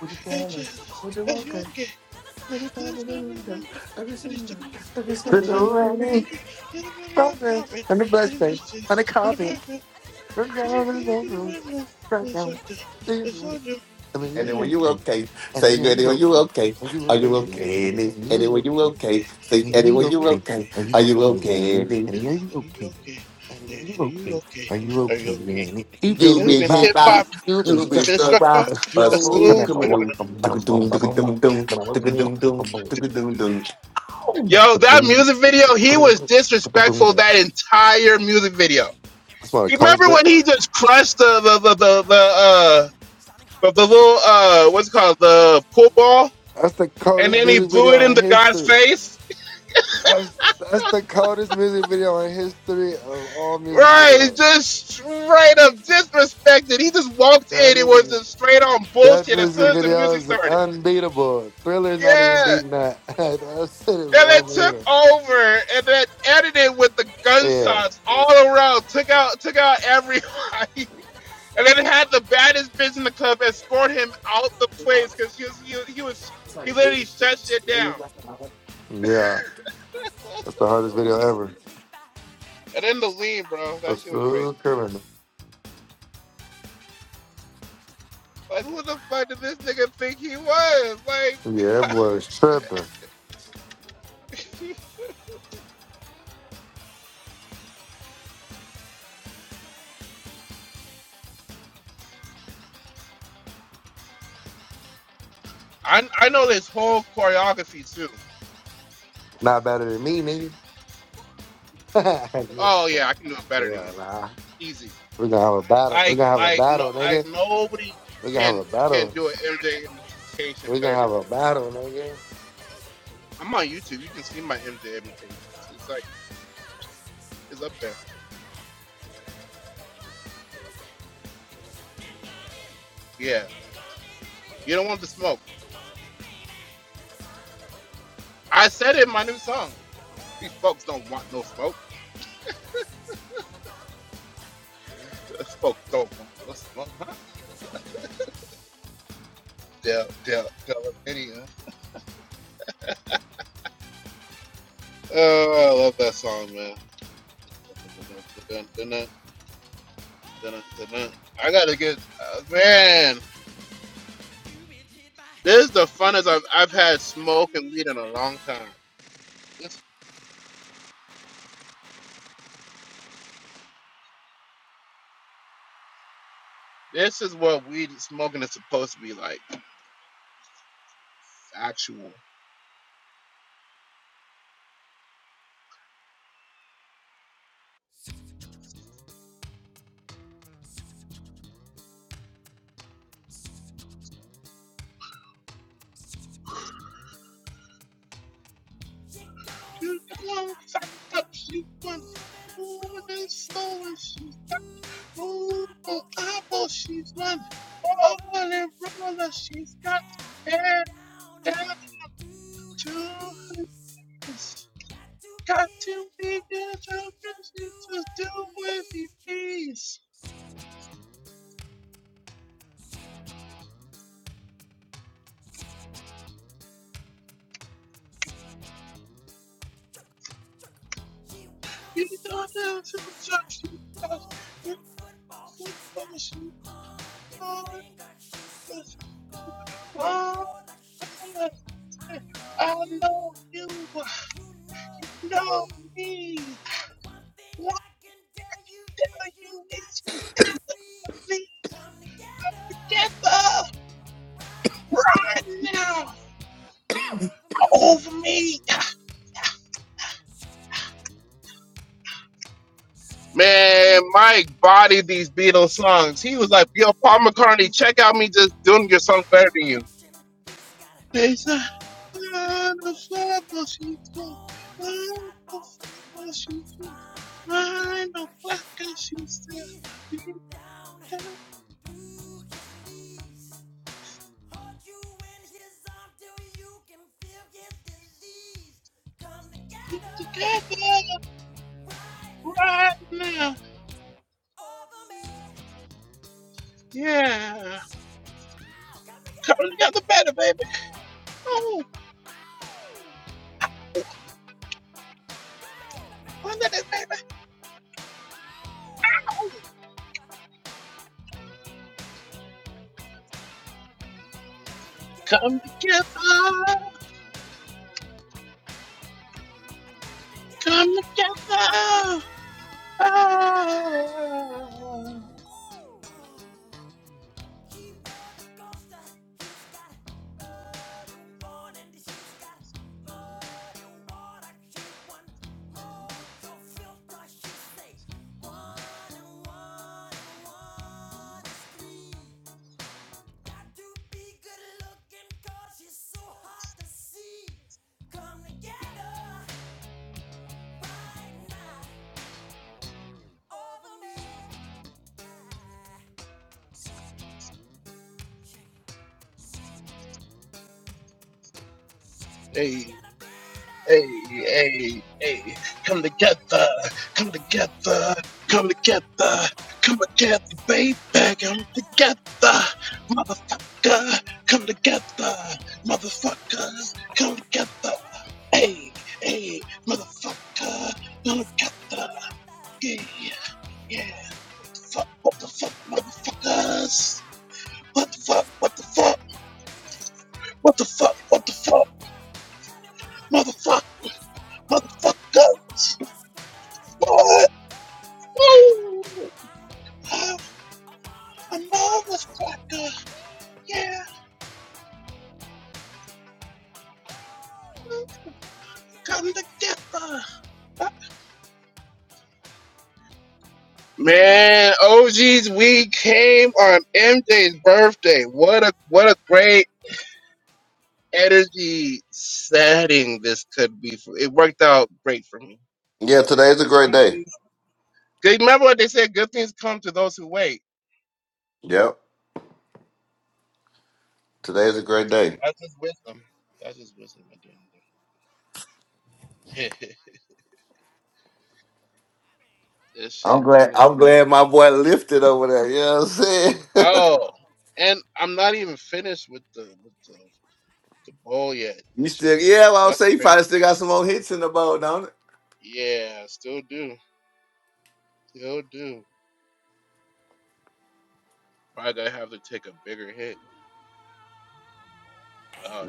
[SPEAKER 5] Would you tell us? Would you welcome? Let me talk to the window. I can see them. I can see
[SPEAKER 2] new
[SPEAKER 5] them.
[SPEAKER 2] program and the blessings and the copy. I mean, yes, you're
[SPEAKER 5] Anyway, you
[SPEAKER 2] okay.
[SPEAKER 5] okay?
[SPEAKER 2] And
[SPEAKER 5] Say
[SPEAKER 2] yeah, you're
[SPEAKER 5] anyway, you
[SPEAKER 2] okay.
[SPEAKER 5] okay?
[SPEAKER 2] Are you
[SPEAKER 5] Are you
[SPEAKER 2] okay?
[SPEAKER 5] okay?
[SPEAKER 2] man?
[SPEAKER 5] Any-
[SPEAKER 2] And yeah, you're
[SPEAKER 5] Anyway, you
[SPEAKER 2] okay.
[SPEAKER 5] okay? Say
[SPEAKER 2] And yeah,
[SPEAKER 5] anyway,
[SPEAKER 2] you're
[SPEAKER 5] you
[SPEAKER 2] okay.
[SPEAKER 5] okay?
[SPEAKER 2] Are you
[SPEAKER 5] Are you
[SPEAKER 2] okay?
[SPEAKER 5] okay?
[SPEAKER 2] man?
[SPEAKER 5] Any-
[SPEAKER 2] And yeah, you okay? Annie, are you okay? Are you okay, Annie? You've been
[SPEAKER 5] You been
[SPEAKER 2] hit by,
[SPEAKER 5] hit by,
[SPEAKER 2] you've been
[SPEAKER 5] you been
[SPEAKER 2] struck by
[SPEAKER 5] struck by
[SPEAKER 2] a
[SPEAKER 5] a
[SPEAKER 2] stroke. Come
[SPEAKER 5] smooth
[SPEAKER 2] here, Noah.
[SPEAKER 5] criminal.
[SPEAKER 2] boom, boom, boom,
[SPEAKER 5] Doo-ga-doom,
[SPEAKER 2] boom, boom, boom,
[SPEAKER 5] doo-ga-doom, doom,
[SPEAKER 2] boom, boom, boom,
[SPEAKER 5] doo-ga-doom, doom,
[SPEAKER 2] bum, bum.
[SPEAKER 5] doo-ga-doom, doom. Oh.
[SPEAKER 2] The boom, put the boom, put the boom. boom. That's one of the coldest. vi-
[SPEAKER 1] Sounding heartbeats, intimidations.
[SPEAKER 2] That's the coldest music video in
[SPEAKER 1] Are you
[SPEAKER 2] history.
[SPEAKER 1] okay? Are you
[SPEAKER 2] That's
[SPEAKER 1] okay? Are
[SPEAKER 2] that's the coldest
[SPEAKER 1] you okay? Are
[SPEAKER 2] music video in history of all music
[SPEAKER 1] you
[SPEAKER 2] videos.
[SPEAKER 1] okay? Are you okay?
[SPEAKER 2] That is
[SPEAKER 1] You've
[SPEAKER 2] that music video is unbeatable. Thriller's not even beating that. that shit is unbeatable. Yeah, yeah. That's the hardest video ever.
[SPEAKER 1] been hit by, you've been struck by
[SPEAKER 2] A
[SPEAKER 1] a
[SPEAKER 2] smooth
[SPEAKER 1] smooth.
[SPEAKER 2] criminal. Yeah, that boy is tripping. Not better than me, nigga. Hell nah. We're gonna have a battle. We're gonna have a battle, nigga. We're gonna have a battle. We're gonna have a battle, nigga.
[SPEAKER 1] You've been hit by, you've been struck by a smooth criminal. She come on slack, I she come moving up slowly. She's got you to eyeball. She's one holy roller. She has got hair down to his knees. Got to be a joker. She just do what it please. Yeah. She wears shoes on. She's got two them football. She's got money finger. She shoot gold to gold. Like she say, I know you, you know me. One thing I can tell you is you got to be free. Come together right now over me. Keep production. He's got a gumbo. He's got on no sidewalk. He's one spinal clacker. He's got feet down through his knees. Hold you in his arm till you can feel his disease. Come together right now over me. Come together, baby. Ow! Come together, Over me, come and get a better, yeah, baby. Oh, no.
[SPEAKER 5] Yeah, today's a great day. Yep, today's a great day. I'm glad. I'm glad my boy lifted over there. You know what I'm saying? you still, yeah. Well, I'll say you probably still got some more hits in the boat, don't it?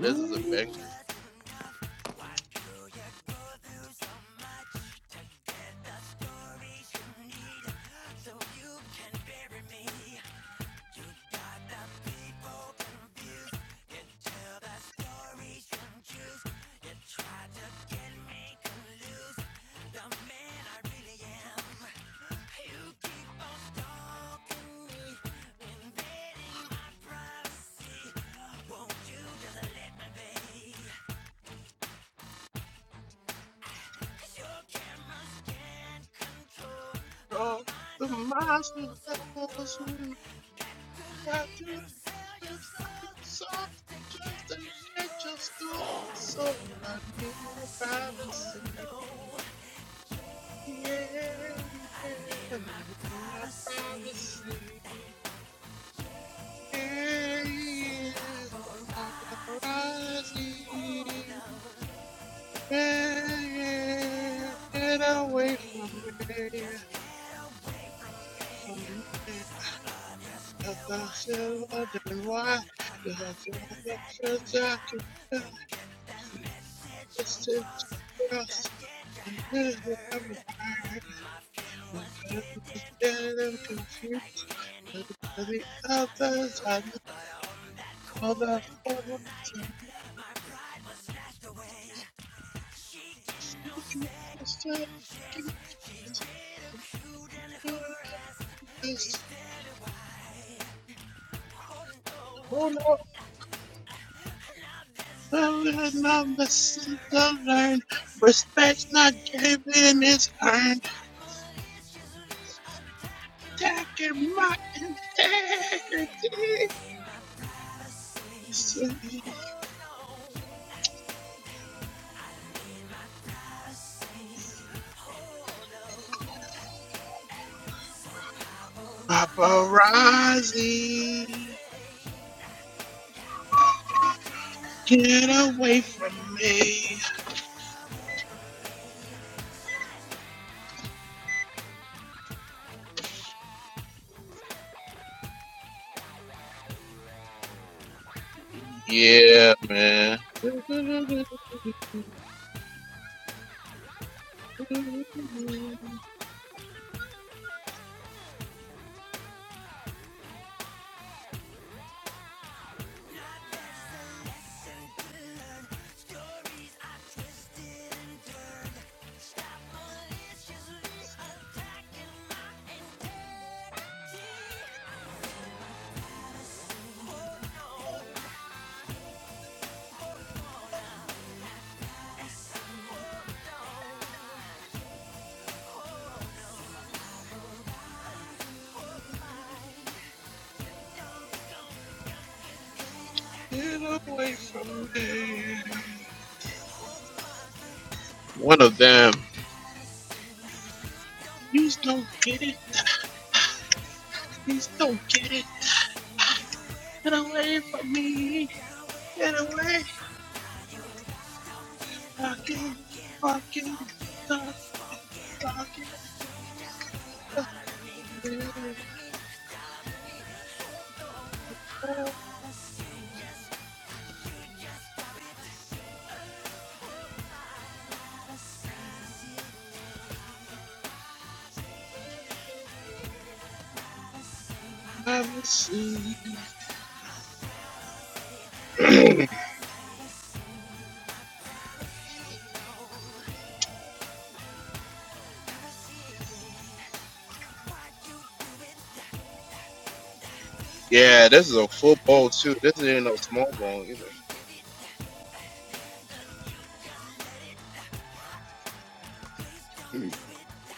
[SPEAKER 5] Mm.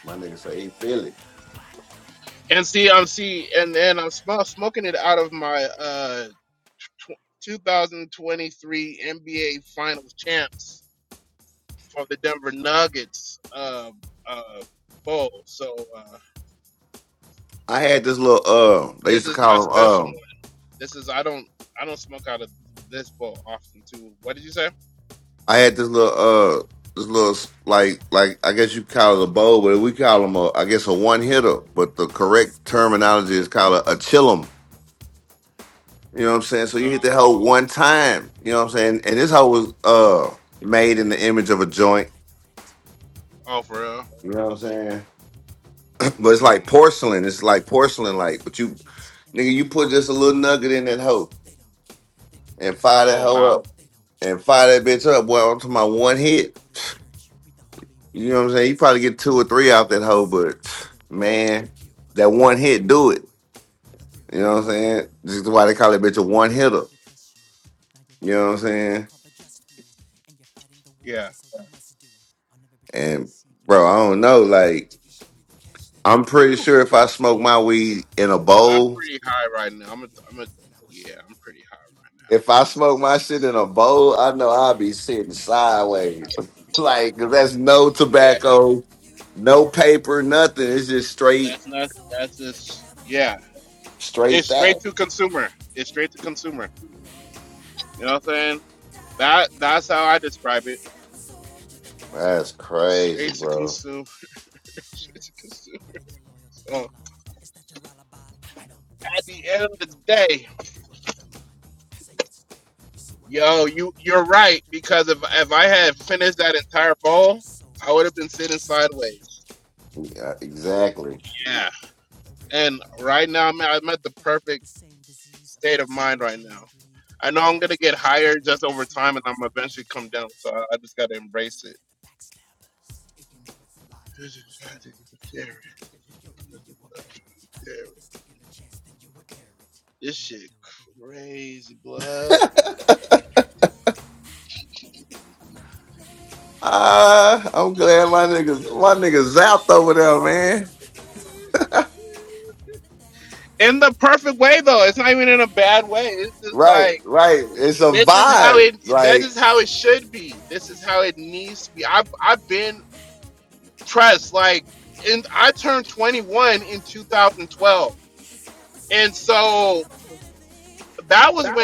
[SPEAKER 5] My nigga say he feel it. I had this little uh they used to call him um I had this little uh this little like like I guess you call it a bowl, but we call him a I guess a one hitter, but the correct terminology is called a, a chillum. You know what I'm saying? So you hit the hoe one time. You know what I'm saying? And this hoe was uh made in the image of a joint. You know what I'm saying? But it's like porcelain. It's like porcelain like, but you nigga, you put
[SPEAKER 1] This
[SPEAKER 5] just a
[SPEAKER 1] game
[SPEAKER 5] little
[SPEAKER 1] of
[SPEAKER 5] nugget
[SPEAKER 1] greed
[SPEAKER 5] in
[SPEAKER 1] and
[SPEAKER 5] that hoe.
[SPEAKER 1] lust, they don't care. They do me
[SPEAKER 5] and
[SPEAKER 1] for the
[SPEAKER 5] fire that hoe
[SPEAKER 1] money.
[SPEAKER 5] up
[SPEAKER 1] They don't kiss
[SPEAKER 5] and fire that
[SPEAKER 1] me
[SPEAKER 5] bitch
[SPEAKER 1] for
[SPEAKER 5] up. Boy,
[SPEAKER 1] the
[SPEAKER 5] I'm talking
[SPEAKER 1] money.
[SPEAKER 5] about one
[SPEAKER 1] So you
[SPEAKER 5] hit.
[SPEAKER 1] go to church, you read the holy
[SPEAKER 5] You
[SPEAKER 1] word.
[SPEAKER 5] know what I'm
[SPEAKER 1] In
[SPEAKER 5] saying? You
[SPEAKER 1] the
[SPEAKER 5] probably
[SPEAKER 1] scheme of
[SPEAKER 5] get two or
[SPEAKER 1] life,
[SPEAKER 5] three
[SPEAKER 1] it's
[SPEAKER 5] out
[SPEAKER 1] all
[SPEAKER 5] that hoe,
[SPEAKER 1] absurd.
[SPEAKER 5] but
[SPEAKER 1] They don't care
[SPEAKER 5] man,
[SPEAKER 1] you for the
[SPEAKER 5] that one hit do it.
[SPEAKER 1] word.
[SPEAKER 5] You know what I'm saying? This is why
[SPEAKER 1] You're
[SPEAKER 5] they call that
[SPEAKER 1] saluting
[SPEAKER 5] bitch a
[SPEAKER 1] the
[SPEAKER 5] one
[SPEAKER 1] flag, your
[SPEAKER 5] hitter.
[SPEAKER 1] country trusts you. Now you're
[SPEAKER 5] You know
[SPEAKER 1] wearing
[SPEAKER 5] what I'm
[SPEAKER 1] a badge,
[SPEAKER 5] saying?
[SPEAKER 1] you're called the just few. And you're fighting the wars a soldier must do. I'll never betray or
[SPEAKER 5] And
[SPEAKER 1] deceive you,
[SPEAKER 5] bro,
[SPEAKER 1] my
[SPEAKER 5] I don't
[SPEAKER 1] friend,
[SPEAKER 5] know.
[SPEAKER 1] but
[SPEAKER 5] Like,
[SPEAKER 1] if you show me the cash, then I
[SPEAKER 5] I'm
[SPEAKER 1] will take
[SPEAKER 5] pretty
[SPEAKER 1] it.
[SPEAKER 5] sure if I smoke my weed in a bowl, if I smoke my shit in a bowl, I know I'll be sitting sideways. like, 'cause that's no tobacco, no paper, nothing. It's just straight Straight that. That's crazy, bro. Yeah, exactly.
[SPEAKER 1] Are you infected with the same disease of lust, gluttony, and greed? Then watch the ones with the biggest smiles, the idle jabbers.
[SPEAKER 5] Ah, I'm glad my niggas, my niggas zapped over there, man. Right, right. It's a vibe. Like,
[SPEAKER 3] That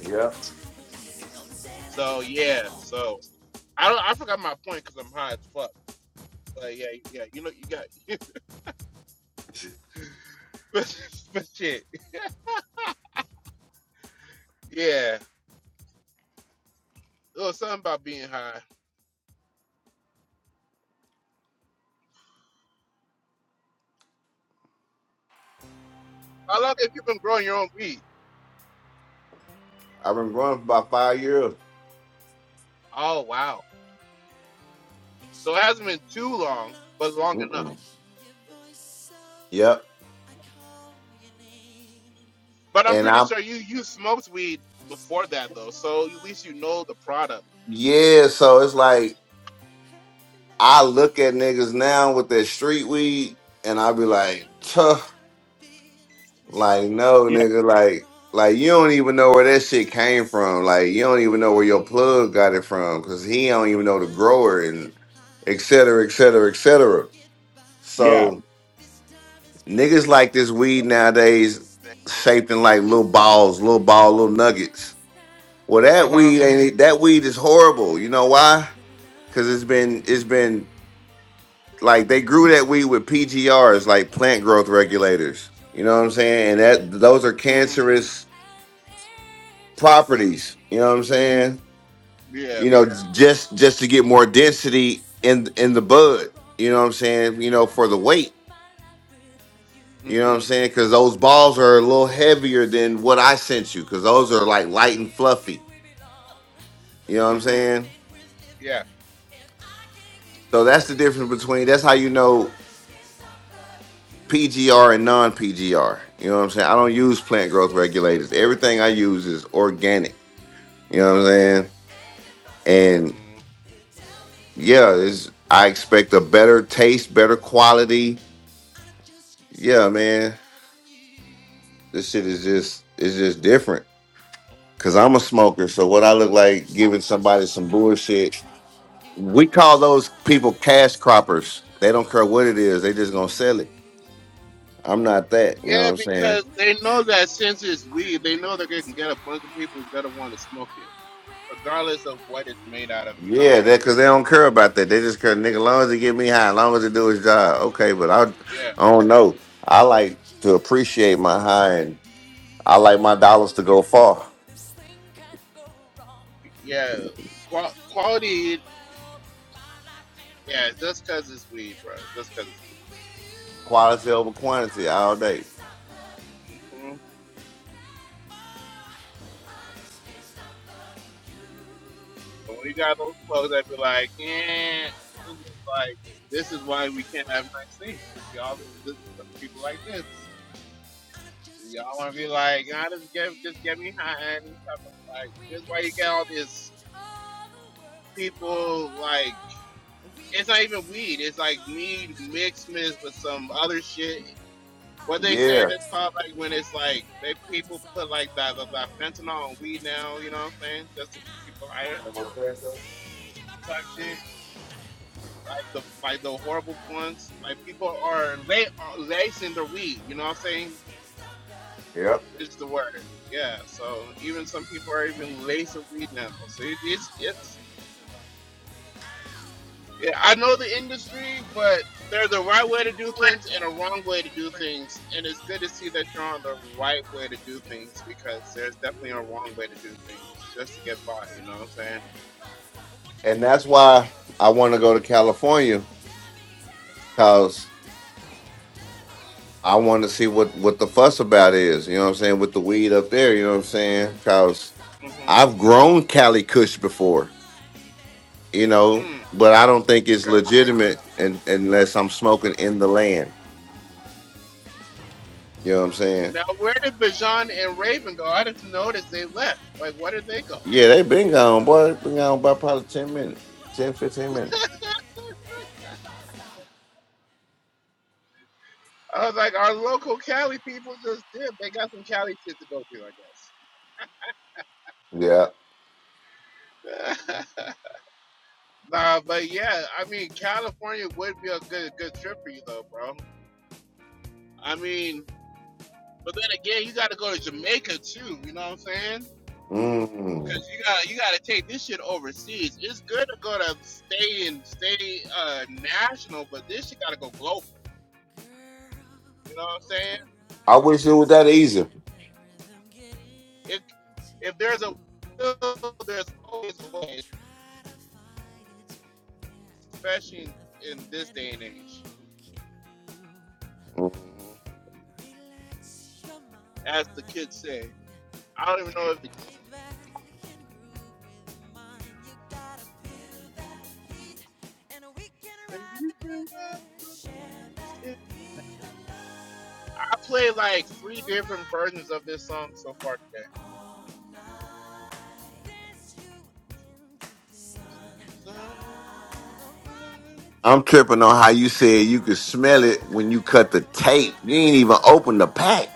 [SPEAKER 5] yep. I've been growing for about five years. Mm-mm. Yep. And i
[SPEAKER 1] And morning is
[SPEAKER 5] yeah, so it's
[SPEAKER 1] dawning,
[SPEAKER 5] like,
[SPEAKER 1] and
[SPEAKER 5] I
[SPEAKER 1] you
[SPEAKER 5] look at niggas now with their street weed, and I be
[SPEAKER 1] can
[SPEAKER 5] like,
[SPEAKER 1] know
[SPEAKER 5] "Tuh."
[SPEAKER 1] how I feel. This
[SPEAKER 5] Like, no,
[SPEAKER 4] Yeah.
[SPEAKER 5] nigga, like, like you don't even know where that shit came from. Like, you don't even know where your plug got it from, cause he don't even know the grower and et cetera, et cetera, et cetera.
[SPEAKER 4] Yeah.
[SPEAKER 5] So niggas like this weed nowadays shaped in like little balls, little ball, little nuggets. Well, that weed ain't that weed is horrible. You know why? Cause it's been it's been like they grew that weed with
[SPEAKER 1] Stick
[SPEAKER 5] PGRs, like plant
[SPEAKER 1] my
[SPEAKER 5] growth
[SPEAKER 1] heart
[SPEAKER 5] regulators.
[SPEAKER 1] at your
[SPEAKER 5] You know what I'm
[SPEAKER 1] call I
[SPEAKER 5] saying? And
[SPEAKER 1] hear
[SPEAKER 5] that those are
[SPEAKER 1] loves
[SPEAKER 5] cancerous
[SPEAKER 1] an angel
[SPEAKER 5] properties. You know what I'm
[SPEAKER 1] sing.
[SPEAKER 5] saying? You know, Yeah.
[SPEAKER 1] Know
[SPEAKER 5] just
[SPEAKER 1] how I
[SPEAKER 5] just to get more
[SPEAKER 1] feel.
[SPEAKER 5] density
[SPEAKER 1] This thing
[SPEAKER 5] in in the
[SPEAKER 1] can't go
[SPEAKER 5] bud.
[SPEAKER 1] wrong.
[SPEAKER 5] You know what I'm saying? You know,
[SPEAKER 1] I
[SPEAKER 5] for the
[SPEAKER 1] can't
[SPEAKER 5] weight.
[SPEAKER 1] live my life without
[SPEAKER 5] You know what I'm
[SPEAKER 1] you.
[SPEAKER 5] saying? Because those balls are a little heavier
[SPEAKER 1] Just can't
[SPEAKER 5] than what
[SPEAKER 1] hold
[SPEAKER 5] I sent you.
[SPEAKER 1] on.
[SPEAKER 5] Because
[SPEAKER 1] I
[SPEAKER 5] those are like light and fluffy.
[SPEAKER 1] feel we belong.
[SPEAKER 5] You know what
[SPEAKER 1] Why
[SPEAKER 5] I'm
[SPEAKER 1] not
[SPEAKER 5] saying?
[SPEAKER 1] think we're living if I can't be
[SPEAKER 5] So
[SPEAKER 1] with
[SPEAKER 5] that's the
[SPEAKER 1] you?
[SPEAKER 5] difference between. That's how you know PGR and non PGR. You know what I'm saying? I don't use plant growth regulators. Everything I use is organic. You know what I'm saying? And yeah, it's, I expect a better taste, better quality Yeah, man. This shit is just it's just different. Cause I'm a smoker, so what I look like giving somebody some bullshit. We call those people cash croppers. They don't care what it is, they just gonna sell it. I'm not that, you know what I'm saying?
[SPEAKER 1] Makes me you and I'll wait for you.
[SPEAKER 5] Yeah, that cause they don't care about that. They just care, nigga, long as it get me high, long as it do its job. Okay,
[SPEAKER 1] Cause
[SPEAKER 5] but
[SPEAKER 1] gonna
[SPEAKER 5] I I don't know. I like to
[SPEAKER 1] cure
[SPEAKER 5] appreciate my
[SPEAKER 1] myself
[SPEAKER 5] high and I like my dollars to go far.
[SPEAKER 1] go wrong? This feeling's so strong. Well, my life ain't right. I can't be
[SPEAKER 5] Quality over quantity all day.
[SPEAKER 1] loving you. We can change all the world tomorrow. We can sing songs of yesterday. I can
[SPEAKER 5] Yeah.
[SPEAKER 1] say, hey, farewell to sorrow. This is my life, and I want to sing in my wrong way. I just can't stop loving you now.
[SPEAKER 5] Yep.
[SPEAKER 1] No one do, girl. No girl. I
[SPEAKER 5] and that's why I want to go to California because I want to see what what the fuss about is. You know what I'm saying with the weed up there. You know what I'm saying because I've grown Cali Kush before. You know, but I don't think it's legitimate and, unless I'm smoking in the land. You know what I'm saying? Yeah, they been gone, boy. Been gone by probably 10 minutes, ten fifteen minutes. Yeah. Mm. I wish it was that easy. Mhm. I'm tripping on how you said you could smell it when you cut the tape. You ain't even open the pack.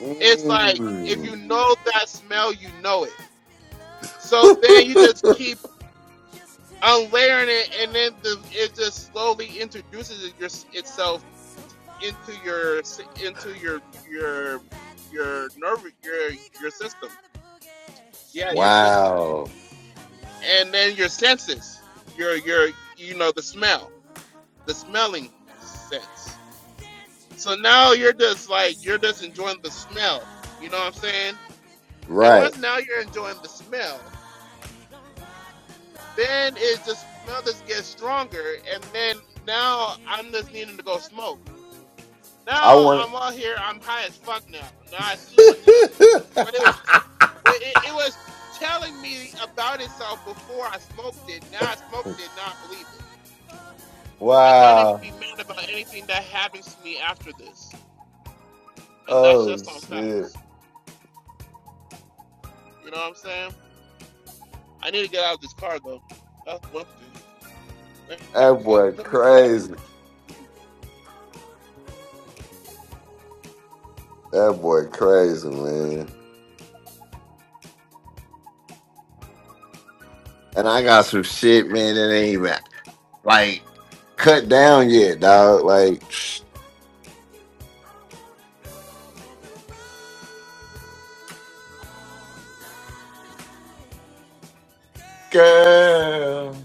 [SPEAKER 5] Mm. wow. Right. I want. wow. Oh shit. That boy crazy. That boy crazy, man. And I got some shit, man, that ain't even like cut down yet, dog. Like, girl,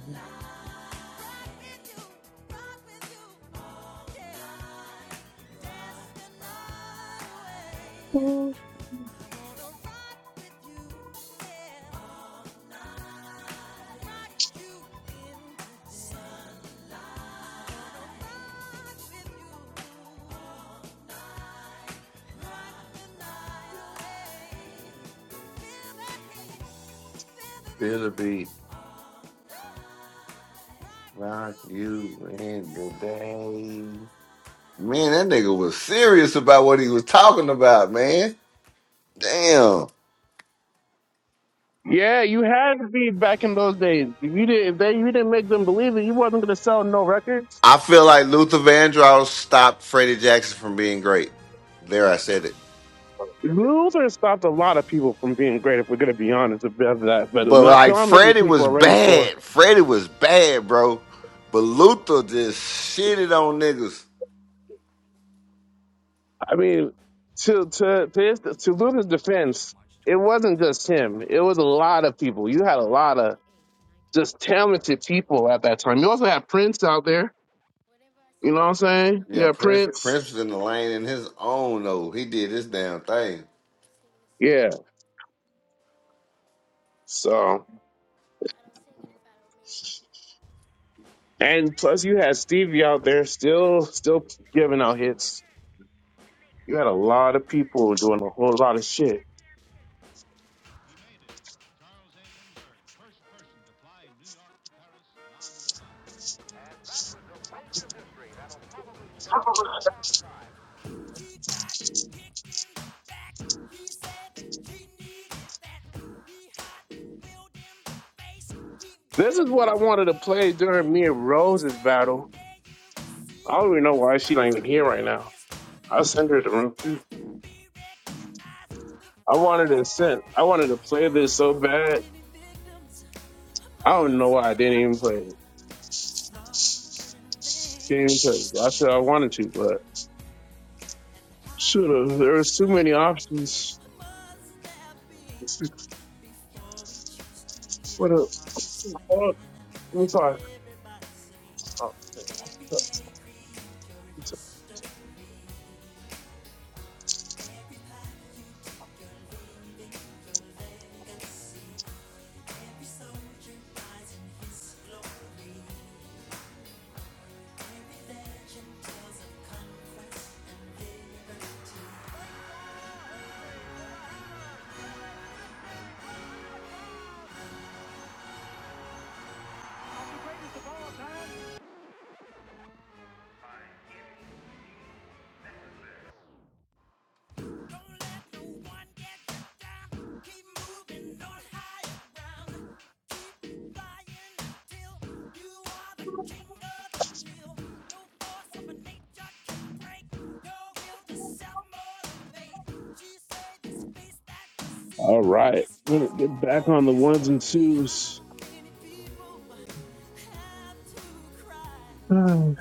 [SPEAKER 5] feel the beat. Rock you in the day. Man, that nigga was serious about what he was talking about, man. Damn.
[SPEAKER 4] Yeah, you had to be back in those days. If you didn't if they you didn't make them believe it, you wasn't gonna sell no records.
[SPEAKER 5] I feel like Luther Vandross stopped Freddie Jackson from being great. There, I said it.
[SPEAKER 4] Luther stopped a lot of people from being great, if we're going to be honest about that. But
[SPEAKER 5] But
[SPEAKER 4] not,
[SPEAKER 5] like
[SPEAKER 4] not many
[SPEAKER 5] Freddie
[SPEAKER 4] people
[SPEAKER 5] was
[SPEAKER 4] are ready for.
[SPEAKER 5] bad. Freddie was bad, bro. But Luther just shitted on niggas.
[SPEAKER 4] I mean, to to to, his, to Luther's defense, it wasn't just him. It was a lot of people. You had a lot of just talented people at that time. You also had Prince out there. You know what I'm saying? You
[SPEAKER 5] Yeah,
[SPEAKER 4] had
[SPEAKER 5] Prince
[SPEAKER 4] Prince.
[SPEAKER 5] Prince was in the lane in his own though. He did his damn thing.
[SPEAKER 4] Yeah. So
[SPEAKER 1] don't sing it if I don't mean
[SPEAKER 4] and plus you had Stevie out there still still giving out hits. You had a lot of people doing a whole lot of shit. This is what I wanted to play during me and Rose's battle. I don't even know why she not
[SPEAKER 1] it.
[SPEAKER 4] even here right now. I send her the room too. I wanted to send. I wanted to play this so bad. I don't know why I didn't even play it. Didn't even play it. I said I wanted to, but should have. There was too many options. What up? Oh, let me talk. Oh, so- so-
[SPEAKER 1] Let's
[SPEAKER 4] All right, let me get back on the ones and twos. Five,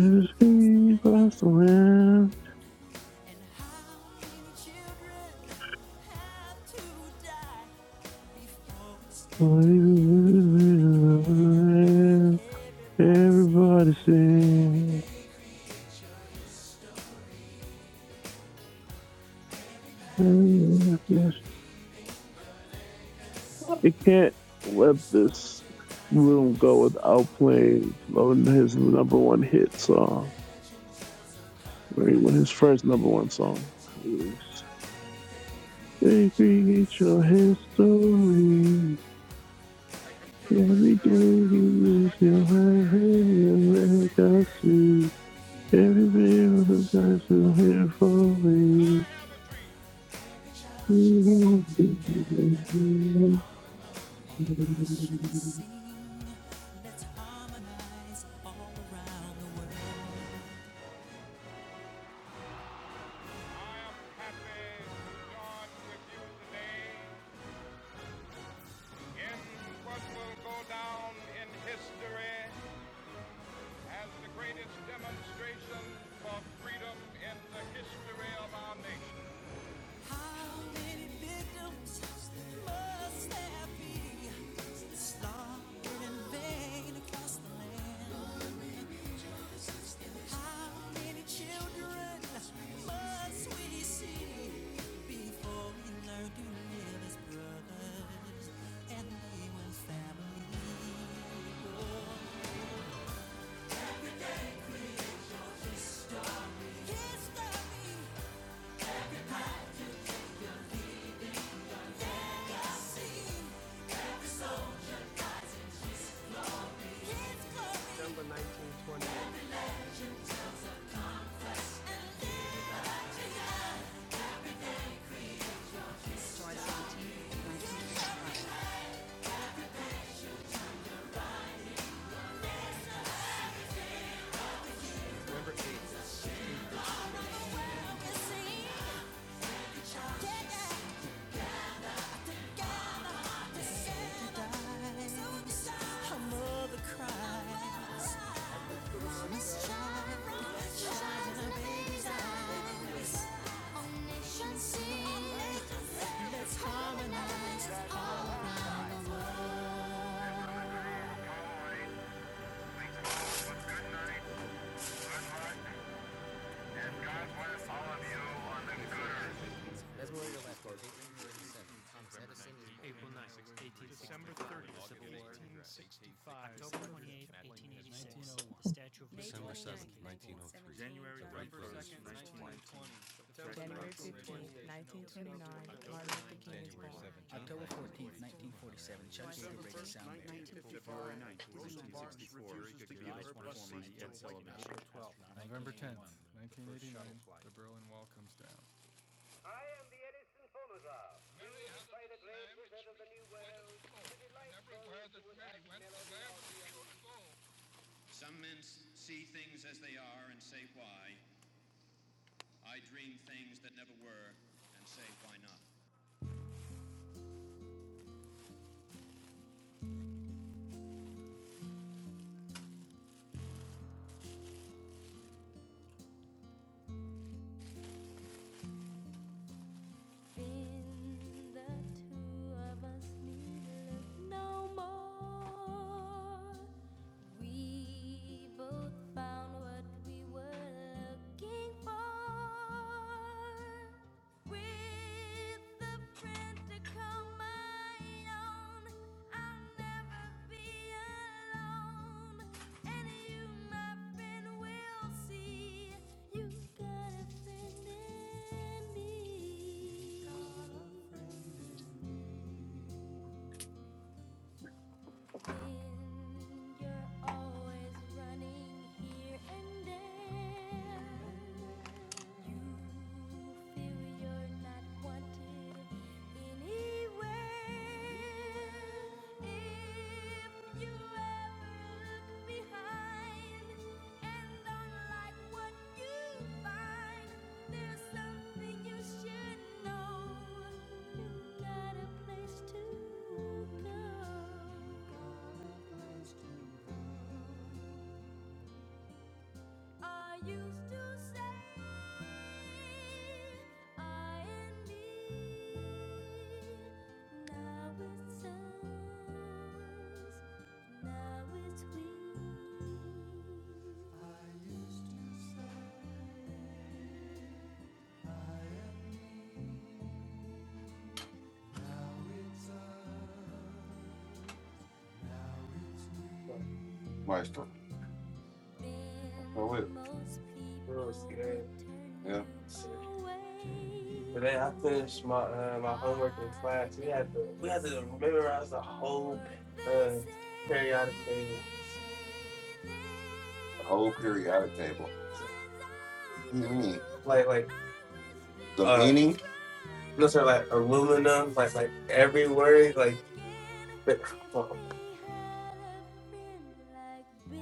[SPEAKER 4] six, three, five, seven. Everybody sing. It can't let this room go without playing Flo- his number one hit song, right? When his first number one song released. They create your history. Everything is your your legacy. Every bit of the time here for me. What
[SPEAKER 1] harmonize all Some men see things as they are and say why. I dream things that never were and say why not. you're always running here and there. You feel you're not wanted anywhere. If you are behind and don't like what you find, some service, service we
[SPEAKER 5] Maestro. So it. Yeah.
[SPEAKER 1] I don't
[SPEAKER 5] The whole periodic table. What do you mean? The meaning?
[SPEAKER 1] friend like this,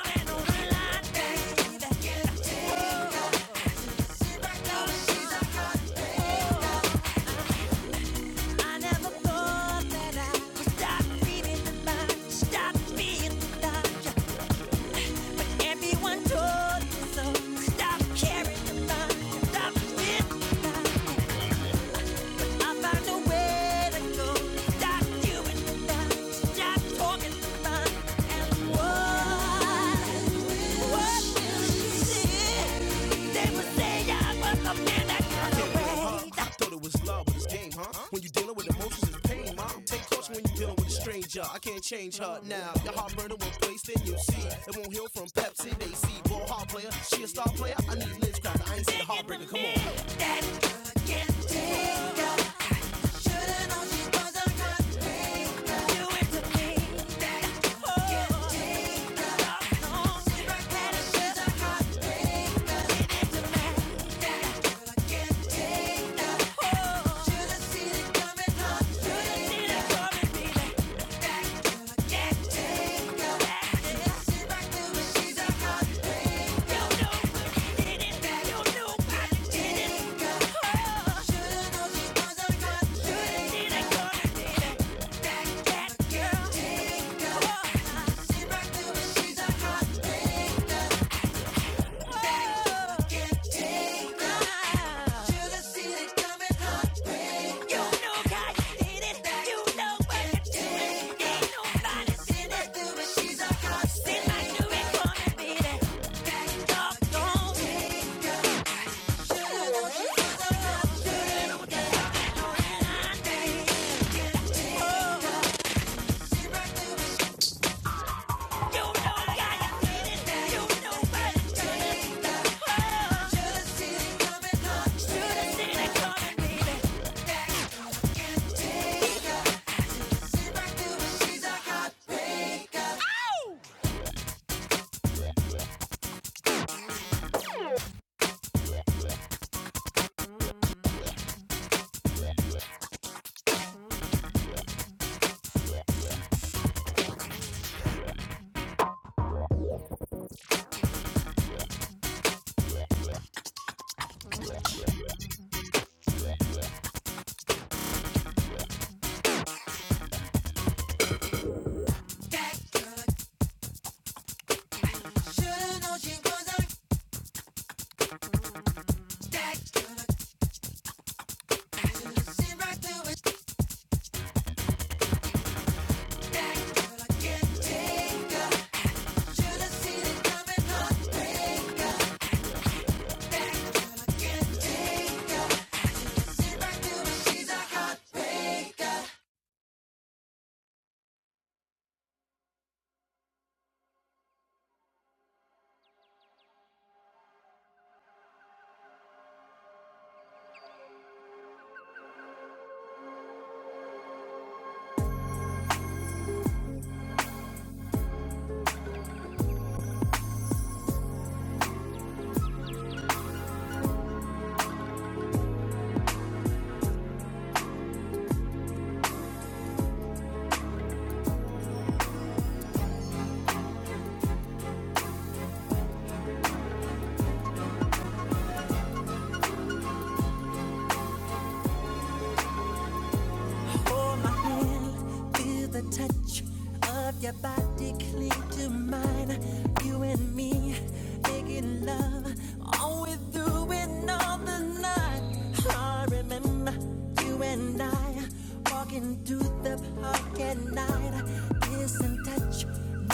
[SPEAKER 1] like this. I never thought that I would stop being the man, stop being the dog. so. what. will she see? They would say I was a man that got away. Stop doing to me. Only regret is that. can't just see it coming, honey. coming. You know how you did it. You know what you did. Ain't nobody seen it through, but she's a hot sin. I knew it gonna be that. That doggone danger. You know how you did it. You know what you did. Oh. hold my hand, feel the touch of your body cling to mine. You and me making love all we through and all the night. I remember you and I walking through the park at night, kiss and touch much,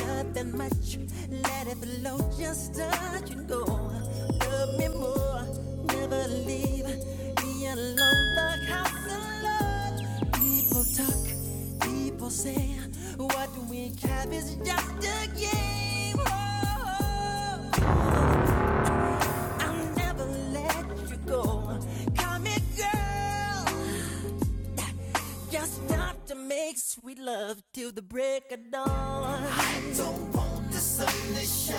[SPEAKER 1] nothing much. Let it flow, just touch and go. Love me more, never leave me alone. The house alone. People talk, people say, what we have is just a game. Oh, I'll never let you go. Come here, girl. Just stop to make sweet love till the break of dawn. I don't want the sun to shine.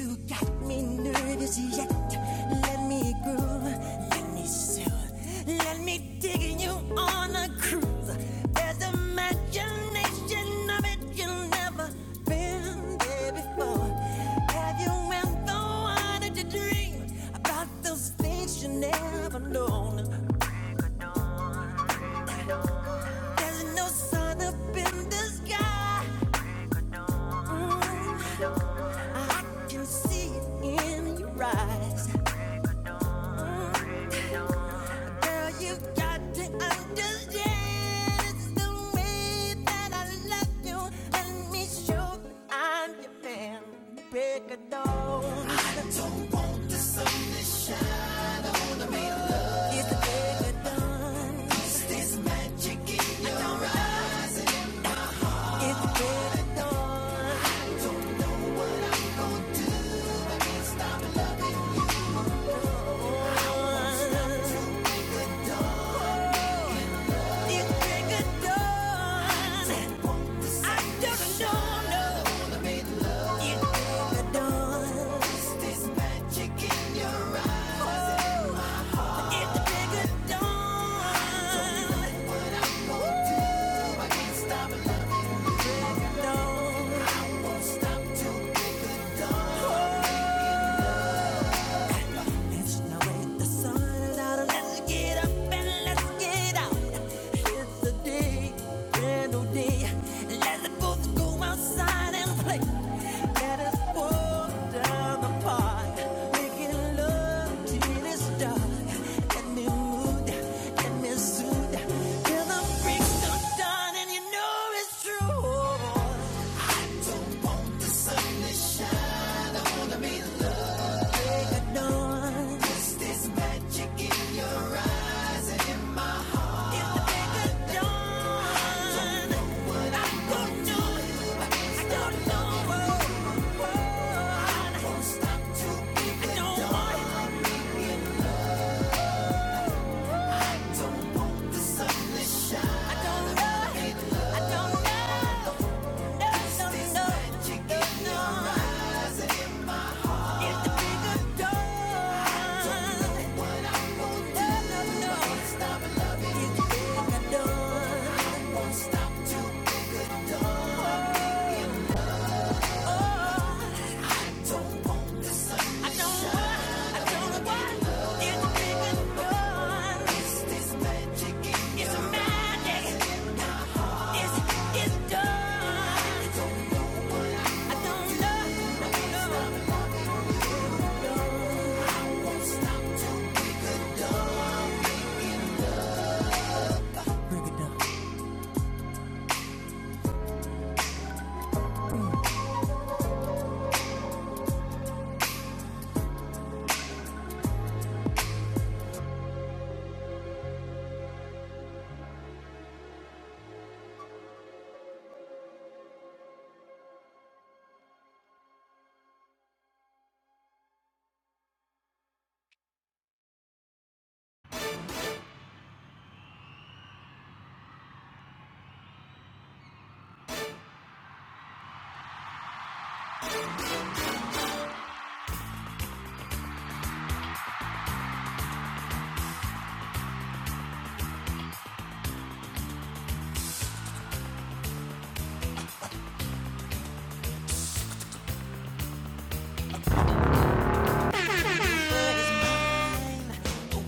[SPEAKER 1] You got me nervous yet. Let me groove, let me soothe, let me dig you on a cruise. There's imagination of it you've never been there before. Have you ever wanted to dream about those things you never known? There's no sun up in the sky. Mm, I can see it in your eyes. Girl, you have got to understand it's the way that I love you. Let me show I'm your man. Break of dawn. It's the break of dawn. It's the break of dawn. It's the break of dawn. I don't know, no. It's the break of dawn. This magic in your eyes. It's the break of dawn. I Don't know what to do, I can't stop Till the freaks are done and you know it's true.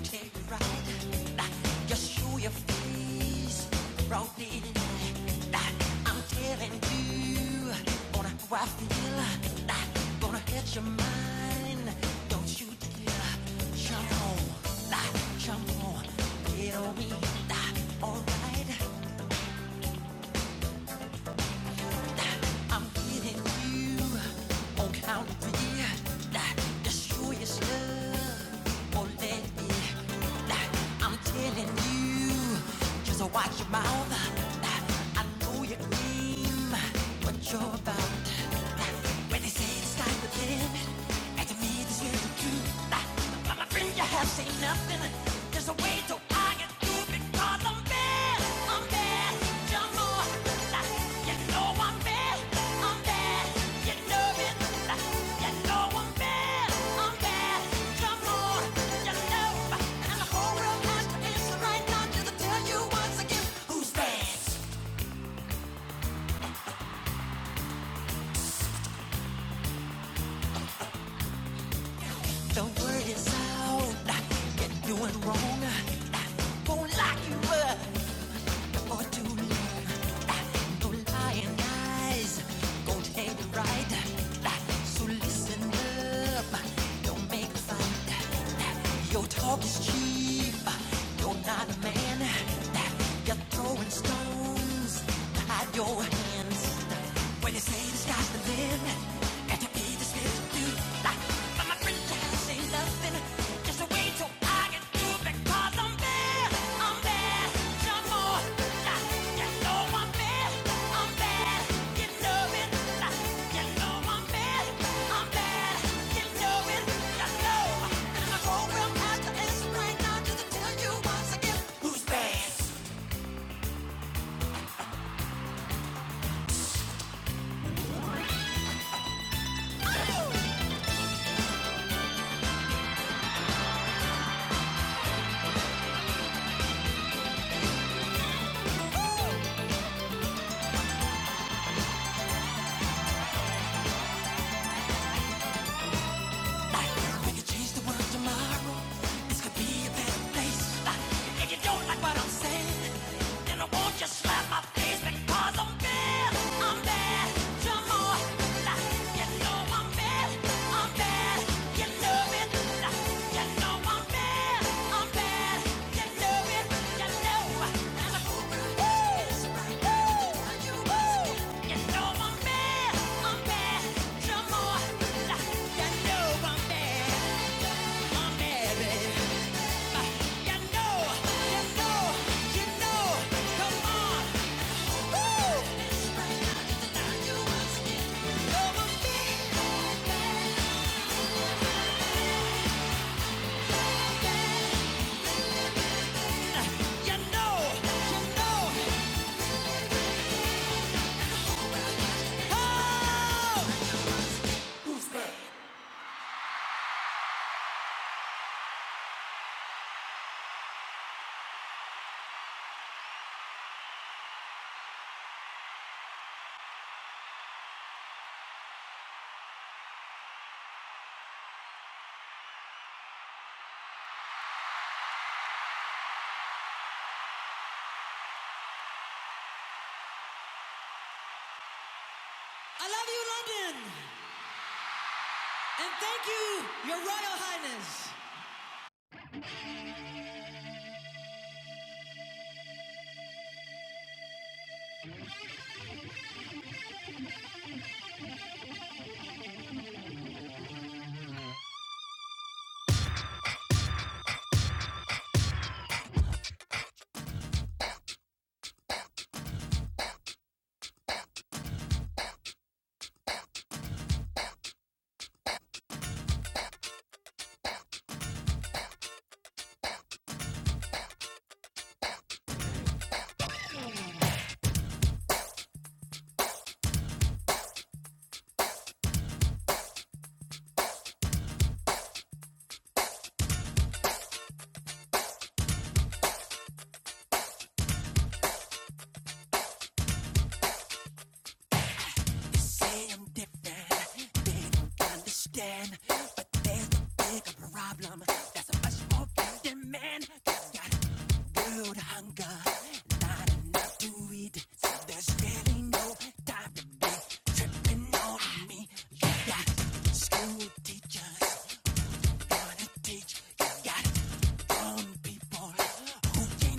[SPEAKER 1] take a ride. Just show your face, broadly. I'm telling you, gonna how I feel. Gonna hit your mind, don't you dare. Jump on, jump on, get on me. Alright, I'm getting you on count of three. Just show yourself. or let me. I'm telling you, just watch your mouth. I know your name, what you're about. When they say it's time to live, and to me this is the truth. But my friend, you have seen nothing. There's a way to argue doing Wrong, won't like you were, or too late. no lying eyes. Gonna take the ride. So listen up, don't make a fight. Your talk is cheap, you're not a man. You're throwing stones, hide your hands. When they say the sky's the limit, and to be this little dude, like, but my friends can't say nothing. Just wait till I get through because I'm bad, I'm bad, some more. Like, you know I'm bad, I'm bad, you know it. Like, you know I'm bad, I'm bad, you know it. You know, and my program has to end right now just to tell you once again. Like, we could change the world tomorrow. This could be a better place. Like, if you don't like what I'm saying, then I won't just slap my face because I'm bad. I'm bad. Come on. Like, you know I'm bad. I'm bad. You know I love you, London, and thank you, Your Royal Highness.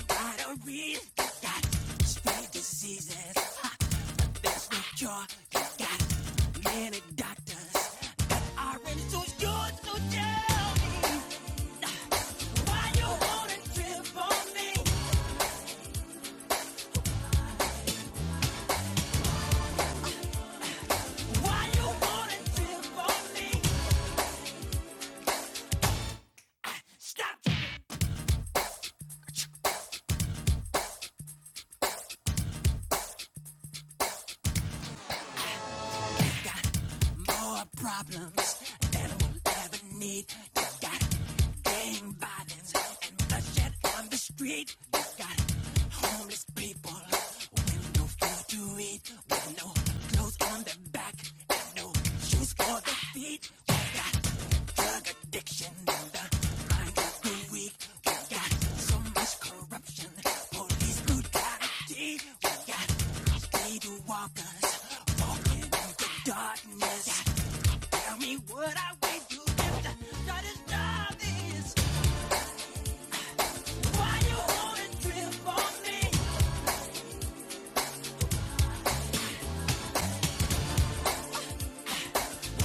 [SPEAKER 1] I don't read spread diseases with cure. You got many doctors. I really so sure to tell me why you wanna trip on me? Why you wanna trip on me? Stop tell me what I went through to stop this. Why you wanna trip on me?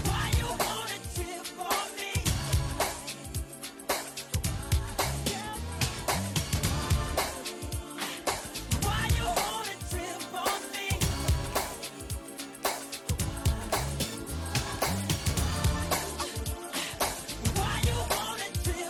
[SPEAKER 1] Why you wanna trip on me? Why you wanna trip on me? Why you wanna trip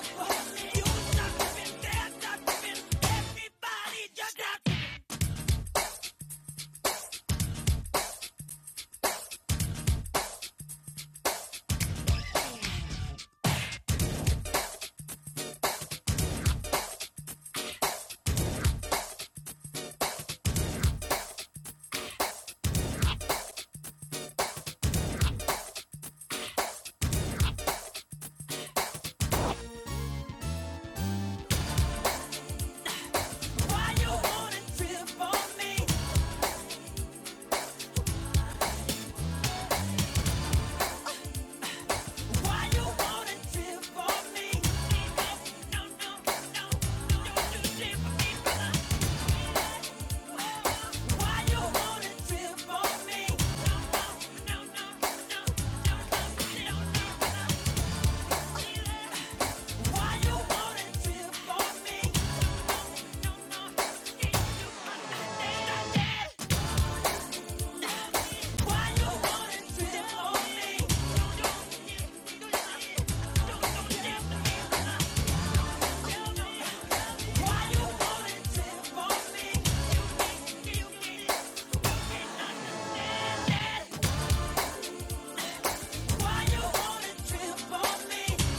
[SPEAKER 1] on me?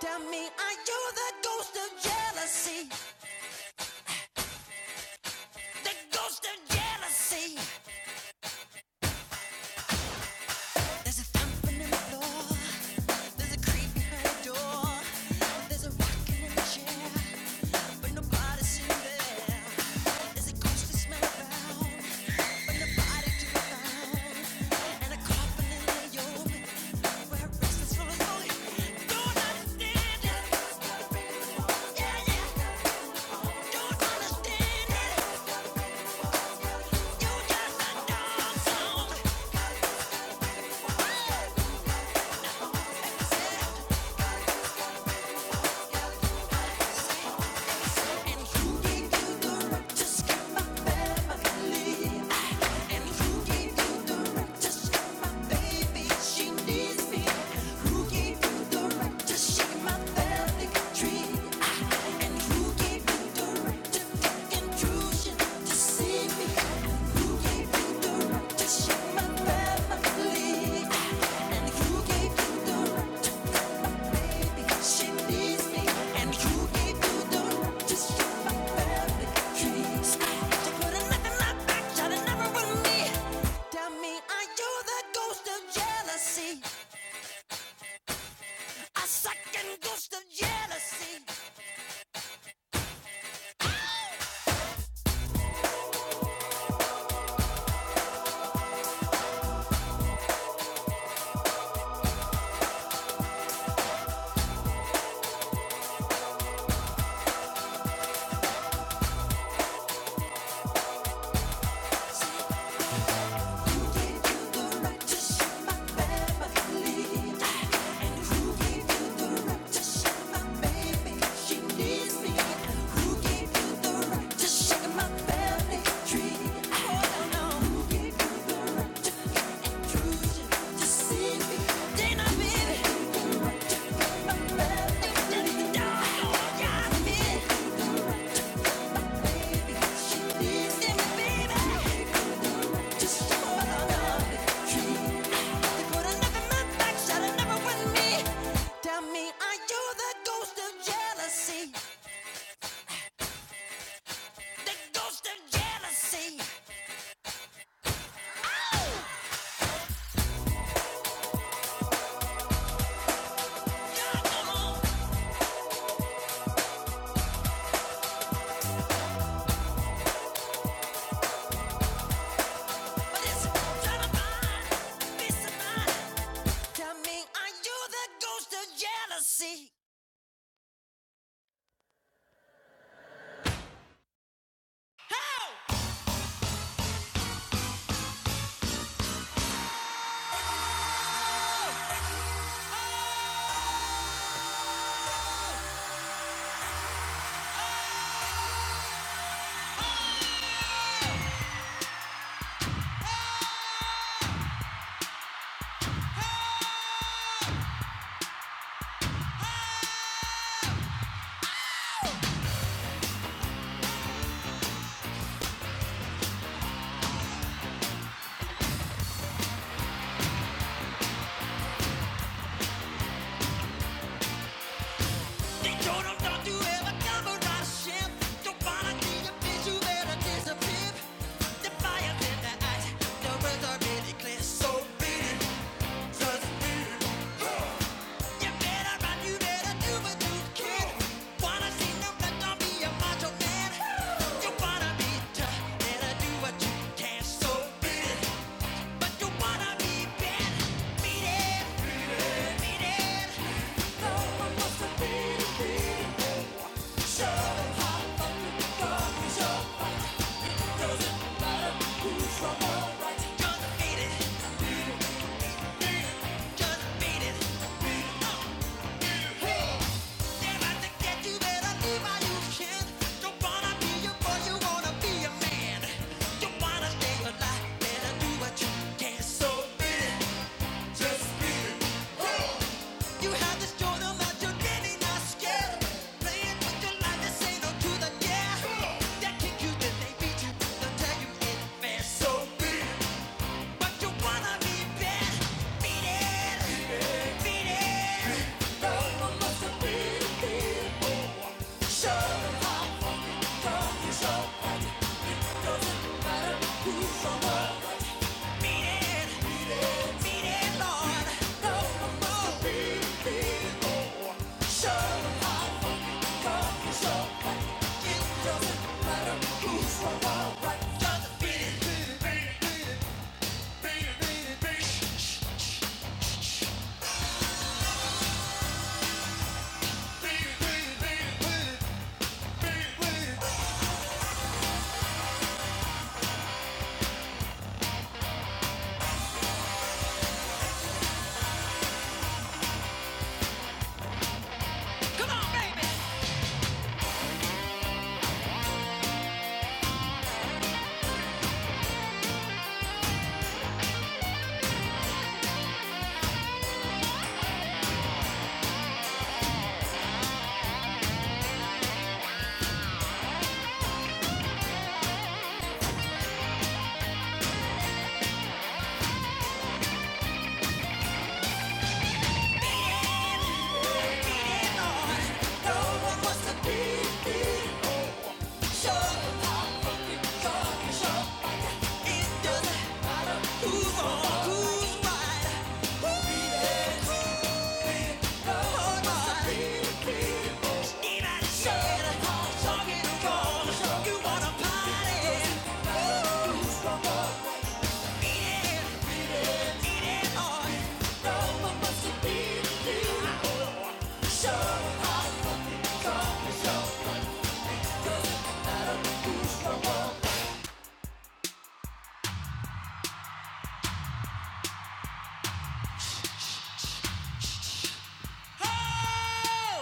[SPEAKER 1] Tell me, are you the ghost of jealousy? The ghost of jealousy. There's a thumping in the floor. There's a creep behind the door. There's a rocking in the chair, but nobody's seen there. There's a ghost smell around. You don't just shut my family trees. They put another knock back, try to never win me. Tell me, are you the ghost of jealousy? A second ghost of jealousy. Just shaking my family tree. Oh, no. Just see me. Dana, baby. Tell me, are you the ghost of jealousy? The ghost of jealousy. Oh, you're the but it's trying to find peace of mind. Tell me, are you the ghost of jealousy? So beat it, but you wanna be bad. Beat it, beat it. no no yeah. Oh!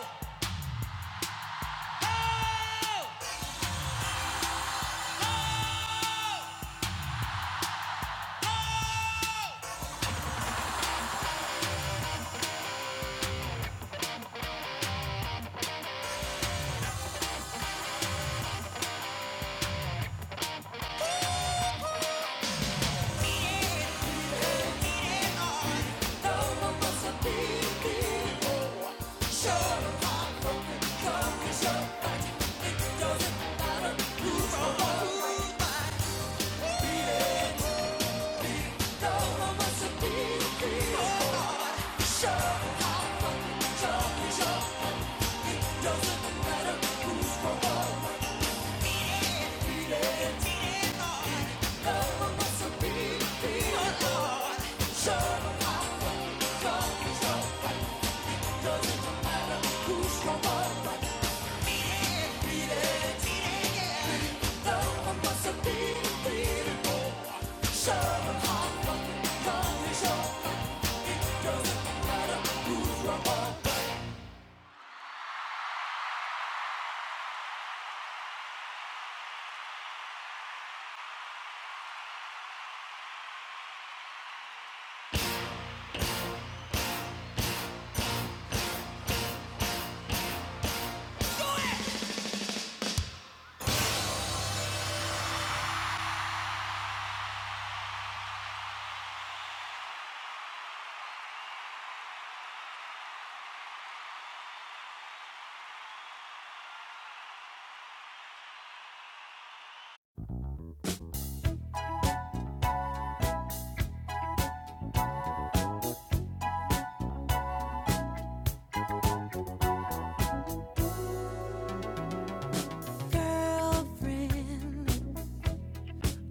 [SPEAKER 1] Girlfriend,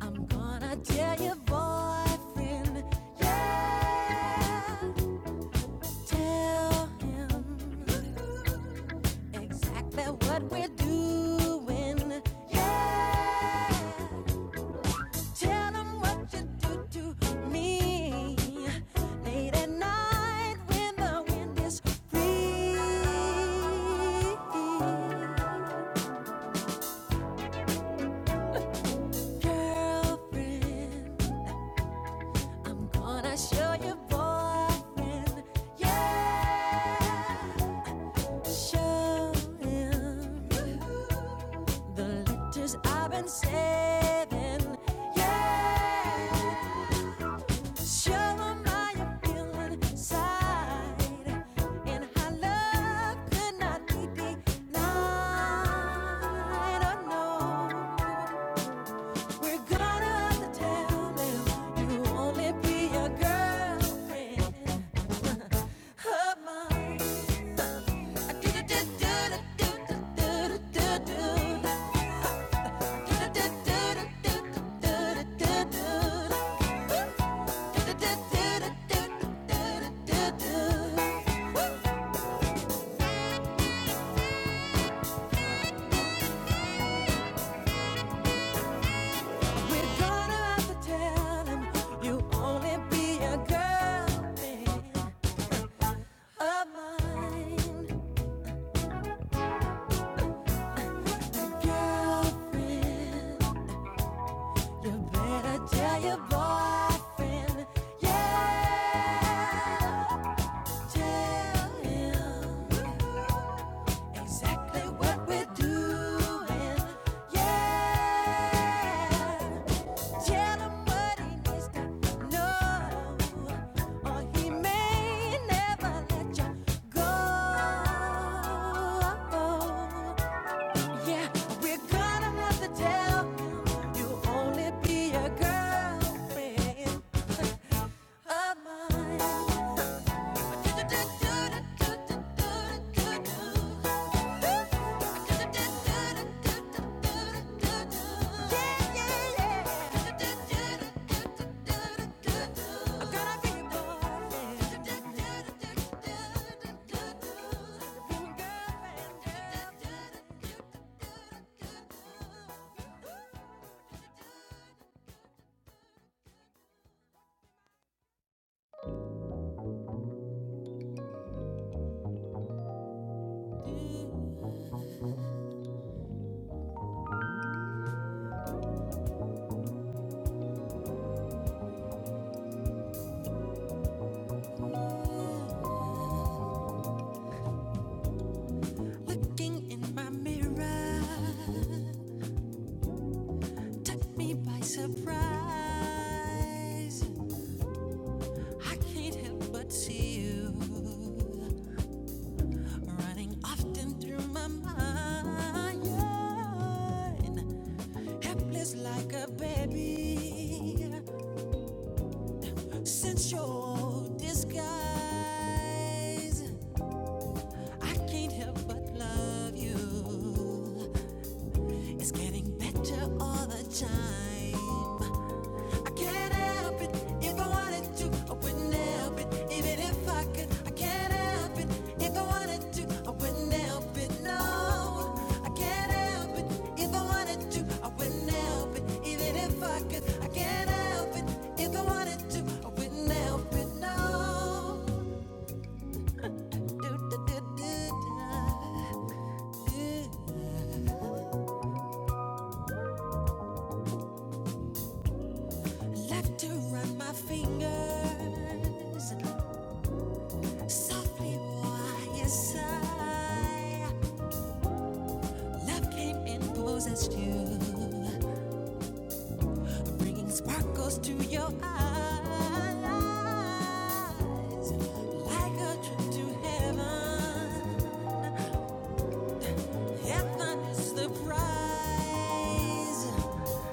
[SPEAKER 1] I'm gonna tell your boyfriend, yeah. Tell him exactly what we're doing. Yeah. Tell him what you do to me late at night when the wind is free. Girlfriend, gonna show your boyfriend. Yeah. Show him the letters I've been saving. Yeah. Show him how you feel inside. And how love could not be denied. Oh, no. Regardless of town, you only be a girlfriend of mine. We're gonna have to tell him you only be a girlfriend of mine. Girlfriend. You better tell your boyfriend, yeah. Tell him exactly what we're doing, yeah. Tell him what he needs to know, or he may never let you go. Yeah, we're gonna have to tell you you only be a girlfriend of mine. Yeah, yeah, yeah. I'm gonna be your boyfriend. Looking in my mirror, I can't help but looking up. Since your disguise, I can't help but love you. It's getting better all the time. I can't help it if I wanted to. I wouldn't help it even if I could. I can't help it if I wanted to. I wouldn't help it, no. I can't help it if I wanted to. I wouldn't help it even if I could. I can't help it if I wanted to. I wouldn't help it, no. Left to run my fingers softly while you sigh. Love came and possessed you, bringing sparkles to your eyes. Like a trip to heaven, heaven is the prize.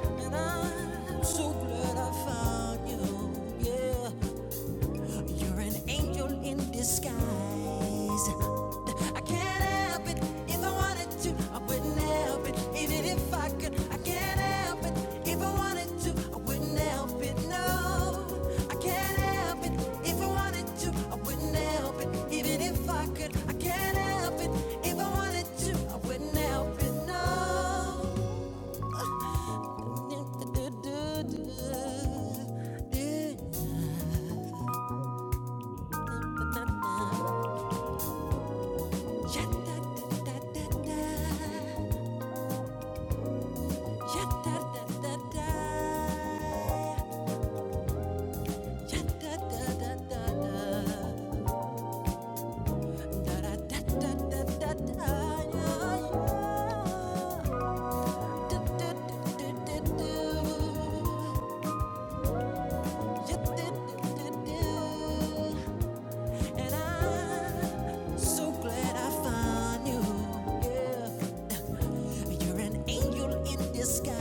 [SPEAKER 1] And I'm so glad I found you, yeah. You're an angel in disguise. I can't help it if I wanted to. I wouldn't help it even if I could. I can't help it if I wanted to. I wouldn't help it, no. I can't help it if I wanted to. I wouldn't help it even if I could. I can't help it if I wanted to. I wouldn't help it, no. And I'm so glad I found you. Yeah, you're an angel in disguise.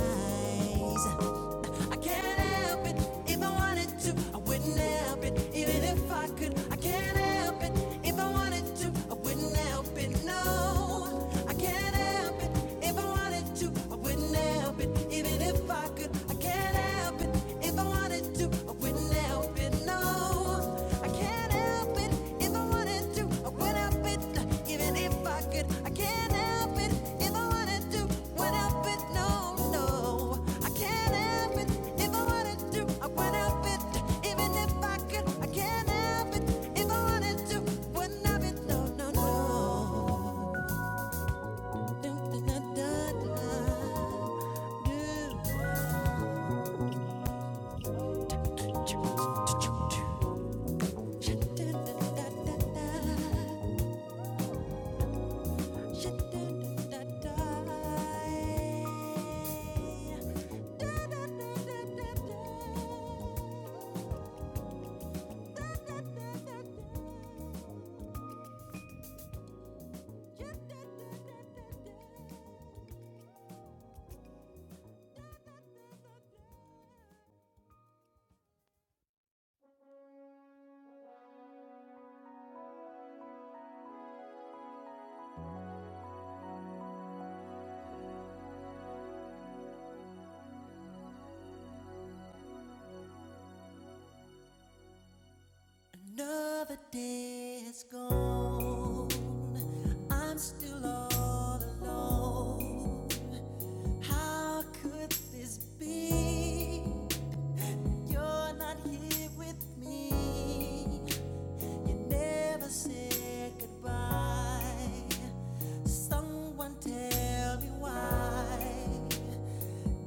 [SPEAKER 1] I can't help it if I wanted to. I wouldn't help it even if I could. I can't help it if I wanted to. I wouldn't help it. No, I can't help it if I wanted to. I wouldn't help it even if I could. It's gone. I'm still all alone. How could this be? You're not here with me. You never said goodbye. Someone tell me why.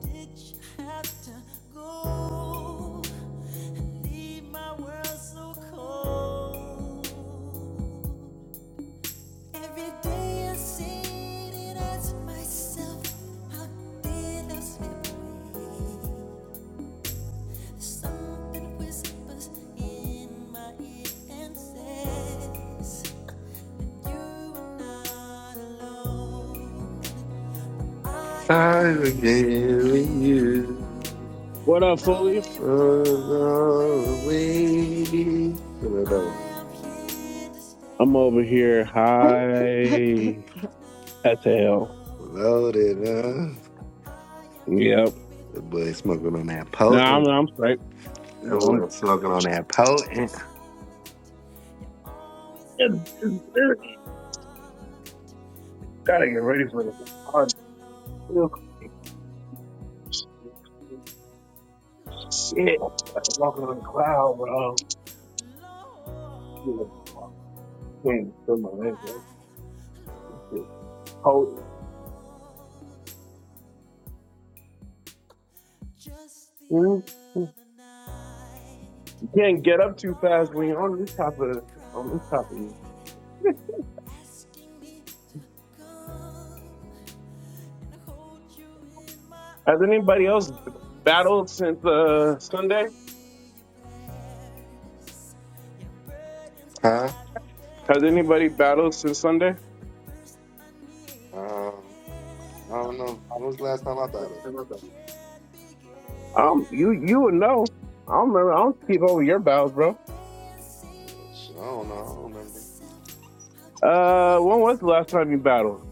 [SPEAKER 1] Did you have to go? Leave my world in whispers in my ear and says you are not alone.
[SPEAKER 2] I'm again with you.
[SPEAKER 4] up, Fully?
[SPEAKER 2] Oh, no, wait. I don't know.
[SPEAKER 4] I'm over here high as hell.
[SPEAKER 2] Loaded up.
[SPEAKER 4] Yep.
[SPEAKER 2] The boy smoking on that
[SPEAKER 4] No, I'm
[SPEAKER 2] potent.
[SPEAKER 4] I'm straight.
[SPEAKER 2] That boy
[SPEAKER 4] I'm
[SPEAKER 2] smoking on that potent.
[SPEAKER 4] gotta get ready for this hard milk shit. Like walking on a cloud, bro. You know, can't feel my legs. right? It's just cold. You know, you can't get up too fast when you're on this type of on this type of. you. Has anybody else battled since uh Sunday?
[SPEAKER 2] Huh?
[SPEAKER 4] Has anybody battled since Sunday?
[SPEAKER 2] Um, I don't know. When was the last time I thought of it?
[SPEAKER 4] Um, you you would know. I don't remember. I don't keep over your battles, bro.
[SPEAKER 2] Shit, I don't know. I don't remember. A
[SPEAKER 4] Uh, when was the last time you battled?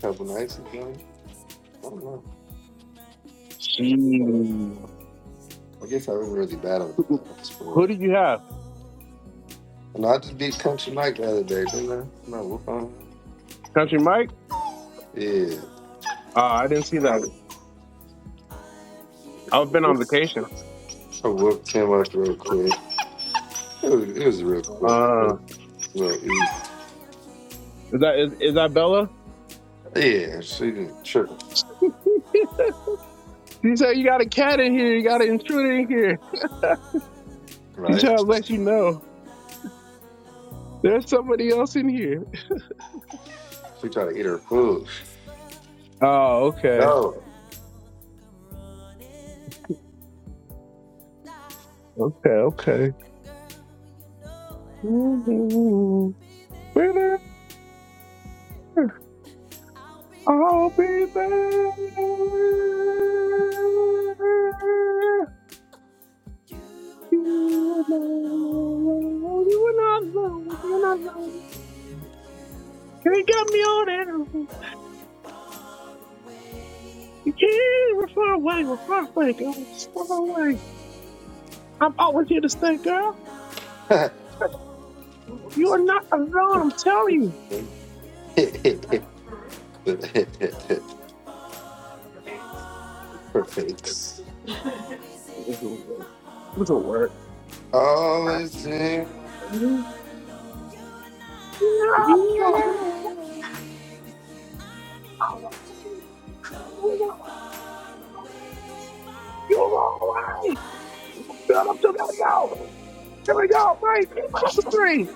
[SPEAKER 2] couple nights ago. I don't know.
[SPEAKER 4] Jeez.
[SPEAKER 2] I guess I was really bad at it though. That's for
[SPEAKER 4] Who
[SPEAKER 2] real.
[SPEAKER 4] did you have?
[SPEAKER 2] no, I just beat Country Mike the other day, didn't I? No, whoop on him.
[SPEAKER 4] Country Mike?
[SPEAKER 2] Yeah.
[SPEAKER 4] Uh, I didn't see that.
[SPEAKER 2] I
[SPEAKER 4] I've been on
[SPEAKER 2] whooped,
[SPEAKER 4] vacation.
[SPEAKER 2] I whooped him up real quick. It was, it was real quick. It
[SPEAKER 4] Uh,
[SPEAKER 2] was real easy.
[SPEAKER 4] is that is, is that Bella?
[SPEAKER 2] Yeah, she didn't trip,
[SPEAKER 4] she said you got a cat in here. You got an intruder in here. She
[SPEAKER 2] right?
[SPEAKER 4] said I'll let you know. There's somebody else in here.
[SPEAKER 2] She tried to eat her food.
[SPEAKER 4] Oh, okay,
[SPEAKER 2] No.
[SPEAKER 4] okay, okay. Mhm. Winner, I'll be there. You alone. You're not alone. You're not alone. They got me all that. You can't. We're far away. We're far away, girl. We're far away. I'm always here to stay, girl. You are not alone. I'm telling
[SPEAKER 2] Perfect.
[SPEAKER 4] you. This will work. This will work.
[SPEAKER 2] Always. there.
[SPEAKER 4] You're not alone.
[SPEAKER 2] You
[SPEAKER 4] Sorry.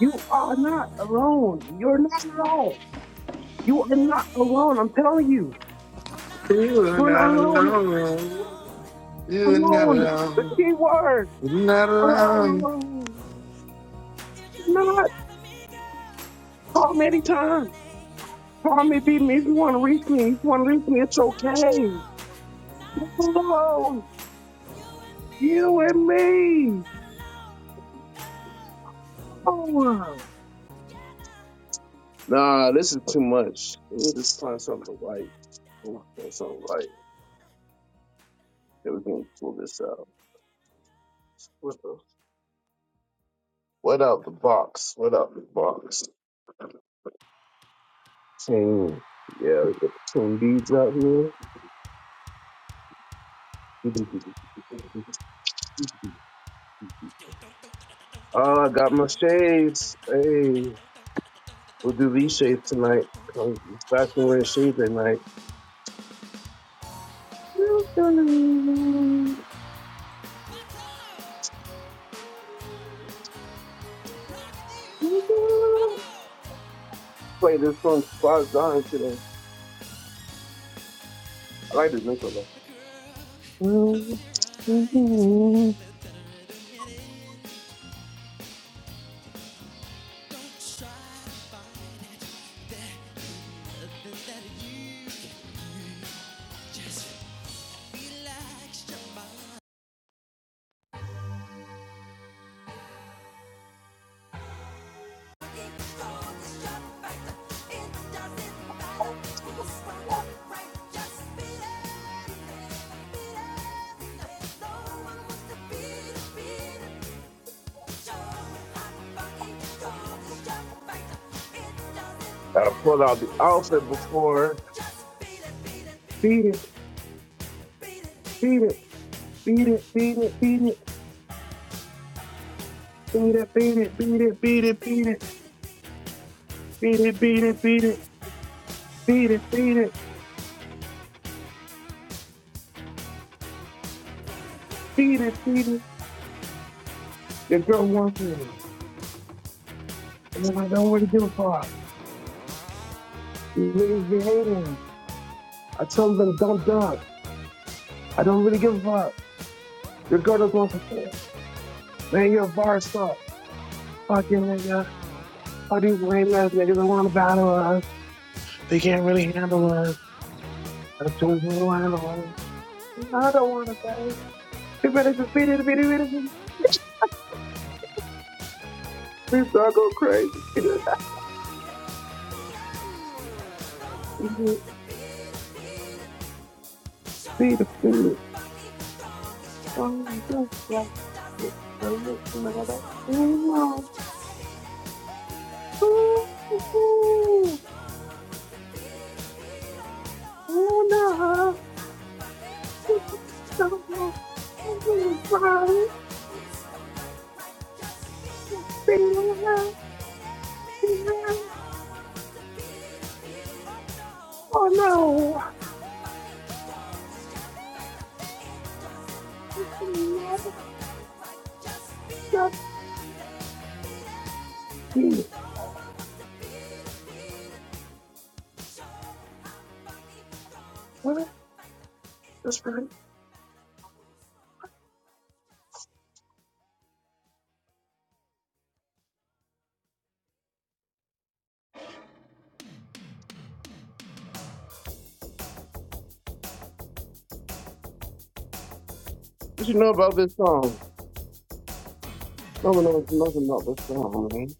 [SPEAKER 4] You are not alone. You're not alone. You are not alone. I'm telling you.
[SPEAKER 2] are
[SPEAKER 4] You're not
[SPEAKER 2] not
[SPEAKER 4] alone.
[SPEAKER 2] alone. You are not
[SPEAKER 4] alone. The
[SPEAKER 2] alone.
[SPEAKER 4] key word.
[SPEAKER 2] You're not
[SPEAKER 4] Alone,
[SPEAKER 2] alone.
[SPEAKER 4] alone. Not call me anytime. Call me, beat me if you want to reach me. If you want to reach me, it's okay. Hello, you and me. Oh, nah, this is too much. Let me just find something light. Let me Find something light. Then we can pull this out. What, the, what out the box? What out the box? King. Yeah, we got some beads out here. Oh, I got my shades. Hey. We'll do these shades tonight. Um, Fashion
[SPEAKER 1] Think I'm on a
[SPEAKER 4] wearing
[SPEAKER 1] rock.
[SPEAKER 4] shades at night.
[SPEAKER 1] I Keep going, it's your fact. It doesn't matter who's wrong or right. Just beat it, beat it, beat it. No one wants to be defeated.
[SPEAKER 4] I pull out the outfit before. Beat it, beat it, beat it, beat it, beat it, beat it, beat it, beat it, beat it, beat it, beat it, beat it, beat it, beat it, beat it, beat it, beat it. Your girl wants me. And then I don't really give a fuck. You niggas be hating. I tell them don't duck. I don't really give a fuck. Your girl doesn't want some Man, you're a bar star. Fucking nigga. All these lame ass niggas that want to battle us. They can't really handle us. That's too much to handle us. I don't want to say it. They better just beat it, beat it, beat it. We start go crazy. Beat it, beat it. beat it. What you know about this song? No one knows nothing about this song, man.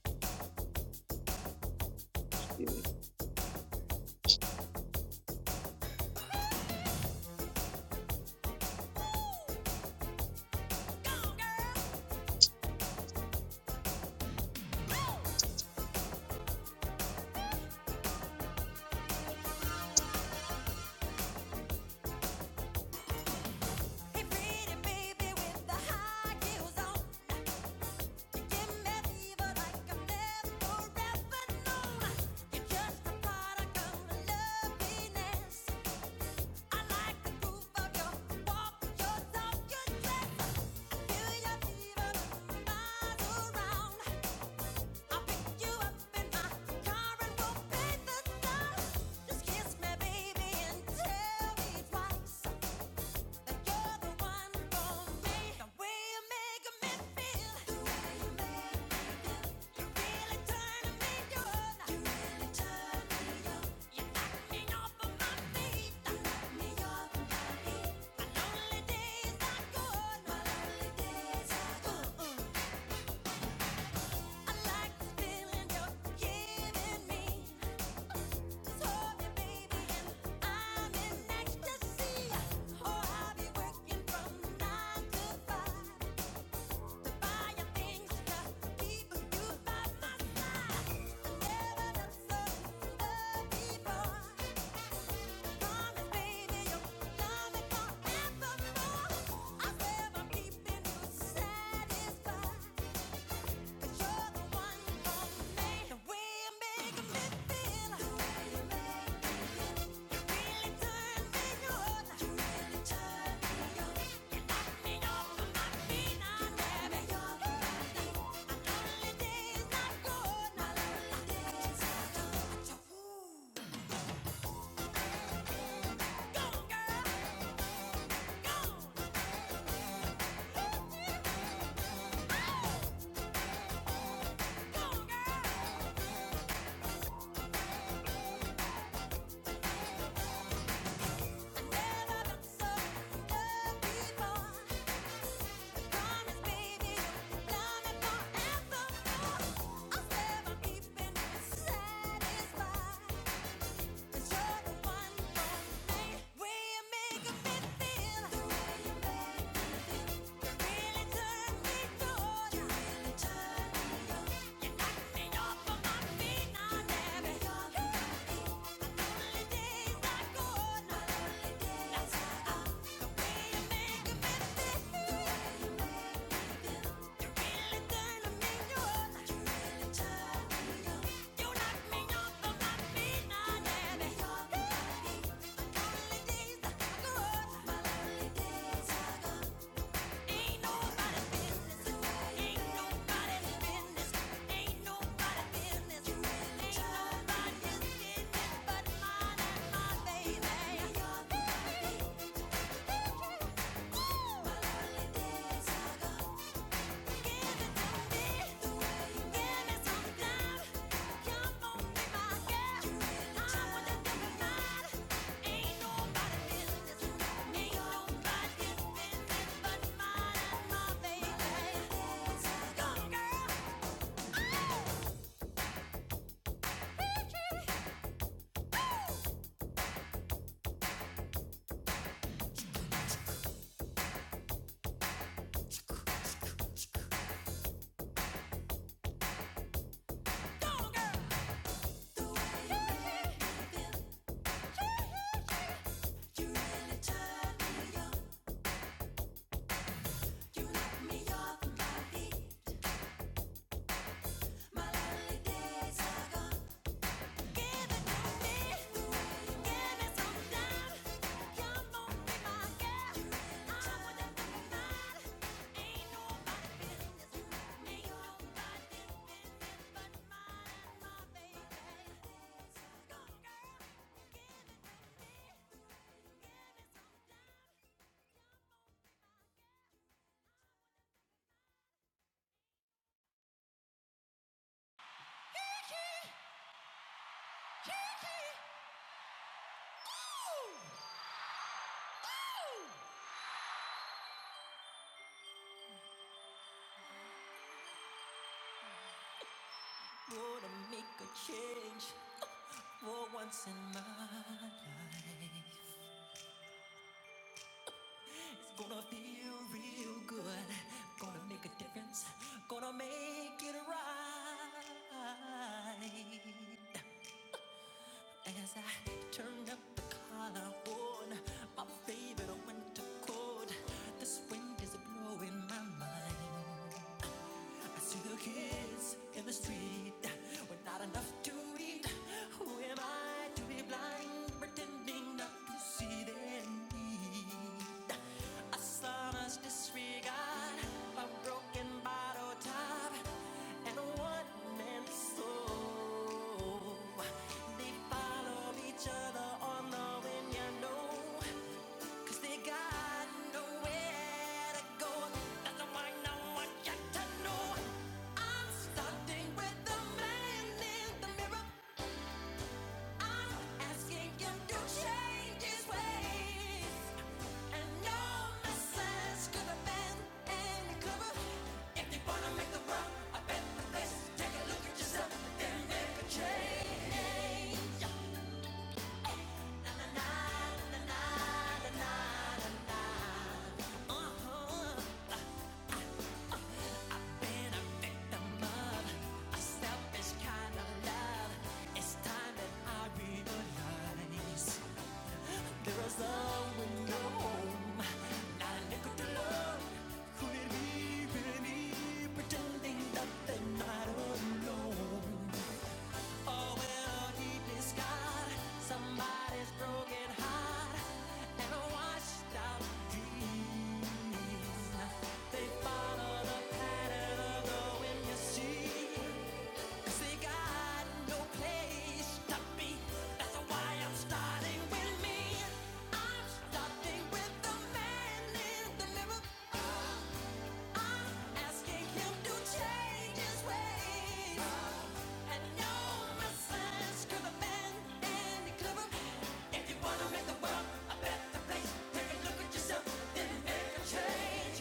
[SPEAKER 1] Change for once in my life. gonna feel real good. Gonna make a difference. Gonna make it right. As I turned up the collar on my favorite winter coat, this wind is blowing my mind. I see the kids in the street with not enough to eat. Who am I to be blind, pretending not to see them? But you see, 'cause they got no place to be. That's why I'm starting with me. I'm starting with the man in the mirror. asking him to change his ways. And no mistakes, clever man and clever. If you wanna make the world a better place, take a look at yourself, then make a change.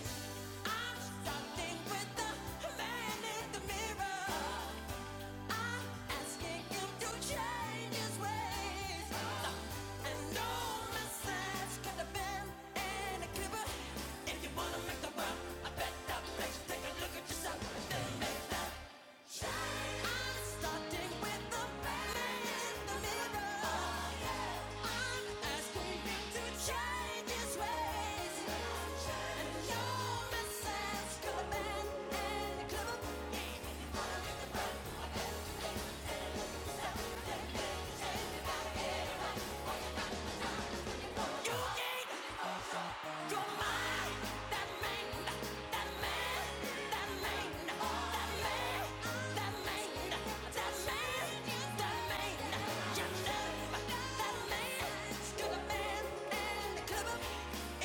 [SPEAKER 1] Eyes, clever man and clever.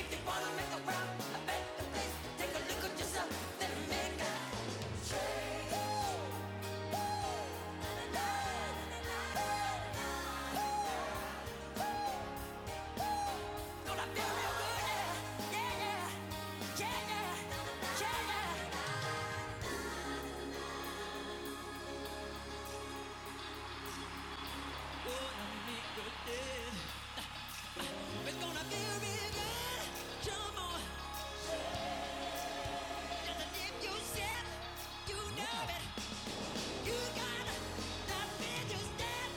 [SPEAKER 1] If you wanna make the world a better place, take a look at yourself, then make a change. Gonna feel real good, yeah, yeah, yeah, yeah, yeah. yeah. It's gonna feel real good. Jump on. It's a you said. You know it. You got that thing you said.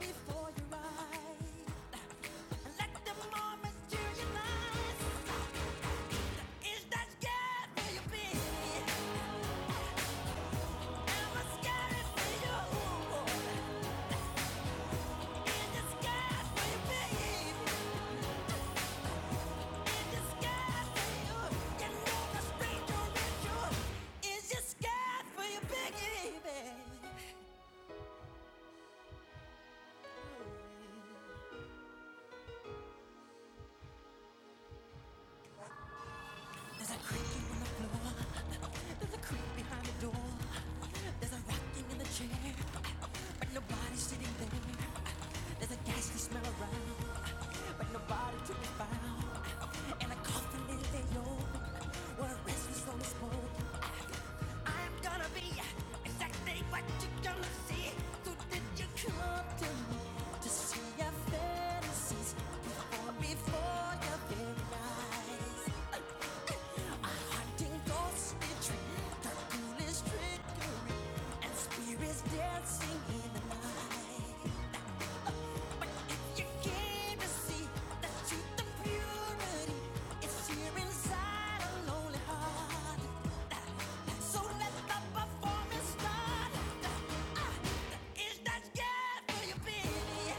[SPEAKER 1] Before you ride. Let the moment materialize. Scared will you be? Scared will you? Disguise will you you? know the stranger is you. Is you scared will you Baby. Had a lonely heart. So let the performance start. That's good for you, baby.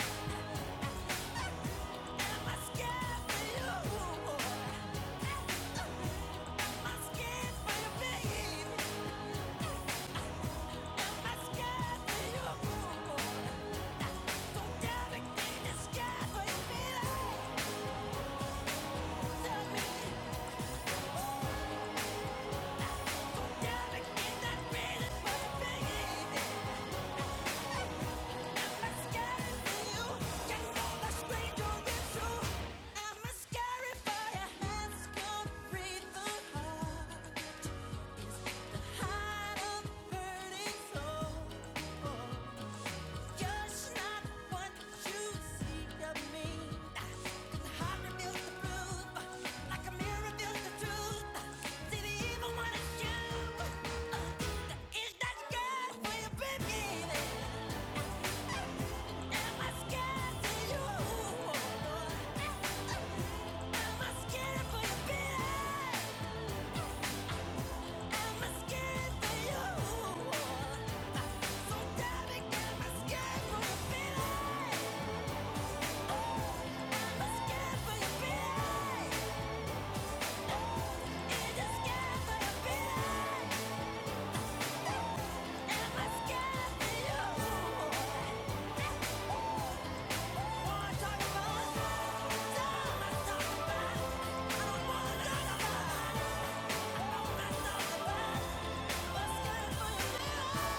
[SPEAKER 1] Seek of me. Cause the heart reveals the proof. Like a mirror reveals the truth. See the evil one is you. Uh, Is that good for you, baby? Am I scared for you? Am I scared for you, baby? Am I scared for you? Damn it, good for you.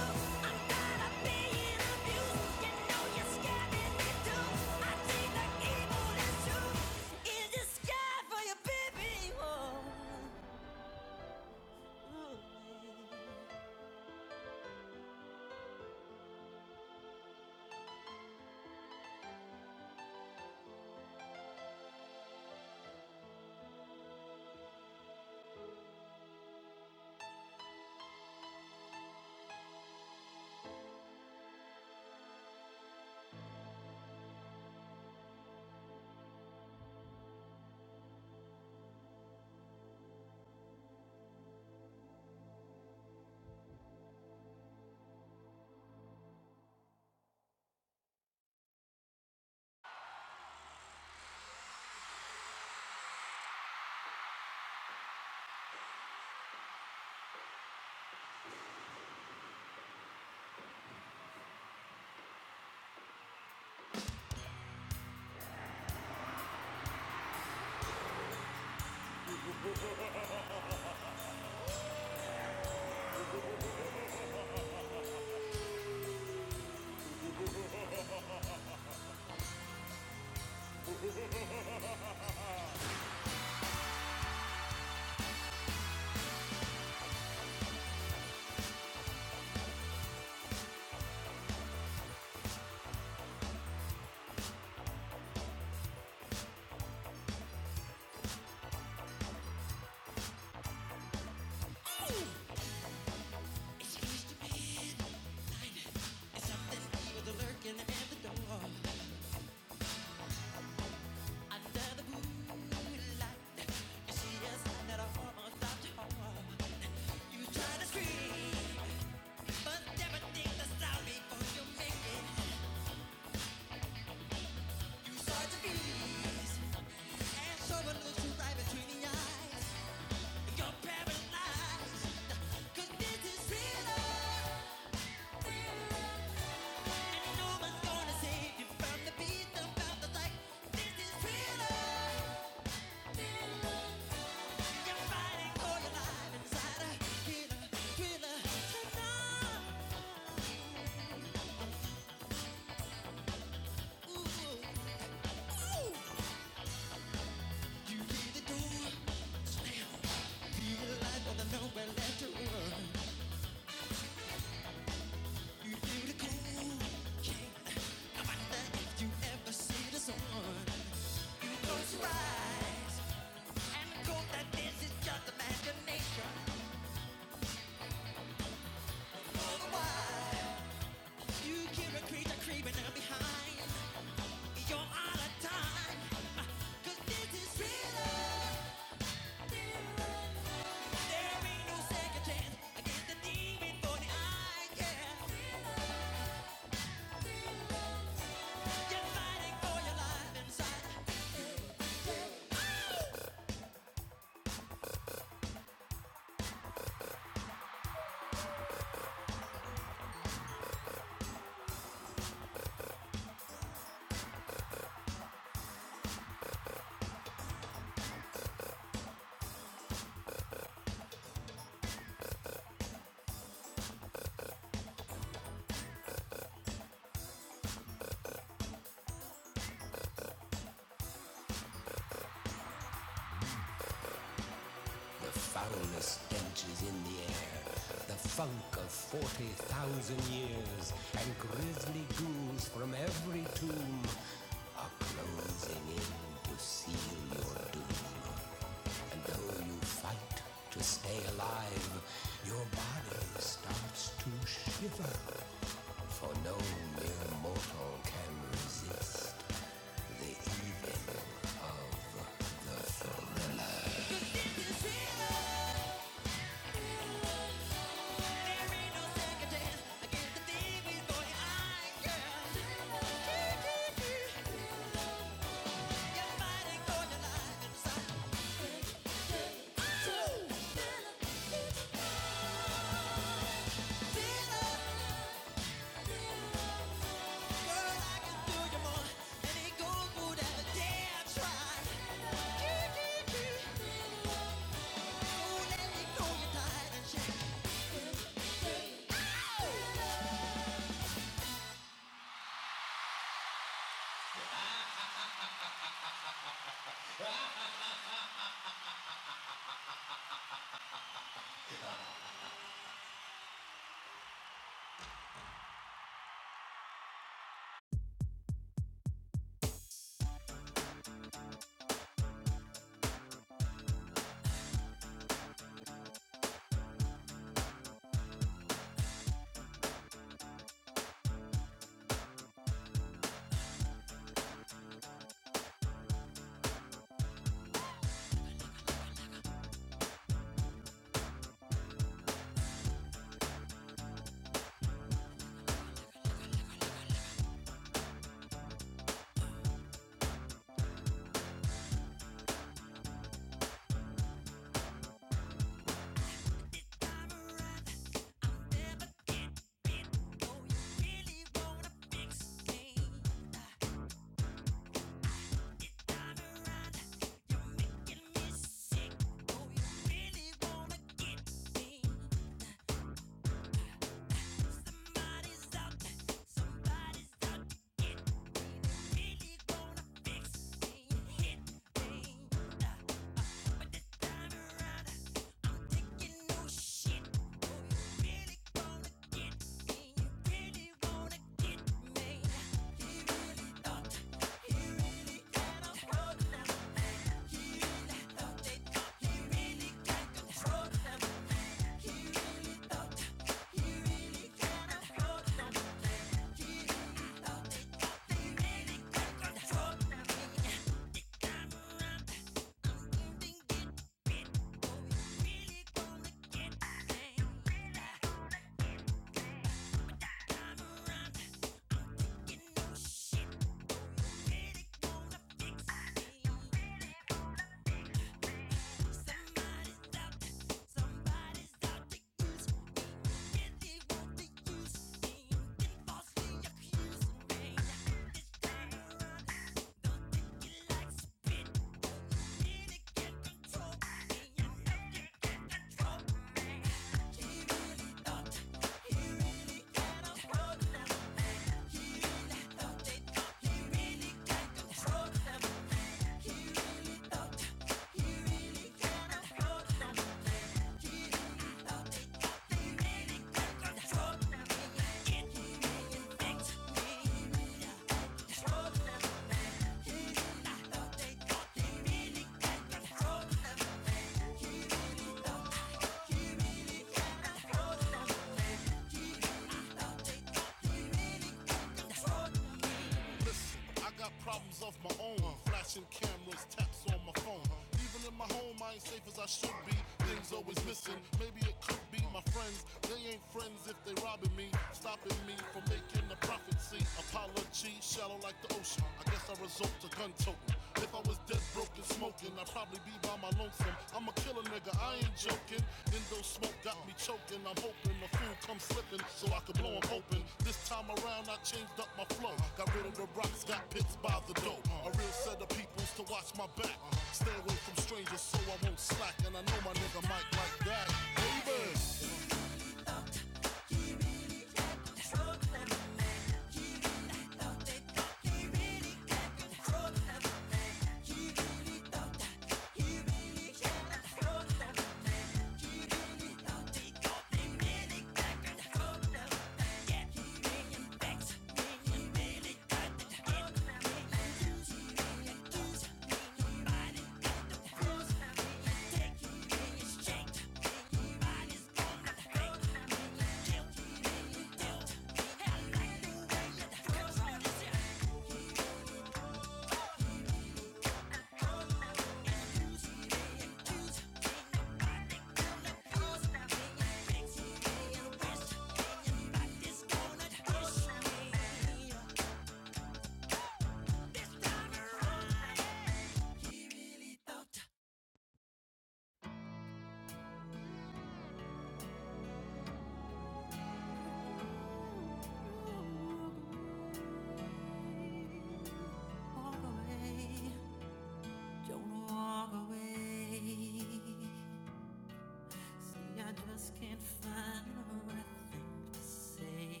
[SPEAKER 1] I just can't find the right thing to say.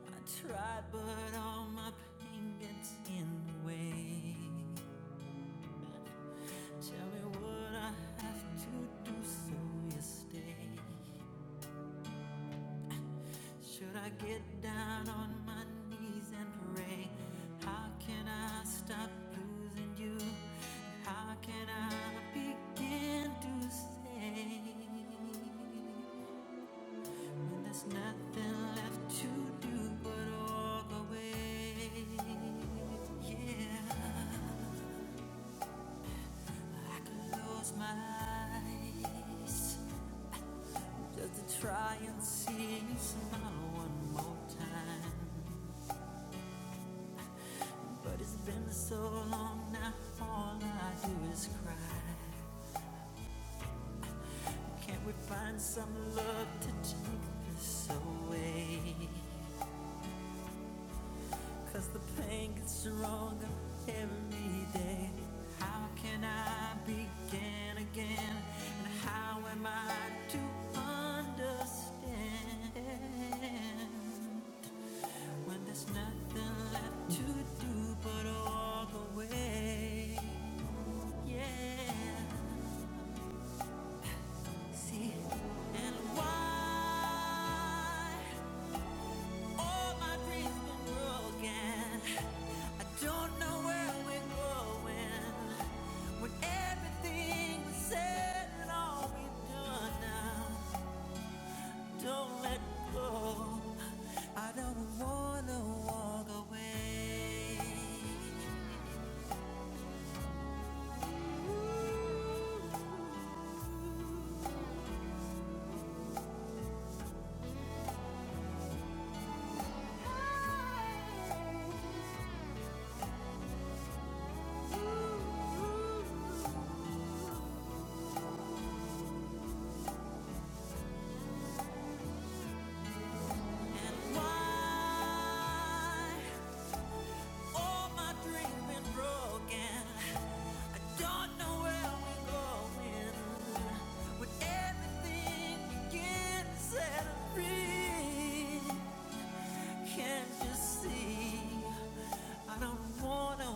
[SPEAKER 1] I tried, but all my pain gets in the way. Tell me what I have to do so you stay. Should I get down on my knees and pray? How can I stop losing you? How can I begin to say? When there's nothing left to do but walk away. Yeah, I can close my eyes just to try and see you smile one more time. Everything I don't wanna walk Why all my dreams been broken? I don't know where we're going. With everything begin set free, can't you see? I don't wanna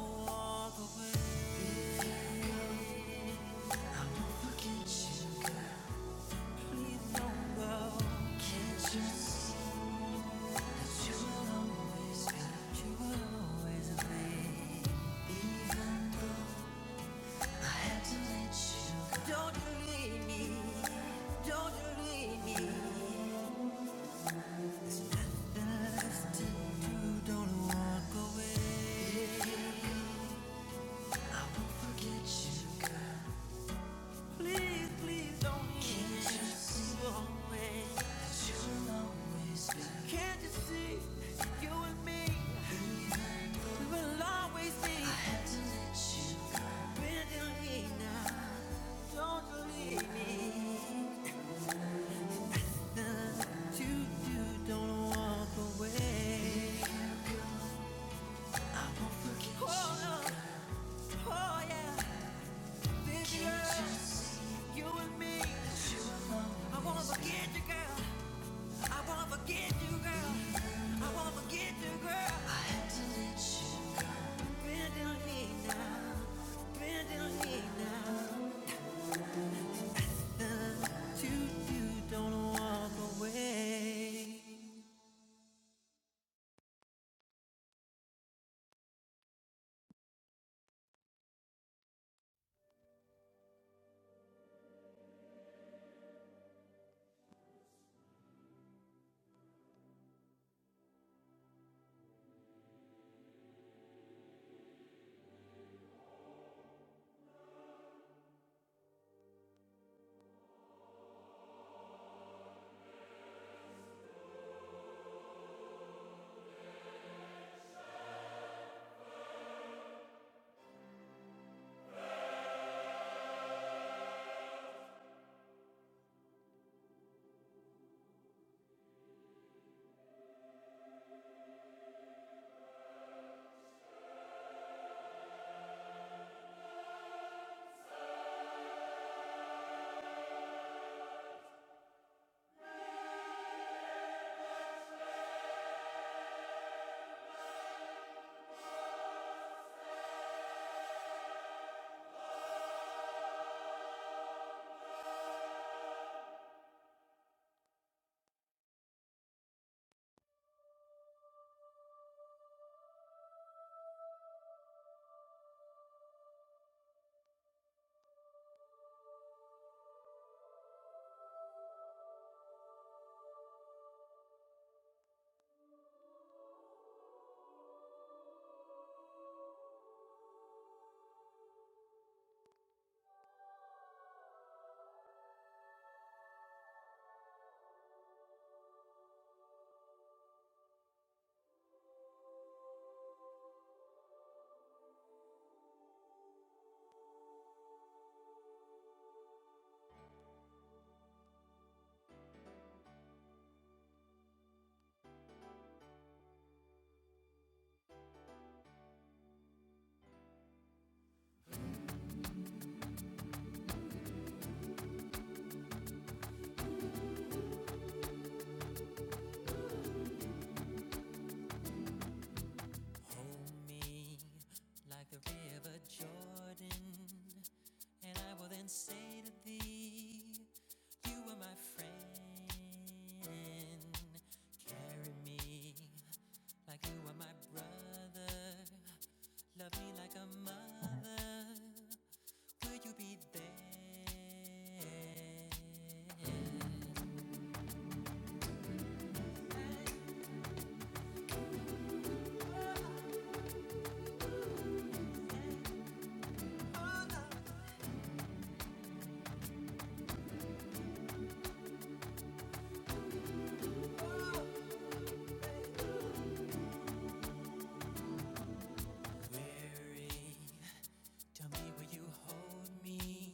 [SPEAKER 1] hold me.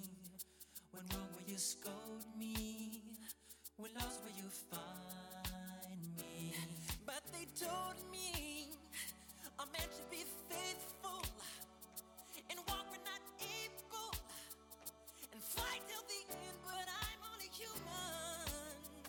[SPEAKER 1] When wrong will you scold me? When lost will you find me? But they told me I'm meant to be faithful and walk when not able. Fight till the end, but I'm only human.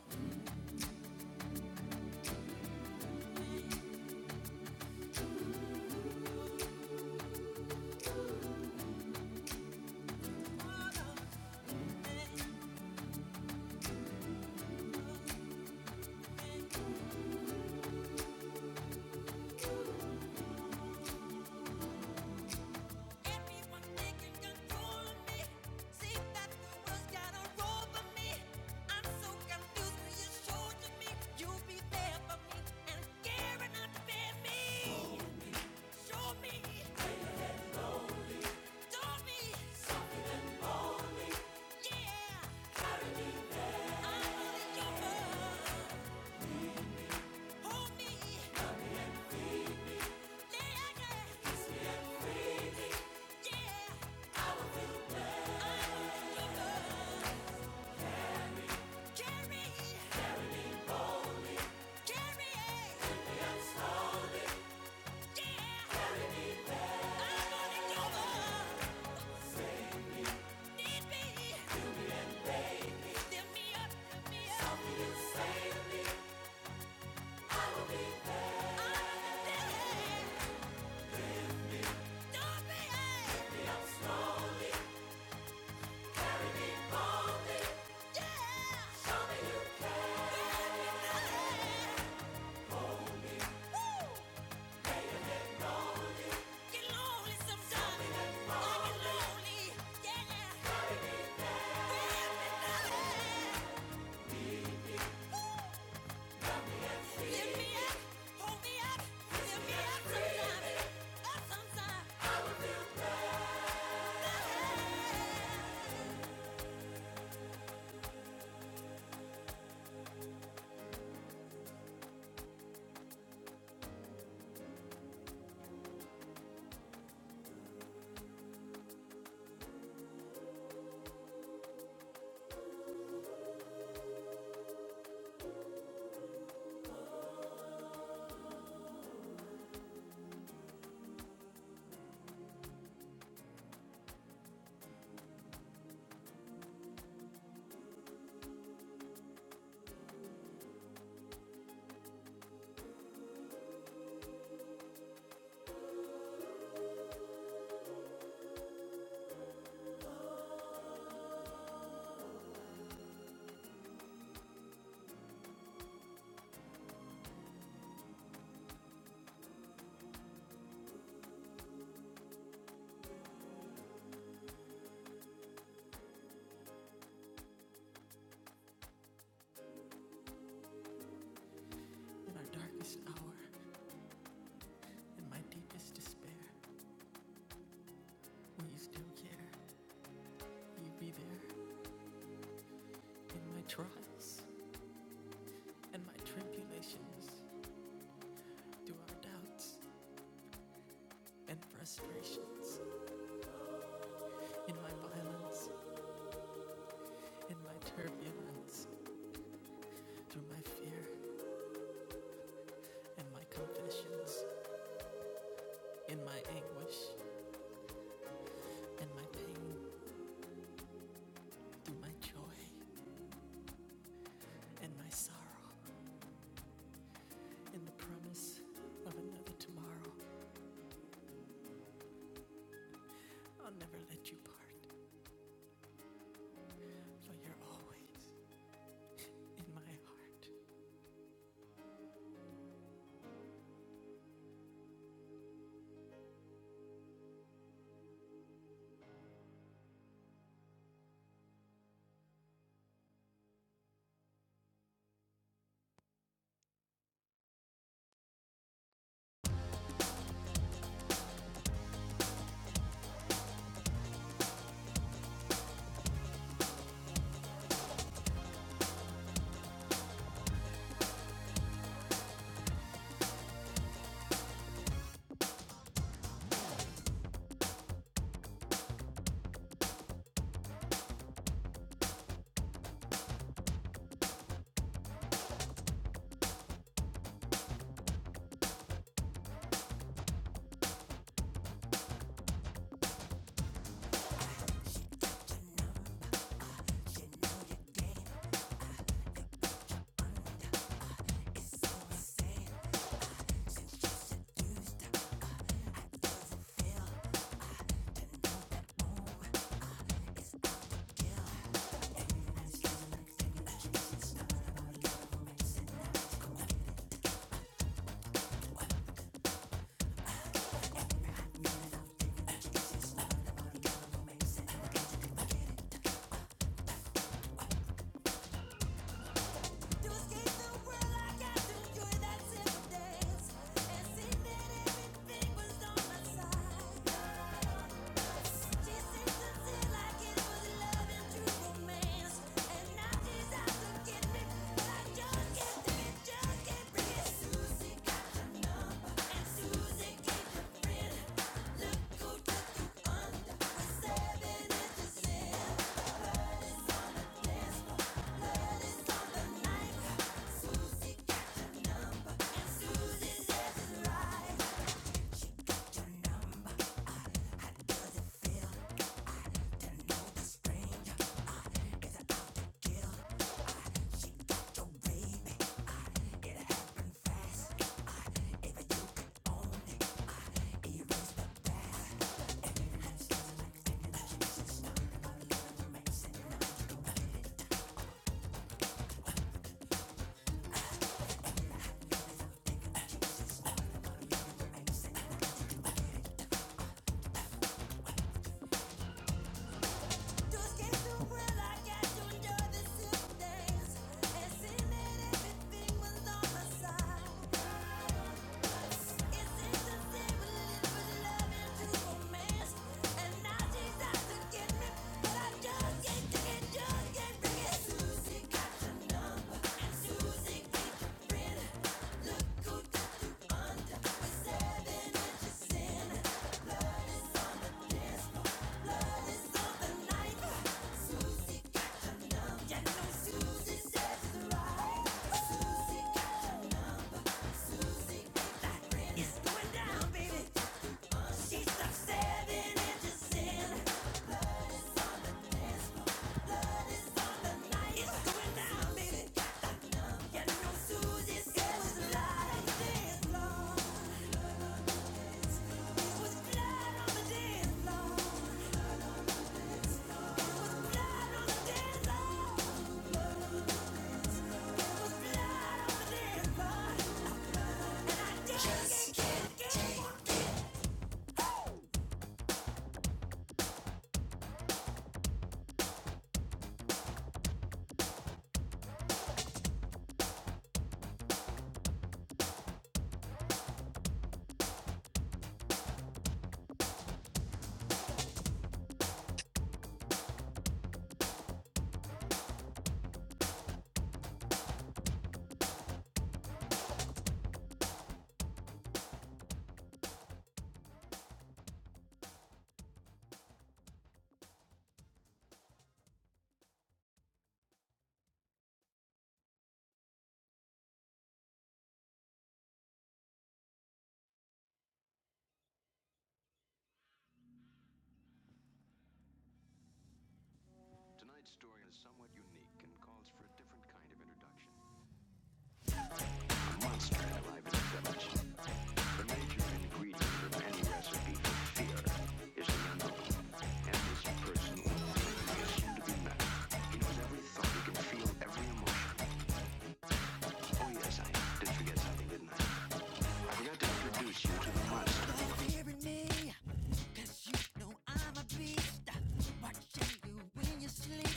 [SPEAKER 1] You sleep,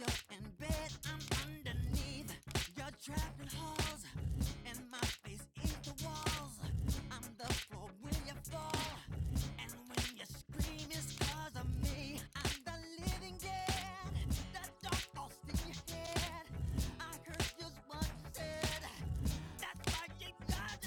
[SPEAKER 1] you when you scream, living dead. That dog lost in your head. I heard just what you said. You got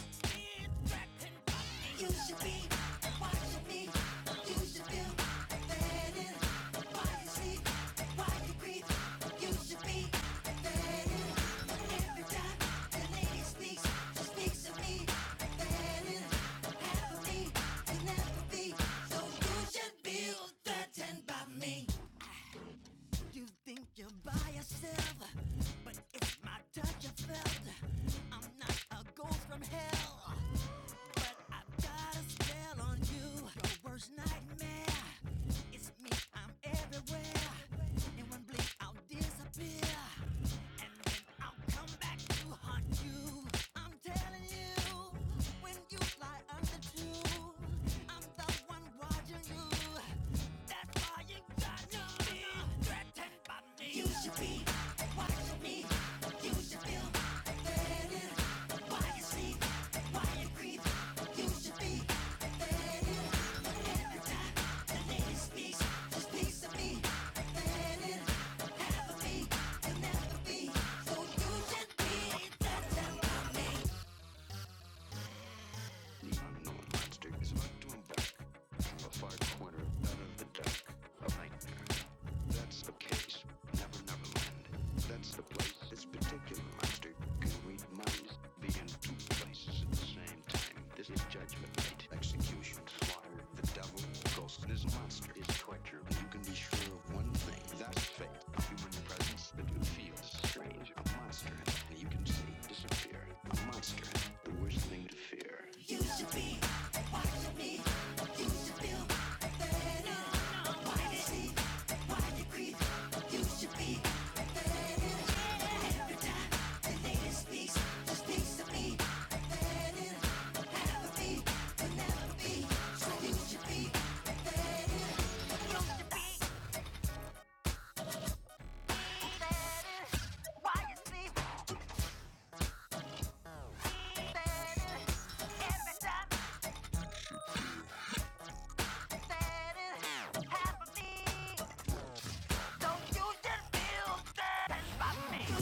[SPEAKER 1] by your sleep, he said it. Every time I said it, half of me. Don't you just feel sad about me?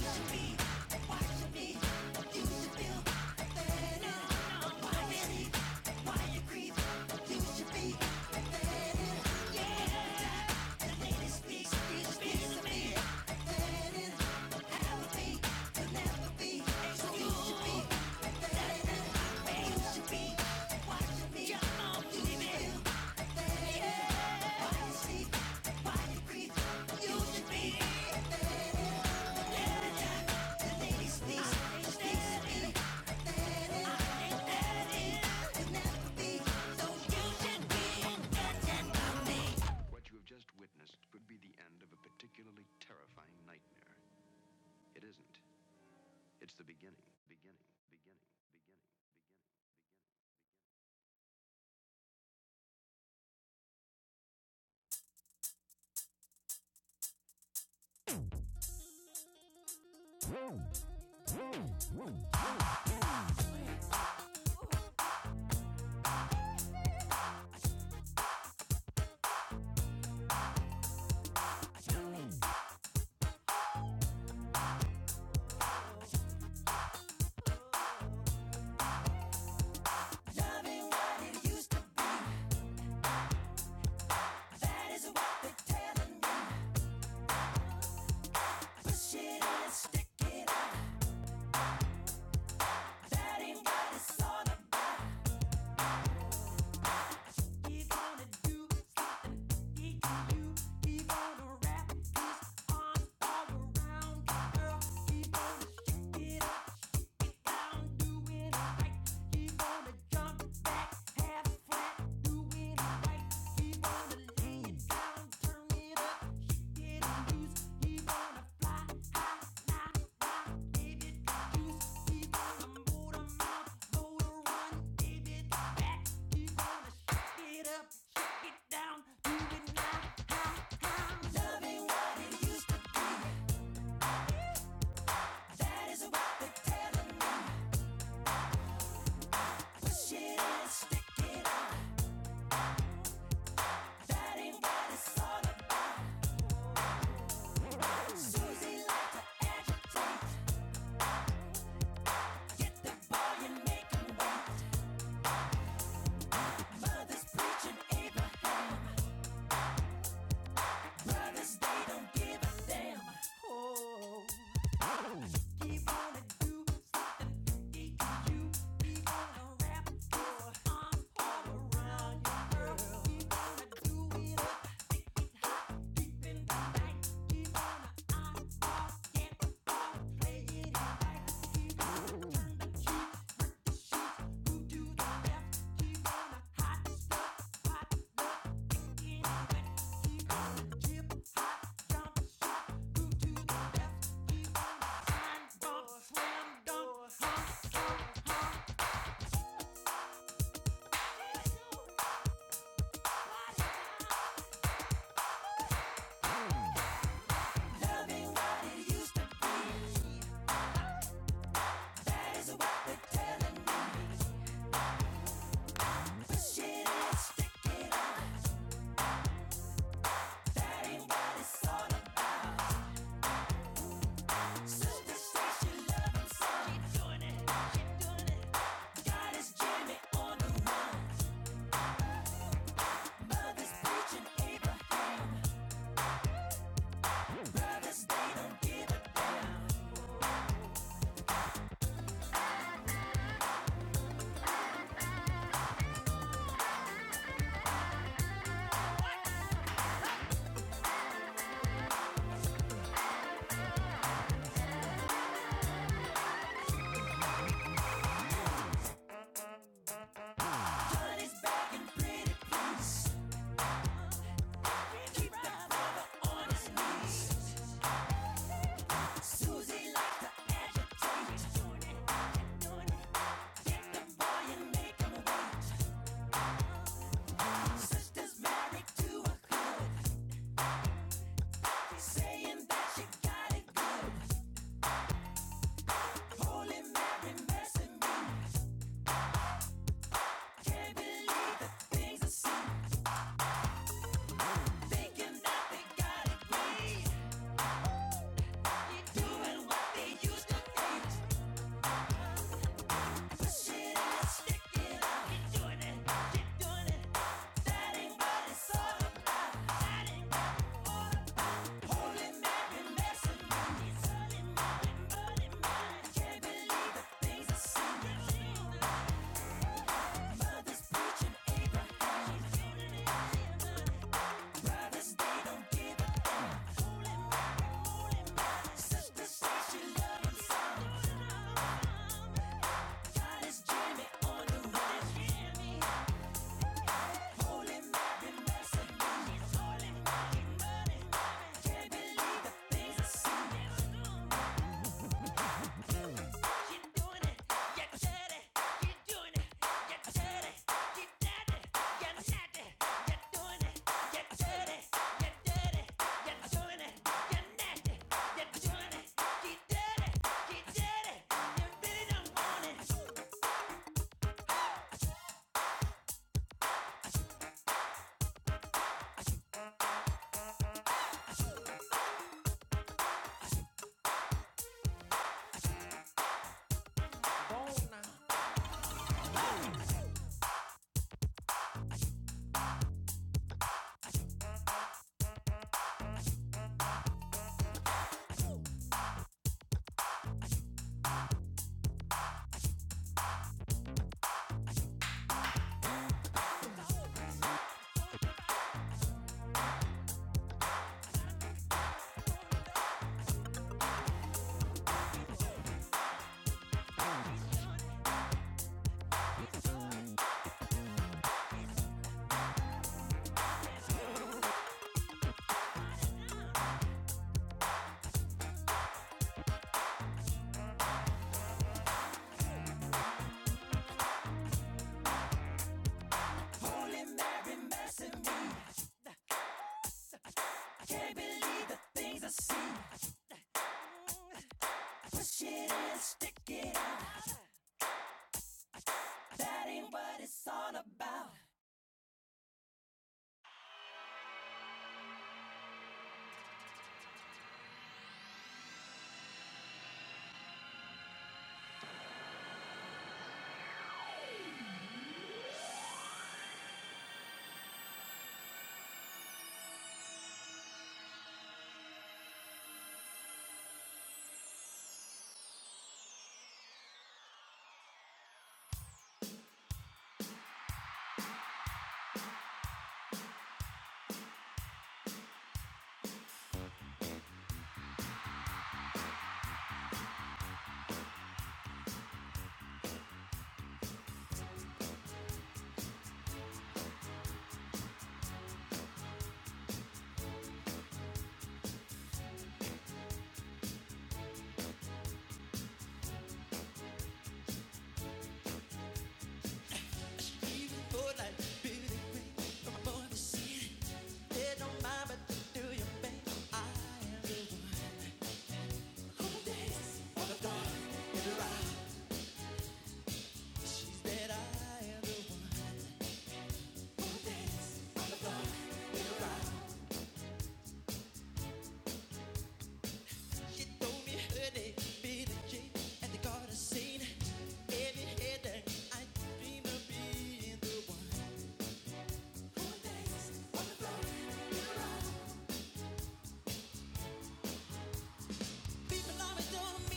[SPEAKER 1] People always told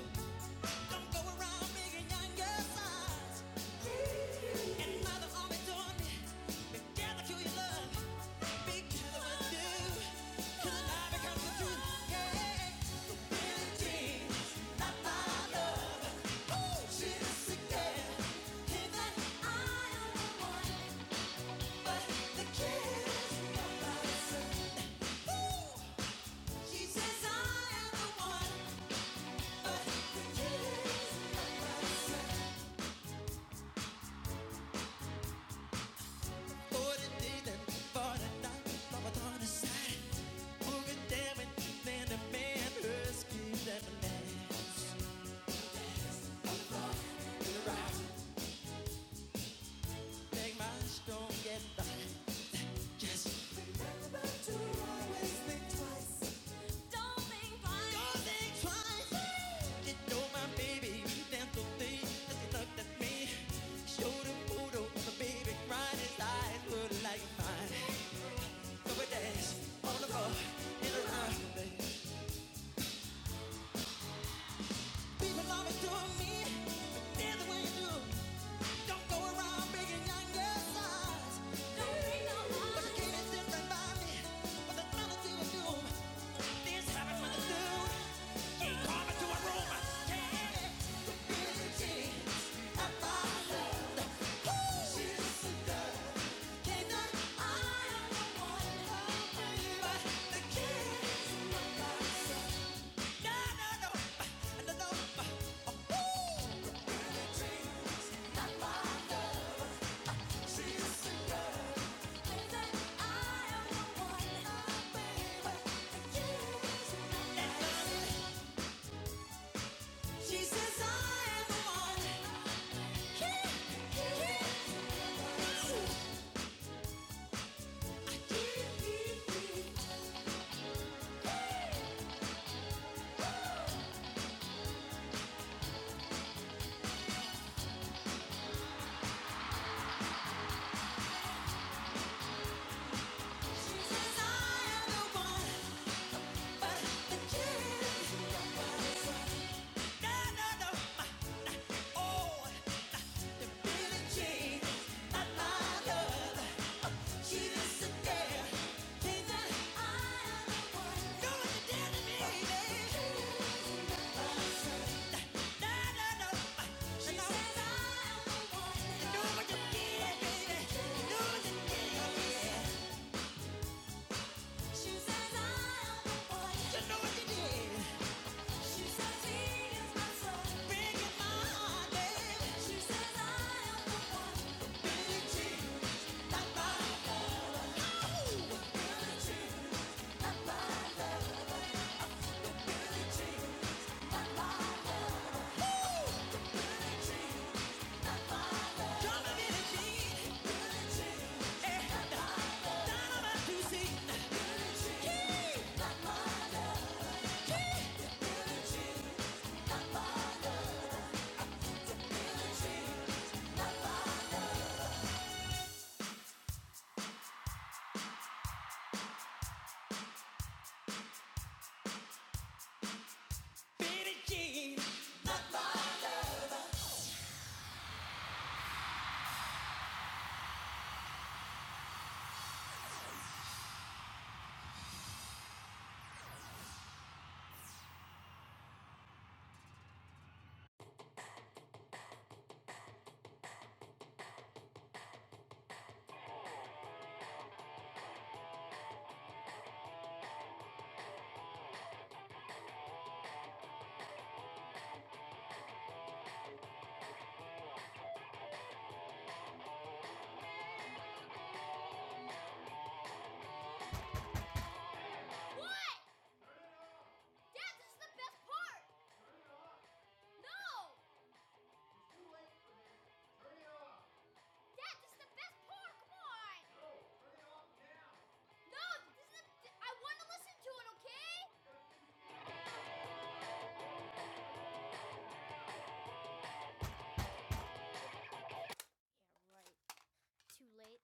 [SPEAKER 1] me, you Don't go around making younger signs. And mother always told me, gather to your love, be careful you do. 'Cause the lie becomes the truth. Yeah. He says, I am the one. Just remember to always think twice. Don't think twice. Don't think twice. You know my baby, you dance so deep. Just look at me. Showed the photo of the baby crying. His eyes were like mine. So we dance on the No! Dad, this is the best part! Come on! No, this is I want to listen to it, okay? Too late.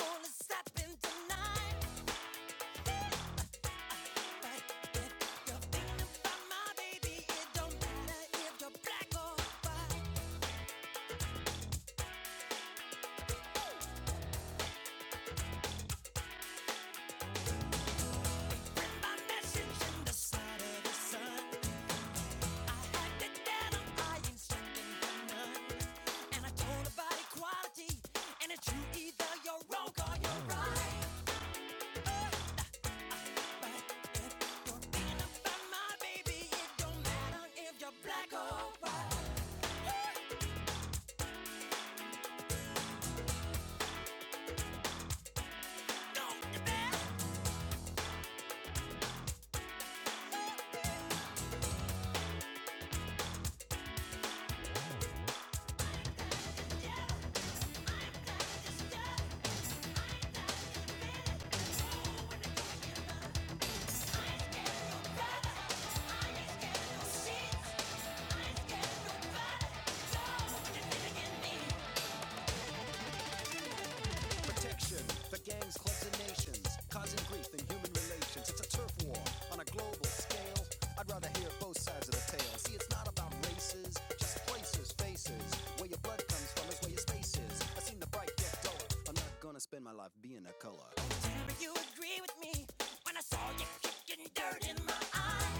[SPEAKER 1] so you agree with me. When I saw you kicking dirt in my eye,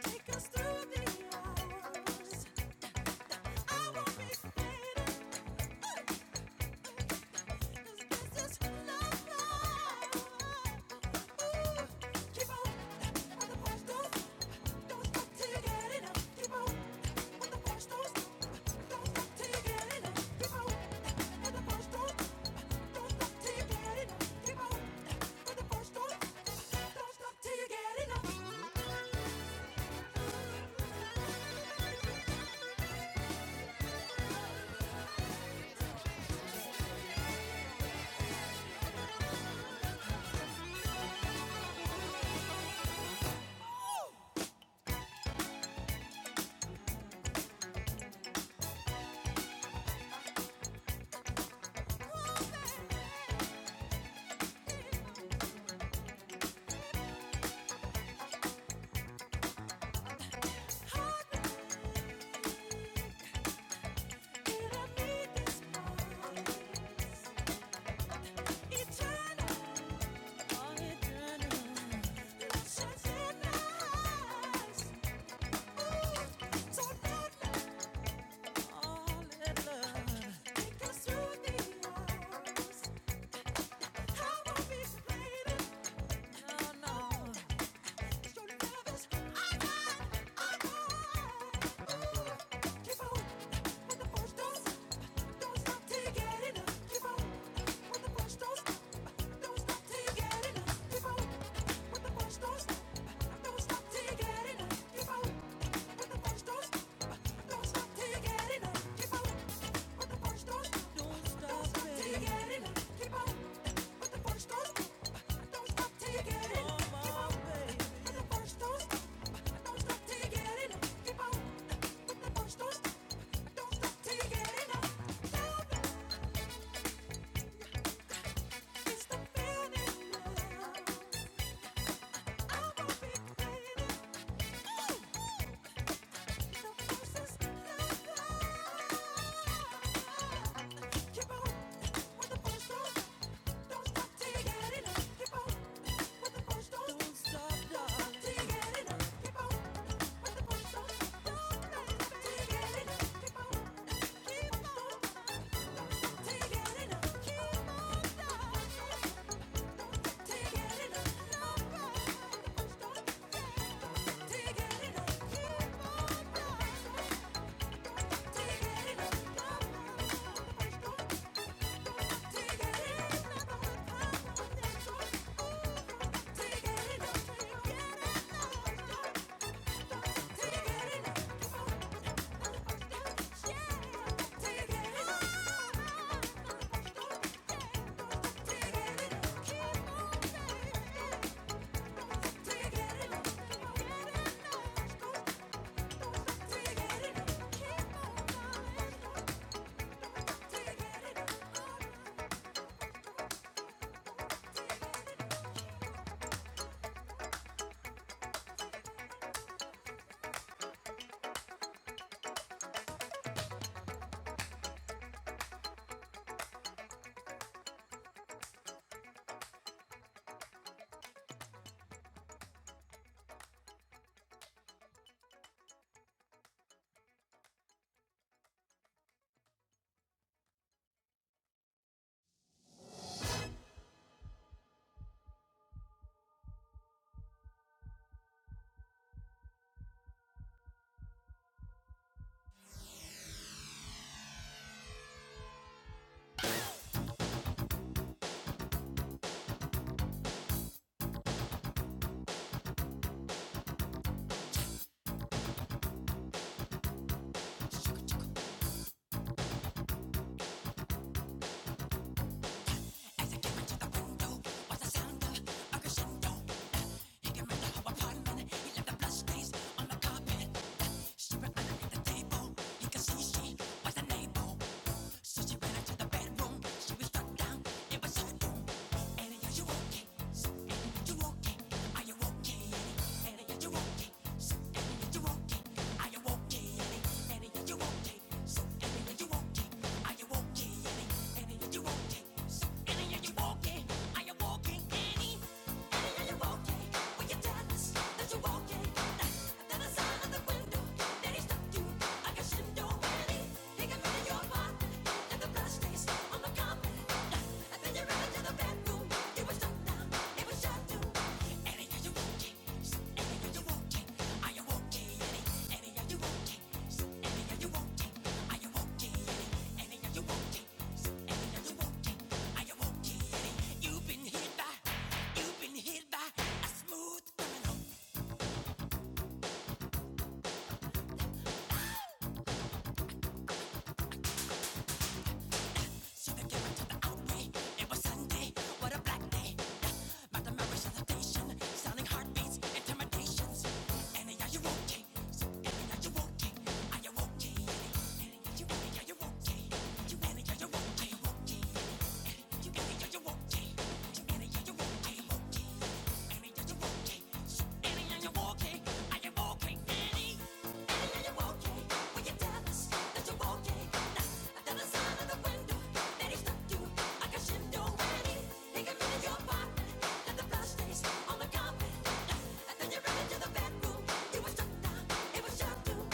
[SPEAKER 1] Take us through the hours. I won't be faded. Take us through the hours. How are we to play Don't stop. Take a look at your body and the blood stains It was your doom.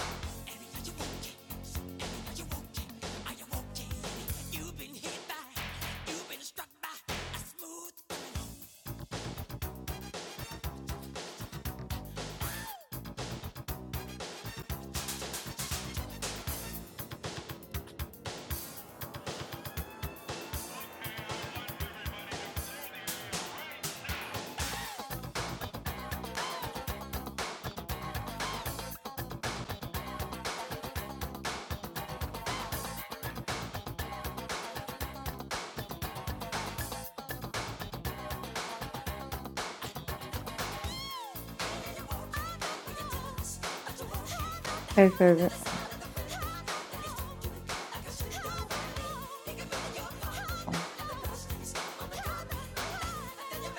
[SPEAKER 3] hey, favorite.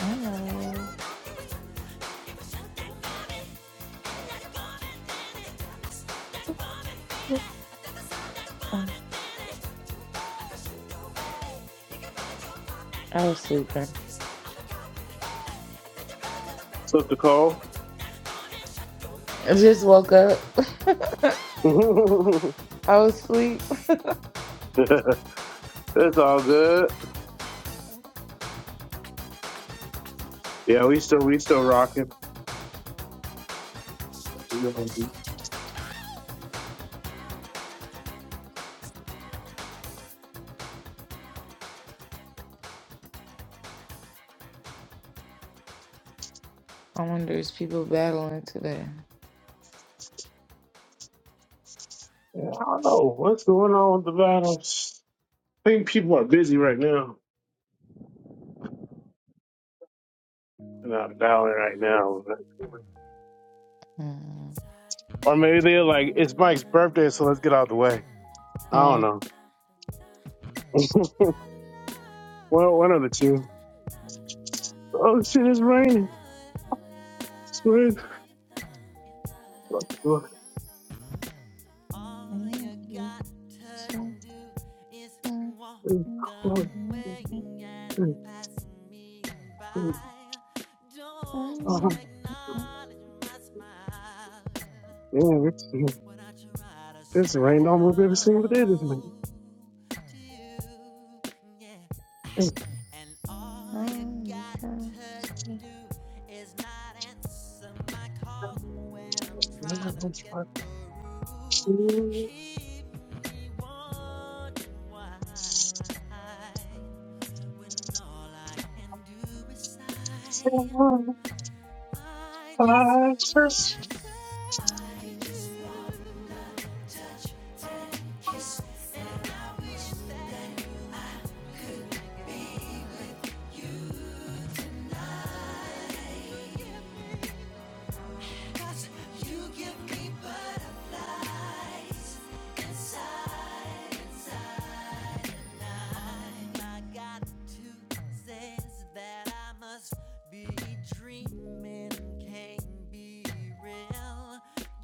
[SPEAKER 3] Hello. I was sleeping.
[SPEAKER 4] Slip the call.
[SPEAKER 3] I just woke up. I was asleep.
[SPEAKER 4] it's all good. Yeah, we still we still rocking. You know,
[SPEAKER 3] I wonder is people battling today?
[SPEAKER 4] Yeah, I don't know what's going on with the battles. I think people are busy right now. They're not battling right now.
[SPEAKER 3] Mm,
[SPEAKER 4] Or maybe they're like, it's Mike's birthday, so let's get out of the way. I don't know. Well, one of the two. Oh shit, it's raining. It's raining. Oh,
[SPEAKER 3] mm.
[SPEAKER 4] damn, it's, it's rained almost every single day this month.
[SPEAKER 3] Mm, mm,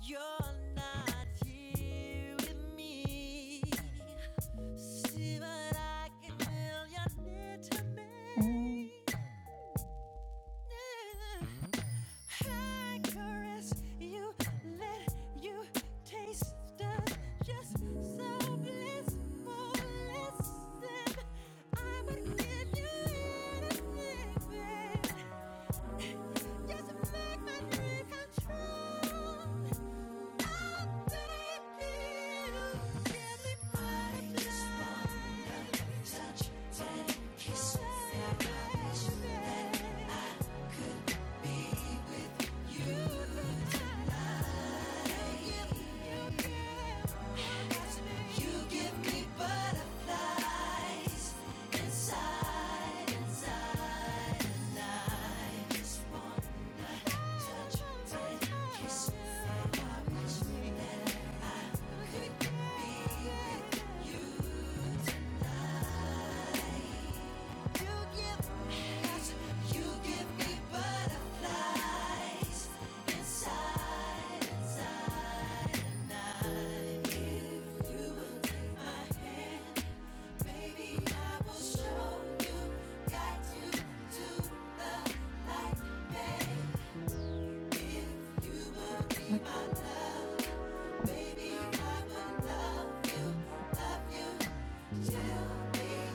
[SPEAKER 1] You're not the mere to me. I caress you, let you taste us just so blissful. Listen, I would give you anything, babe. Just make my dreams come true. You give me butterflies.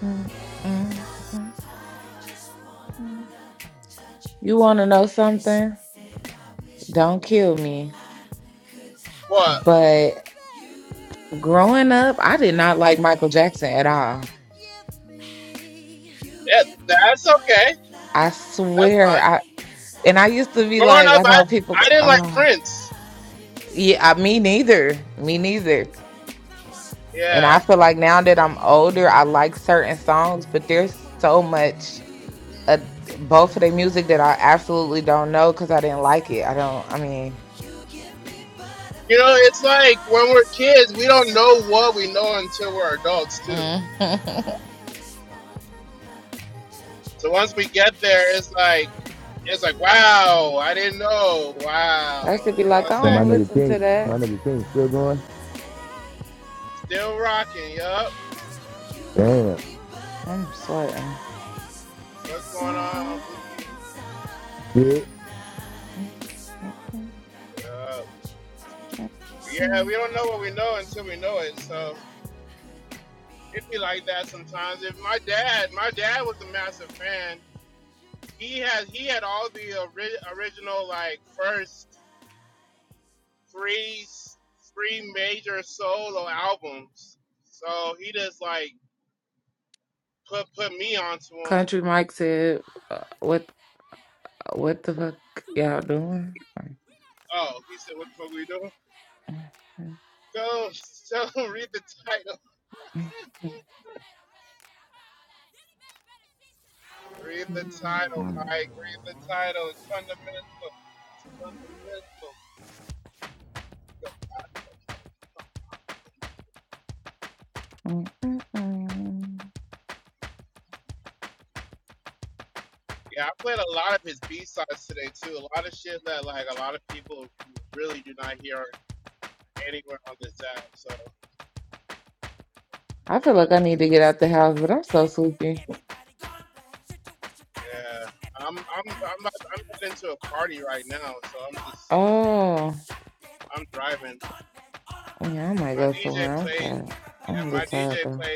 [SPEAKER 3] mm, mm, mm, mm. You want to know something? Don't kill me. But growing up, I did not like Michael Jackson at all. I swear. I and I used to be like, I know people. go, Oh, yeah, I, me neither. Me neither. And I feel like now that I'm older, I like certain songs, but there's so much uh, both of their music that I absolutely don't know because I didn't like it. I don't. I mean. Mhm. I used to be like, I don't
[SPEAKER 9] Damn, my
[SPEAKER 3] want to
[SPEAKER 9] nigga
[SPEAKER 3] listen to
[SPEAKER 9] king.
[SPEAKER 3] that.
[SPEAKER 9] my nigga king still going. Damn.
[SPEAKER 3] I'm sweating.
[SPEAKER 9] Yeah.
[SPEAKER 3] Country Mike said, uh, "What
[SPEAKER 1] Don't worry
[SPEAKER 3] uh, what the fuck y'all
[SPEAKER 1] what people
[SPEAKER 3] doing?"
[SPEAKER 1] say. We know the truth. All I want say is that they don't really care about us. Enough is enough of this garbage. All I want say is that they don't really care about us.
[SPEAKER 3] I feel like I need to get out the house, but
[SPEAKER 1] Skinhead,
[SPEAKER 3] I'm so
[SPEAKER 1] deadhead,
[SPEAKER 3] sleepy.
[SPEAKER 1] everybody gone black. Situation, aggravation, everybody allegation. MSC on the news, everybody gone through. Bang,
[SPEAKER 3] Oh,
[SPEAKER 1] bang, shot dead, everybody gone mad. All I wanna
[SPEAKER 3] yeah, I
[SPEAKER 1] say
[SPEAKER 3] might
[SPEAKER 1] is
[SPEAKER 3] go
[SPEAKER 1] that they
[SPEAKER 3] somewhere. I'm
[SPEAKER 1] don't really
[SPEAKER 3] tired.
[SPEAKER 1] care
[SPEAKER 3] I'm a
[SPEAKER 1] about
[SPEAKER 3] little
[SPEAKER 1] us.
[SPEAKER 3] tired though.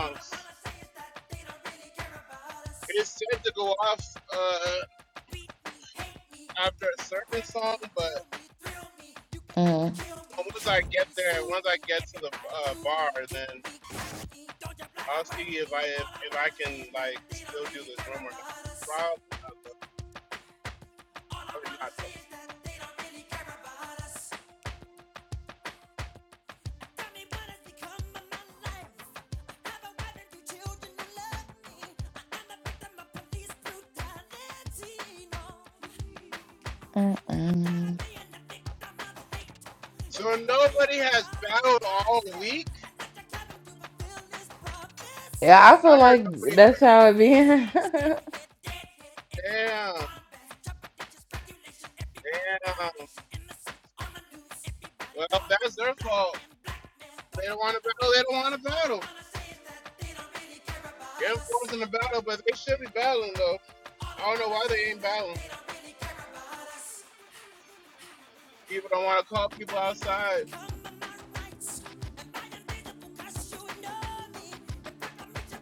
[SPEAKER 1] All I wanna say is that they don't really care about us. Beat me, hate me, you can break me, will me, thrill me, you can
[SPEAKER 3] Mm,
[SPEAKER 1] move me, everybody do me, kick me, Don't you black and white really care about? All I wanna say is that they don't really care about us. Tell me what has become of my life. I have a two children who love me. I am a victim of police brutality. No.
[SPEAKER 3] mm,
[SPEAKER 1] I'm tired of
[SPEAKER 3] mm.
[SPEAKER 1] being the victim of hate. You're ripping me of my pride, for God's sake. I let your cattle do a
[SPEAKER 3] Yeah, I feel like that's how it be.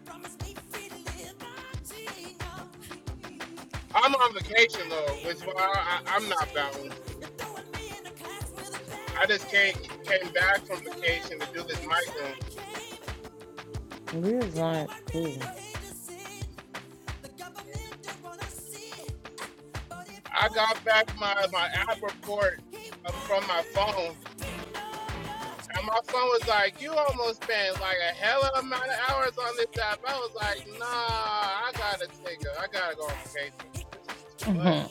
[SPEAKER 1] Promise me feeling my team up. Tired of being the victim of my shame. You're throwing me in a class with a bad name. I can't believe this is a land under which
[SPEAKER 3] Leah's not cool. Mhm.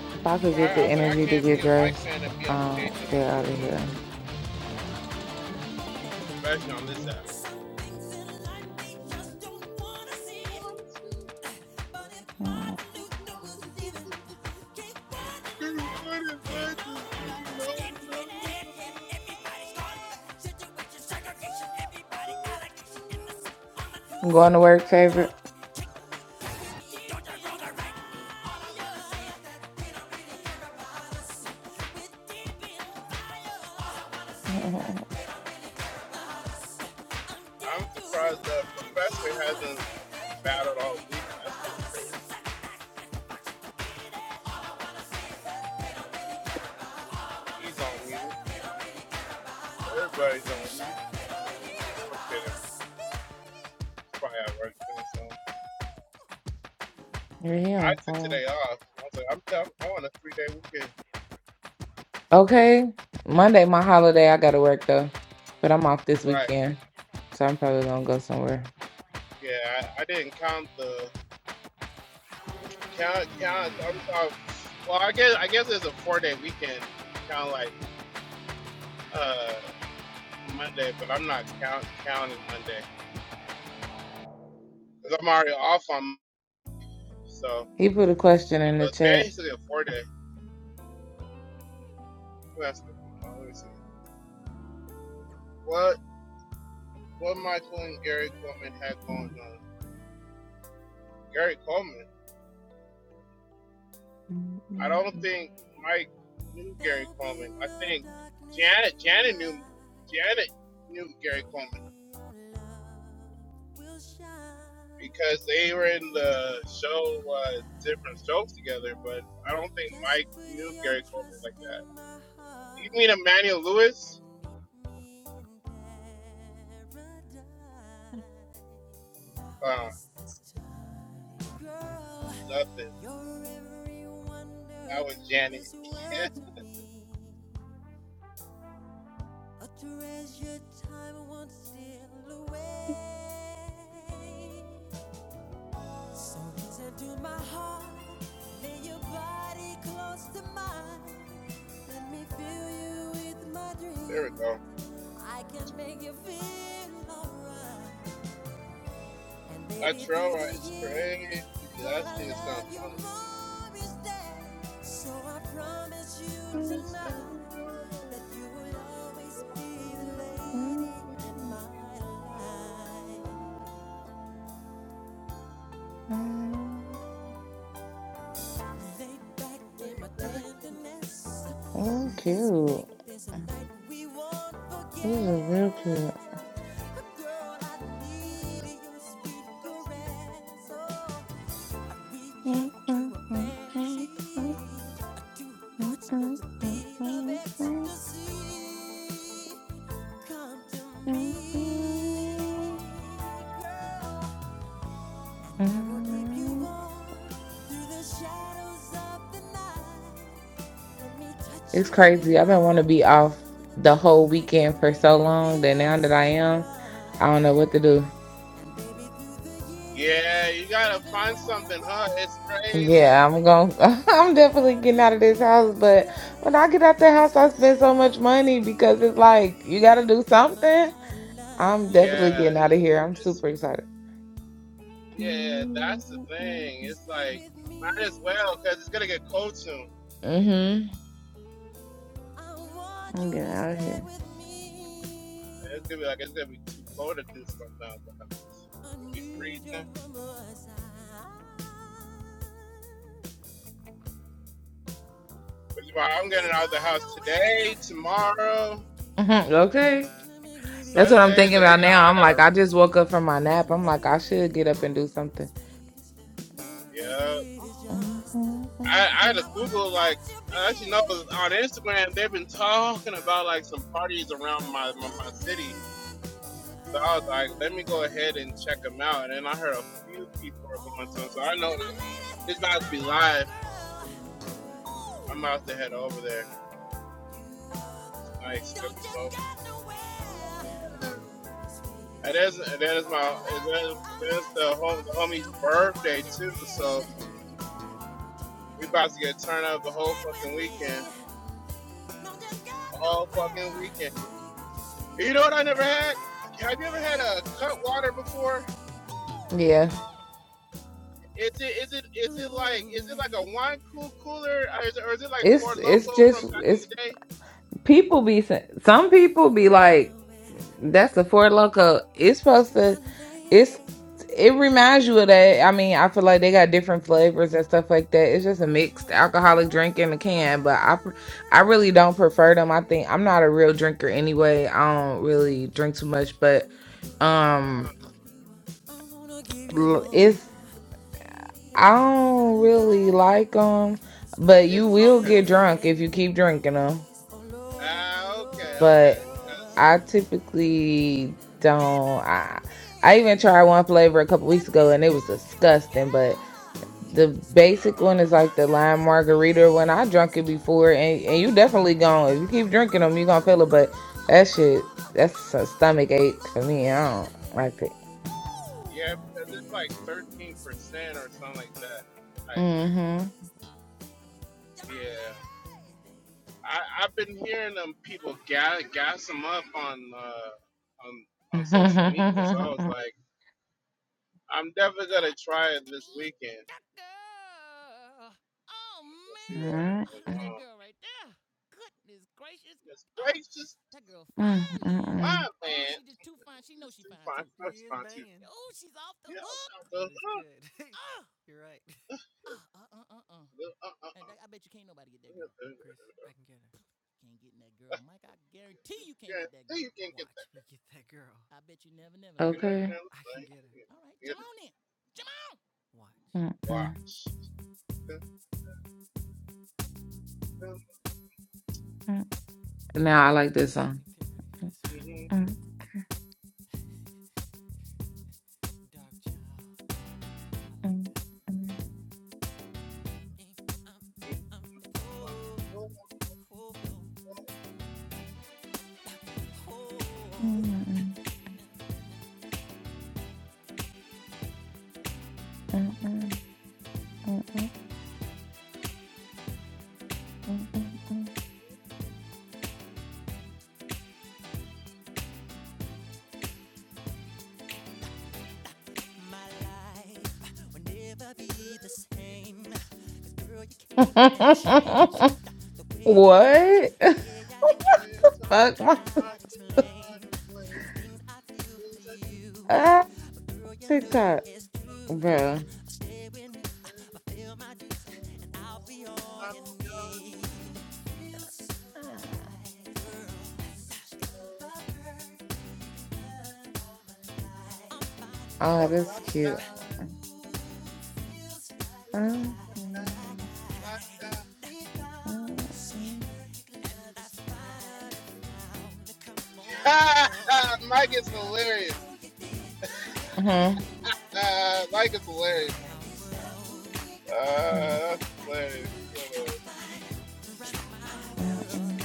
[SPEAKER 3] If I could get the energy to get dressed, um, get out of here. Mm. Going to work, favorite. Mhm. You're here, so. Okay. Monday, my holiday. I gotta work though, but I'm off this weekend, so I'm probably gonna go somewhere. He put a question in the chat.
[SPEAKER 1] time won't steal away. So listen to my heart, lay your body close to mine. Let me fill you with my dream. I can make you feel alright. And baby, through the years, gonna love you more each day. So I promise you tonight.
[SPEAKER 3] Well, cute. This is real cute. It's
[SPEAKER 1] me touch you with
[SPEAKER 3] crazy. I've been want
[SPEAKER 1] my
[SPEAKER 3] to be
[SPEAKER 1] love.
[SPEAKER 3] off the whole
[SPEAKER 1] I
[SPEAKER 3] weekend
[SPEAKER 1] can
[SPEAKER 3] for
[SPEAKER 1] make
[SPEAKER 3] so
[SPEAKER 1] you
[SPEAKER 3] long that now
[SPEAKER 1] feel
[SPEAKER 3] that I
[SPEAKER 1] so right.
[SPEAKER 3] am, I don't know what to do. Yeah, I'm going to I'm definitely getting out of this house, but when I get out the house, I spend so much money because it's like you got to do something. I'm definitely getting out of here. I'm super excited. Mm Mhm. I'm getting out of here. Mhm, Okay. That's what I'm thinking about now. I'm like, I just woke up from my nap. I'm like, I should get up and do something. Mhm, mhm. mhm.
[SPEAKER 1] And I love you, baby.
[SPEAKER 3] Yeah. It's it's just it's people be sa- some people be like that's a four loco it's supposed to it's it reminds you of that i mean i feel like they got different flavors and stuff like that it's just a mixed alcoholic drink in a can but i pr- i really don't prefer them i think i'm not a real drinker anyway i don't really drink too much but um l- it's i don't really like them but you will get drunk if you keep drinking them
[SPEAKER 1] Over all your-
[SPEAKER 3] I typically
[SPEAKER 1] Stay
[SPEAKER 3] don't.
[SPEAKER 1] back
[SPEAKER 3] I,
[SPEAKER 1] with
[SPEAKER 3] I
[SPEAKER 1] me.
[SPEAKER 3] even tried one flavor a couple
[SPEAKER 1] Let
[SPEAKER 3] weeks
[SPEAKER 1] me
[SPEAKER 3] ago and it was
[SPEAKER 1] touch you,
[SPEAKER 3] disgusting. But
[SPEAKER 1] girl.
[SPEAKER 3] the basic one is
[SPEAKER 1] Stay
[SPEAKER 3] like the
[SPEAKER 1] back
[SPEAKER 3] lime
[SPEAKER 1] with me.
[SPEAKER 3] margarita. When I drunk it before, and, and
[SPEAKER 1] All
[SPEAKER 3] you
[SPEAKER 1] over,
[SPEAKER 3] definitely
[SPEAKER 1] all
[SPEAKER 3] going if you keep
[SPEAKER 1] over,
[SPEAKER 3] drinking them, you
[SPEAKER 1] all
[SPEAKER 3] gonna feel it.
[SPEAKER 1] over,
[SPEAKER 3] But
[SPEAKER 1] all
[SPEAKER 3] that
[SPEAKER 1] over,
[SPEAKER 3] shit,
[SPEAKER 1] all over,
[SPEAKER 3] that's
[SPEAKER 1] all
[SPEAKER 3] a
[SPEAKER 1] over,
[SPEAKER 3] stomach
[SPEAKER 1] all
[SPEAKER 3] ache for
[SPEAKER 1] over,
[SPEAKER 3] me. I don't
[SPEAKER 1] baby.
[SPEAKER 3] like it.
[SPEAKER 1] Woo! Fill you with the sweetest love.
[SPEAKER 3] Mm-hmm.
[SPEAKER 1] Always the- You're my lady. You're my lady, baby. Ah, me. That girl. Oh, man.
[SPEAKER 3] Mm,
[SPEAKER 1] Oh, look at that girl right there. Goodness gracious. Oh, that girl
[SPEAKER 3] mm, mm,
[SPEAKER 1] fine, man. Look at
[SPEAKER 3] mm.
[SPEAKER 1] the. Oh, she just too fine. She knows she fine, too. She is banging. Oh, she's off the hook. She looks good. Oh, You're right. uh, uh, uh, uh, uh. And I bet you can't nobody get that girl. Chris, I can get her. Can't get in that girl. Mike, I guarantee you can't get that girl. Watch me get that girl. I bet you never, Neverland, you can't.
[SPEAKER 3] Okay. Mm-mm. Now I like this song. Mm, mm, mm, mm, mm, mm. Mm-mm, mm-mm, mm-mm, mm. mm, mm, mm. What? Fuck myself. Ah, TikTok, bro. Oh, that's cute. Mm, mm, mm, mm. Mhm. Mm, mm,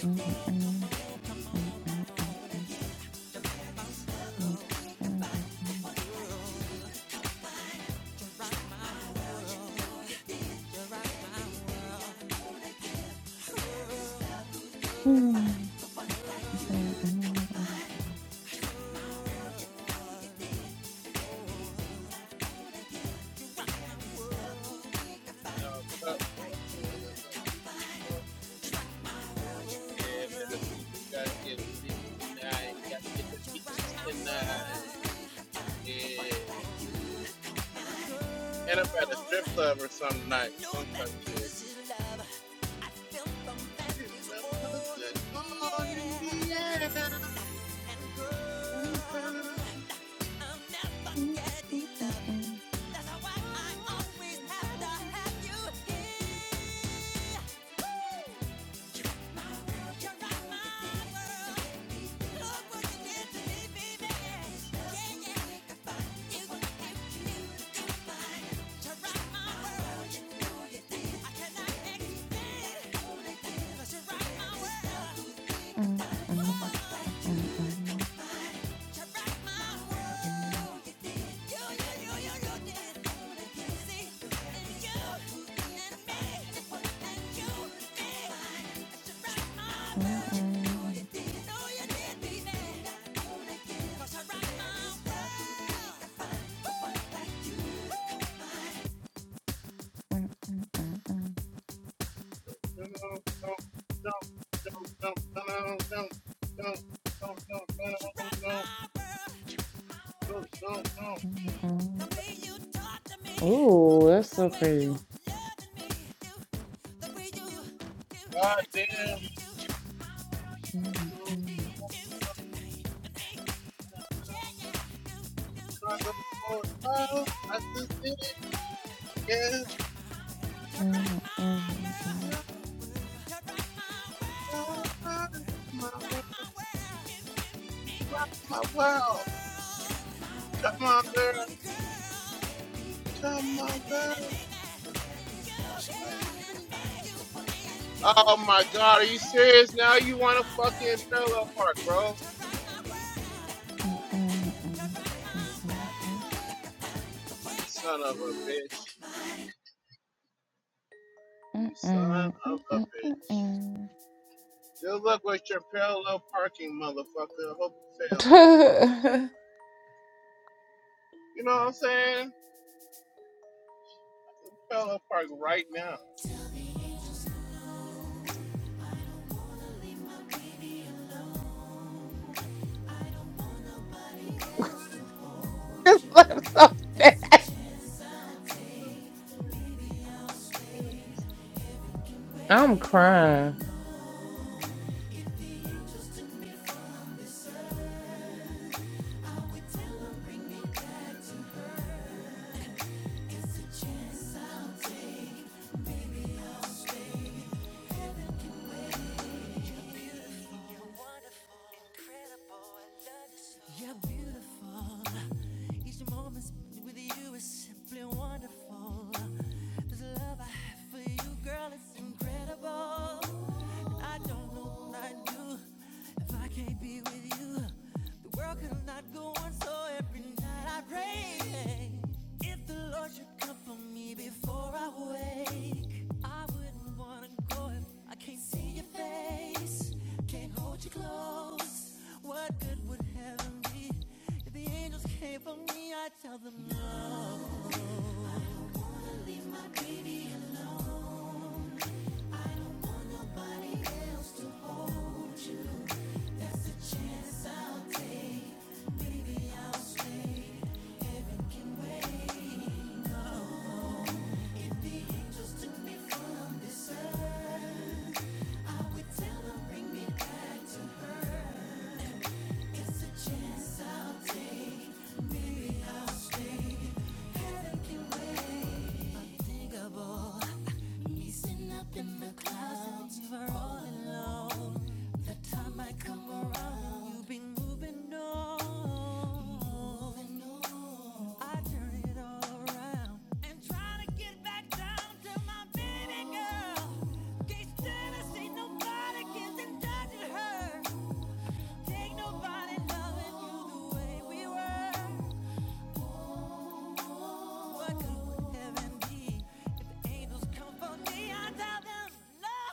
[SPEAKER 3] mm, mm, mm, mm, mm, mm, mm, mm, mm,
[SPEAKER 1] Know that this is love. I feel from that is all in the air. And girl, I'm never getting enough. That's why I always have to have you here. Woo! My world, you're right, my world. Look what you did to me, baby. Yeah, yeah. It's what I You to you.
[SPEAKER 3] mm, mm, mm, mm. Mm. Mm, mm, mm, mm, mm, mm, mm, mm, mm. Ooh, that's so pretty. Mm, mm, mm, mm, mm, mm, mm, mm, mm, mm, mm, mm, mm, mm, mm, mm. That's so bad. I'm crying.
[SPEAKER 1] Praise. If the Lord should come for me before I wake, I wouldn't wanna go if I can't see your face, can't hold you close. What good would heaven be if the angels came for me? I tell them no. Maybe the time might come around, you've been moving on. I turn it all around and try to get back down to my baby girl. Can't stand to nobody gets touching her. Ain't nobody loving you the way we were. What good heaven be if angels come for me? I tell them, Lord,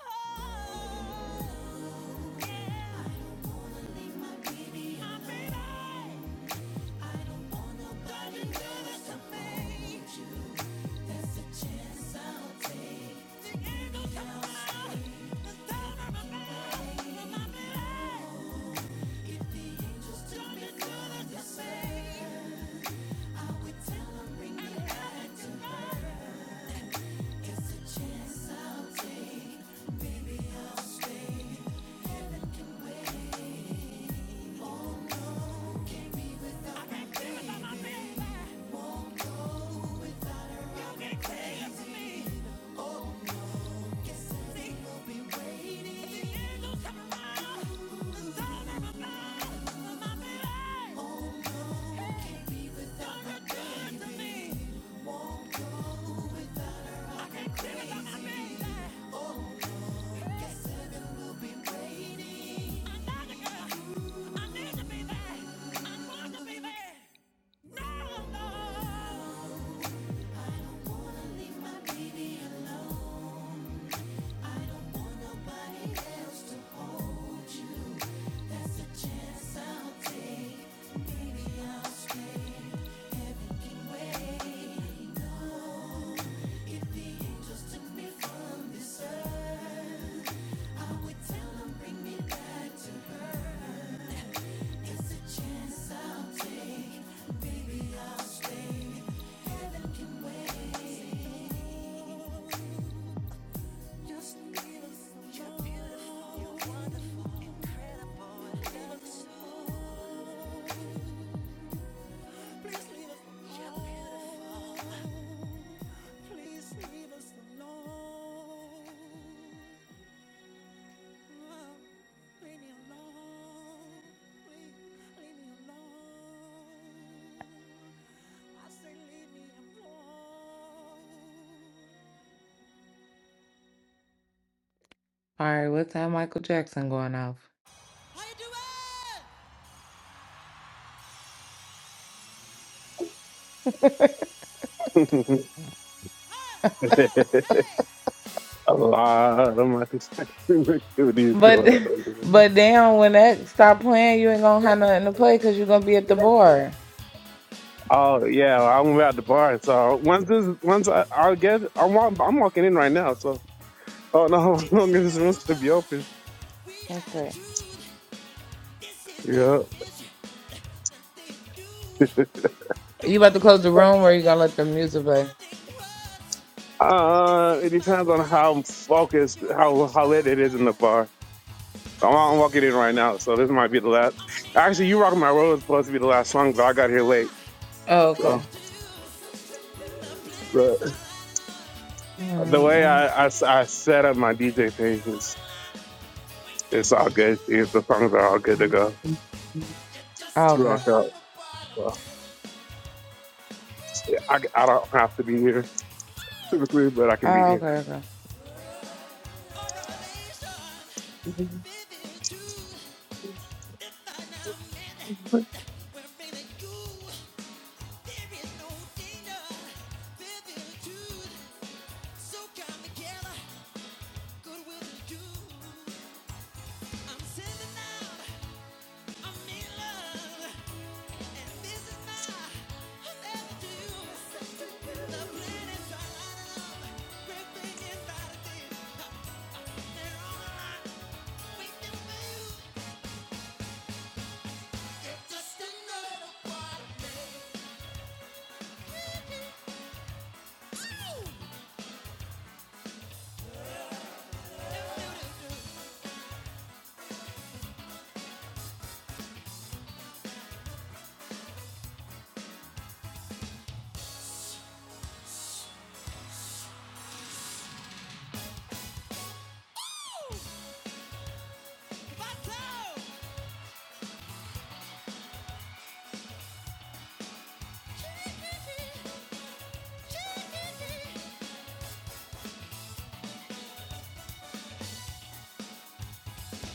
[SPEAKER 3] All right, what's that Michael Jackson going off?
[SPEAKER 1] how you doing? Oh, hey,
[SPEAKER 4] A lot of my construction activities
[SPEAKER 3] But
[SPEAKER 4] going on.
[SPEAKER 3] but damn, when that stop playing, you ain't gonna have nothing to play because you're gonna be at the bar.
[SPEAKER 4] Oh yeah, I'm at the bar. So once this, once I, i get, I'm, wa- I'm walking in right now. So oh no, as
[SPEAKER 1] we're
[SPEAKER 4] long as
[SPEAKER 1] taking
[SPEAKER 4] this room's to be open.
[SPEAKER 1] over. We
[SPEAKER 3] Okay.
[SPEAKER 1] have truth. This is
[SPEAKER 4] Yeah.
[SPEAKER 1] the mission. Nothing new.
[SPEAKER 3] You
[SPEAKER 1] Don't
[SPEAKER 3] about to
[SPEAKER 1] point
[SPEAKER 3] close
[SPEAKER 1] your
[SPEAKER 3] the room, or you gonna
[SPEAKER 1] finger.
[SPEAKER 3] let the music play?
[SPEAKER 1] Nothing worse.
[SPEAKER 4] uh,
[SPEAKER 1] This
[SPEAKER 4] it
[SPEAKER 1] is my
[SPEAKER 4] depends on
[SPEAKER 1] plan.
[SPEAKER 4] how focused,
[SPEAKER 1] You're one
[SPEAKER 4] how
[SPEAKER 1] of
[SPEAKER 4] how lit it is in the
[SPEAKER 1] us.
[SPEAKER 4] bar.
[SPEAKER 1] I'm
[SPEAKER 4] I'm, I'm walking
[SPEAKER 1] sending
[SPEAKER 4] in right now,
[SPEAKER 1] out.
[SPEAKER 4] so this might be the last.
[SPEAKER 1] I'm in
[SPEAKER 4] Actually, you rock my
[SPEAKER 1] love.
[SPEAKER 4] world was supposed to be the last song, but I got here late.
[SPEAKER 3] Oh,
[SPEAKER 4] So
[SPEAKER 3] okay.
[SPEAKER 4] but the way
[SPEAKER 3] Mm, mm.
[SPEAKER 4] I, I s- I set up my DJ page is it's all good. The songs are all good to go.
[SPEAKER 3] Oh,
[SPEAKER 1] Just
[SPEAKER 3] okay.
[SPEAKER 4] Look, uh,
[SPEAKER 1] another part
[SPEAKER 4] uh,
[SPEAKER 1] of
[SPEAKER 4] I, I don't have to be here typically, but I can be
[SPEAKER 3] Oh,
[SPEAKER 4] here.
[SPEAKER 3] okay. Okay.
[SPEAKER 1] Good will to do. I'm sending out. I'm in love, and this is my never do. So let it fly, just a little.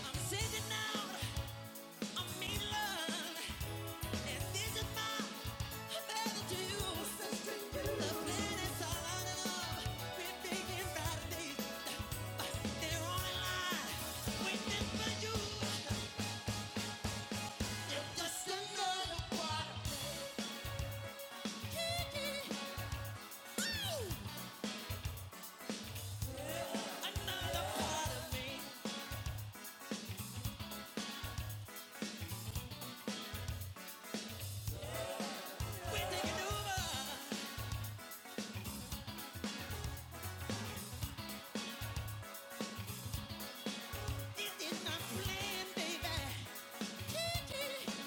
[SPEAKER 1] I'm sitting out, but they're on a waiting for you. just another part Another part of me. We're taking over. This is my flavor.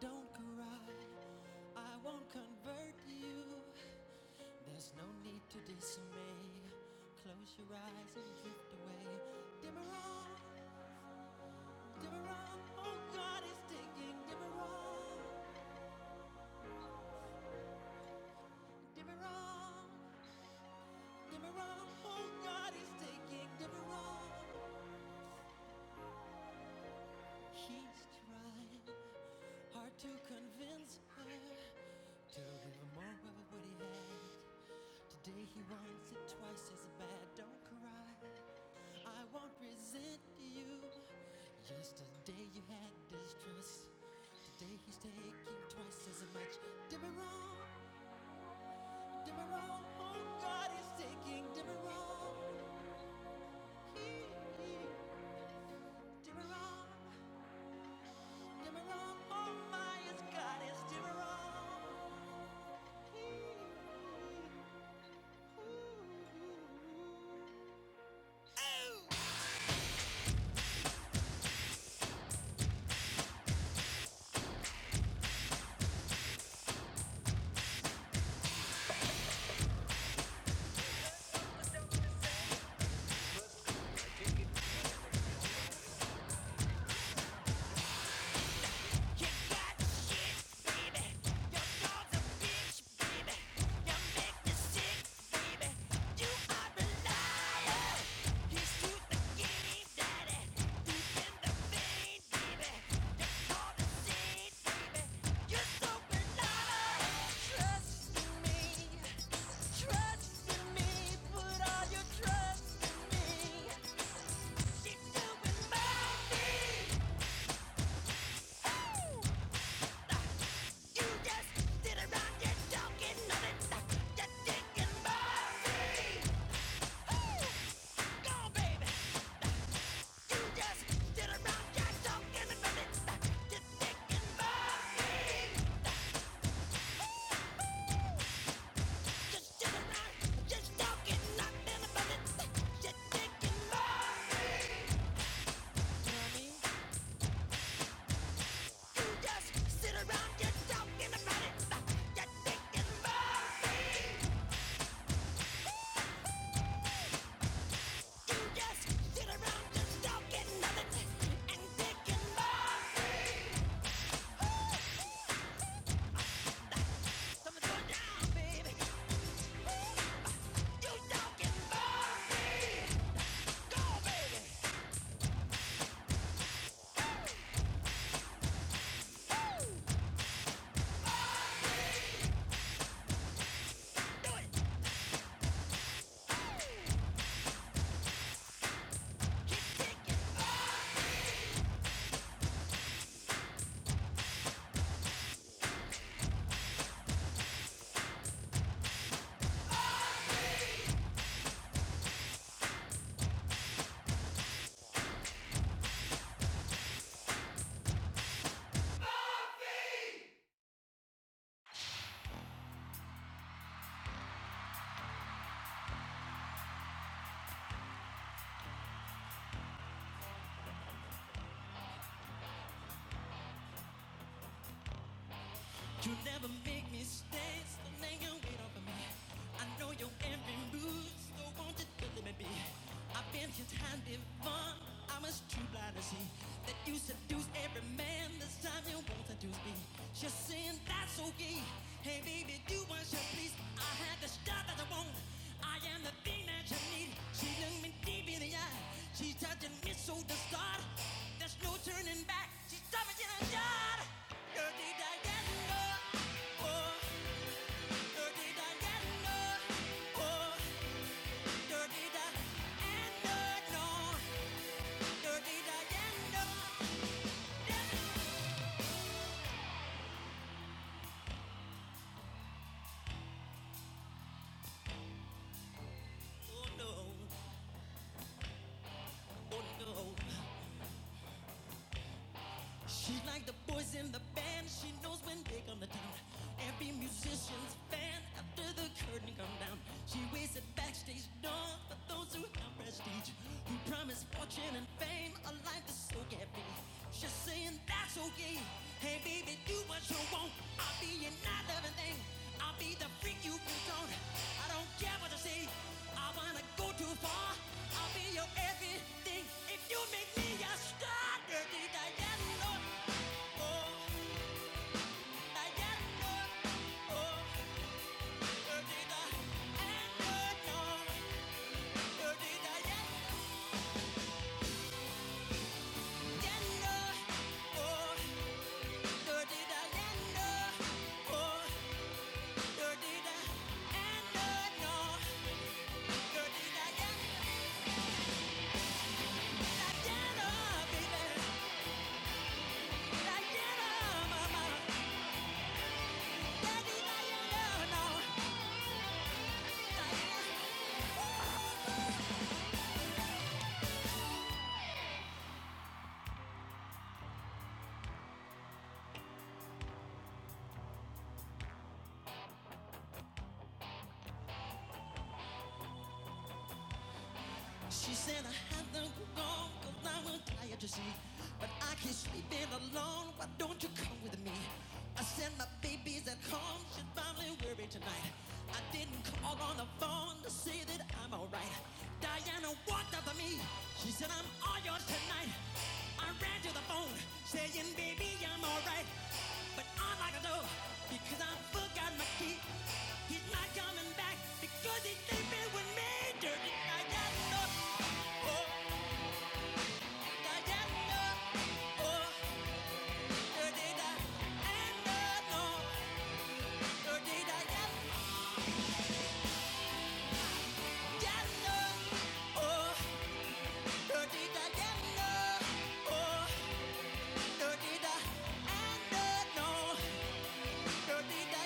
[SPEAKER 1] Don't convert, your eyes and drift away. Dimmer oh God is taking. oh God is taking. He's trying hard to convince her. Well, what he had today he wants it twice as bad. Don't cry, I won't resent you. The day you had distrust. the day he's taking twice as much. Did me wrong, did me wrong, oh God he's taking. Did me wrong, oh oh my, it's God is did me wrong. Just sit around just talking nothing and thinking for down, baby. You never make mistakes, so lay your weight off of me. I know your every move, so won't you just let me be? I've been your time before, I was too blind to see that you seduce every man. This time you won't seduce me. She's saying that's okay. Hey baby, do what you please. I have the stuff that I want. I am the thing that you need. She looked me deep in the eye. She's touching me so to start. There's no turning back. I, I get no, I get no. Dirty da, no, dirty yeah. Oh no. She's like the boys in the band. She knows when they come to town. Every musician's fan after the curtain come down. She waits at backstage door for those who have prestige, who promise fortune and fame, a life that's so can't be. She's saying that's okay. Hey baby, do what you want. I'll be your night loving thing. I'll be the freak you want. I don't care what you say. I wanna go too far. I'll be your everything if you make me your star. Yeah. She said I have to go cause I'm tired to see. But I keep sleeping alone. Why don't you come with me? I said my baby's at home. She's probably worried tonight. I didn't call on the phone to say that I'm alright. Diana walked up to me. She said I'm all yours tonight. I ran to the phone saying, baby, I'm alright. But I'm like a dove because I forgot my key dirty. I Oh, I got Oh, dirty da. And no, no, dirty da. Oh, dirty da. Oh, dirty da. And no, no, dirty da.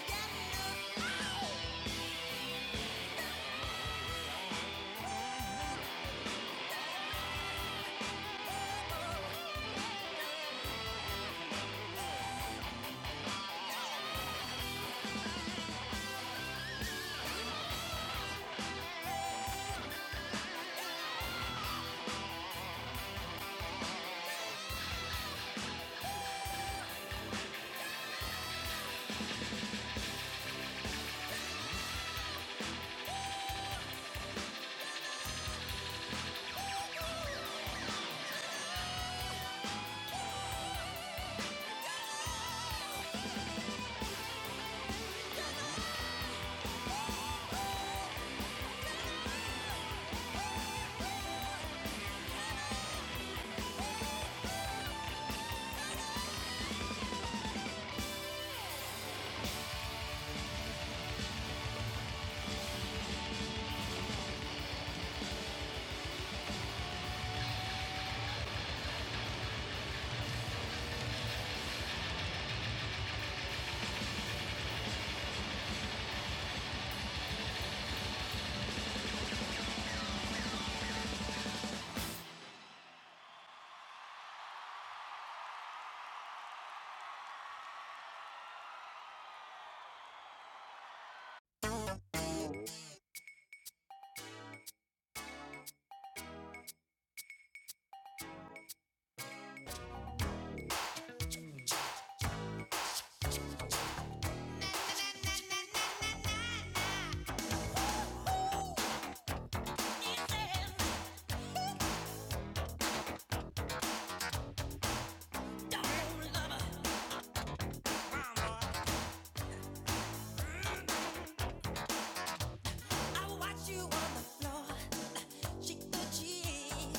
[SPEAKER 1] I watch you on the floor, cheek to cheek.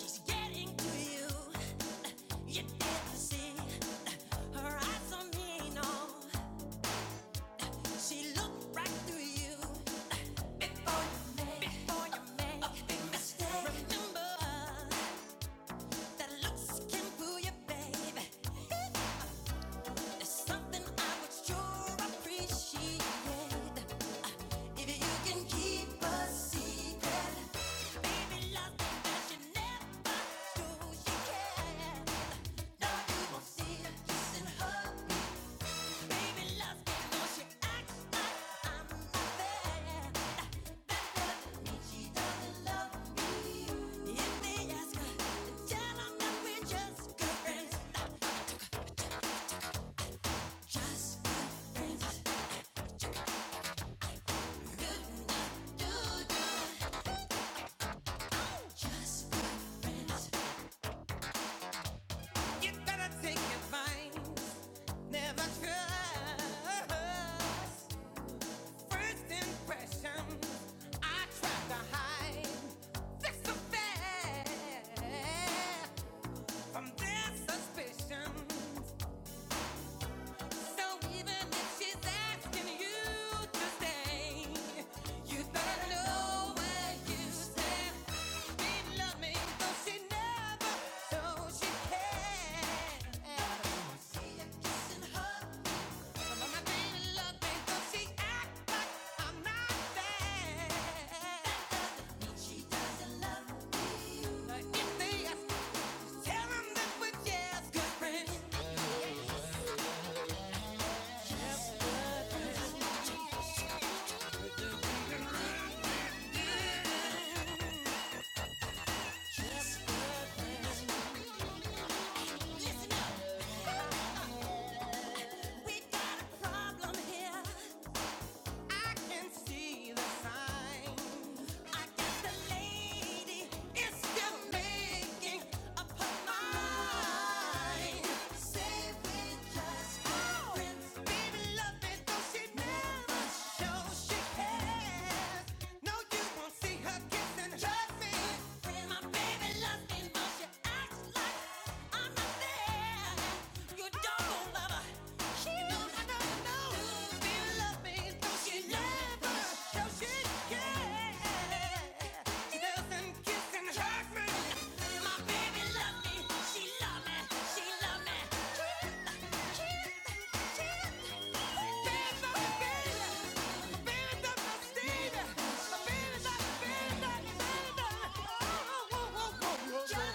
[SPEAKER 1] She's getting to you. You can't see her eyes on me, no. She looked right through you before you made before you make a big mistake. Remember that looks can fool you, babe. There's something I would sure appreciate if you can keep a secret. And I'm not with just you gotta take advice. Never trust first impression. I tried to hide. That's a from their suspicions. So even if she's asking you to stay, you better know where you stand. Be loving, though she never, so she can. We got a problem here. I can see the sign. I guess the lady is still making up her mind. Say we just friends, baby, love it though she never shows she cares. No, you won't see her kissing, trust me. My baby loves me, but she acts like I'm not there. You don't love her, Yeah.